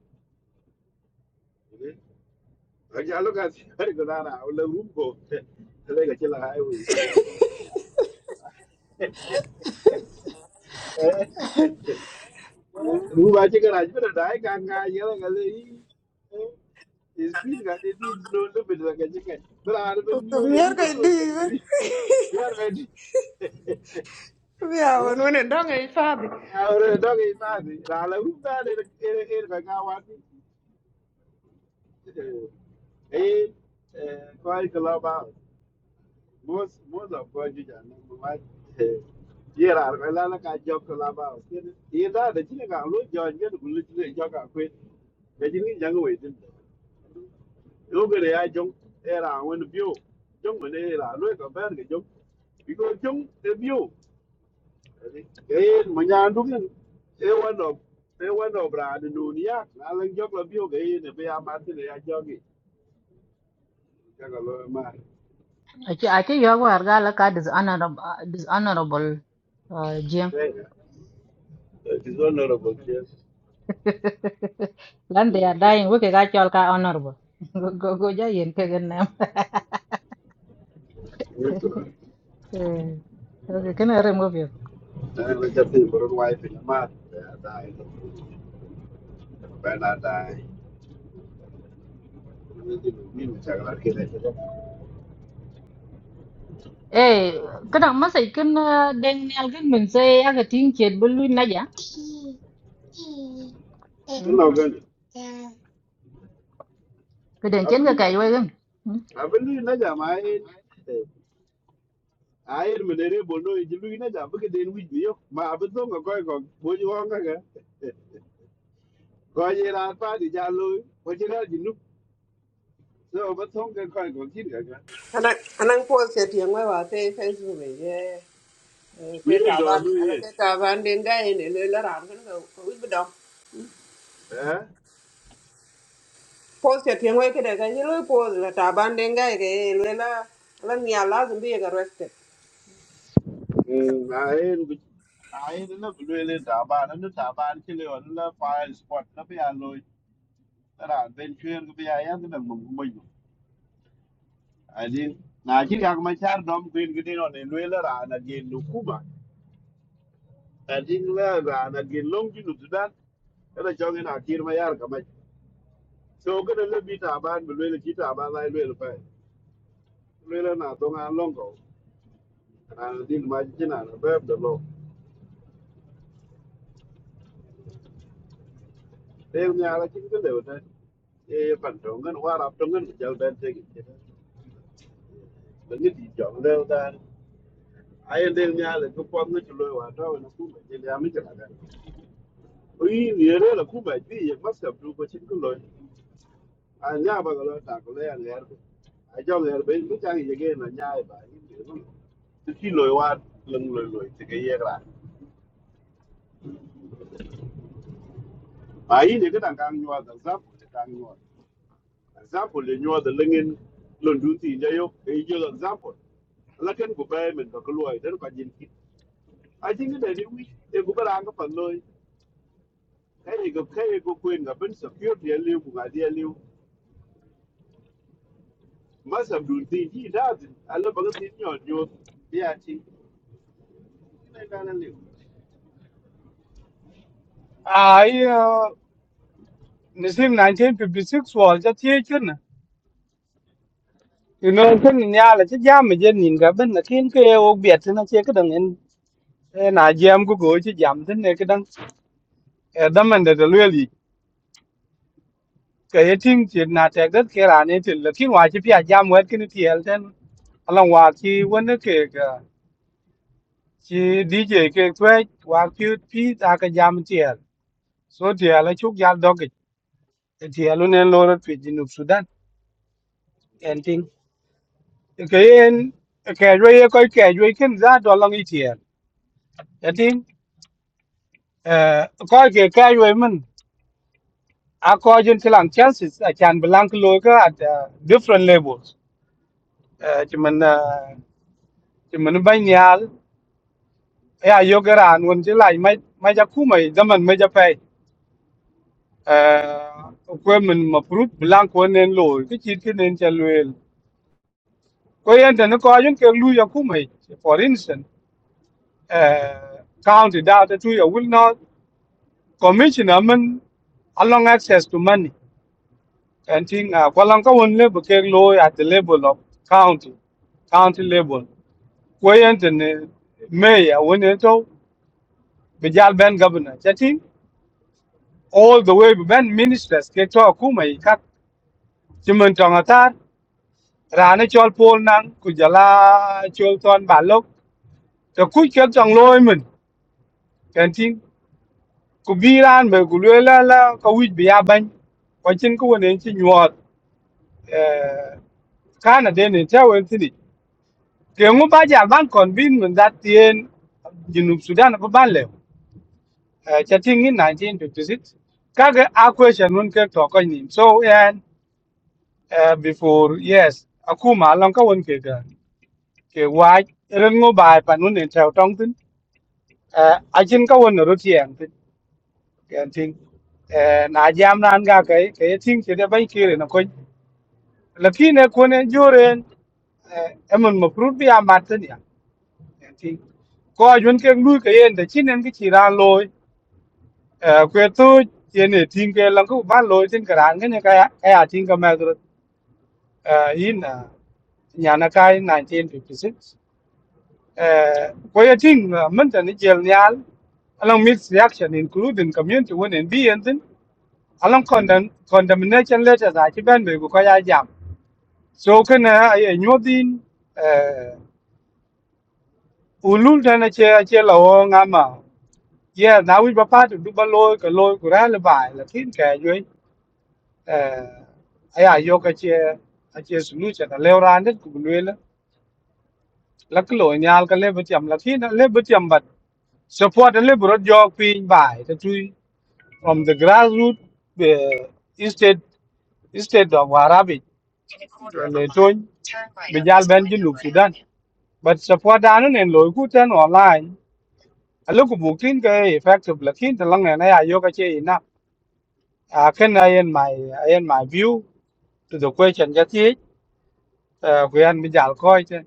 ja lo ka chi wer ga ra o le rum ko le ga chi la ai we spi ko Mu ba ci garaj bi da dai ka ka yela ga le yi. Is pin ga de di no no bi da ga ji kai. Bra ar ben So, yo ye mere ru ba I do do. tin bi. Bi ar ba di. We are Eh? on one and dong a Ahora dog e pa di. Ra la u da de e e ba ga wa di. Eh eh ko ai ka la ba. Most most of God you can what here are well like a job collab. Here that the thing I look John get to look to jog up with the thing young way. Look at the eye jump era when the view. Jump when era look a bad jump. Because jump the view. Eh Munyandugan they one of they one of Brad and Nunia. I like jog a view again if they are Martin they are jogging. Jagaloma. a chi a chi yo war gala ka dishonorable dishonorable uh, It is honorable. Lan they are dying. We can actual ka honorable. Go go go ja yen ke gen nam. Yes. Eh, Okay, can I remove you? Đây là chất tìm bởi ngoài phía nhà mát Để đại Bé là đại nên thì Mình chẳng là khi này sẽ Eh, kana masai kan den ne algin mình say, aga tin ke bulu na ja. Cứ Hmm? nào gần cái den ken cái kai wai gan. Abin lui na jama ayin ayin mu dere bono ji lui na jama cái den wij biyo ma abin to ga koy ko boji won ga ga ko ye ra pa di ja lu ko ji ra ji nu cái ba to ga koy ko kin ga ga anh anh I'm post cái tiếng I vào a Facebook. Yeah. wi Cái trả do văn, lu à, là ye cái trả van đến đây để lấy là làm cái nó cái biết đâu. Pos ya tiyan wai kada kan yelo pos la taban denga ke lela la ni ala zumbi ya arrested. eh ไอ้เรื่องเรื่องด่าบ้านเรื่องด่าบ้านขี้เล่นเรื่องไฟสปอตเรื่องพยายามเลยตลาดเบนเชียร์ก็พยายามอย่างนั้นหนึ่งคนมาอยู่ไอ้จริงนะจริงอยากมาเช่าดอมกรีนก็ดีหน่อยนี่เรื่องเราน่าจะเล่นลูกคุ้มนะไอ้จริงเรื่องเราน่าจะลงจีนอุดรธานิยังจะจองในที่สุดไม่อยากมาเช่าก็เดี๋ยวมีด่าบ้านเรื่องขี้ด่าบ้านอะไรเรื่องไปเรื่องเรื่องงานตรงกันลงก่อนไอ้จริงมาจริงนะเปิดตลอดเดี๋ยวเดี๋ยวมีอะไรจริงก็เดี๋ยวเดี๋ยวปัญจองกันวาระจองกันจะเอาแต่เซ็นเต็ดมันก็ติดจองเดี๋ยวเดิน ai del nhà ko kwa ngi người wa ta wa ku ba del ya mi ta da o yi ni re la ku ba bi ye mas ka du ko chin ko lo a nya ba là ta ko le ya le a jo le be mi ta ye cái na nya ba yi ni ru ti ki lo wa leng lo lo ti ge ye ra ba yi ni ga dan kang nyua da za thì ti kang nyua za pu le nyua da lengen lo du ti ye yo e ye lo za pu la ken ku ba men ko lo ai den ka jin ki a jin ge de ni wi e ku ba kai ga kai ga kwen ga bin security ya lew ga dia lew masa dun ti ji da din ala ba ga ti nyo nyo dia ti ina ga na lew Ai the same 1956 wal cha tie chen. na. You know chen nya la cha jam me jen nin ga ben na kin ke o biet na che ka dang en na jam go go che jam den ne ka dang. Eh dam man de lu cái ke yeting ti na te cái ke ra ne ti la kin wa chi pya jam cái kin ti el ten along wa chi cái cái ga chi dj cái twe wa ki pi ta ka jam ti el so ti ala chuk cái dog ti el ne lo ro pi ji nu sudan en ting cái en cái ro cái cái ke cái kin za do cái i ti cái en ting cái cái ke ke ro men a cái jin ti lang chances a cái blank cái ka at uh, different levels eh ti men eh, ti men ban ya yo gara nun ci lai mai mai ja ku mai zaman mai ja pai eh ko min ma prut blank ko nen lo ki ci ki nen ja loel ko yen den ko ayun ke lu ya ku mai for instance eh county data, ta tu will not commissioner man along access to money and thing uh, ko lan ka won le ke lo at the level of county county level ko yen den mayor won to bijal ben governor chatin all the way ben ministers ke to kuma i kak chimen tong atar rane chol pol nang ku jala chol ton balok to ku ke tong loy min kan tin ku bi ran be ku le la la ka wi bi ya ban ko chin ku ne chi nyot eh kana de ne ta wen tin ke ngu ba ja ban kon bin min dat tien junub sudan ba ban le eh chatin in 1956 kaga a question nun ke to ko ni so eh uh, before yes akuma long ka won ke ga ke wa ren ngo bai pa nun den chao tong tin uh, a jin ka won ro tiang tin kan tin uh, na jam nan ga ke ke tin che de bai ke re na ko laki ne ko ne jore uh, emon mo prut bi a mat tin ya kan tin ko jun ke lu ke yen de chin en ke chi ra loy uh, kwe tu yen ne tin ke lang ku ba loy tin ka ran ke ne ka ya ka ya tin ka ma ru uh, in uh, nhà nó cái 1956 Kwa hiyo ting mention ni jel nyal along mixed reaction including community when in be and then along condemn condemnation letters a chi ben be ko ya jam. So kana ay nyodin eh ulul dana che che lo ngama. Yeah, now we papa to do balo ko lo ko ra le bai la tin ka yoi eh aya yo ka che a che solution a le ran det ku le la la ko nyal ka le betiam la tin le betiam bat support le burot jog pin bai ta tu from the grassroots, the state, state of Arabic, Leton, Bijal Benjin, Luke Sudan. But support down and Loikutan online. I look booking effective Lakin the long and I yoga enough. I can I in my I in my view to the question that he uh we and Bijal Coit.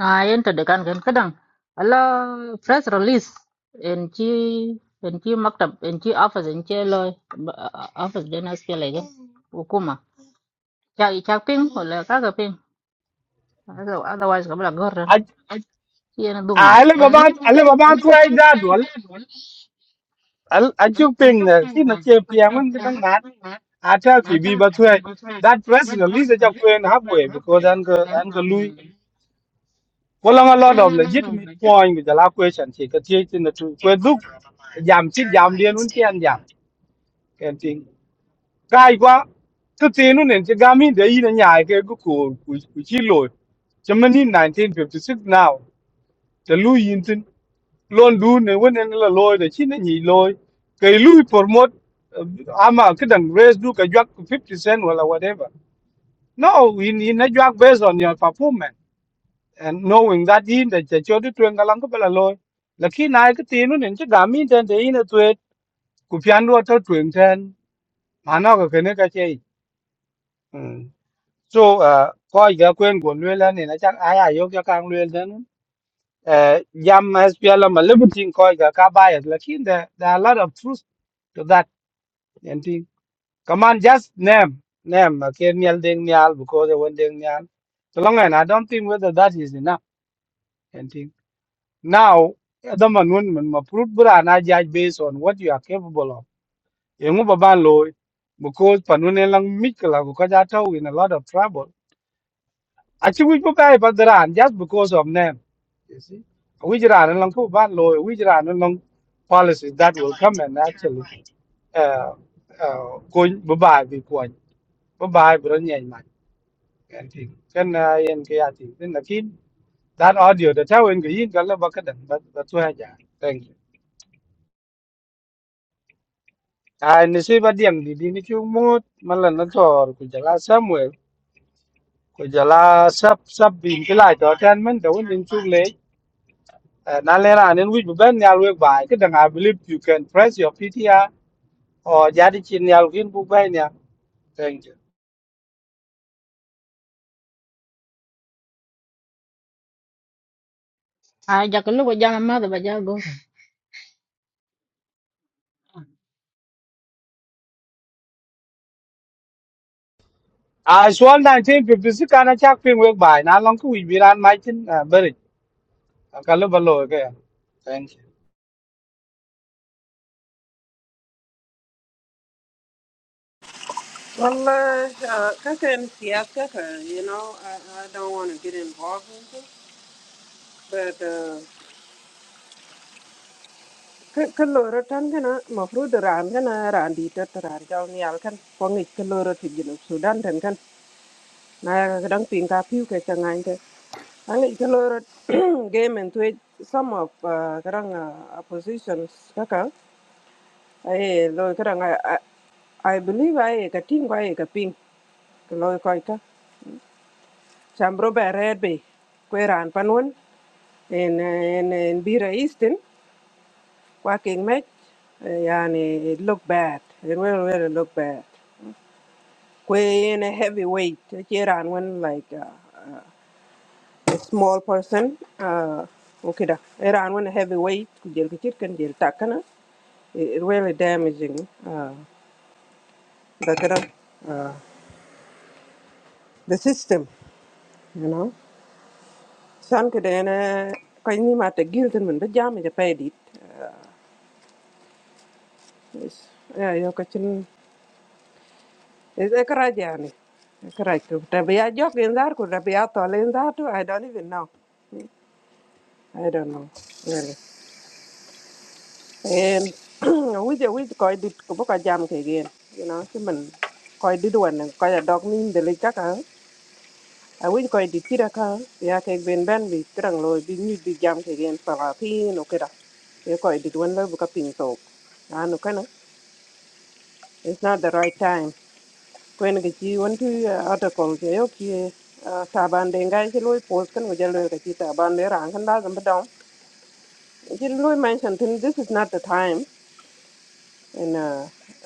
à, Ah, yen được de kan cái đằng, Ala press release en chi en chi maktab en chi office en chi lo ờ, office den as ke lege. Hukuma. Cha cha ping wala ka ga ping. Otherwise ka rồi I Yên đúng lắm. I live about I live about twice that well. I I took ping uh, in the kid the champion I tell you, be but wait. That press release that you're in halfway because I'm go I'm go có Well, a lot of legitimate point with the last question. She could take trên the two. Well, look, giảm chip giảm điên luôn tiền giảm, cái think. Cái quá. Cái tiền luôn nên chỉ gam in để in nhà cái cái cổ của của chi lỗi. Cho mình in 1956 now. The Louis in tin. Luôn đủ nên vẫn nên là lôi để chi nó nhị lôi. Cái Louis promote. Ama cái đằng raise đủ cái giặc 50 cent hoặc là whatever. No, in in a job based on your performance and knowing that in the church you doing kalang kabela loy. Laki na ke tinu nen che gamin ten de in a tuet ku pian lo to tuing ten mana ko kene ka che. Mm. So uh ko ya kwen gon le la ne na chak aya yo ka kang le ten. Uh jam as piala ma le butin ko ga ka bias laki there there are a lot of truth to that and thing. Come on just name name ke nyal ding nyal because they won ding nyal. So long and I don't think whether that is enough. and thing. Now, the man when ma proof bra na judge based on what you are capable of. Yengu baban loy because panune lang mikla ko kajata we in a lot of trouble. Achi we bu kai padran just because of name. You see, we jiran lang ko ban loy, we jiran lang policies that will come and actually uh uh ko babai bi ko babai bro nyen man and thing. Kan na yen kaya thing. Then lakin that audio the tawin ko yin kala bakadan but but wa ja. Thank you. Ah, nisiba diang di dini chu mut malan na tor ku jala Samuel ku jala sab sab bin kila to tan men to win chu le Eh, na le ran en wi bu ben ya we bai ke dang I believe you can press your PTR or jadi chin ya win bu bai ya thank you À, chắc lúc bây giờ mà mơ thì bây giờ go. I swan 1956 kana chak pin we bai na long ku wi bi ran mai chin eh, beri ka lo ba lo ke thank you Well, uh, uh, kaka in siyasa ka, you know, I, I don't want to get involved in this, but uh, ka ka loro tan kana mafru da ran kana ran di ta ta ran jao ni al kan ko ngi ka loro ti jinu Sudan tan kan na ga dang pin ka piu ka changai ka Ang ikaloro game and tweet some of uh, karang uh, oppositions kaka ai lo kara nga I I believe ai ka ting kwa ai ka ping ka lo koi ka cham ro ba red be kwe ran panun en en en bira eastern kwa king me yani it look bad it will really look bad kwe in a heavyweight che ran when like uh, a small person uh okay da. ran when a heavyweight ku jel ka chit kan jel takana it, it really damaging uh, the, kind of, uh, the system. you know san ke dene ko ni ma te gil ten men be jam je pe dit Yes. ya yo ka chin es e kra jani e kra tu te be ya jok in dar ku te be ya to len dar tu i don't even know i don't know really and we je we ko dit ko ka jam ke gen you know ki men ko dit wan ko ya dog để lấy chắc ka a winy koy dit kida ka ya ke ben ben bi kirang loy bi nyu bi jam ke gen pala pi no kida e koy dit wen lo bu ka ping tok a pin, okera. You quite did one level cupping talk. Ah, no kana it's not the right time kwen ke chi wen tu article ke yo ki ah, taban de ngai ke loy post kan go jalo ke chi taban de rang kan da gam dong chi loy mention tin this is not the time in uh,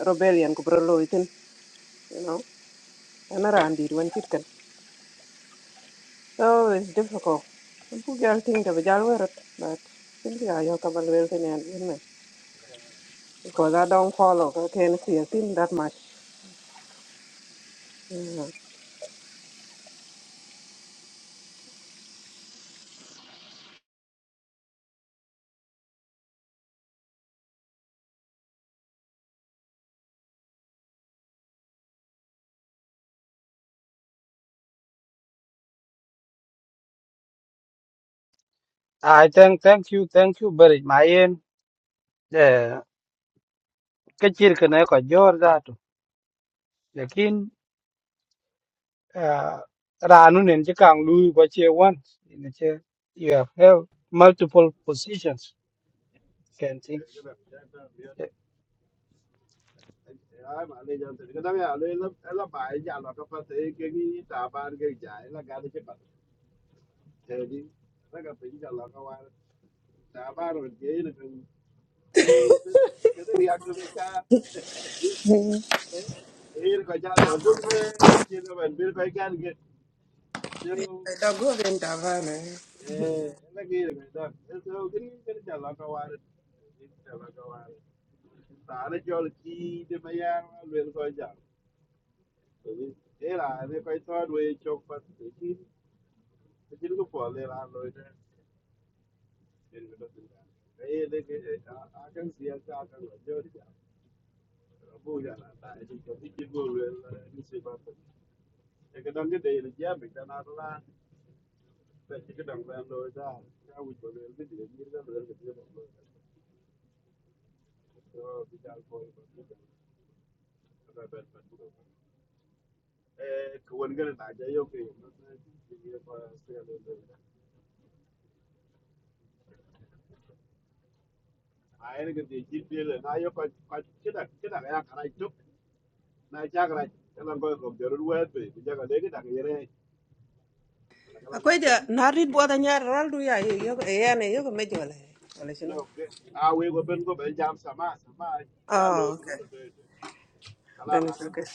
rebellion ko bro loy you know ana ran dit wen chit So it's difficult. People get things to be jail it, but simply I have to believe in it you know, because I don't follow. I can't see a thing that much. Mm. I thank thank you thank you beri mai en eh ke chir ke ne ko jor da to uh, Ranun and Jakang Lu what you want. In the chair, you have, held multiple positions. Can think. ai ma le jan ti ga da ya le la la ba ya la ka pa te ke ni ta ba ga ja la ga de ke pa te di la ga pe ja la ka wa ta ba ro ge ni kan wi ni se de ya ga ve cha eh eh ko ja do gum le ke ti no ben bir ko ga ni Dogo venda. Eh, ina ga yi mai zan. Eh, so, gani- gani da laka ware. Gani da laka ware. Tare jol ki da mayar alwel ko ja. Domin, eh, ra ne kai tawad wai chok fas da shi. Da shi duka fol, eh, ra lo ita. Gani da lokacin da. Eh, da ke- eh, a- a kan siyasa, a kan wajen ja. Rabu ja na ta, eh, da shi ke go wel, eh, ni sai ba ta. Daga don gida yana jiya mai tana rana, da shi gidan bayan lo ita. Ya wuce wel, da shi da jirgin da wel, da shi da wel. Ba- ba- ba- eh, ka wan gana na ja yo ke yo na- na ji ye ba se ya lo lo. a ene ga de ji de le na yo ka ka kida kida ga ya kara juk na ja ga ya lan go go de ru wa be bi ja ga le ga da ga yere la ga la ga Akoi je dia narit bwada nyar ral du ya yo ya ne yo me jola. Wala shino. no ke a we go ben go ben jam sama sama ja lo Oh, bru okay. de de ala Then la it's ga okay. de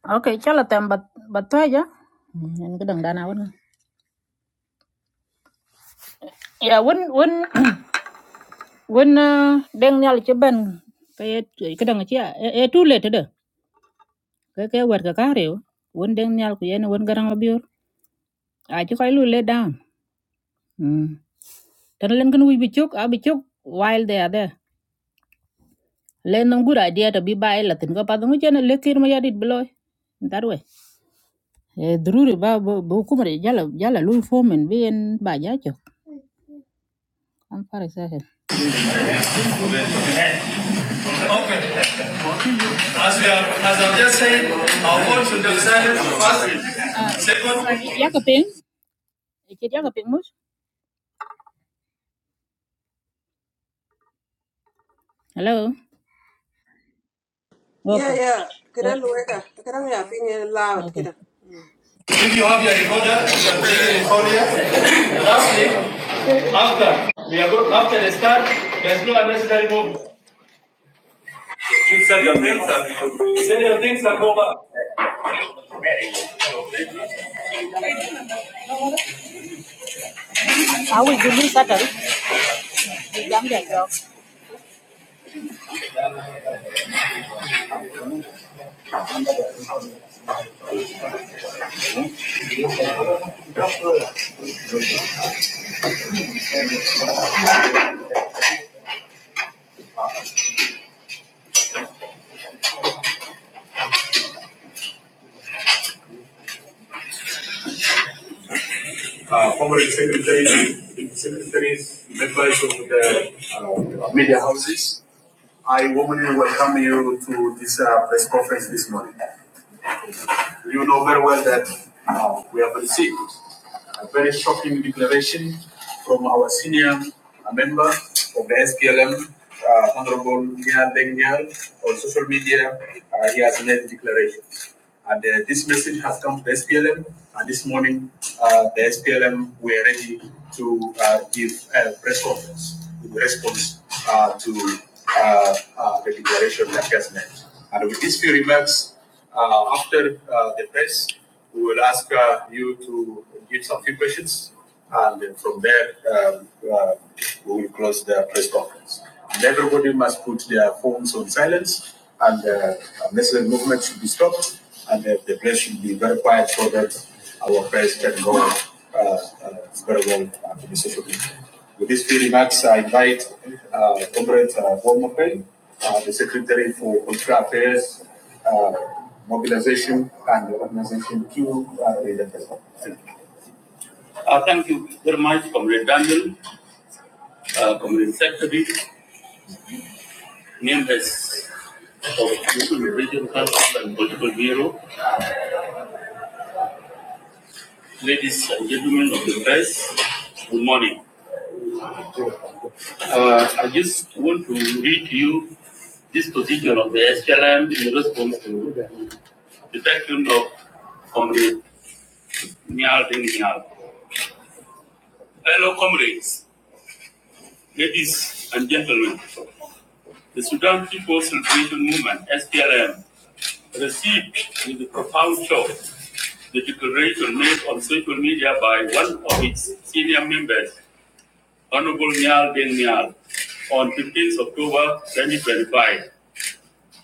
ok chala tem bat bat ta ja en ga dang dana wan ya wan wan wan deng nyal che ben pe cái dang che e tu le te de cái ke wer ka ka re wan deng nyal ku yen wan garang la biur a chi kai lu le down Mm. tan len kan wi bi chok a bi chok while they are there len nam gura dia to bi bai la tin ko pa ngu chen le kir ma yadit bloy that way Eh, Druri ba ba ba hukumar yala yala lui foreman bien ba ya jo. I'm sorry, sir. Okay, as we are, as I've just said, our goal should be decided firstly. Second, Ya ka ping? Ke ya ka ping Hello. Yeah, Okay. yeah. Oh, Kidan weka. Kidan ya pinye loud okay. kidan. if you have your recorder, you can take the recorder. Lastly, after we are going, after the start, there's no unnecessary movement. You sell your things and sell your things and go back. I will do this Saturday. uh, former secretaries, secretaries, members of the uh, media houses. I warmly welcome you to this uh, press conference this morning. You know very well that uh, we have received a very shocking declaration from our senior member of the SPLM, uh, Honorable Nia Dengnyar, on social media. Uh, he has made a declaration. And uh, this message has come to the SPLM. And this morning, uh, the SPLM were ready to uh, give a press conference in response uh, to uh, uh, the declaration that he has made. And with these few remarks, uh, after uh, the press, we will ask uh, you to give some few questions, and from there um, uh, we will close the press conference. And everybody must put their phones on silence, and uh, unnecessary movement should be stopped, and uh, the press should be very quiet so that our press can go uh, uh, very well uh, to the social media. With these few remarks, I invite uh, Comrade uh, Paul Mokpei, uh, the Secretary for Cultural Affairs uh, mobilization and organization to uh, the festival. Uh, thank you very much, Comrade Daniel, uh, Comrade Secretary, members of the Regional Council and Political Bureau, ladies and gentlemen of the press, good morning. Uh, I just want to read to you this position of the SLM in response to the question of Comrade Nial Deng Nial. Hello, comrades, ladies and gentlemen. The Sudan People's Liberation Movement (SPLM) received with a profound shock the declaration made on social media by one of its senior members, Honorable Nyal Deng Nyal, on 15th October 2025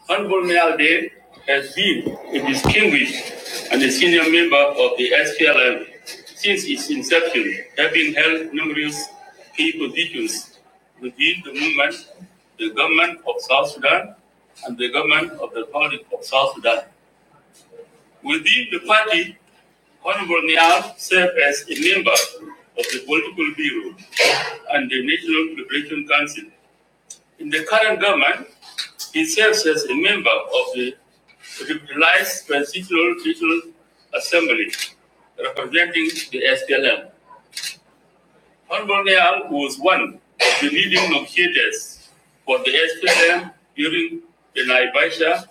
Hon. Day has been a distinguished and a senior member of the SPLM since its inception, having held numerous key positions within the movement, the government of South Sudan, and the government of the Republic of South Sudan. Within the party, Honorable Nial served as a member of the Political Bureau and the National Liberation Council in the current government, he serves as a member of the Deputized Transitional Regional Assembly, representing the SPLM. Honorable Nyal was one of the leading negotiators for the SPLM during the Naivasha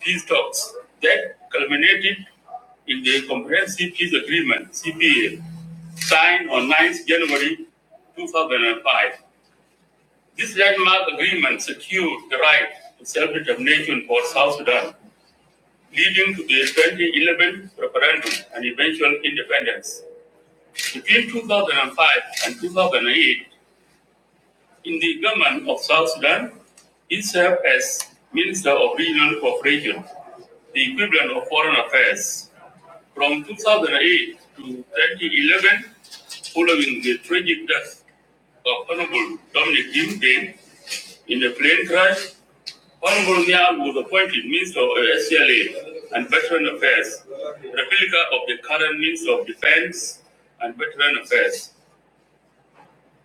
peace talks that culminated in the Comprehensive Peace Agreement, CPA, signed on 9th January 2005. This landmark agreement secured the right to self-determination for South Sudan, leading to the 2011 referendum and eventual independence. Between 2005 and 2008, in the government of South Sudan, he served as Minister of Regional Cooperation, the equivalent of Foreign Affairs. From 2008 to 2011, following the tragic death of Honorable Dominic Jim Dane in a plane crash, Honorable Nyal was appointed Minister of SCLA and Veteran Affairs, replica of the current Minister of Defense and Veteran Affairs.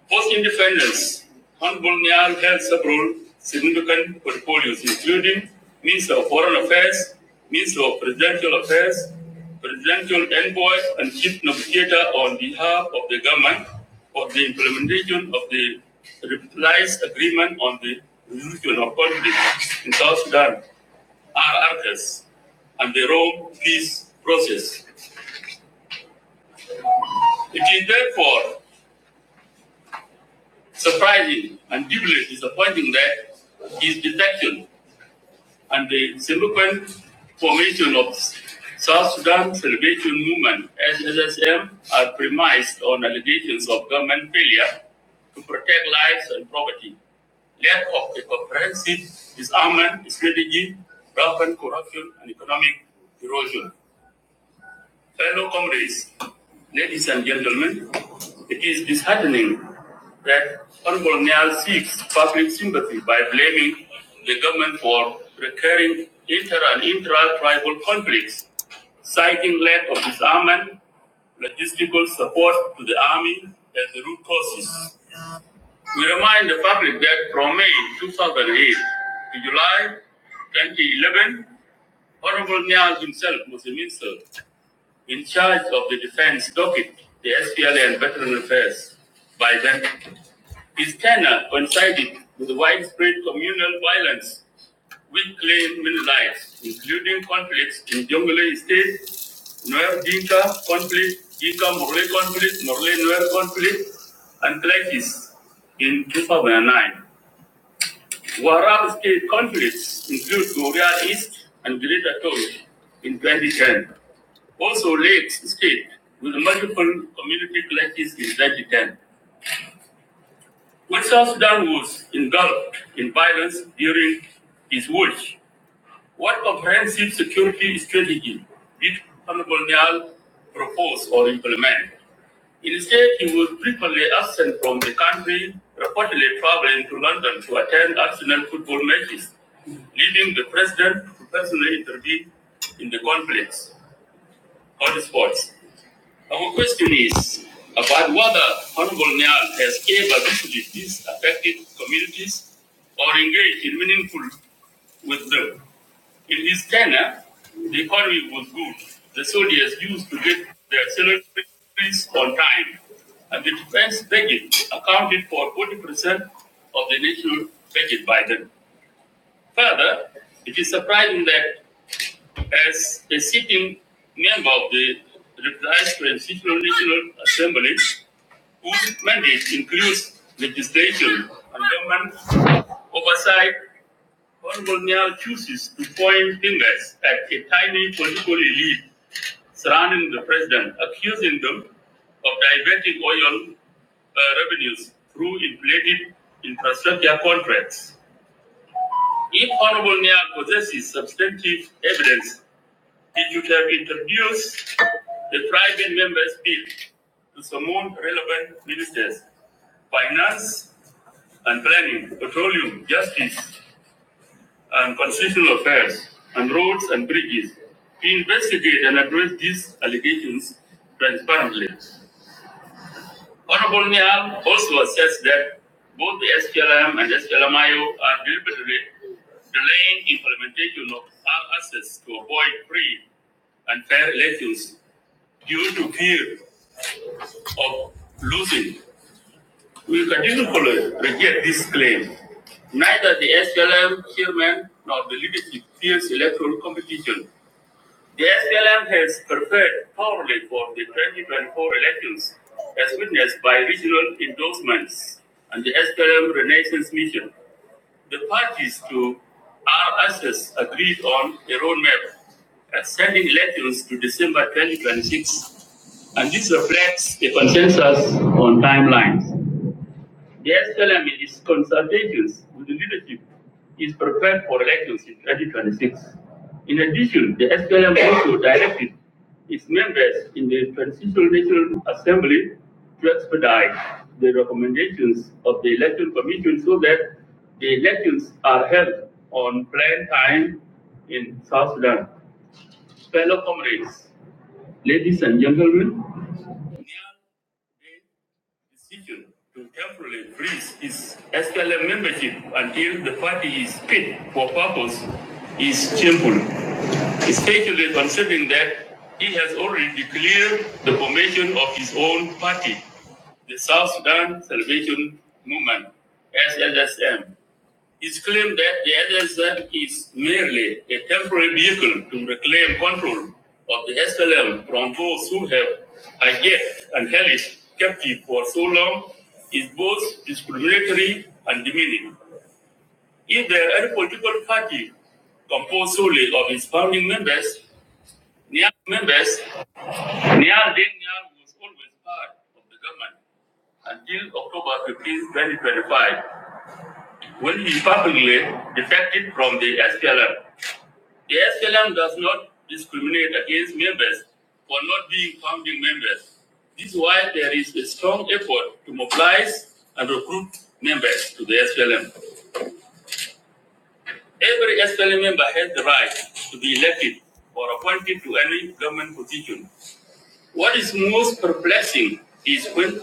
Post-independence, Khan Bulnyar held several significant portfolios, including Minister of Foreign Affairs, Minister of Presidential Affairs, Presidential Envoy, and Chief Negotiator on behalf of the government for the implementation of the revised agreement on the resolution of conflict in South Sudan, RRS, and the Rome peace process. It is therefore surprising and deeply disappointing that his defection and the subsequent formation of South Sudan Salvation Movement (SSSM) are premised on allegations of government failure to protect lives and property, lack of a comprehensive disarmament strategy, rampant corruption, and economic erosion. Fellow comrades, ladies and gentlemen, it is disheartening that Honorable Nyal seeks public sympathy by blaming the government for recurring inter and intra-tribal conflicts, citing lack of disarmament, logistical support to the army as the root causes. We remind the public that from May 2008 to July 2011, Honorable Nyal himself was a minister in charge of the defense docket, the SPLA and veteran affairs by then. His tenure coincided with widespread communal violence which claimed many lives, including conflicts in Jonglei State, Nuer Dinka conflict, Dinka Morley conflict, Morley Nuer conflict, and clashes in 2009. Warab state conflicts include Goryeo East and Greater Toyo in 2010. Also, Lakes State with multiple community clashes in 2010. When South Sudan was engulfed in violence during his watch, what comprehensive security strategy did Honorable Nial propose or implement? Instead, he was frequently absent from the country, reportedly traveling to London to attend Arsenal football matches, leaving the president to personally intervene in the conflicts hot spots. Our question is about whether Honorable Niall has ever visited these affected communities or engaged in meaningful with them. In his tenure, the economy was good. The soldiers used to get their salaries on time, and the defense budget accounted for 40% of the national budget by then. Further, it is surprising that as a sitting member of the Revised Constitutional National Assembly, whose mandate includes legislation and government oversight, Honorable Nyal chooses to point fingers at a tiny political elite surrounding the president, accusing them of diverting oil uh, revenues through inflated infrastructure contracts. If Honorable Nyal possesses substantive evidence it should have introduced the private members' bill to summon relevant ministers, finance and planning, petroleum, justice and constitutional affairs, and roads and bridges to investigate and address these allegations transparently. Honorable Nial also assessed that both the SPLM and SPLMIO are deliberately delaying implementation of our assets to avoid free and fair elections due to fear of losing, we will continually reject this claim. Neither the SPLM chairman nor the leadership fears electoral competition. The SPLM has prepared thoroughly for the 2024 elections, as witnessed by regional endorsements and the SPLM Renaissance Mission. The parties to RSS agreed on a roadmap extending elections to December 2026, and this reflects a consensus on timelines. The SPLM in its consultations with the leadership is prepared for elections in 2026. In addition, the SPLM also directed its members in the Transitional National Assembly to expedite the recommendations of the Election Commission so that the elections are held on planned time in South Sudan. Fellow comrades, ladies and gentlemen, decision to temporarily freeze his SPLM membership until the party is fit for purpose is shameful, especially considering that he has already declared the formation of his own party, the South Sudan Salvation Movement, SSSM. It's claimed that the SSF is merely a temporary vehicle to reclaim control of the SLM from those who have hijacked and held it captive for so long is both discriminatory and demeaning. If there are any political party composed solely of its founding members, Nyar members, Nyar Deng Nyar was always part of the government until October 15, 2025, when he publicly defected from the SPLM. The SLM does not discriminate against members for not being founding members. This is why there is a strong effort to mobilize and recruit members to the SLM. Every SLM member has the right to be elected or appointed to any government position. What is most perplexing is when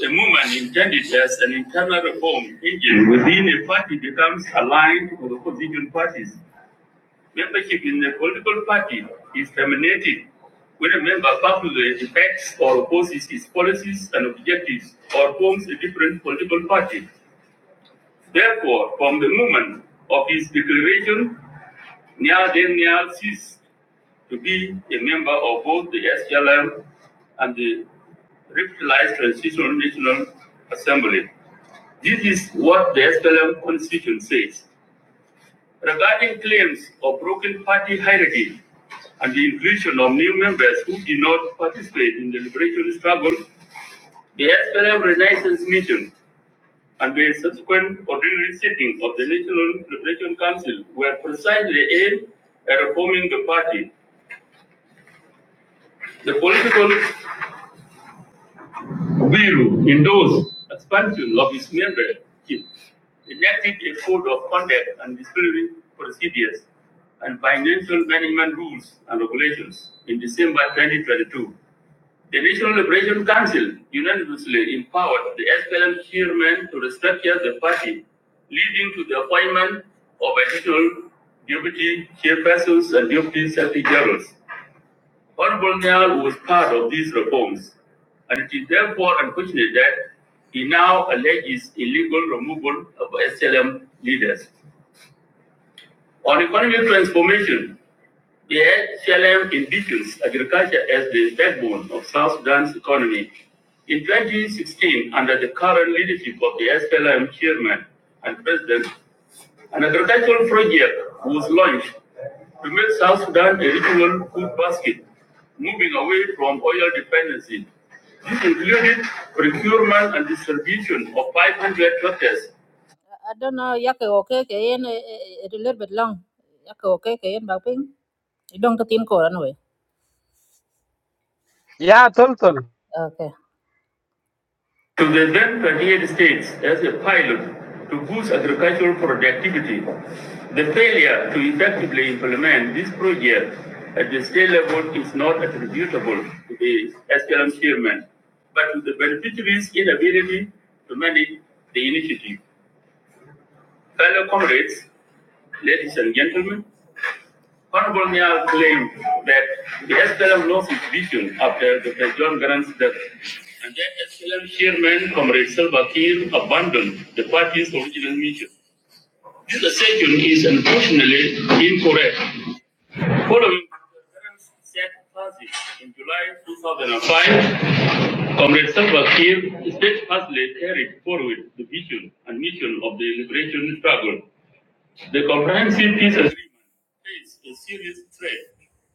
the movement intended as an internal reform engine within a party becomes aligned with opposition parties Membership in the political party is terminated when a member publicly defects or opposes its policies and objectives or forms a different political party. Therefore, from the moment of his declaration, Nyal then Nyal ceased to be a member of both the SLM and the revitalized Transitional National Assembly. This is what the SLM Constitution says. Regarding claims of broken party hierarchy and the inclusion of new members who did not participate in the liberation struggle, the SPLM Renaissance meeting and the subsequent ordinary sitting of the National Liberation Council were precisely aimed at reforming the party. The political Guru endorsed expansion of its membership, enacted a code of conduct and disciplinary procedures and financial management rules and regulations in December 2022. The National Liberation Council unanimously empowered the SPLM chairman to restructure the party, leading to the appointment of additional deputy chairpersons and deputy secretaries. generals. Honorable Niall was part of these reforms, and it is therefore unfortunate that he now alleges illegal removal of SLM leaders. On economic transformation, the SLM envisions agriculture as the backbone of South Sudan's economy. In 2016, under the current leadership of the SLM chairman and president, an agricultural project was launched to make South Sudan a regional food basket, moving away from oil dependency. This included procurement and distribution of 500 tractors. I don't know, yake okay ke yen eh, eh, a little bit long. Yake okay ke yen ba You don't get in call anyway. Yeah, total. Okay. to the then 28 states as a pilot to boost agricultural productivity. The failure to effectively implement this project at the state level is not attributable to the SLM chairman, but to the beneficiaries' inability to manage the initiative. Fellow comrades, ladies and gentlemen, Honorable Nyar claimed that the SPLM lost its vision after the John Garang's death, and that SPLM chairman, Comrade Salva Kiir, abandoned the party's original mission. This assertion is unfortunately incorrect. Following Dr. Garang's sad passing in July 2005, Comrade Salva Kiir steadfastly carried forward the vision and mission of the liberation struggle the comprehensive peace agreement faced a serious threat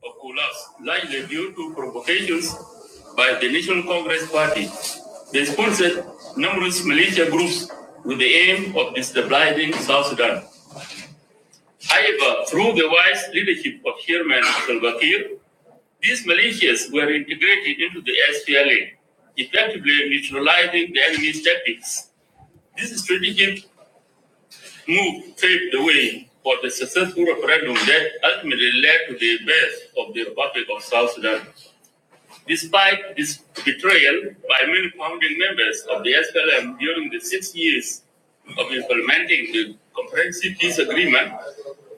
of collapse, largely due to provocations by the National Congress Party. They sponsored numerous militia groups with the aim of destabilizing South Sudan. However, through the wise leadership of Chairman Salva Kiir, these militias were integrated into the SPLA, effectively neutralizing the enemy's tactics. This strategic move paved the way for the successful referendum that ultimately led to the birth of the Republic of South Sudan. Despite this betrayal by many founding members of the SPLM during the six years of implementing the comprehensive peace agreement,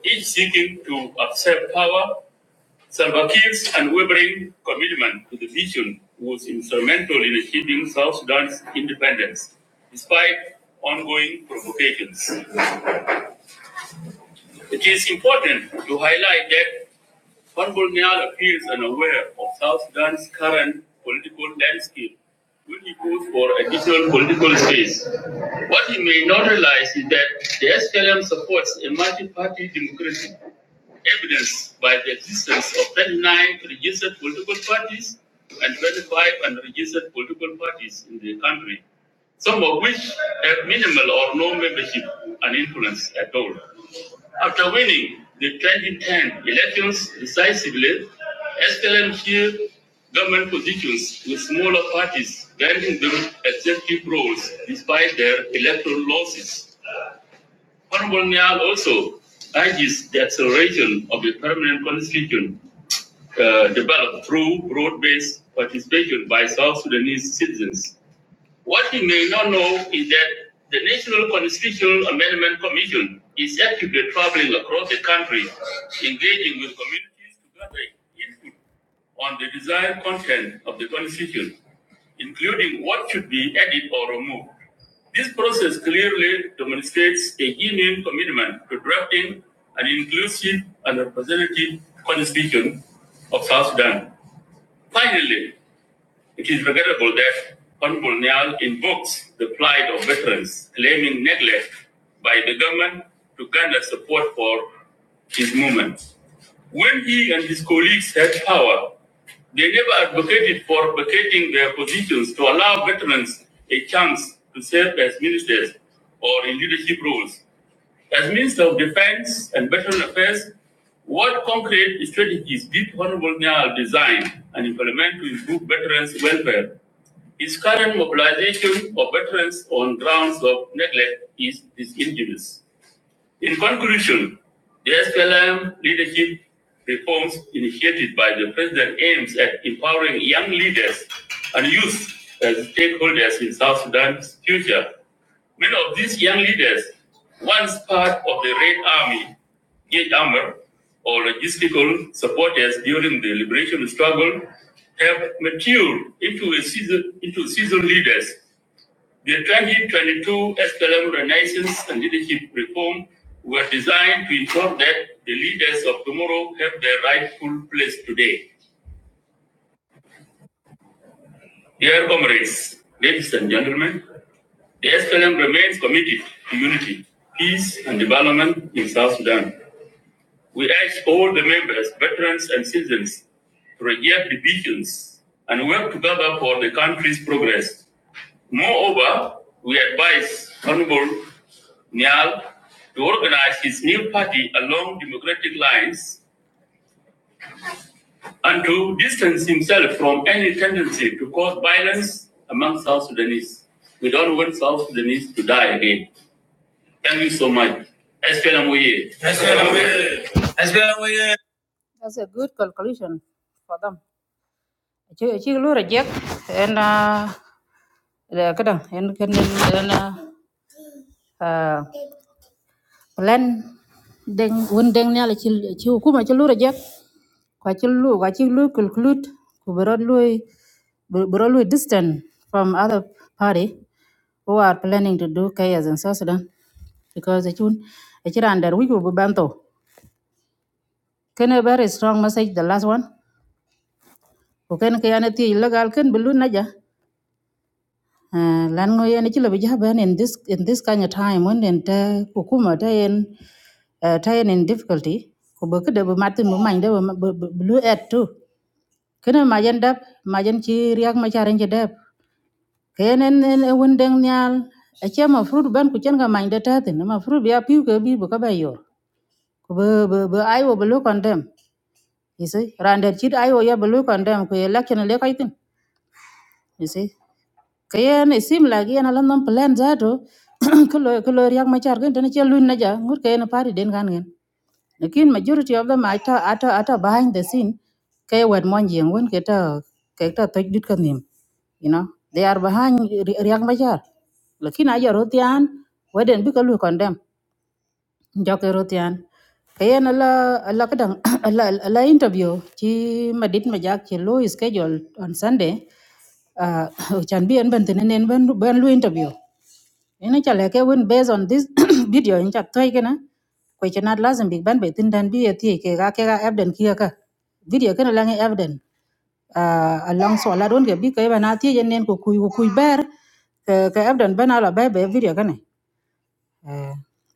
each seeking to accept power, Salva Kiir's unwavering commitment to the vision was instrumental in achieving South Sudan's independence, despite ongoing provocations. It is important to highlight that Honorable Niall appears unaware of South Sudan's current political landscape when he goes for additional political space. What he may not realize is that the SPLM supports a multi-party democracy, evidenced by the existence of 39 registered political parties and 25 unregistered political parties in the country some of which have minimal or no membership and influence at all. After winning the 2010 elections decisively, SLMQ government positions with smaller parties granting them executive roles despite their electoral losses. Honorable Niall also urges the acceleration of the permanent constitution uh, developed through broad-based participation by South Sudanese citizens what you may not know is that the National Constitutional Amendment Commission is actively traveling across the country, engaging with communities to gather input on the desired content of the Constitution, including what should be added or removed. This process clearly demonstrates a genuine commitment to drafting an inclusive and representative constitution of South Sudan. Finally, it is regrettable that Honorable Nyal invokes the plight of veterans, claiming neglect by the government to garner support for his movement. When he and his colleagues had power, they never advocated for vacating their positions to allow veterans a chance to serve as ministers or in leadership roles. As Minister of Defense and Veteran Affairs, what concrete strategies did Honorable Nyal design and implement to improve veterans' welfare? His current mobilization of veterans on grounds of neglect is disingenuous. In conclusion, the SPLM leadership reforms initiated by the president aims at empowering young leaders and youth as stakeholders in South Sudan's future. Many of these young leaders, once part of the Red Army, Gate Armor, or logistical supporters during the liberation struggle, have matured into, a season, into seasoned leaders the 2022 SPLM Renaissance and Leadership Reform were designed to ensure that the leaders of tomorrow have their rightful place today. Dear comrades, ladies and gentlemen, the SPLM remains committed to unity, peace, and development in South Sudan. We urge all the members, veterans, and citizens to reject divisions and work together for the country's progress. Moreover, we advise Honorable Nial to organize his new party along democratic lines and to distance himself from any tendency to cause violence among South Sudanese. We don't want South Sudanese to die again. Thank you so much. SPLMOA. That's a good conclusion for them. Chứ chứ lưu and uh, and and and uh, plan deng won deng ne la ci ci hukuma ci lu rajek kwa ci lu kwa ci lu conclude ku bero lu bero lu distant from other party who are planning to do chaos in South Sudan because chun achira under we go banto can a very strong message the last one ku ken ke yana ti legal ken bulu naja Ah, lan ngo yen ci labi jaha ben in this in this kind of time when den ta hukuma ta yen eh, ta yen in difficulty ko ba kada ba matin mu man da ba blue at too kana majan dab majan ci riak ma charan ci dab kayen en en won den nyal a ce ma fruit ban ku cenga man da ta tin ma fruit ya piu ke bi ba ka ba yor ko ba ba ai wo blue lo kon dem isi rander ci ai wo ya blue lo kon dem ko election le kai tin you see kayen isim like yen alan non plan zato kulo kulo riak machar gen tene chelu na ja ngur kayen party den kan gen lakin majority of them ata ata ata behind the scene kay wad mon jeng won keta keta tak dit kan nim you know they are behind riak machar lakin aja rotian waden bi kalu condemn joke rotian kayen ala ala kadang ala ala interview ci madit ma jak ci lo schedule on sunday uh chan bi en ban tenen en ban ban lu interview ina chale ke win based on this video in chat toy kana ko ci nat lazim big ban be tin dan bi eti ke ga ke ga evident kia ka video kana la ngi evident uh along so la don ke bi ke bana ti yen nen ko kuy ko kuy ber ke ke evident bana la be be video kana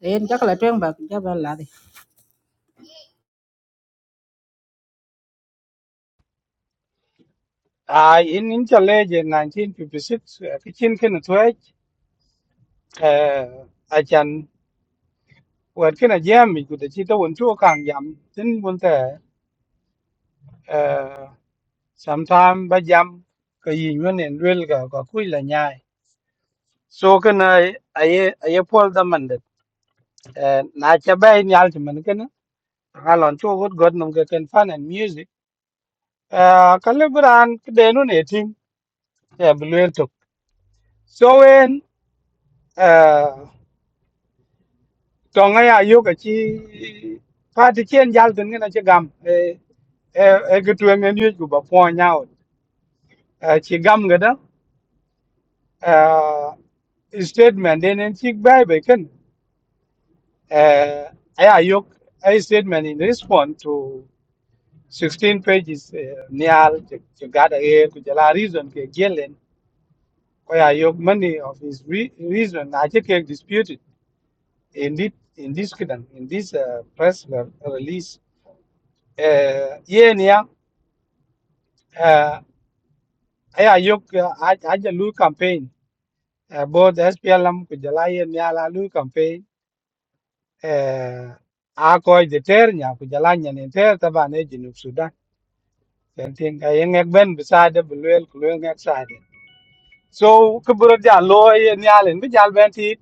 eh en jak la tong ba ja ba la I in Inchallenge in 1956, uh, kitchen can a twitch. Uh, I can work in a jam, you could achieve the one to a kang jam. Then one there, uh, sometime by jam, ka yin yun and real ga ka kui la nyai. So can I, I, I pull the mandate. Uh, na cha bay ni ultimate Alon to what God num can fun and music. Uh Calibran denu nating a blue to. So when uh Tongaya yoga chi party chen jal tin ngana chi gam e e gitu en en yugo ba po nyaot. Uh chi gam gada uh statement den en chi bai bai kan uh aya yok a statement in response to 16 pages uh, nial to gather here to jala reason ke Koya Yok many of his re- reason Ajake disputed in this in this kingdom, in this uh, press re- release. Uh, yeah, niya, uh, Aya Yok uh, Aj- Ajalu campaign, uh, both SPLM kujala yeah niya la Lu campaign, uh, Akoi the ter niya kujala niya ni ter taba ne Junub Sudan. Kanting kaya ngek ben beside beluel kuluel ngek side. So kuburo jalo yeah niya len bijal ben tit,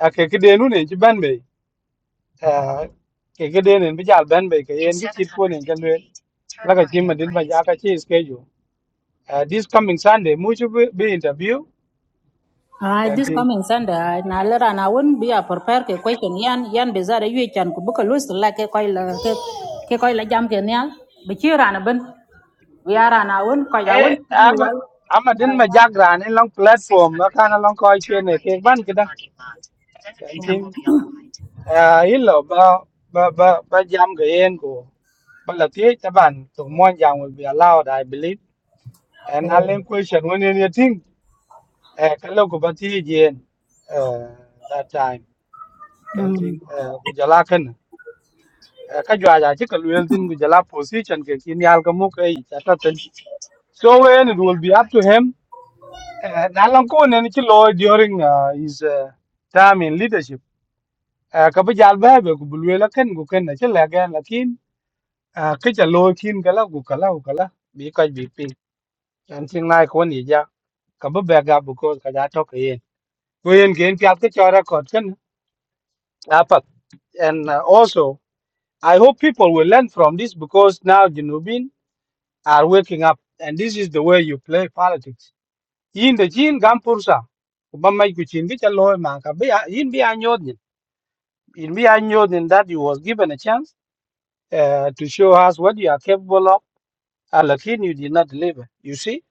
akakidenu ne jiban à cái cái đen nên bây giờ bên bây cái em cái chip của nên chân luyện là cái chim mà đến bây giờ cái chi schedule à this coming Sunday mu chu be interview Ah, kan this tin coming Sunday, na lera na won be a prepare ke question yan yan be zara yue chan ku buka lose la ke koi la ke ke koi la jam ke nyal be chi rana ben we are na won koi la won eh di am wal am đến bây giờ ra nên long platform nó khá là long coi chuyện này cái ban cái đó kan tin à ít lo ba ba ba ba jam cái em của ba là tiếc các bạn tụng mong jam will be allowed I believe and I learn question when you think eh cái lâu của bạn thi gì eh that time kanting Mm. ku jala kan ka jwa ja ci ka luel tin ku jala position ke kin yal ka mu kai ta ta tin so when it will be up to him Eh, na lan ko ne ni ci lo during uh, his uh, time in leadership Eh, ka bi jal ba be ku bu luel kan ku kan na ci la ga lakin eh, ka ja lo kin kala ku kala ku kala bi ka bi pin kanting nai ko ni ja ka bi be ga bu ko ka ja to ka yen ko yen gen pya ka chora kot kan apat and uh, also I hope people will learn from this because now Junubin are waking up, and this is the way you play politics. Yin the Jin Gampursa, Obama Kuchin, which a lawyer man, Yin be Anyodin. In be Anyodin that you was given a chance uh, to show us what you are capable of, and again, you did not deliver. You see?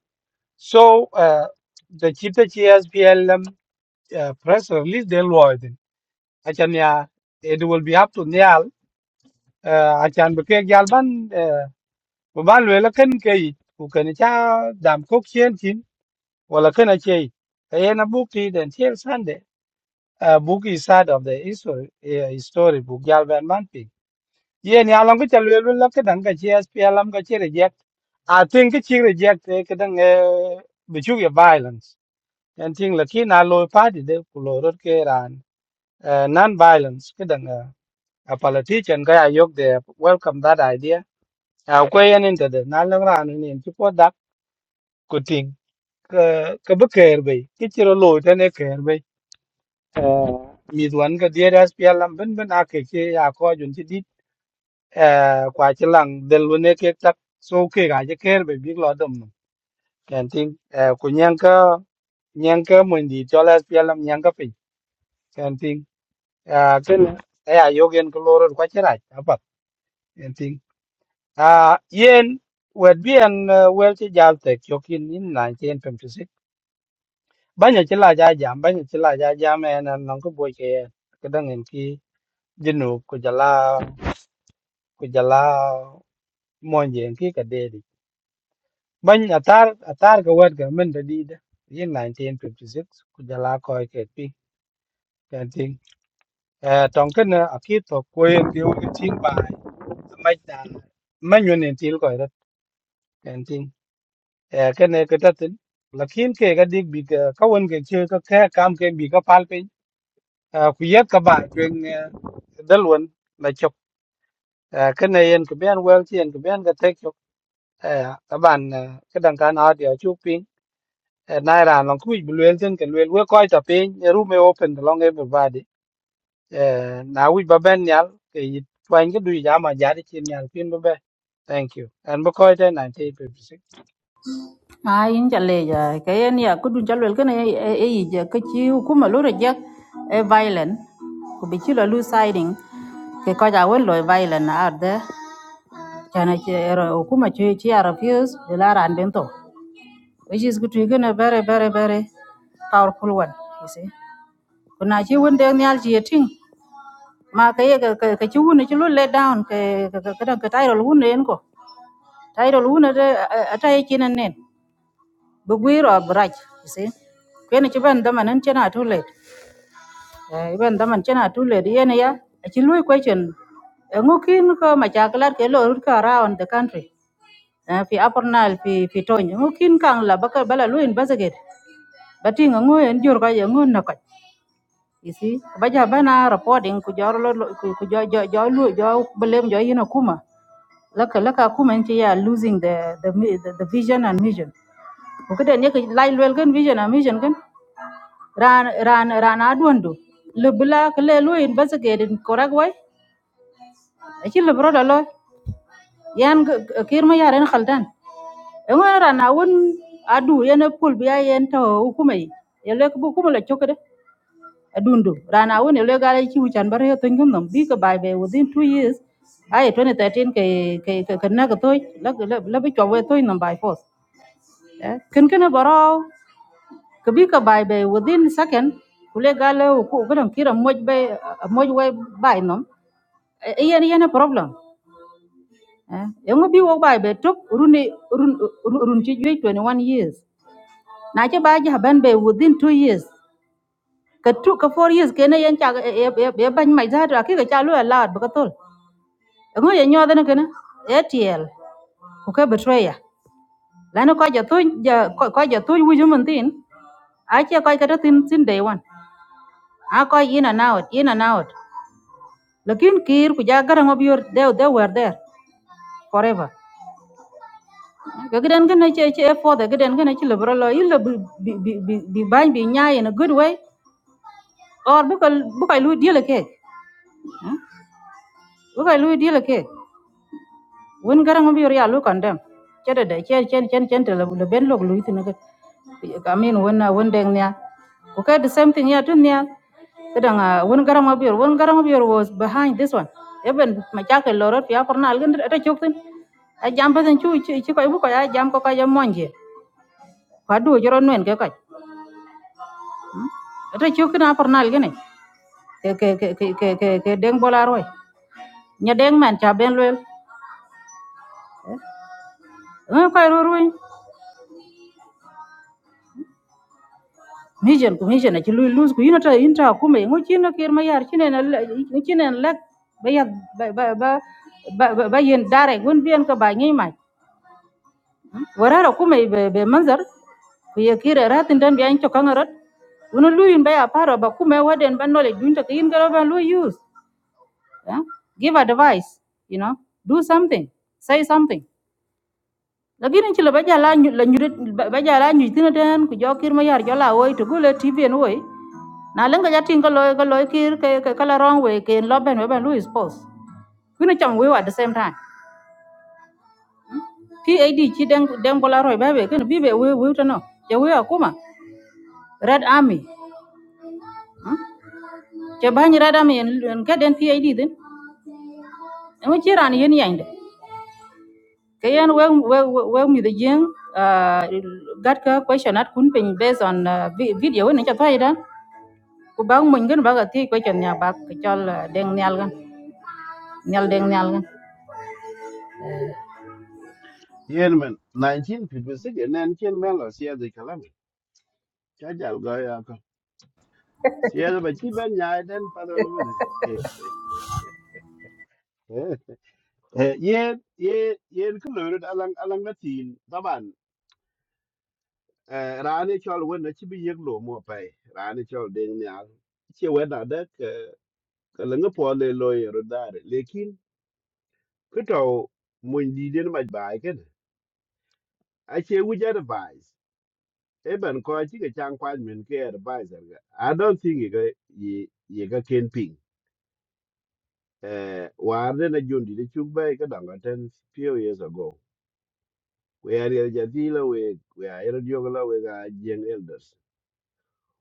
So, uh, the Chita PLM uh, press release, they'll lawyer then. Achanya, it will be up to Nyal. Uh, Achan Bekeg Yalban uh, ban lwe la ken ke ku ken cha dam kok chen chin wala là a che ka ye na book ti den chen san de a book is side of the history eh, story book yal ban man pi ye ni along ke lwe lwe la cái dang ka che sp alam ka che reject a tin ke chi reject eh, cái dang eh, bi chu ye violence en ting la ki na lo party de ku lo rot ke ran non violence ke dang eh, a politician ka ya yok de welcome that idea a ko ye nin de na lang ran ni chi po dak ka ka bi kair bai ki chiro lo ta ne kair bai mi duan ka dia das pia lam ben ben a ke ke ya ko jun ti di eh, kwa chi lang del lu ne ke tak so ke ga je kair bai bi lo dom no kan ting eh, ku nyang ka nyang ka mun di cho las pia lam nyang ka pe kan ting a ken a ya yo gen ko lo ro kwa chi ra a pa kan ting a yen wet bi an ờ, wel ti jal te kyo kin in 1956 banya ci la ja jam banya ci la ja jam en an non ko boy ke ke dang en ki jinu ku jala ku jala monje en ki ka dedi banya atar atar ka wad ga men da di da yin 1956 ku jala ko ke pi kan ting eh tong ken a ki to ko en diu ke u ting ba mai da man yun en til ko ra kan ting eh ken ne ka tatin lakin ke ga dik bi ka ka won ke che ka ka kam ke bi ka pal à, ku yet ka ba chuyện dal won ba chok à, cái này en ku ben wel ti en ku ben ga tek chụp à, ta ban cái đằng kan ha dia chu pin nai là long ku bu wel ten cái wel we ko ta pin room e open to long everybody à, nào wi ba bên nhau thì yit cái đuôi du mà giá ja di chin pin ba be thank you anh and bu ko ta 1956 Ah, in chale ja ke yan ya ku dun chalwel ke ne e e e je ke chi ku ma lo re je e violent ku be chi lose siding ke koi la won lo e violent na ar de chana che era ku ma chi chi refuse de la ran bento which is good. We're going very, very, very powerful one. You see, kuna chi wun deng nyal chi ting ma ka ye ka ka ka chi wun chi lu let down ka ka ka ka ka title wun en ko title wun de ata ye chi nan nen bu gwiro braj you see kwen chi ban daman en chena too late eh ban daman chena too late ye ne ya chi lu question ngukin ko ma chaklat ke lo rut ka around the country eh, fi upper nile fi fi tony ngu kin kang la baka bala lu investigate bati nga ngu en jur ka ye ngu na ka you see ba ja bana reporting ku jor lo lo- ku ku jo jo jo lu jo belem jo yina kuma laka laka kuma en ci ya losing the the mi- the, the vision and mission ku kede ne ka lai lwel vision and mission gan ran ran ran adwondo le bla ka le lu investigate in correct way achi le bro yan kir ma yaren khaldan en wen rana won adu yen pul biya yen to hukumai yele ko kuma la chokade adundu rana won yele gala chi wuchan bar yo tun gum bi ka bai be within two years ai twenty thirteen ke ke ke na ko toy la la la bi chwa toy nam bai force ken ken baro ka bi ka bai be within second kule gala ko ko dam kira moj be moj we bai nam yen yen problem eh yong bi wo bai be tok runi run run run chi jwe 21 years na che ba ja ban be within two years ka two ka four years kene yen cha e e ban mai za ra ki ga cha lu la ba ka tol ngo ye nyo dana kene etl ko ka betraya la no ko ja tu ja ko ja tu wu ju mun tin a che ko ka tin tin day one a ko in and out in and out lakin kir ku ja garan obior they they were there forever Gagden gana che che for the gagden gana che lebro lo yil bi bi bi bi ban bi nya in a good way or bu kal bu kal lu deal ke bu kal lu deal ke won garang bi ya lu kandam che de de che chen chen chen te le ben log lu tin ke i mean won na won deng nya ko ka the same thing ya tun nya kadang won garang bi won garang bi was behind this one even ma cha ke loro ya korna al gen ta chuk tin a jam pa tin chu chu ko bu ko ya jam ko ka jam monje pa du joro nen ke ko ta chu kina por nal gene ke ke ke ke ke ke ke deng bola roi nya deng man cha ben lwel ngai ko ro roi mission ku mission a chi lu lose ku inata inta ku me ngo chino kir ma yar chine na chine lek ba ya ba ba ba ba ba yen dare gun bien ka ba ngi mai warara ku me be be manzar ku ye kire ratin dan bian to kangarot uno luyin ba ya paro ba kume waden ba knowledge dunta kin garo ba lu use yeah? give advice you know do something say something lakini ci la ba jala nyu la nyurit ba ba jala nyu tina den ku jo kir ma yar jo la woi to gule tv no woi na lenga ja tin ka loy ka loy kir ke ke kala wrong way ke lo ben ben lu is post kuna cham we at the same time pad ci den den bola roy ba be ken bi be we we to no je we akuma red army hmm? je ba ni red army en en ka den pad din en ci ran yen yande ke yen we we we mi de jeng uh, gat ka question at kun pin based on uh, vi- video ni cha thai da ku bak muny kin bak ati quay chon nya bak ko chol eh, deng nyal gan nyal deng nyal gan yen men 1956 nen chen men lo sia de kalam cha jal go ya ko sia de ba chi ben nyai den pa don men Eh, yen yen yen ko lorot alang alang na tin taban eh, rani chol wen na chibi yek lo mo pai rani chol ding nyal che wen na de ka leng po le lo yero dare lekin ko to mun di den ma bai ken a che wu ja advice e ben ko chi ke chang kwan men ke advice er ga i don't think ye ga ye ye ga ken ping eh war de na jundi de chuk bai ka dang ten few years ago we are ya jadila we we are ya diogola we ga jeng elders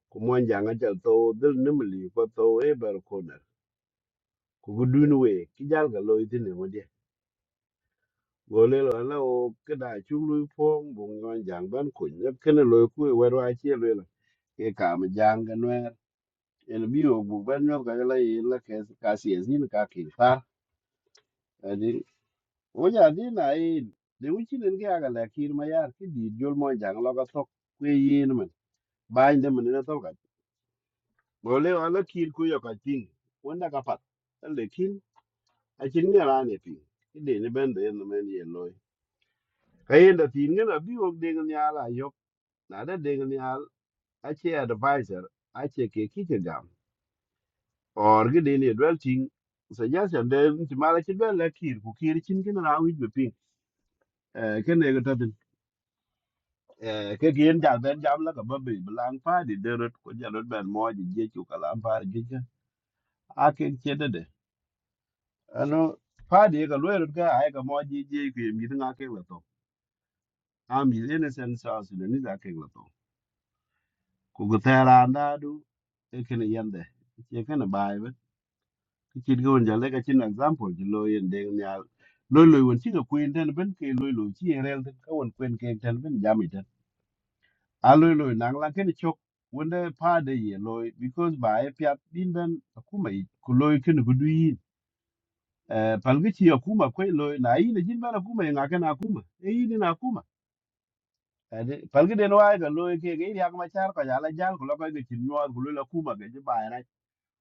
ku mwanjanga jal to dil nimli ko to e bar konar ku gudun we ki jal ga loy tine wadi gole lo la o kada chulu phong bu mwanjang ban ku ne kene loy ku we wa chi loy la e ka ma janga no en bi o bu ban no ga la e la ke ka si e zin ka ki fa adi o ja di na e de u chi nen ga ga la kir ma yar ki di jol mwanjang la ga sok ku yin man ba inde man na to ga gole wa la kir ku yo ka ting wanda ka pat acin ŋa raan e piŋ i deni bɛn de yen men ye loi ka yen da thin ŋen abi wok deŋ niaal ayok na da deŋ niaal ace advisor ace ke kike gam or gi deni ye dwel tiŋ suggestion de nti mal acin bɛn la kir ku kir cin kin raan wic be piŋ ke nego tatin ke gien jal bɛn jam la ka ba be bilaŋ paadi derot ku jalot bɛn mɔɔj jiec ku kalam paari jiec ka la pa ji ja a kek ciedede ano paadi ye ka luerot ka ai ka mɔɔj jiec ku ye mit ŋa kek la tho am yil ene sen sa sudanis a kek la ku ga tera anda du e kene yende ye kene bai ben ki chin ko nja le ka chin example ji lo yen de nya lo lo won chi ga kuin den ben ke lo lo chi e rel den ka won kwen ke den ben jam i den a lo lo nang la kene chok won de pa de ye lo because ba e pya din ben akuma i ku lo kene ku du yin Eh, palgi ci akuma kwe lo na yi na jin bana akuma ya ngakan akuma e yi ne na akuma palgi den wa ga lo ke ga yi ya kuma char ka ya la jal ko la ka ga chin nyuwa ko lo la kuma ga ji ba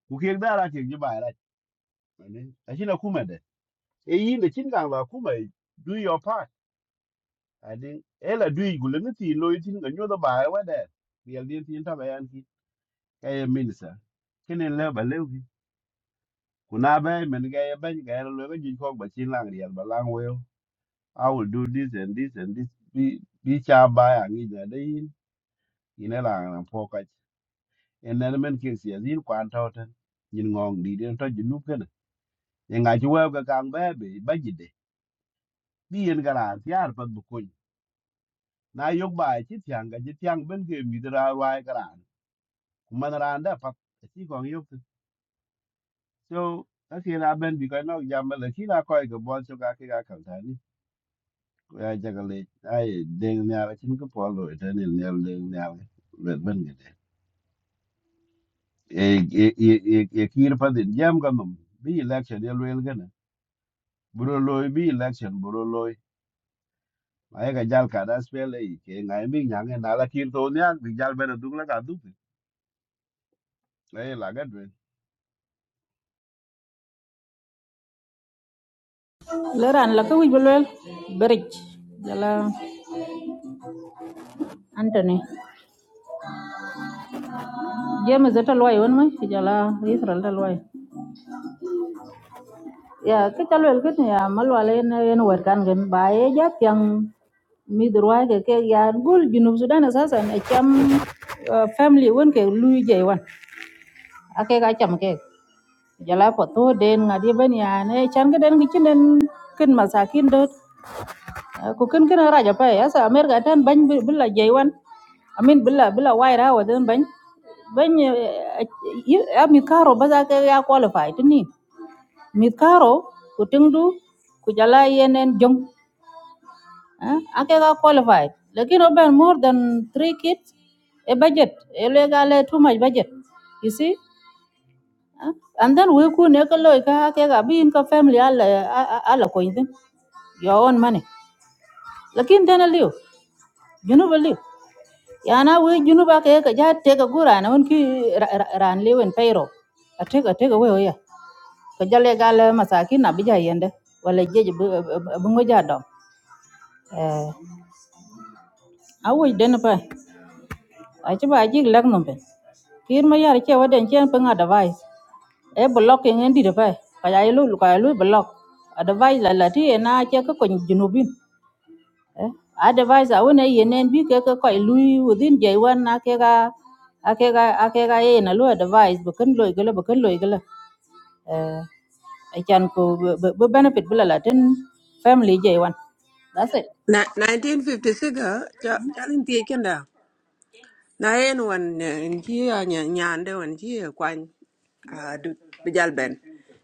ku kek da la kek ji bai la a shi na kuma da e yin da kin gang la kuma do your part i think e la do yi gulen ti lo yi tin ga nyo da bai wa da real din tin ta bayan ki ka ye minister kin le ba le ki ku na ba men ga ye ban ga lo ga ji ko ba chin lang real ba lang we i will do this and this and this bi bi cha ba ya ngi da dai ina la na po ka en na men ke si azin kwan ta ta yin ngong di den ta ji nu ken ye nga ji wa ga gang ba be ba ji bi yen garan ti ar pat bu kuny na yok ba ci tiang ga ci tiang ben ke mi dra wai garan man ran da pat ci gong yok tu. so ta ki na ben bi ko no jam la ki na ko ga bon so ga ki ga kan ta ni ko ya jaga le ai deng ne ara cin ko po lo ta ni ne le ne ara le ben ge e e e e ki ir pat din jam ga mum bi election ye wel ga na buro loy bi election buro loy ai ga jal ka da spele ke ngai mi nyang na la ki to ne bi jal ben du la ga du ai la ga le ran la ko wij bulwel berich giờ antony jeme zeta loy won mai ti jala israel da loy ya ke chal wel kin ya malwale ne en wer kan gan gần bài ja pyang mi durwa ke ke ya gol junub sudan asasan e cham eh, family won cái lu je wan ake ga cham đen jala ko to nhà này ban cái đen cái ga đen kinh mà kin kinh đốt ko ken ken raja pa ya sa america tan ban billa jaywan amin billa billa waira wa dan ban ban ya mi karo ba za ka ya qualify tini mi karo ku tingdu ku jala yenen jong ake ga qualify lakin oben more than three kids a budget a legal too much budget you see Ah, and then we ku ne ka loy ka ake ga bi in ka family ala ala ko yin your own money lakin dana liu you know liu yana we junuba ke ka ja te ka gura na won ki ra- ra- ran lewen peiro ateka ateka we ya ka jale gale masaki na bija yende wala jeje bungo ja dom eh awu den pa a ci ba ji lak nombe kir ma yar che waden chen pa nga device e blocking en di de pa ka ya lu ka ya lu block a device la la ti e na che ka ko junubin eh. Otherwise awun e yenen bi ke ke ko lui within day one na ke ga a ke ga a ke ga ye na lu advice bu kan loy gele bu kan loy gele eh I can ko bu benefit bu la la tin family day one that's it Na 1956 ah, cha chalin tie kenda. Na en wan eh, en ji ya nyande wan ji Ah, dud bi ben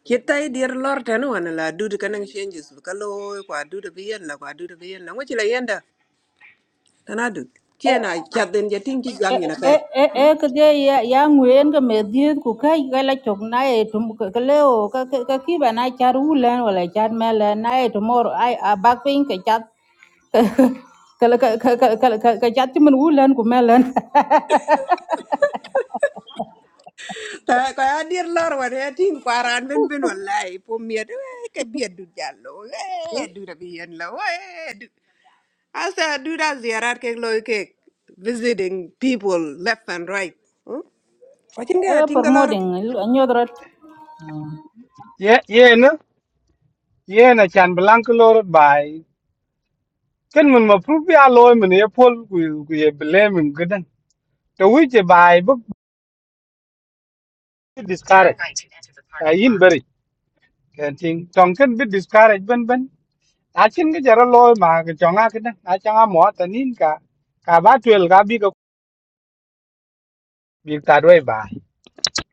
kita i dir lor tanu wana la dud kanang changes kalo kwa dud bi yen la kwa dud bi yen la ngochi la yenda tana dud kiena chaden ja ting ti e gang ina e kai e e ke de ya ya nguen ke me di ku kai ga la chok na e tum ke leo ka ka ka ki ba na char u len wala char me len na e tomorrow ai a back pain ke chat cái cái cái cái cái cái cái chắc chứ mình uống lên của mẹ lên ta ko ya dir lor wana ya ting kwaran ben ben wallahi po miet eh, ke biet dud jalo eh dud bi yen la eh dud asa dud a ziarat ke loy ke visiting people left and right kwa chinga Eh, tinga lor promoting nyodrot ye ye na ye na chan blank lor bai ken mun ma pru bi a loy mình e pol ku ku ye blame mun gadan to wi je bai bit discouraged a yin bari ken ting tong ken bit discouraged ben ben I can get a chin ge jara loy ma ge chonga ke na a changa mo ta nin ka ka ba twel ka bi ko bi ta doi ba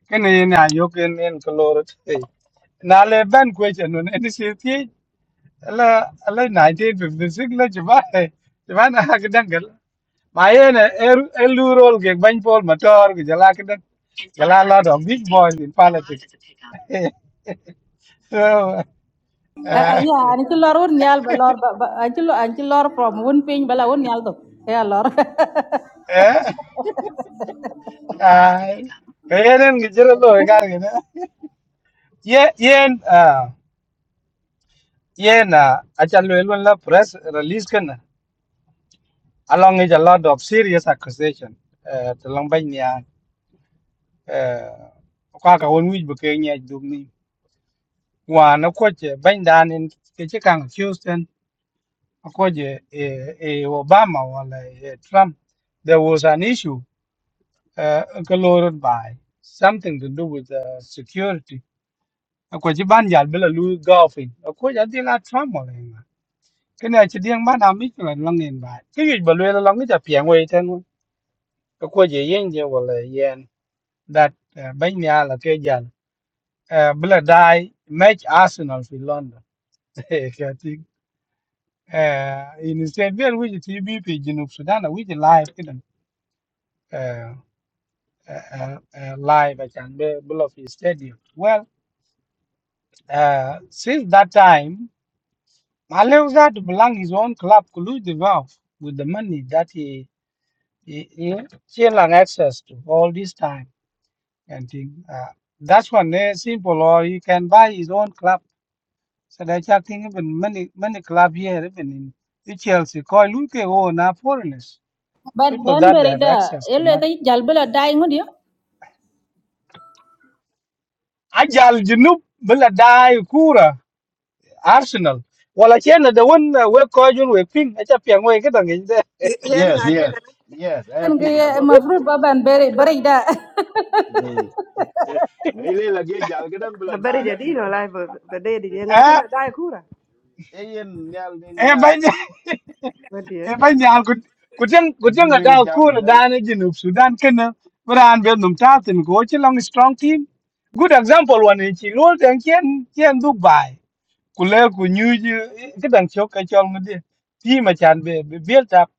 ken ne na yo ken en kolor na le ban question no ne si ti la la 1956 la jba jba na ha ke dangal ma ye ne el rol ge ban pol motor ge jala ke dan jala lot of big boys in politics so yani ci lor wun yal ba lor ba ba- ani ci lor ani ci lor from wun pin bala wun yal do ya lor eh Ay, kayanin gijero lo ekar gina. Ye yen ah yen ah achal welun la press release kan along with a lot of serious accusation. Eh talang ban niya eh kwa ka won wij buke niya dum ni. Wa na ko che ban dan in ke che kang Houston ko je eh eh Obama wala eh Trump there was an issue uh, colored by something to do with uh, security ko ci ban jal bela lu golfing ko ja de la tram mo le nga ke ne ci ding ban ami ko lan ngin ba ke yu ba le lan ngi ja pian we ten ko ko je yen je wo le yen that ban ya la ke j a bela dai match arsenal fi london ke ti eh in said well we ti bi pi junub sudan we ti live kidan eh live at and bela fi stadium well uh, since that time Malevza belong his own club, Kulu Devout, with the money that he he, he still had access to all this time and thing. Uh, that's one they simple, or he can buy his own club. So that's I think even many many club here, even in in Chelsea, Koi Luke own are foreigners, ban people ban that beri have da access to ele money. kay jal bala dai ngud yo Ajal Junub Bela Dai Kura Arsenal. Well, I the one uh, where Koi Jun we ping, I just piang we get on it. yen Yes, yes, ngadi yes. I en have ge been a ma goodbye. fruit ba ban beri beri da Mm. Ile la ge jal ge dan a bula da jadi no Arsenal. lai ba di je nga kan Eh, la dai kura E yen nyal ding eh, nyal. banya. ba e ba nyaal ku ku teng ku A teng jil da wele ku jam ra ida. da ne jinu sudan ken bran be num ta tin go chi long strong team good example one in chi lol teng chen chen du bai ku le ku nyu ji ke dang chok ka chong de team a chan be be built up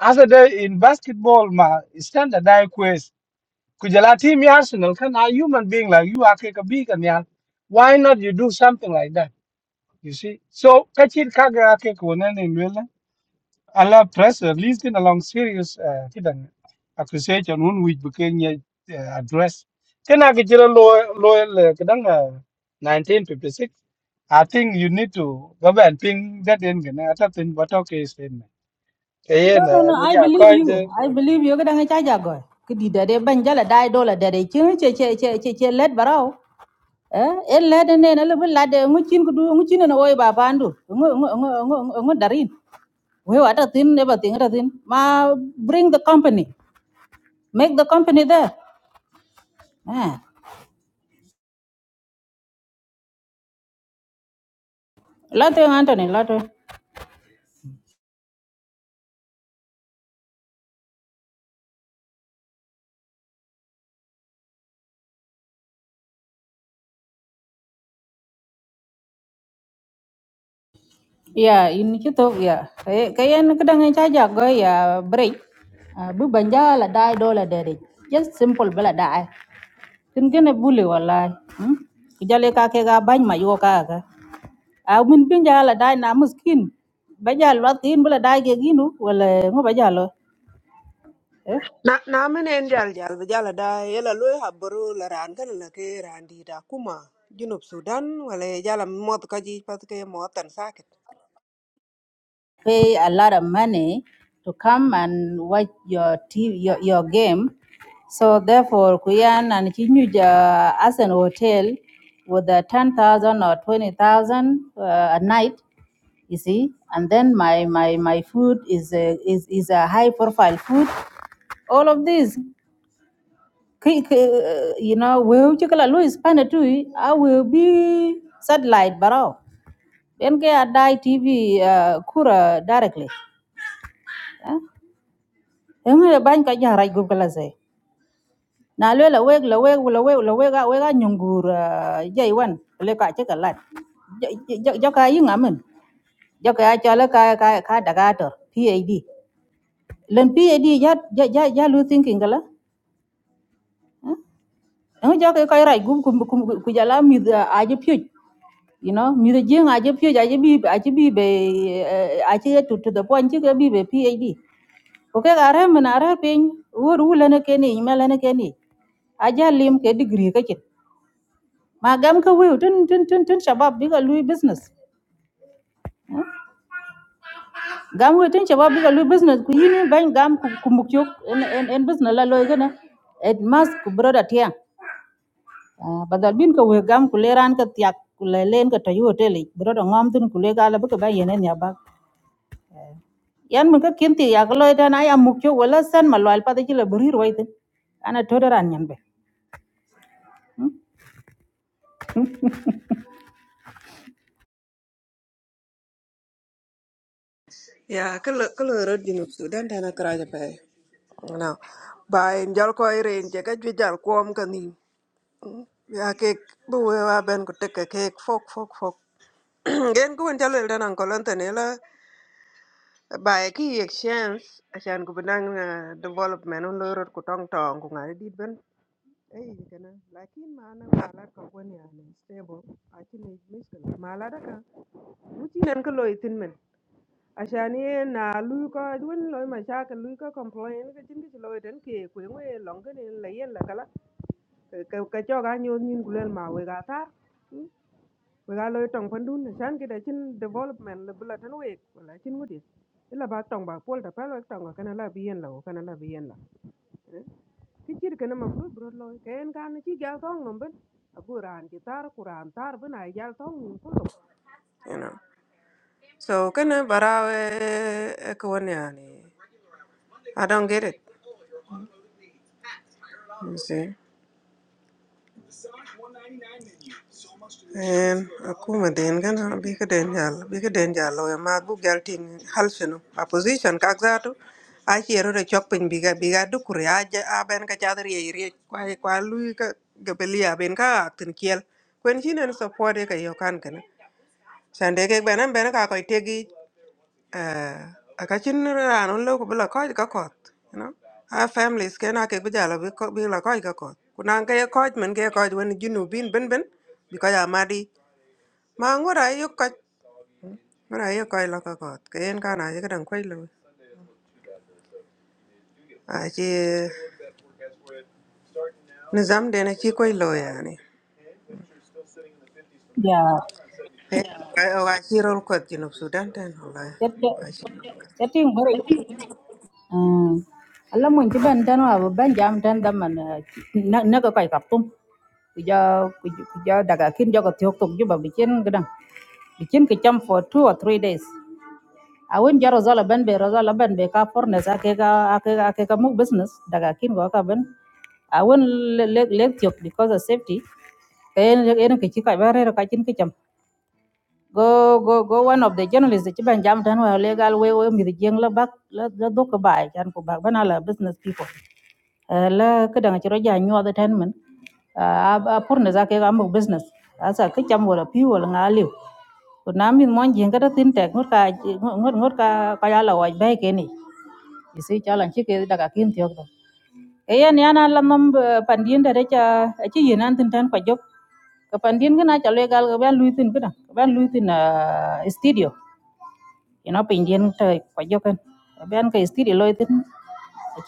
as a day in basketball ma standard die quest ku jala team ya arsenal kan a human being like you are ke ka bi kan ya. why not you do something like that you see so ka chin ka ga ke ko ne ne Allah press release a long series. uh, kidan accusation hun which became a uh, address Then I get jira loyal loyal kidan uh, 1956 I think you need to go back and ping that in gana I thought in bato ke statement Yeah, no no na no mi i ja believe called you de i believe you ga da nga cha ja go ki di da de ban jala dai do la da de ci ci ci ci ci ci let baraw eh en le de ne na le bala de ngu cin ku du ngu cin na oy ba bandu ngu ngu ngu ngu darin We were at a thin, everything, everything. Ma, bring the company. Make the company there. Ah. Lato yung Anthony, lato. Ya, in kito, ya. Kaya kaya na kadang ay chaja go ya break. Ah, Bu banja la dai do la dere. Just simple bala dai. Tin gene bule wallahi. Hmm? Kijale ka ke ga bany ma yo ka ka. A min banja la dai na muskin. Baja lo tin bala dai ke ginu wala ngo baja lo. na na mene en jal jal be jala da yela loy habru la ran kan la ke ran di da kuma junub sudan wala ya jala mot ka ji pat ke motan sakit pay a lot of money to come and watch your TV, your, your game. So therefore, Kuyan and Chinuja as an hotel with a 10,000 or 20,000 uh, a night, you see, and then my, my, my food is a, is, is a high profile food. All of this, ki- ki- uh, you know, we will check a Louis Panatui, I will be satellite barrel. Then get a die TV uh, Kura directly. huh? Eng e bany ka jahraj kala kalase. Na lwe la weg la weg la weg la weg a weg a nyungur uh, jai wan le ka che kalat. Jo ka yi ngamen. Jo ka cha la ka ka ka daga tor PAD. Len PAD ya ya ya ya lu thinking kala. Eng jo ka ka raj gup kum kum ku jala mi a je pyu. You know, mi de jing a je pyu a je bi a je bi be uh, a je to to the point che bi be PAD. ukegare min are piny wor wu lene keni me lene keni aja lim ke degree kake ma gam ka wiu tin tin tin tin shabab biga lui business gam wiu tin shabab biga lui business ku yini ban gam ku ku mukyok en en en business la loy gana et mas ku broda tiang Ah, badal bin ka we gam ku leran ka tiak ku le len ka tayu hotel broda ngam tin ku le gala baka ba yenen ya ba yan mun ka kinti ya ga loy ta na ya mukyok wala san malwal pa de la buri roi tin ana todoran nyan be ya kala kala ro junub sudan dana kraja pe na ba en jal ko ire en je ka ju jal kom kan ni ya ke bu we wa ben ko tek ke ke fok fok fok gen ko en jal el dana ko lan tan By ki exchange asan ko benang na development on lorot ko tong tong ko ngari dit ben ay kana lakin mana mala ko woni an stable akin ni miskel mala da ka muti nan ko loy tin men asan ye na lu ko won loy ma sha ka lu ko complain ko tin ko loy den ke ko ngwe long ke ni la yen la kala ka ka cho ga nyu nin gulen ma we ga ta we ga loy tong pandun shan ke chin development le bula tan we i chin ngudi ila ba tong ba pol da pa loy tong ga kana la bien la kana la bien la ki chir kana ma fru loy ken kan chi ga tong nom ben abu ran ki tar quran gal tong you know so can I e a ne yani i don't get it you see en akuma den gana bi ka den jal bi ka den jal lo ma bu gal ting hal sino opposition ka zato a chiero de chok pin bi ga bi ga du kur ya ja a ben ka chadar ye ri kwa kwa lu ka gabelia ben ka tin kiel kwen chinen support ka yo kan kana sande ke benan ben ka ko tegi eh akachin ran on lo ko bla ko ka kot you know our families ke na ke bujala bi ko bi la ko ka kot kunan ke ko men ke ko wen jinu bin ben ben bi ko ya madi mà ma ngura yo ko cái yo cái lo cái ko ke en kana je kan ko lo a je nizam de na chi ko lo ya ni ya e o ga chi rol ko ti no sudan tan wala chutney wa chi chutney ಬರೀ ಹಾಂ ಅಲ್ಲ ಮುಂಚೆ ಬಂದನು ಅವ ಬಂದು jam ton ದಮ್ಮನ ನಗ ಕಾಯಿ ಕಪ್ಪು kuja kuja daga kin jago tiok tok juba bikin gedang bikin kecam for two or three days awin jaro zala ben be rozala ben be ka porne sa ke ka ake ake ka mu business daga kin go ka ben awin leg leg tiok because of safety kayen leg en ke chika bare ka chin kecam go go go one of the journalists ci ben jam tan wa legal we we mi the jeng la bak la la do ko bay tan ko bak bana la business people Eh, la ka dang ci roja nyu da tan men a a pour ne zake ga mo business asa ka cham wala pi wala nga liu ko na min mon jeng ka da tin tek ngot ka ngot ngot ka ka ya la wa bay ke ni isi cha lan ci ke daga kin tiok do e yan yana la nom pandien da ca ci yinan tin tan ko job ka pandien gana cha le gal ga ben lui tin kana ka ben lui tin à, studio ina pandien ta kwa jo kan ben ka studio loi tin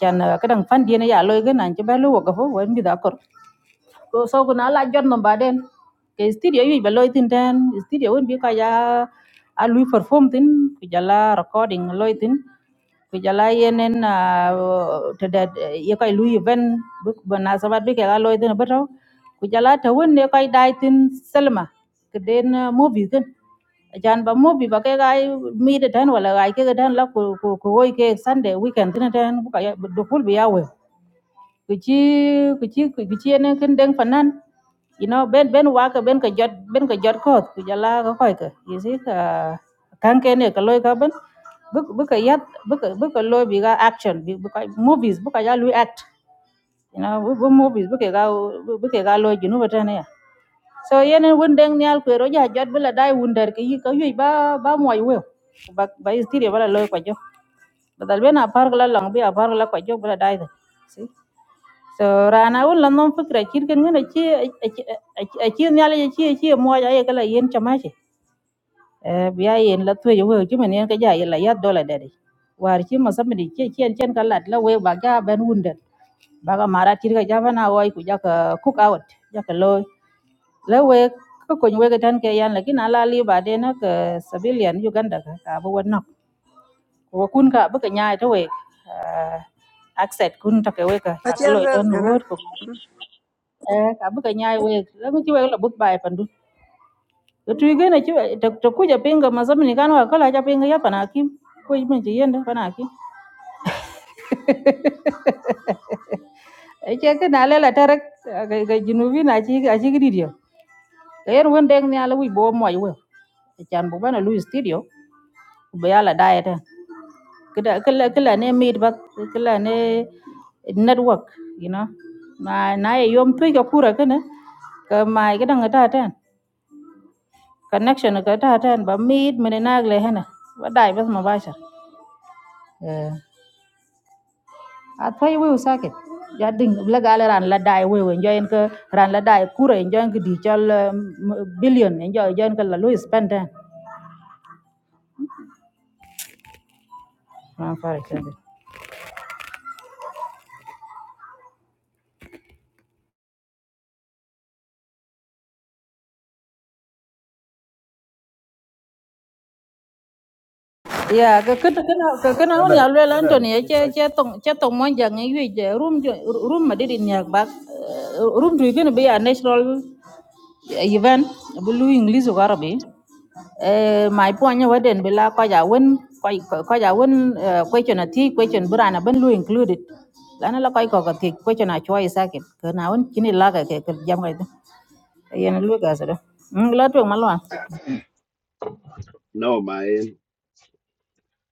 chan ka dang pandien ya loi gana cha ben lu ga fo wen bi da kor so so ko na la jot no baden ke studio yi be loy tin ten studio won bi ka ya a lui perform tin ku jala recording loy tin ku jala yenen te da ye kai lui event bu bu na sabat bi ke ga loy tin bato ku jala ta won ne kai dai tin selma ke den ah, movie tin ajan ba movie ba ke ga mi de tan wala ga ke ga tan la ku ku ku hoy ke sunday weekend tin tan bu ka ya bu ful bi ya we kichi kichi kichi ne kin deng fanan you know ben ben wa ka ben ka jot ben ka jot ko ku jala ka koy ka you see ka kan ke ne ka loy ka ben bu bu ka yat bu ka bu ka loy bi ga action bi bu ka movies bu ka ya lu act you know bu bu movies bu ka ga bu ka ga loy junu bata ne ya so yene won deng nyal ku ro ja jot bela dai wunder ka yi ka yi ba ba moy we ba ba istiri bala loy ko jo badal bena par la long bi a par la ko jo bela dai see so rana un la non fikra chir ken ngana chi a chi nyala ye chi chi mo ja ye kala yen chama chi Eh, biya yen la tuyo we chi men yen ka ja ye la ya dola dede war chi ma samedi chi chen chen kala la we ba ja ben wunde ba ga mara chir ka ja bana wai ku ja ka cook out ja ka lo la we ka ko we ga tan ke yan la kin ala li ba de na ka civilian uganda ka ka bo wona ko kun ka ba ka nya e ta we accept kun ta ke we ka a ta chi ka lo al res tan gana wo eh ka buka nyai we lamu ci we la but bay pandu to tu gene ci to ku ja pinga ma zamni kan wa kala ja pinga ya pana kim ko ji men ji yenda pana kim e ce ke na lela tarek ga ga junubi na ci a ci gidi dio ga yer won deng ni ala wi bo moy we e chan bu bana lu studio ku be ala diet kida kala kala ne meet ba kala ne network you know na na ye yom tu ga kura kana ka mai ga danga ta tan cả nước nó có thể hát trên bờ miệt mà nền nát lệ hết na, vất vả với nó vay sa, à, anh phải yêu người khác, gia đình, lắc lả là anh lắc vất với người chơi anh cứ lắc vất cười anh chơi anh digital billion anh chơi anh cứ lắc lối spend ra, không phải cái gì Yeah, ka kana kana kana hon Ada, ya lwela ada Anthony ya le lan chi to kwa. ni che che tong che tong mon jang yu je room jo- room ma didin yak bak eh, room tu gonna be a national event bulu English ko Arabi eh my point ya waden bila ko ja won ko ko ja won question a ti question burana ban lu included lana la ko ko ka ti question a choi sakin kana won kini la ka ke ke jam ga yen lu ga sa do la tu malwa No, my.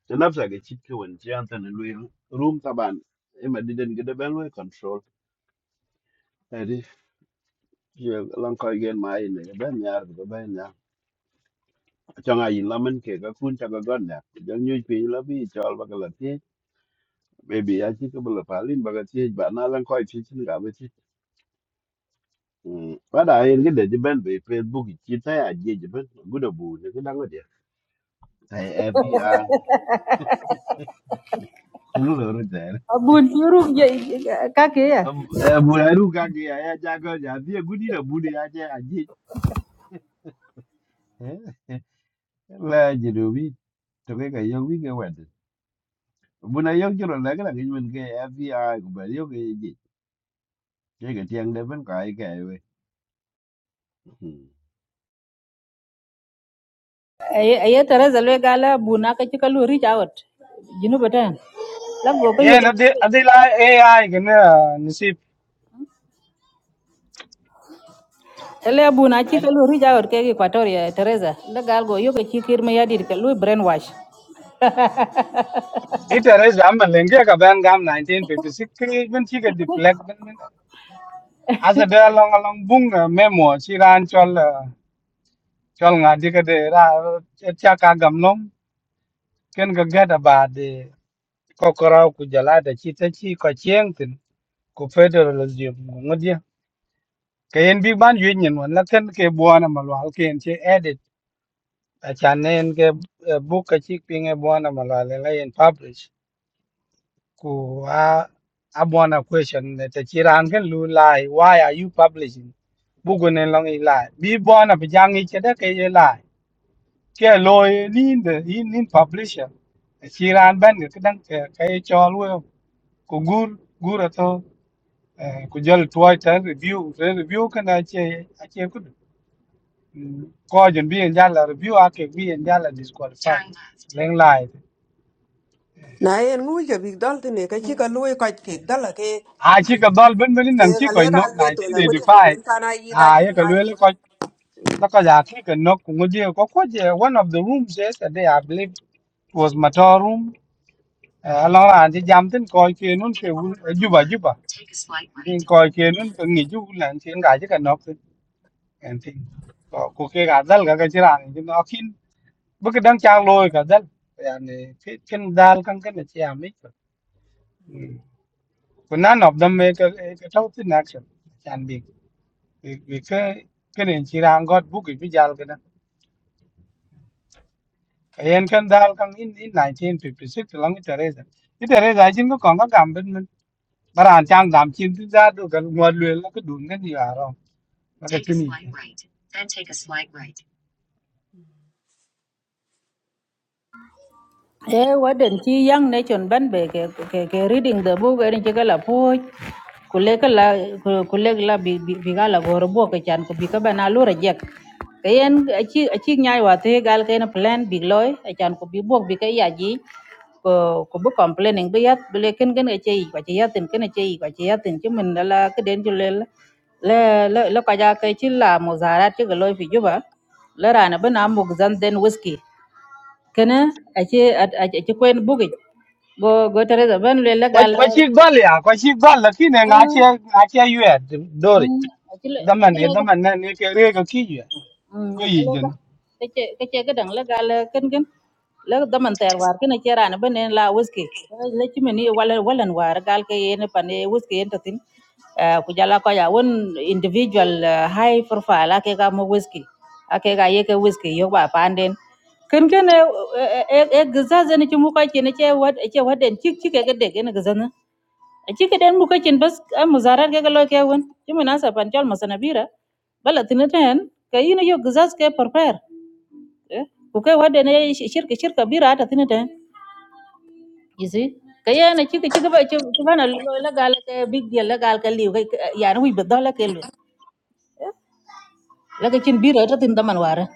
Tanap sa ge chit ke wen chi antan lu room taban. E ma diden ge de ben lu control. Eri ye lan ko gen ma ine ge ben nyar ge ben nyar. Changa yin lamen ke ga kun cha ga gon ya. Jang nyu pi la bi chol ba ga la ti. Baby, I think about the Palin, but I think, but now I'm quite teaching. Mm. Wada ayen gede jiben be Facebook chita ya je jiben guda bu ne gida ngode. Tai evi a tulu lo ru der. abun ti room je ka ke ya Bu la ru ga ge ya ja ga ja bi gudi na bu de ya je a je. La je do bi to ke ga yo wi ge wede. Bu na yo jiro la ga ge men ge evi a ku ba yo ge je. Ke ge tiang de ben ka ai ge we. ye teresa lwe gala buna ka ci kalu reach out junu batan la go ko yo yeah na de adila ai gana nisip le buna ci kalu reach out ke equatoria teresa la gal go yo ke ci kir me yadir ka lu brainwash it arrange am lenge ka ban gam 1956 even she get deflect as a along along bunga memo She ran chol chol nga dikade ra cha ka gam nom ken ga gada ba de ko korau ku jala da chi ta chi ko chieng tin ku federal jim ngodia ke en big ban yuen nyen won la ken ke buana malwal ke en che edit a chan ne en ke eh, book ka chi pinge buana malwal la en publish ku a a buana question ne ta chi ran ken lu lai why are you publishing bugun en long i lai bi buana pijang i che da ke ye lai cái lôi nin de in in publisher chỉ ran ban cái đăng cái cái cho luôn của gur gur to của jal tuai ta review cái review cái này chơi à chơi cái coi chuẩn bị anh là review à cái bị anh là disqualify lên lại na en ngu thế này cái te cái ka chi ka lo ko ke cái cái à chỉ cái đó bên bên ke năng chỉ ga le coi ga nó le này to thì la để ngudi ko defy en kana yi da à chi cái lôi là coi là coi giá khi cái nó cũng có gì có có gì one of the rooms yesterday I believe was motor room À, lo à, anh chứ jam tin coi kia nun kia un juba juba tin coi kia nun cái nghỉ ju là chuyện cái chứ cần nó tin anh tin có có cái gạt dal cái cái chuyện ăn chứ nó khi bất cứ đang chang lôi gạt dal anh cái cái dal căng cái này chả mấy có none of them make a cái thâu tin action anh bị vì cái cái này chỉ là anh gót bút cái jal cái đó anh cần dal căng in in 1956 long cái teresa cái teresa chính có còn có cảm bên Baran chang dam chin tu za do gal ngwa lwe la ka dun gan ya ro. Ba ka chini. e wadan ci yang ne chon ban be ke ke, ke reading the book erin ci gala po kulek la kulek la bi bi bi gala goro bo ke chan ko bi ka bana lu rejek kayen achi achi nyai wa te gal ken plan big loy a chan ko bi bo bi ka ya ji ko ko bu complaining bi yat bi le ken ken achi yi kwa chi yatin ken achi yi kwa chi yatin ci min la ke den ju le la la la la ka ja ke chi la mo zara ti ga loy fi juba la rana bana mo zan den whisky kene aci aci kuen bugic go go teresa ben le la Kwa gal kwa chi gal ya, kwa chi gal la ki ne nga che nga che yue do ri. Da man ne aci da man ne ke re ka ki yue. Mm, Ko yi ilo ba jin. kace kace gadan la gal kin kin la daman tayar war kin ce rana bane la wuske la kimi ni wala walan war gal ke yene pane wuske yenta tin Ah, ku jala ko ya won individual ah, high profile ake ga mo wuske ake ga yeke wuske yo ba panden kin kin e e gaza zani ki mu ka ce ne ce wad ce wadan cik cike ga de gane gaza aci keden buka cin bas a muzarar ke kalo ke wen ci munasaban jol masanabira bala tiniten ka ina yo gizas ke prepare eh, ku kai wadda ne shirka shirka bira ta tiniten you see ka yana ci ci ba ci bana la gal ke big deal la gal ke liu ya ni wi badala ke lu la ke cin bira ta tin daman ware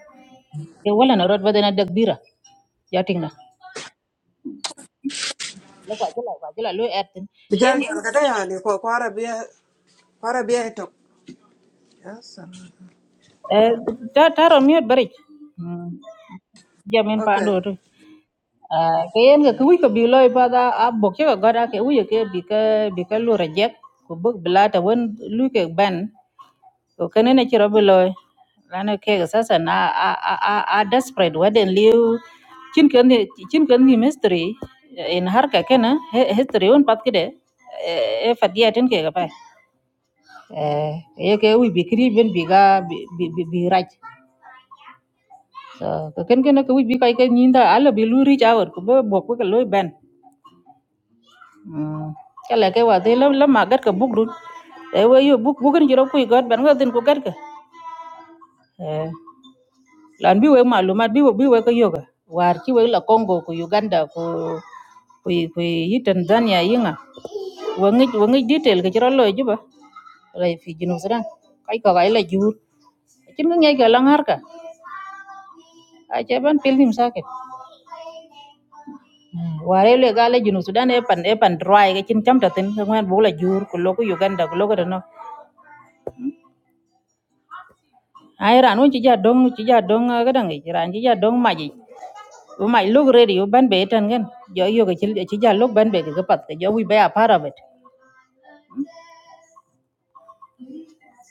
ke wala na rod badana dag bira ya tingna la kwa jila kwa jila lu etin bây giờ yem cái ka da ya ni ko ko ara bi ko ara bi to yes ta taro miot bari jamen pa Okay. ando to Ah, ke yen ke wi ke bi loy pa da a bok che ko goda ke wi ke bi ke bi ke lu reject ku bok bla ta won lu ke ban ko kene ne chiro bi loy lana ke ga sasa na a a a a desperate waden liu chin ken ni- chin ken ni mystery in har ka kena he- history on pat kide e fadia tin ke ga pa eh ye ke wi bi kri ben bi ga bi bi bi bi raj so ko ken ken ke wi bi kai ke nyinda ala bi lu ri jawar ko bo bok ko loy ban Mm. Chala ke wa de lam lam magat ka buk dun. E we yo buk bukin jiro kui god ban ga din ku gat ka. Eh lan bi we malumat bi we bi we ka yoga. War ki we la Congo ku Uganda ku ku ku yi Tanzania yinga. Wangi wangi detail ka jiro lo juba. Rai fi jinu sudan. Kai ka ga ila jur. Kin ga ngai ga langar ka. A che ban pil nim saket. Ware le ga le jinu sudan e pan e pan dry ga kin cham ta tin ngwan bu la jur ku lo ku Uganda ku lo ka no. ai ran un ci jadong dong ci ja dong ga dang ci ran ci ja dong ma ji u mai lug re ri ban be tan gan jo yo ga ci ja ban be ga pat jo we be a part of it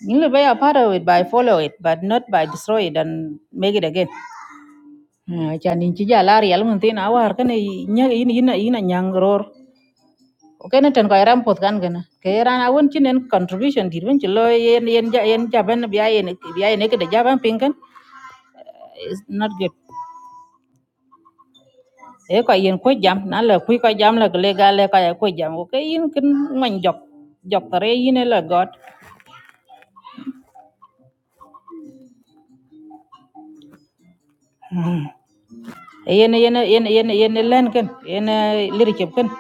you will be a part of it by follow it but not by destroy it and make it again Jadi cha lari, ci ja lar yal mun tin awar kan nya yin yin yin nyang ror o ken tan ko kan gan ke ran contribution dir wen ci lo yen yen ja yen ja ban biya yen biya yen e ke ja kan it's not good e ko yen ko jam na la ku ko jam la le ga le ka ya ko jam ko yin kin man jok jok tare yin la god yen yen yen yen yen len ken yen lir chep ken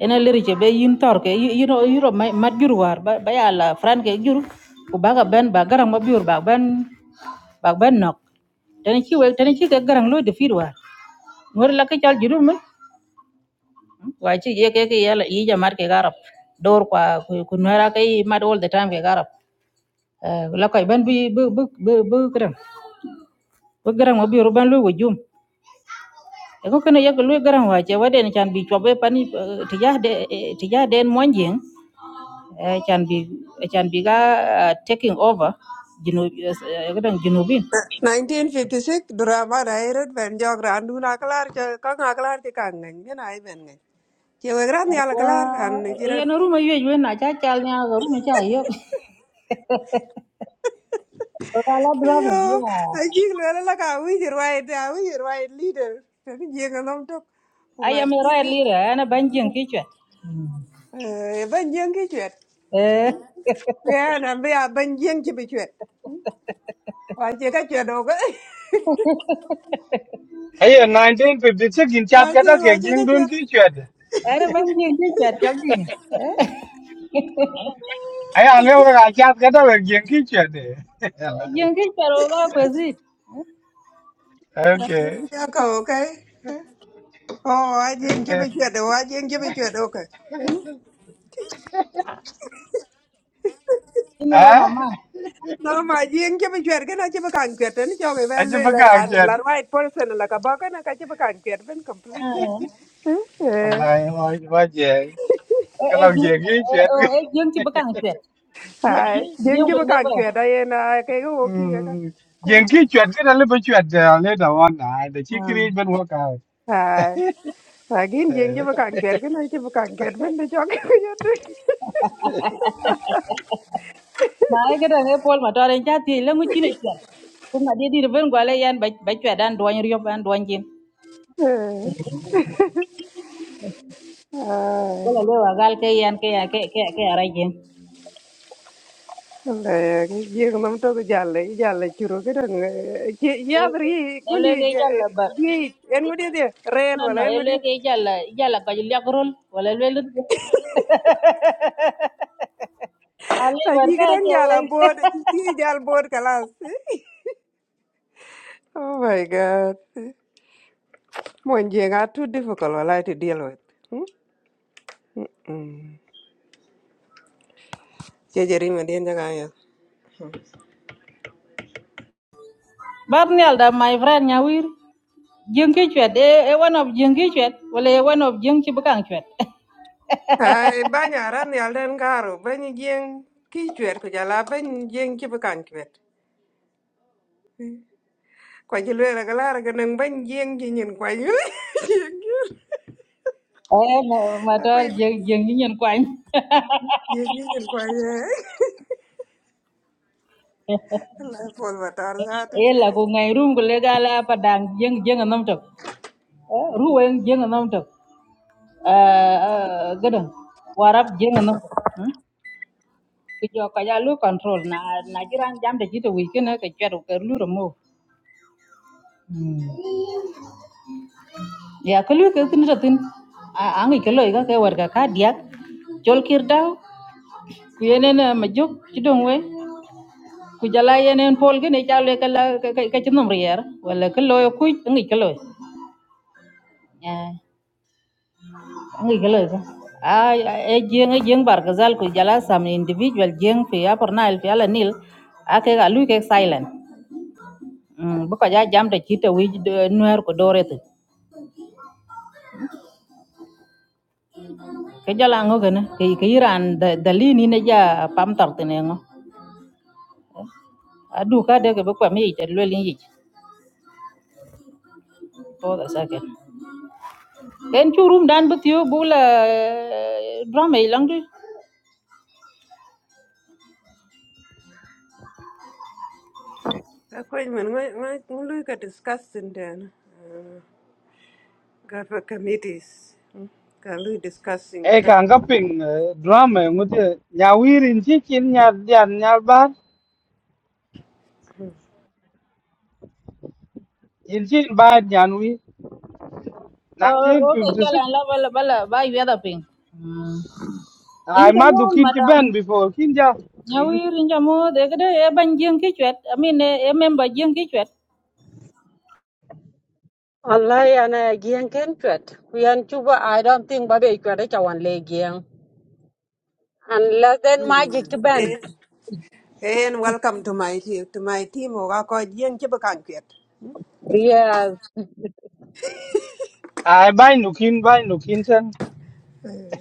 yen lir chep yin tor ke yiro yiro mat jur war ba ba ya la fran ke jur ku ba ga ben ba garang ma biur ba ben ba ben nok tan chi wek tan chi ke garang lo de fir war ngor la ke chal jurul me wa chi ye ke ke ya la yi jamar ke garap dor kwa ku ku nara ke mat all the time ke garap la koy ban bi bu bu bu bu gran bu gran mo biuru ban lu wajum e ko kana yak lu gran wa che waden chan bi chobe pani tija de tija den monjing e chan bi e chan bi ga ờ, taking over jinu gran jinubin 1956 drama dairet ben jog randu na klar ke ka na klar ke kan ngai ne ai ben ngai ke we gran ya la wa klar an ni kira ya no ruma yue yue na cha chal nya ga ruma cha yo ko la drama ayo yeah aji le la la ka wi ji rai da wi ji leader te ni je ga nom tok ko i ngai am a kir royal leader ana banjing kichwa eh ben jeng ki chwet eh ya na be a ben jeng ki bi chwet wa je ka chwet o ga Ai 1956 in chat wa ka ta je wa ke je jin ka dun chwet ki chue de. ana banjing kichwa choking Ai a le wa chat ka ta ke jin ki chue de. Alai. là cái chợ đó. là bơ gì Jingi pero la pesi. Okay. ya ka o kai Oh, I didn't give a shit. Oh, I didn't give Ini wana Ah? ma. No, ma jing che bichwer gana che bakan kwer ten cho be Ai ben le ba la ka ran chue. la right person la ka ba kana ka che bakan kwer ben completely. Eh? Eh. Allah ơi, ba je. Eh eh Kalau jing je ki chue eh jing ti bakang kwet. Ai, jing Jing che will bakan never. kwer da ye na ke go ki ka. Mm, Eh? yen ki chwet ki dalu bi chwet eh, later on na the chi create ben work out Ai. Agin jing che eh bakan kwer gana che bakan kwer ben de cho ke yo de. Ma ai kada ne pol ma tore ja ti la ngi ni kwet. Ko ma di di ben gwale yan ba ba kwet dan duan riyo ban duan jin. Eh. Ko Ai. la lewa gal ke yan ke ya ke ke ke ara jin. Le ke jing nam to ja le ja le churo ke dang. Ye ya bri Ele ngudi ke jalla bar. di en ngudi di rel No no wala ele en ke jalla jalla ka jagrol wala lelu. Ali Aji warga kadang aja jala wei. board, aji jala board kalas. Oh my God. Mwenjeng are too difficult walai to deal with. Jejeri madien jaga ya. bar nial da my friend nyawir jeng ki chwet e e one of jeng ki chwet wala e one of jeng ki bukang chwet Ai banya ran yal den karo, banyi jeng ki chwer ko jala banyi jeng ki bukan chwer. Kwa jilwe la galara ganang banyi jeng ki nyin kwa yu. Jeng ki. eh ma- Ako matar yu jeng jeng ni nyen kwany jeng ki nyin kwa yu. Allah pol batar zata. e la ko ngai rum ko le gala pa dang jeng jeng nam tok Eh, ru wen jeng nam tok eh gadan warap jeng nam tok Hmm? ku jo ka ya lu control na na jiran jam de jito wi kena ka chwet ko lu remo ya ko lu ke tin tin a angi ko lo ga ke war ga ka diak chol kir dau ku yenen ma juk ci dong we ku jala yenen pol gene jalo ka la ka ka ka ci nom rier wala ka loyo ku ngi ka loy eh ngi ka loy ka ay e jeng jeng bar ka zal ku jala sam individual jeng fi ya por nail fi ala nil ake ga lu ke silent mm bu ko ja jam da ci te wi nuer ko dorete ke jala ngo gene ke ke iran da dalini ne ja pam tar tene ngo adu ka de ke bu ko mi te lo lin yi ko da sake en chu rum dan bu tiu bu la drama ilang du Ako yu man ngului ka discuss sin dena. Garba committees. Mm. Kalu discussing e kra. kan ga ping eh, drama ngute nya wir in chi chin nya yan nya ba in chi ba yan wi o o ke 1956 chalan la bala bala ba yada ping in ai ma chamo du kin chi madam ben before kin ja Mm. nyawir in chamo de gede e ban jing ki chwet i mean e e member jing ki chwet Wallahi ana giang ken chwet. Kuyan chuba I don't think babe chwet e chawan le giang. Unless then magic to ben. Eh, eh, and welcome to my team. To my team, oga ko jeng chiba kankiet. Yes. ai ba nu kin ba nu kin sen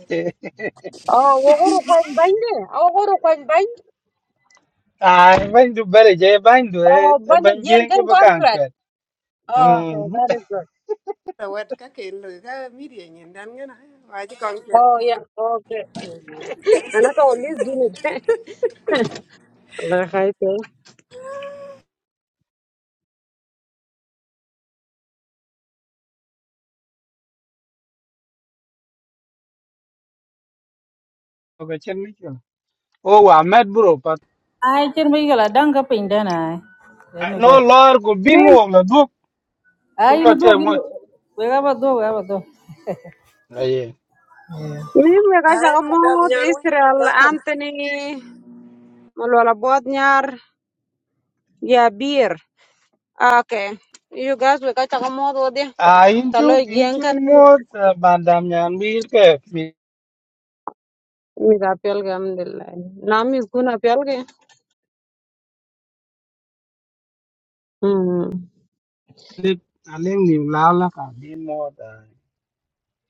Eh, Oh, wogoro kwen bande. Oh, wogoro kwen bande. ai ba du bere je ba du e Oh, ba bande giang jeng chi ken ba kon kan chwet. che Oh, okay, mm that is good. So what ka kelu ka media nyen dan ngana. Waji kankiet. Oh, yeah, okay. Ana to list dun it. La khayte. ba chen mi chu o wa met bro pa ai chen mi gala dang ka ping dana let me go no lor ko bin Men, wo ai Chúng là no do chơi gi mốt. we ga ba do ga ba do Đấy. men we ga Hi, jaga Madam mod Nyanwi. Israel Welcome. Anthony. Malwala Bodnyar. Ya Ah, Okay. You guys will catch a mod odi. À, in Talo chú, in yen chú kan mốt, à, bạn đàm nhàn biết kể, vì with apelga alhamdulillah. Nam is gonna apelga. Hmm. à, lên niềm lao là cả đi mốt. À,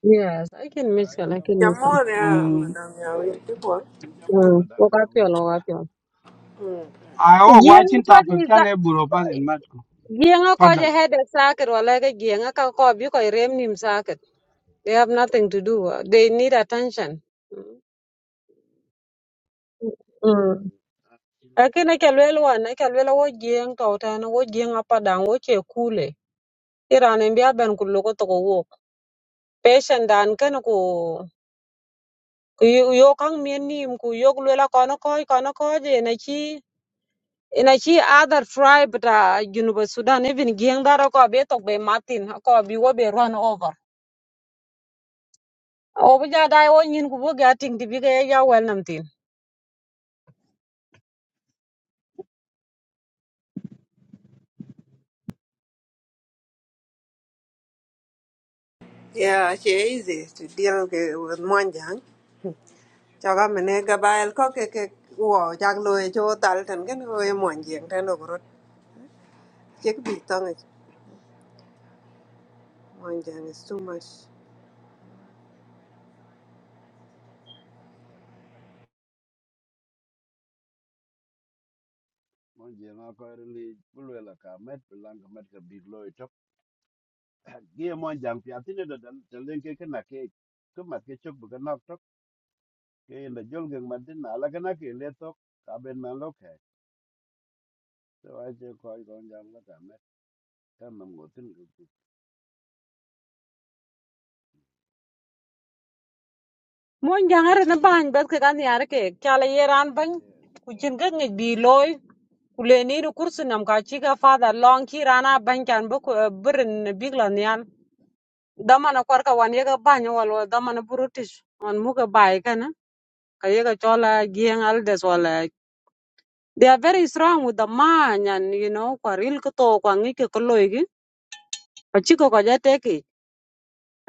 Yes, I can Ah miss her, I inja can mo miss her. Jamon inja ya, mo um Madam Nyanwi. Tipo. inja Hmm. madam ya wi. Wokapel, wokapel. à, ô, quá Yen chín ko tạp cực ni chán sa em bùrù phát hình mắt cô. yen ko Phát je đần. head socket wala ke yen ka ko bi ko rem nim socket. They have nothing to do. They need attention. Mm. Lakini kelwel wan kelwel wo jieng to tena wo jieng apa dang wo che kule. Iran en bia ben kulo ko Peshandan kan ku ku yo yo kan mien nim ku yok luela kono koj kono koj ina chi na chi other tribe ta Junuba Sudan even gieng daro ko be tok be matin ko bi wo be run over. O bu ja dai wo nyin ku bu ga ting di bi ga ya wel nam tin. Yeah, she easy to deal ke- with monjang. Chaga mene gabail ko ke ke wo chak lo e cho tal tan ken o e monjang tan ogorot. Chek bi tong monjang is too much. Mon je na ko ri bu le la ka met lang ka met ka big gie mon jang pi atine da dan telen ke kana ke to mat ke chok bukan nok tok ke enda jol gen mat din ala kana ke le tok ka ben man lok he so a je ko i gon jang la ta me ta nam go tin go pi Mon jangare na bany bas ke kan yar ke kala yeran bany ke ku cin ga ngi bi loy ku le ni ru kursu nam ka chi ga father long ki rana bany kan bu ku birin biglan dama na kwarka wan yega bany wal wal dama na brutish on muga bai kana ka yega chola gieng aldes wala they are very strong with the man and you know kwaril ko to kwa ngi ko loigi pachiko ko jateki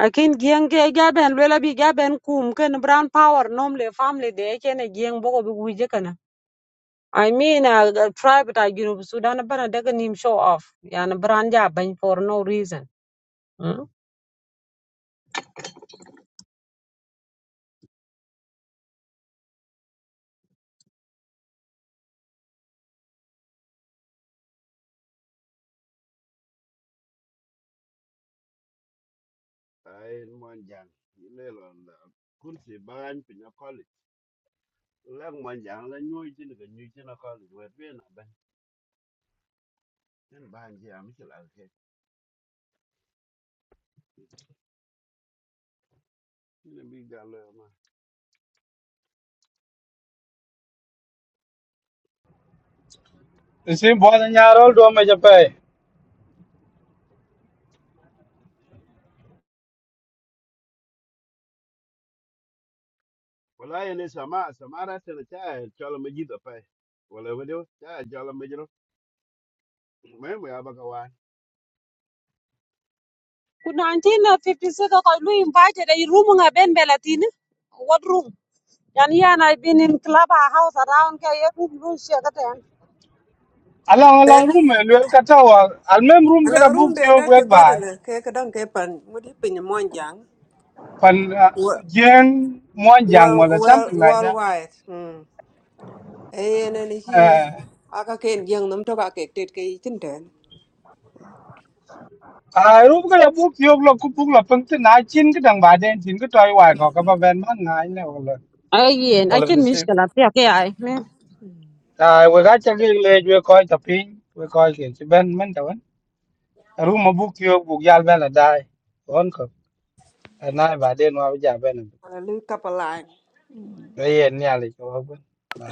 akin gieng ge gaben lela bi gaben kum ken brown power normally family de kene gieng bogo bi wije kana I mean, uh, the tribe that you know, Sudan, but I nim show off. Yeah, and brand yeah, for no reason. Mm. ai mon jang ile lon da kun si ban pi na college lang mon jang la nyu tin ga nyu tin na college wet be na ben tin ban je am chil al ke ile bi ga lo ma Xin bỏ ra nhà rồi đồ mà chập ấy. wala ene sama sama ra tele cha chol ma ji da pai wala wedo cha chol ma ji ro me mo ya ba ka wa ku 1956 I lu invited a room nga ben belatin what room yani yan i have been in club house around ka ye room lu she ka ten Ala ala room ấy, lưu cả tàu à, al mem room cái đó Anang room book de theo nda quét te bài. godana ke kadang ke pan mudi pinyo monjang. Phần à, Well, giang, muan giang, well, hoặc là well, something like worldwide. Hmm. Ayen and he that. aka ken yang nam toka ke tet ke itin den. à lúc cái là bút tiêu là cũng bút là phân tích nãy chín cái đằng bà đen chín cái trai hoài có cái bà ven mắt nãy này hoặc là ayen hoặc là akin nó xem mishkala pia ke ai à vừa cái chắc cái lê vừa coi tập pin vừa coi kiểu cái bên mình đâu ấy à lúc mà bút tiêu bút giao bên là đai còn có à nãy bà đen mà bây giờ bên này Ala lu kapalai. bây giờ nhà lại cho hơn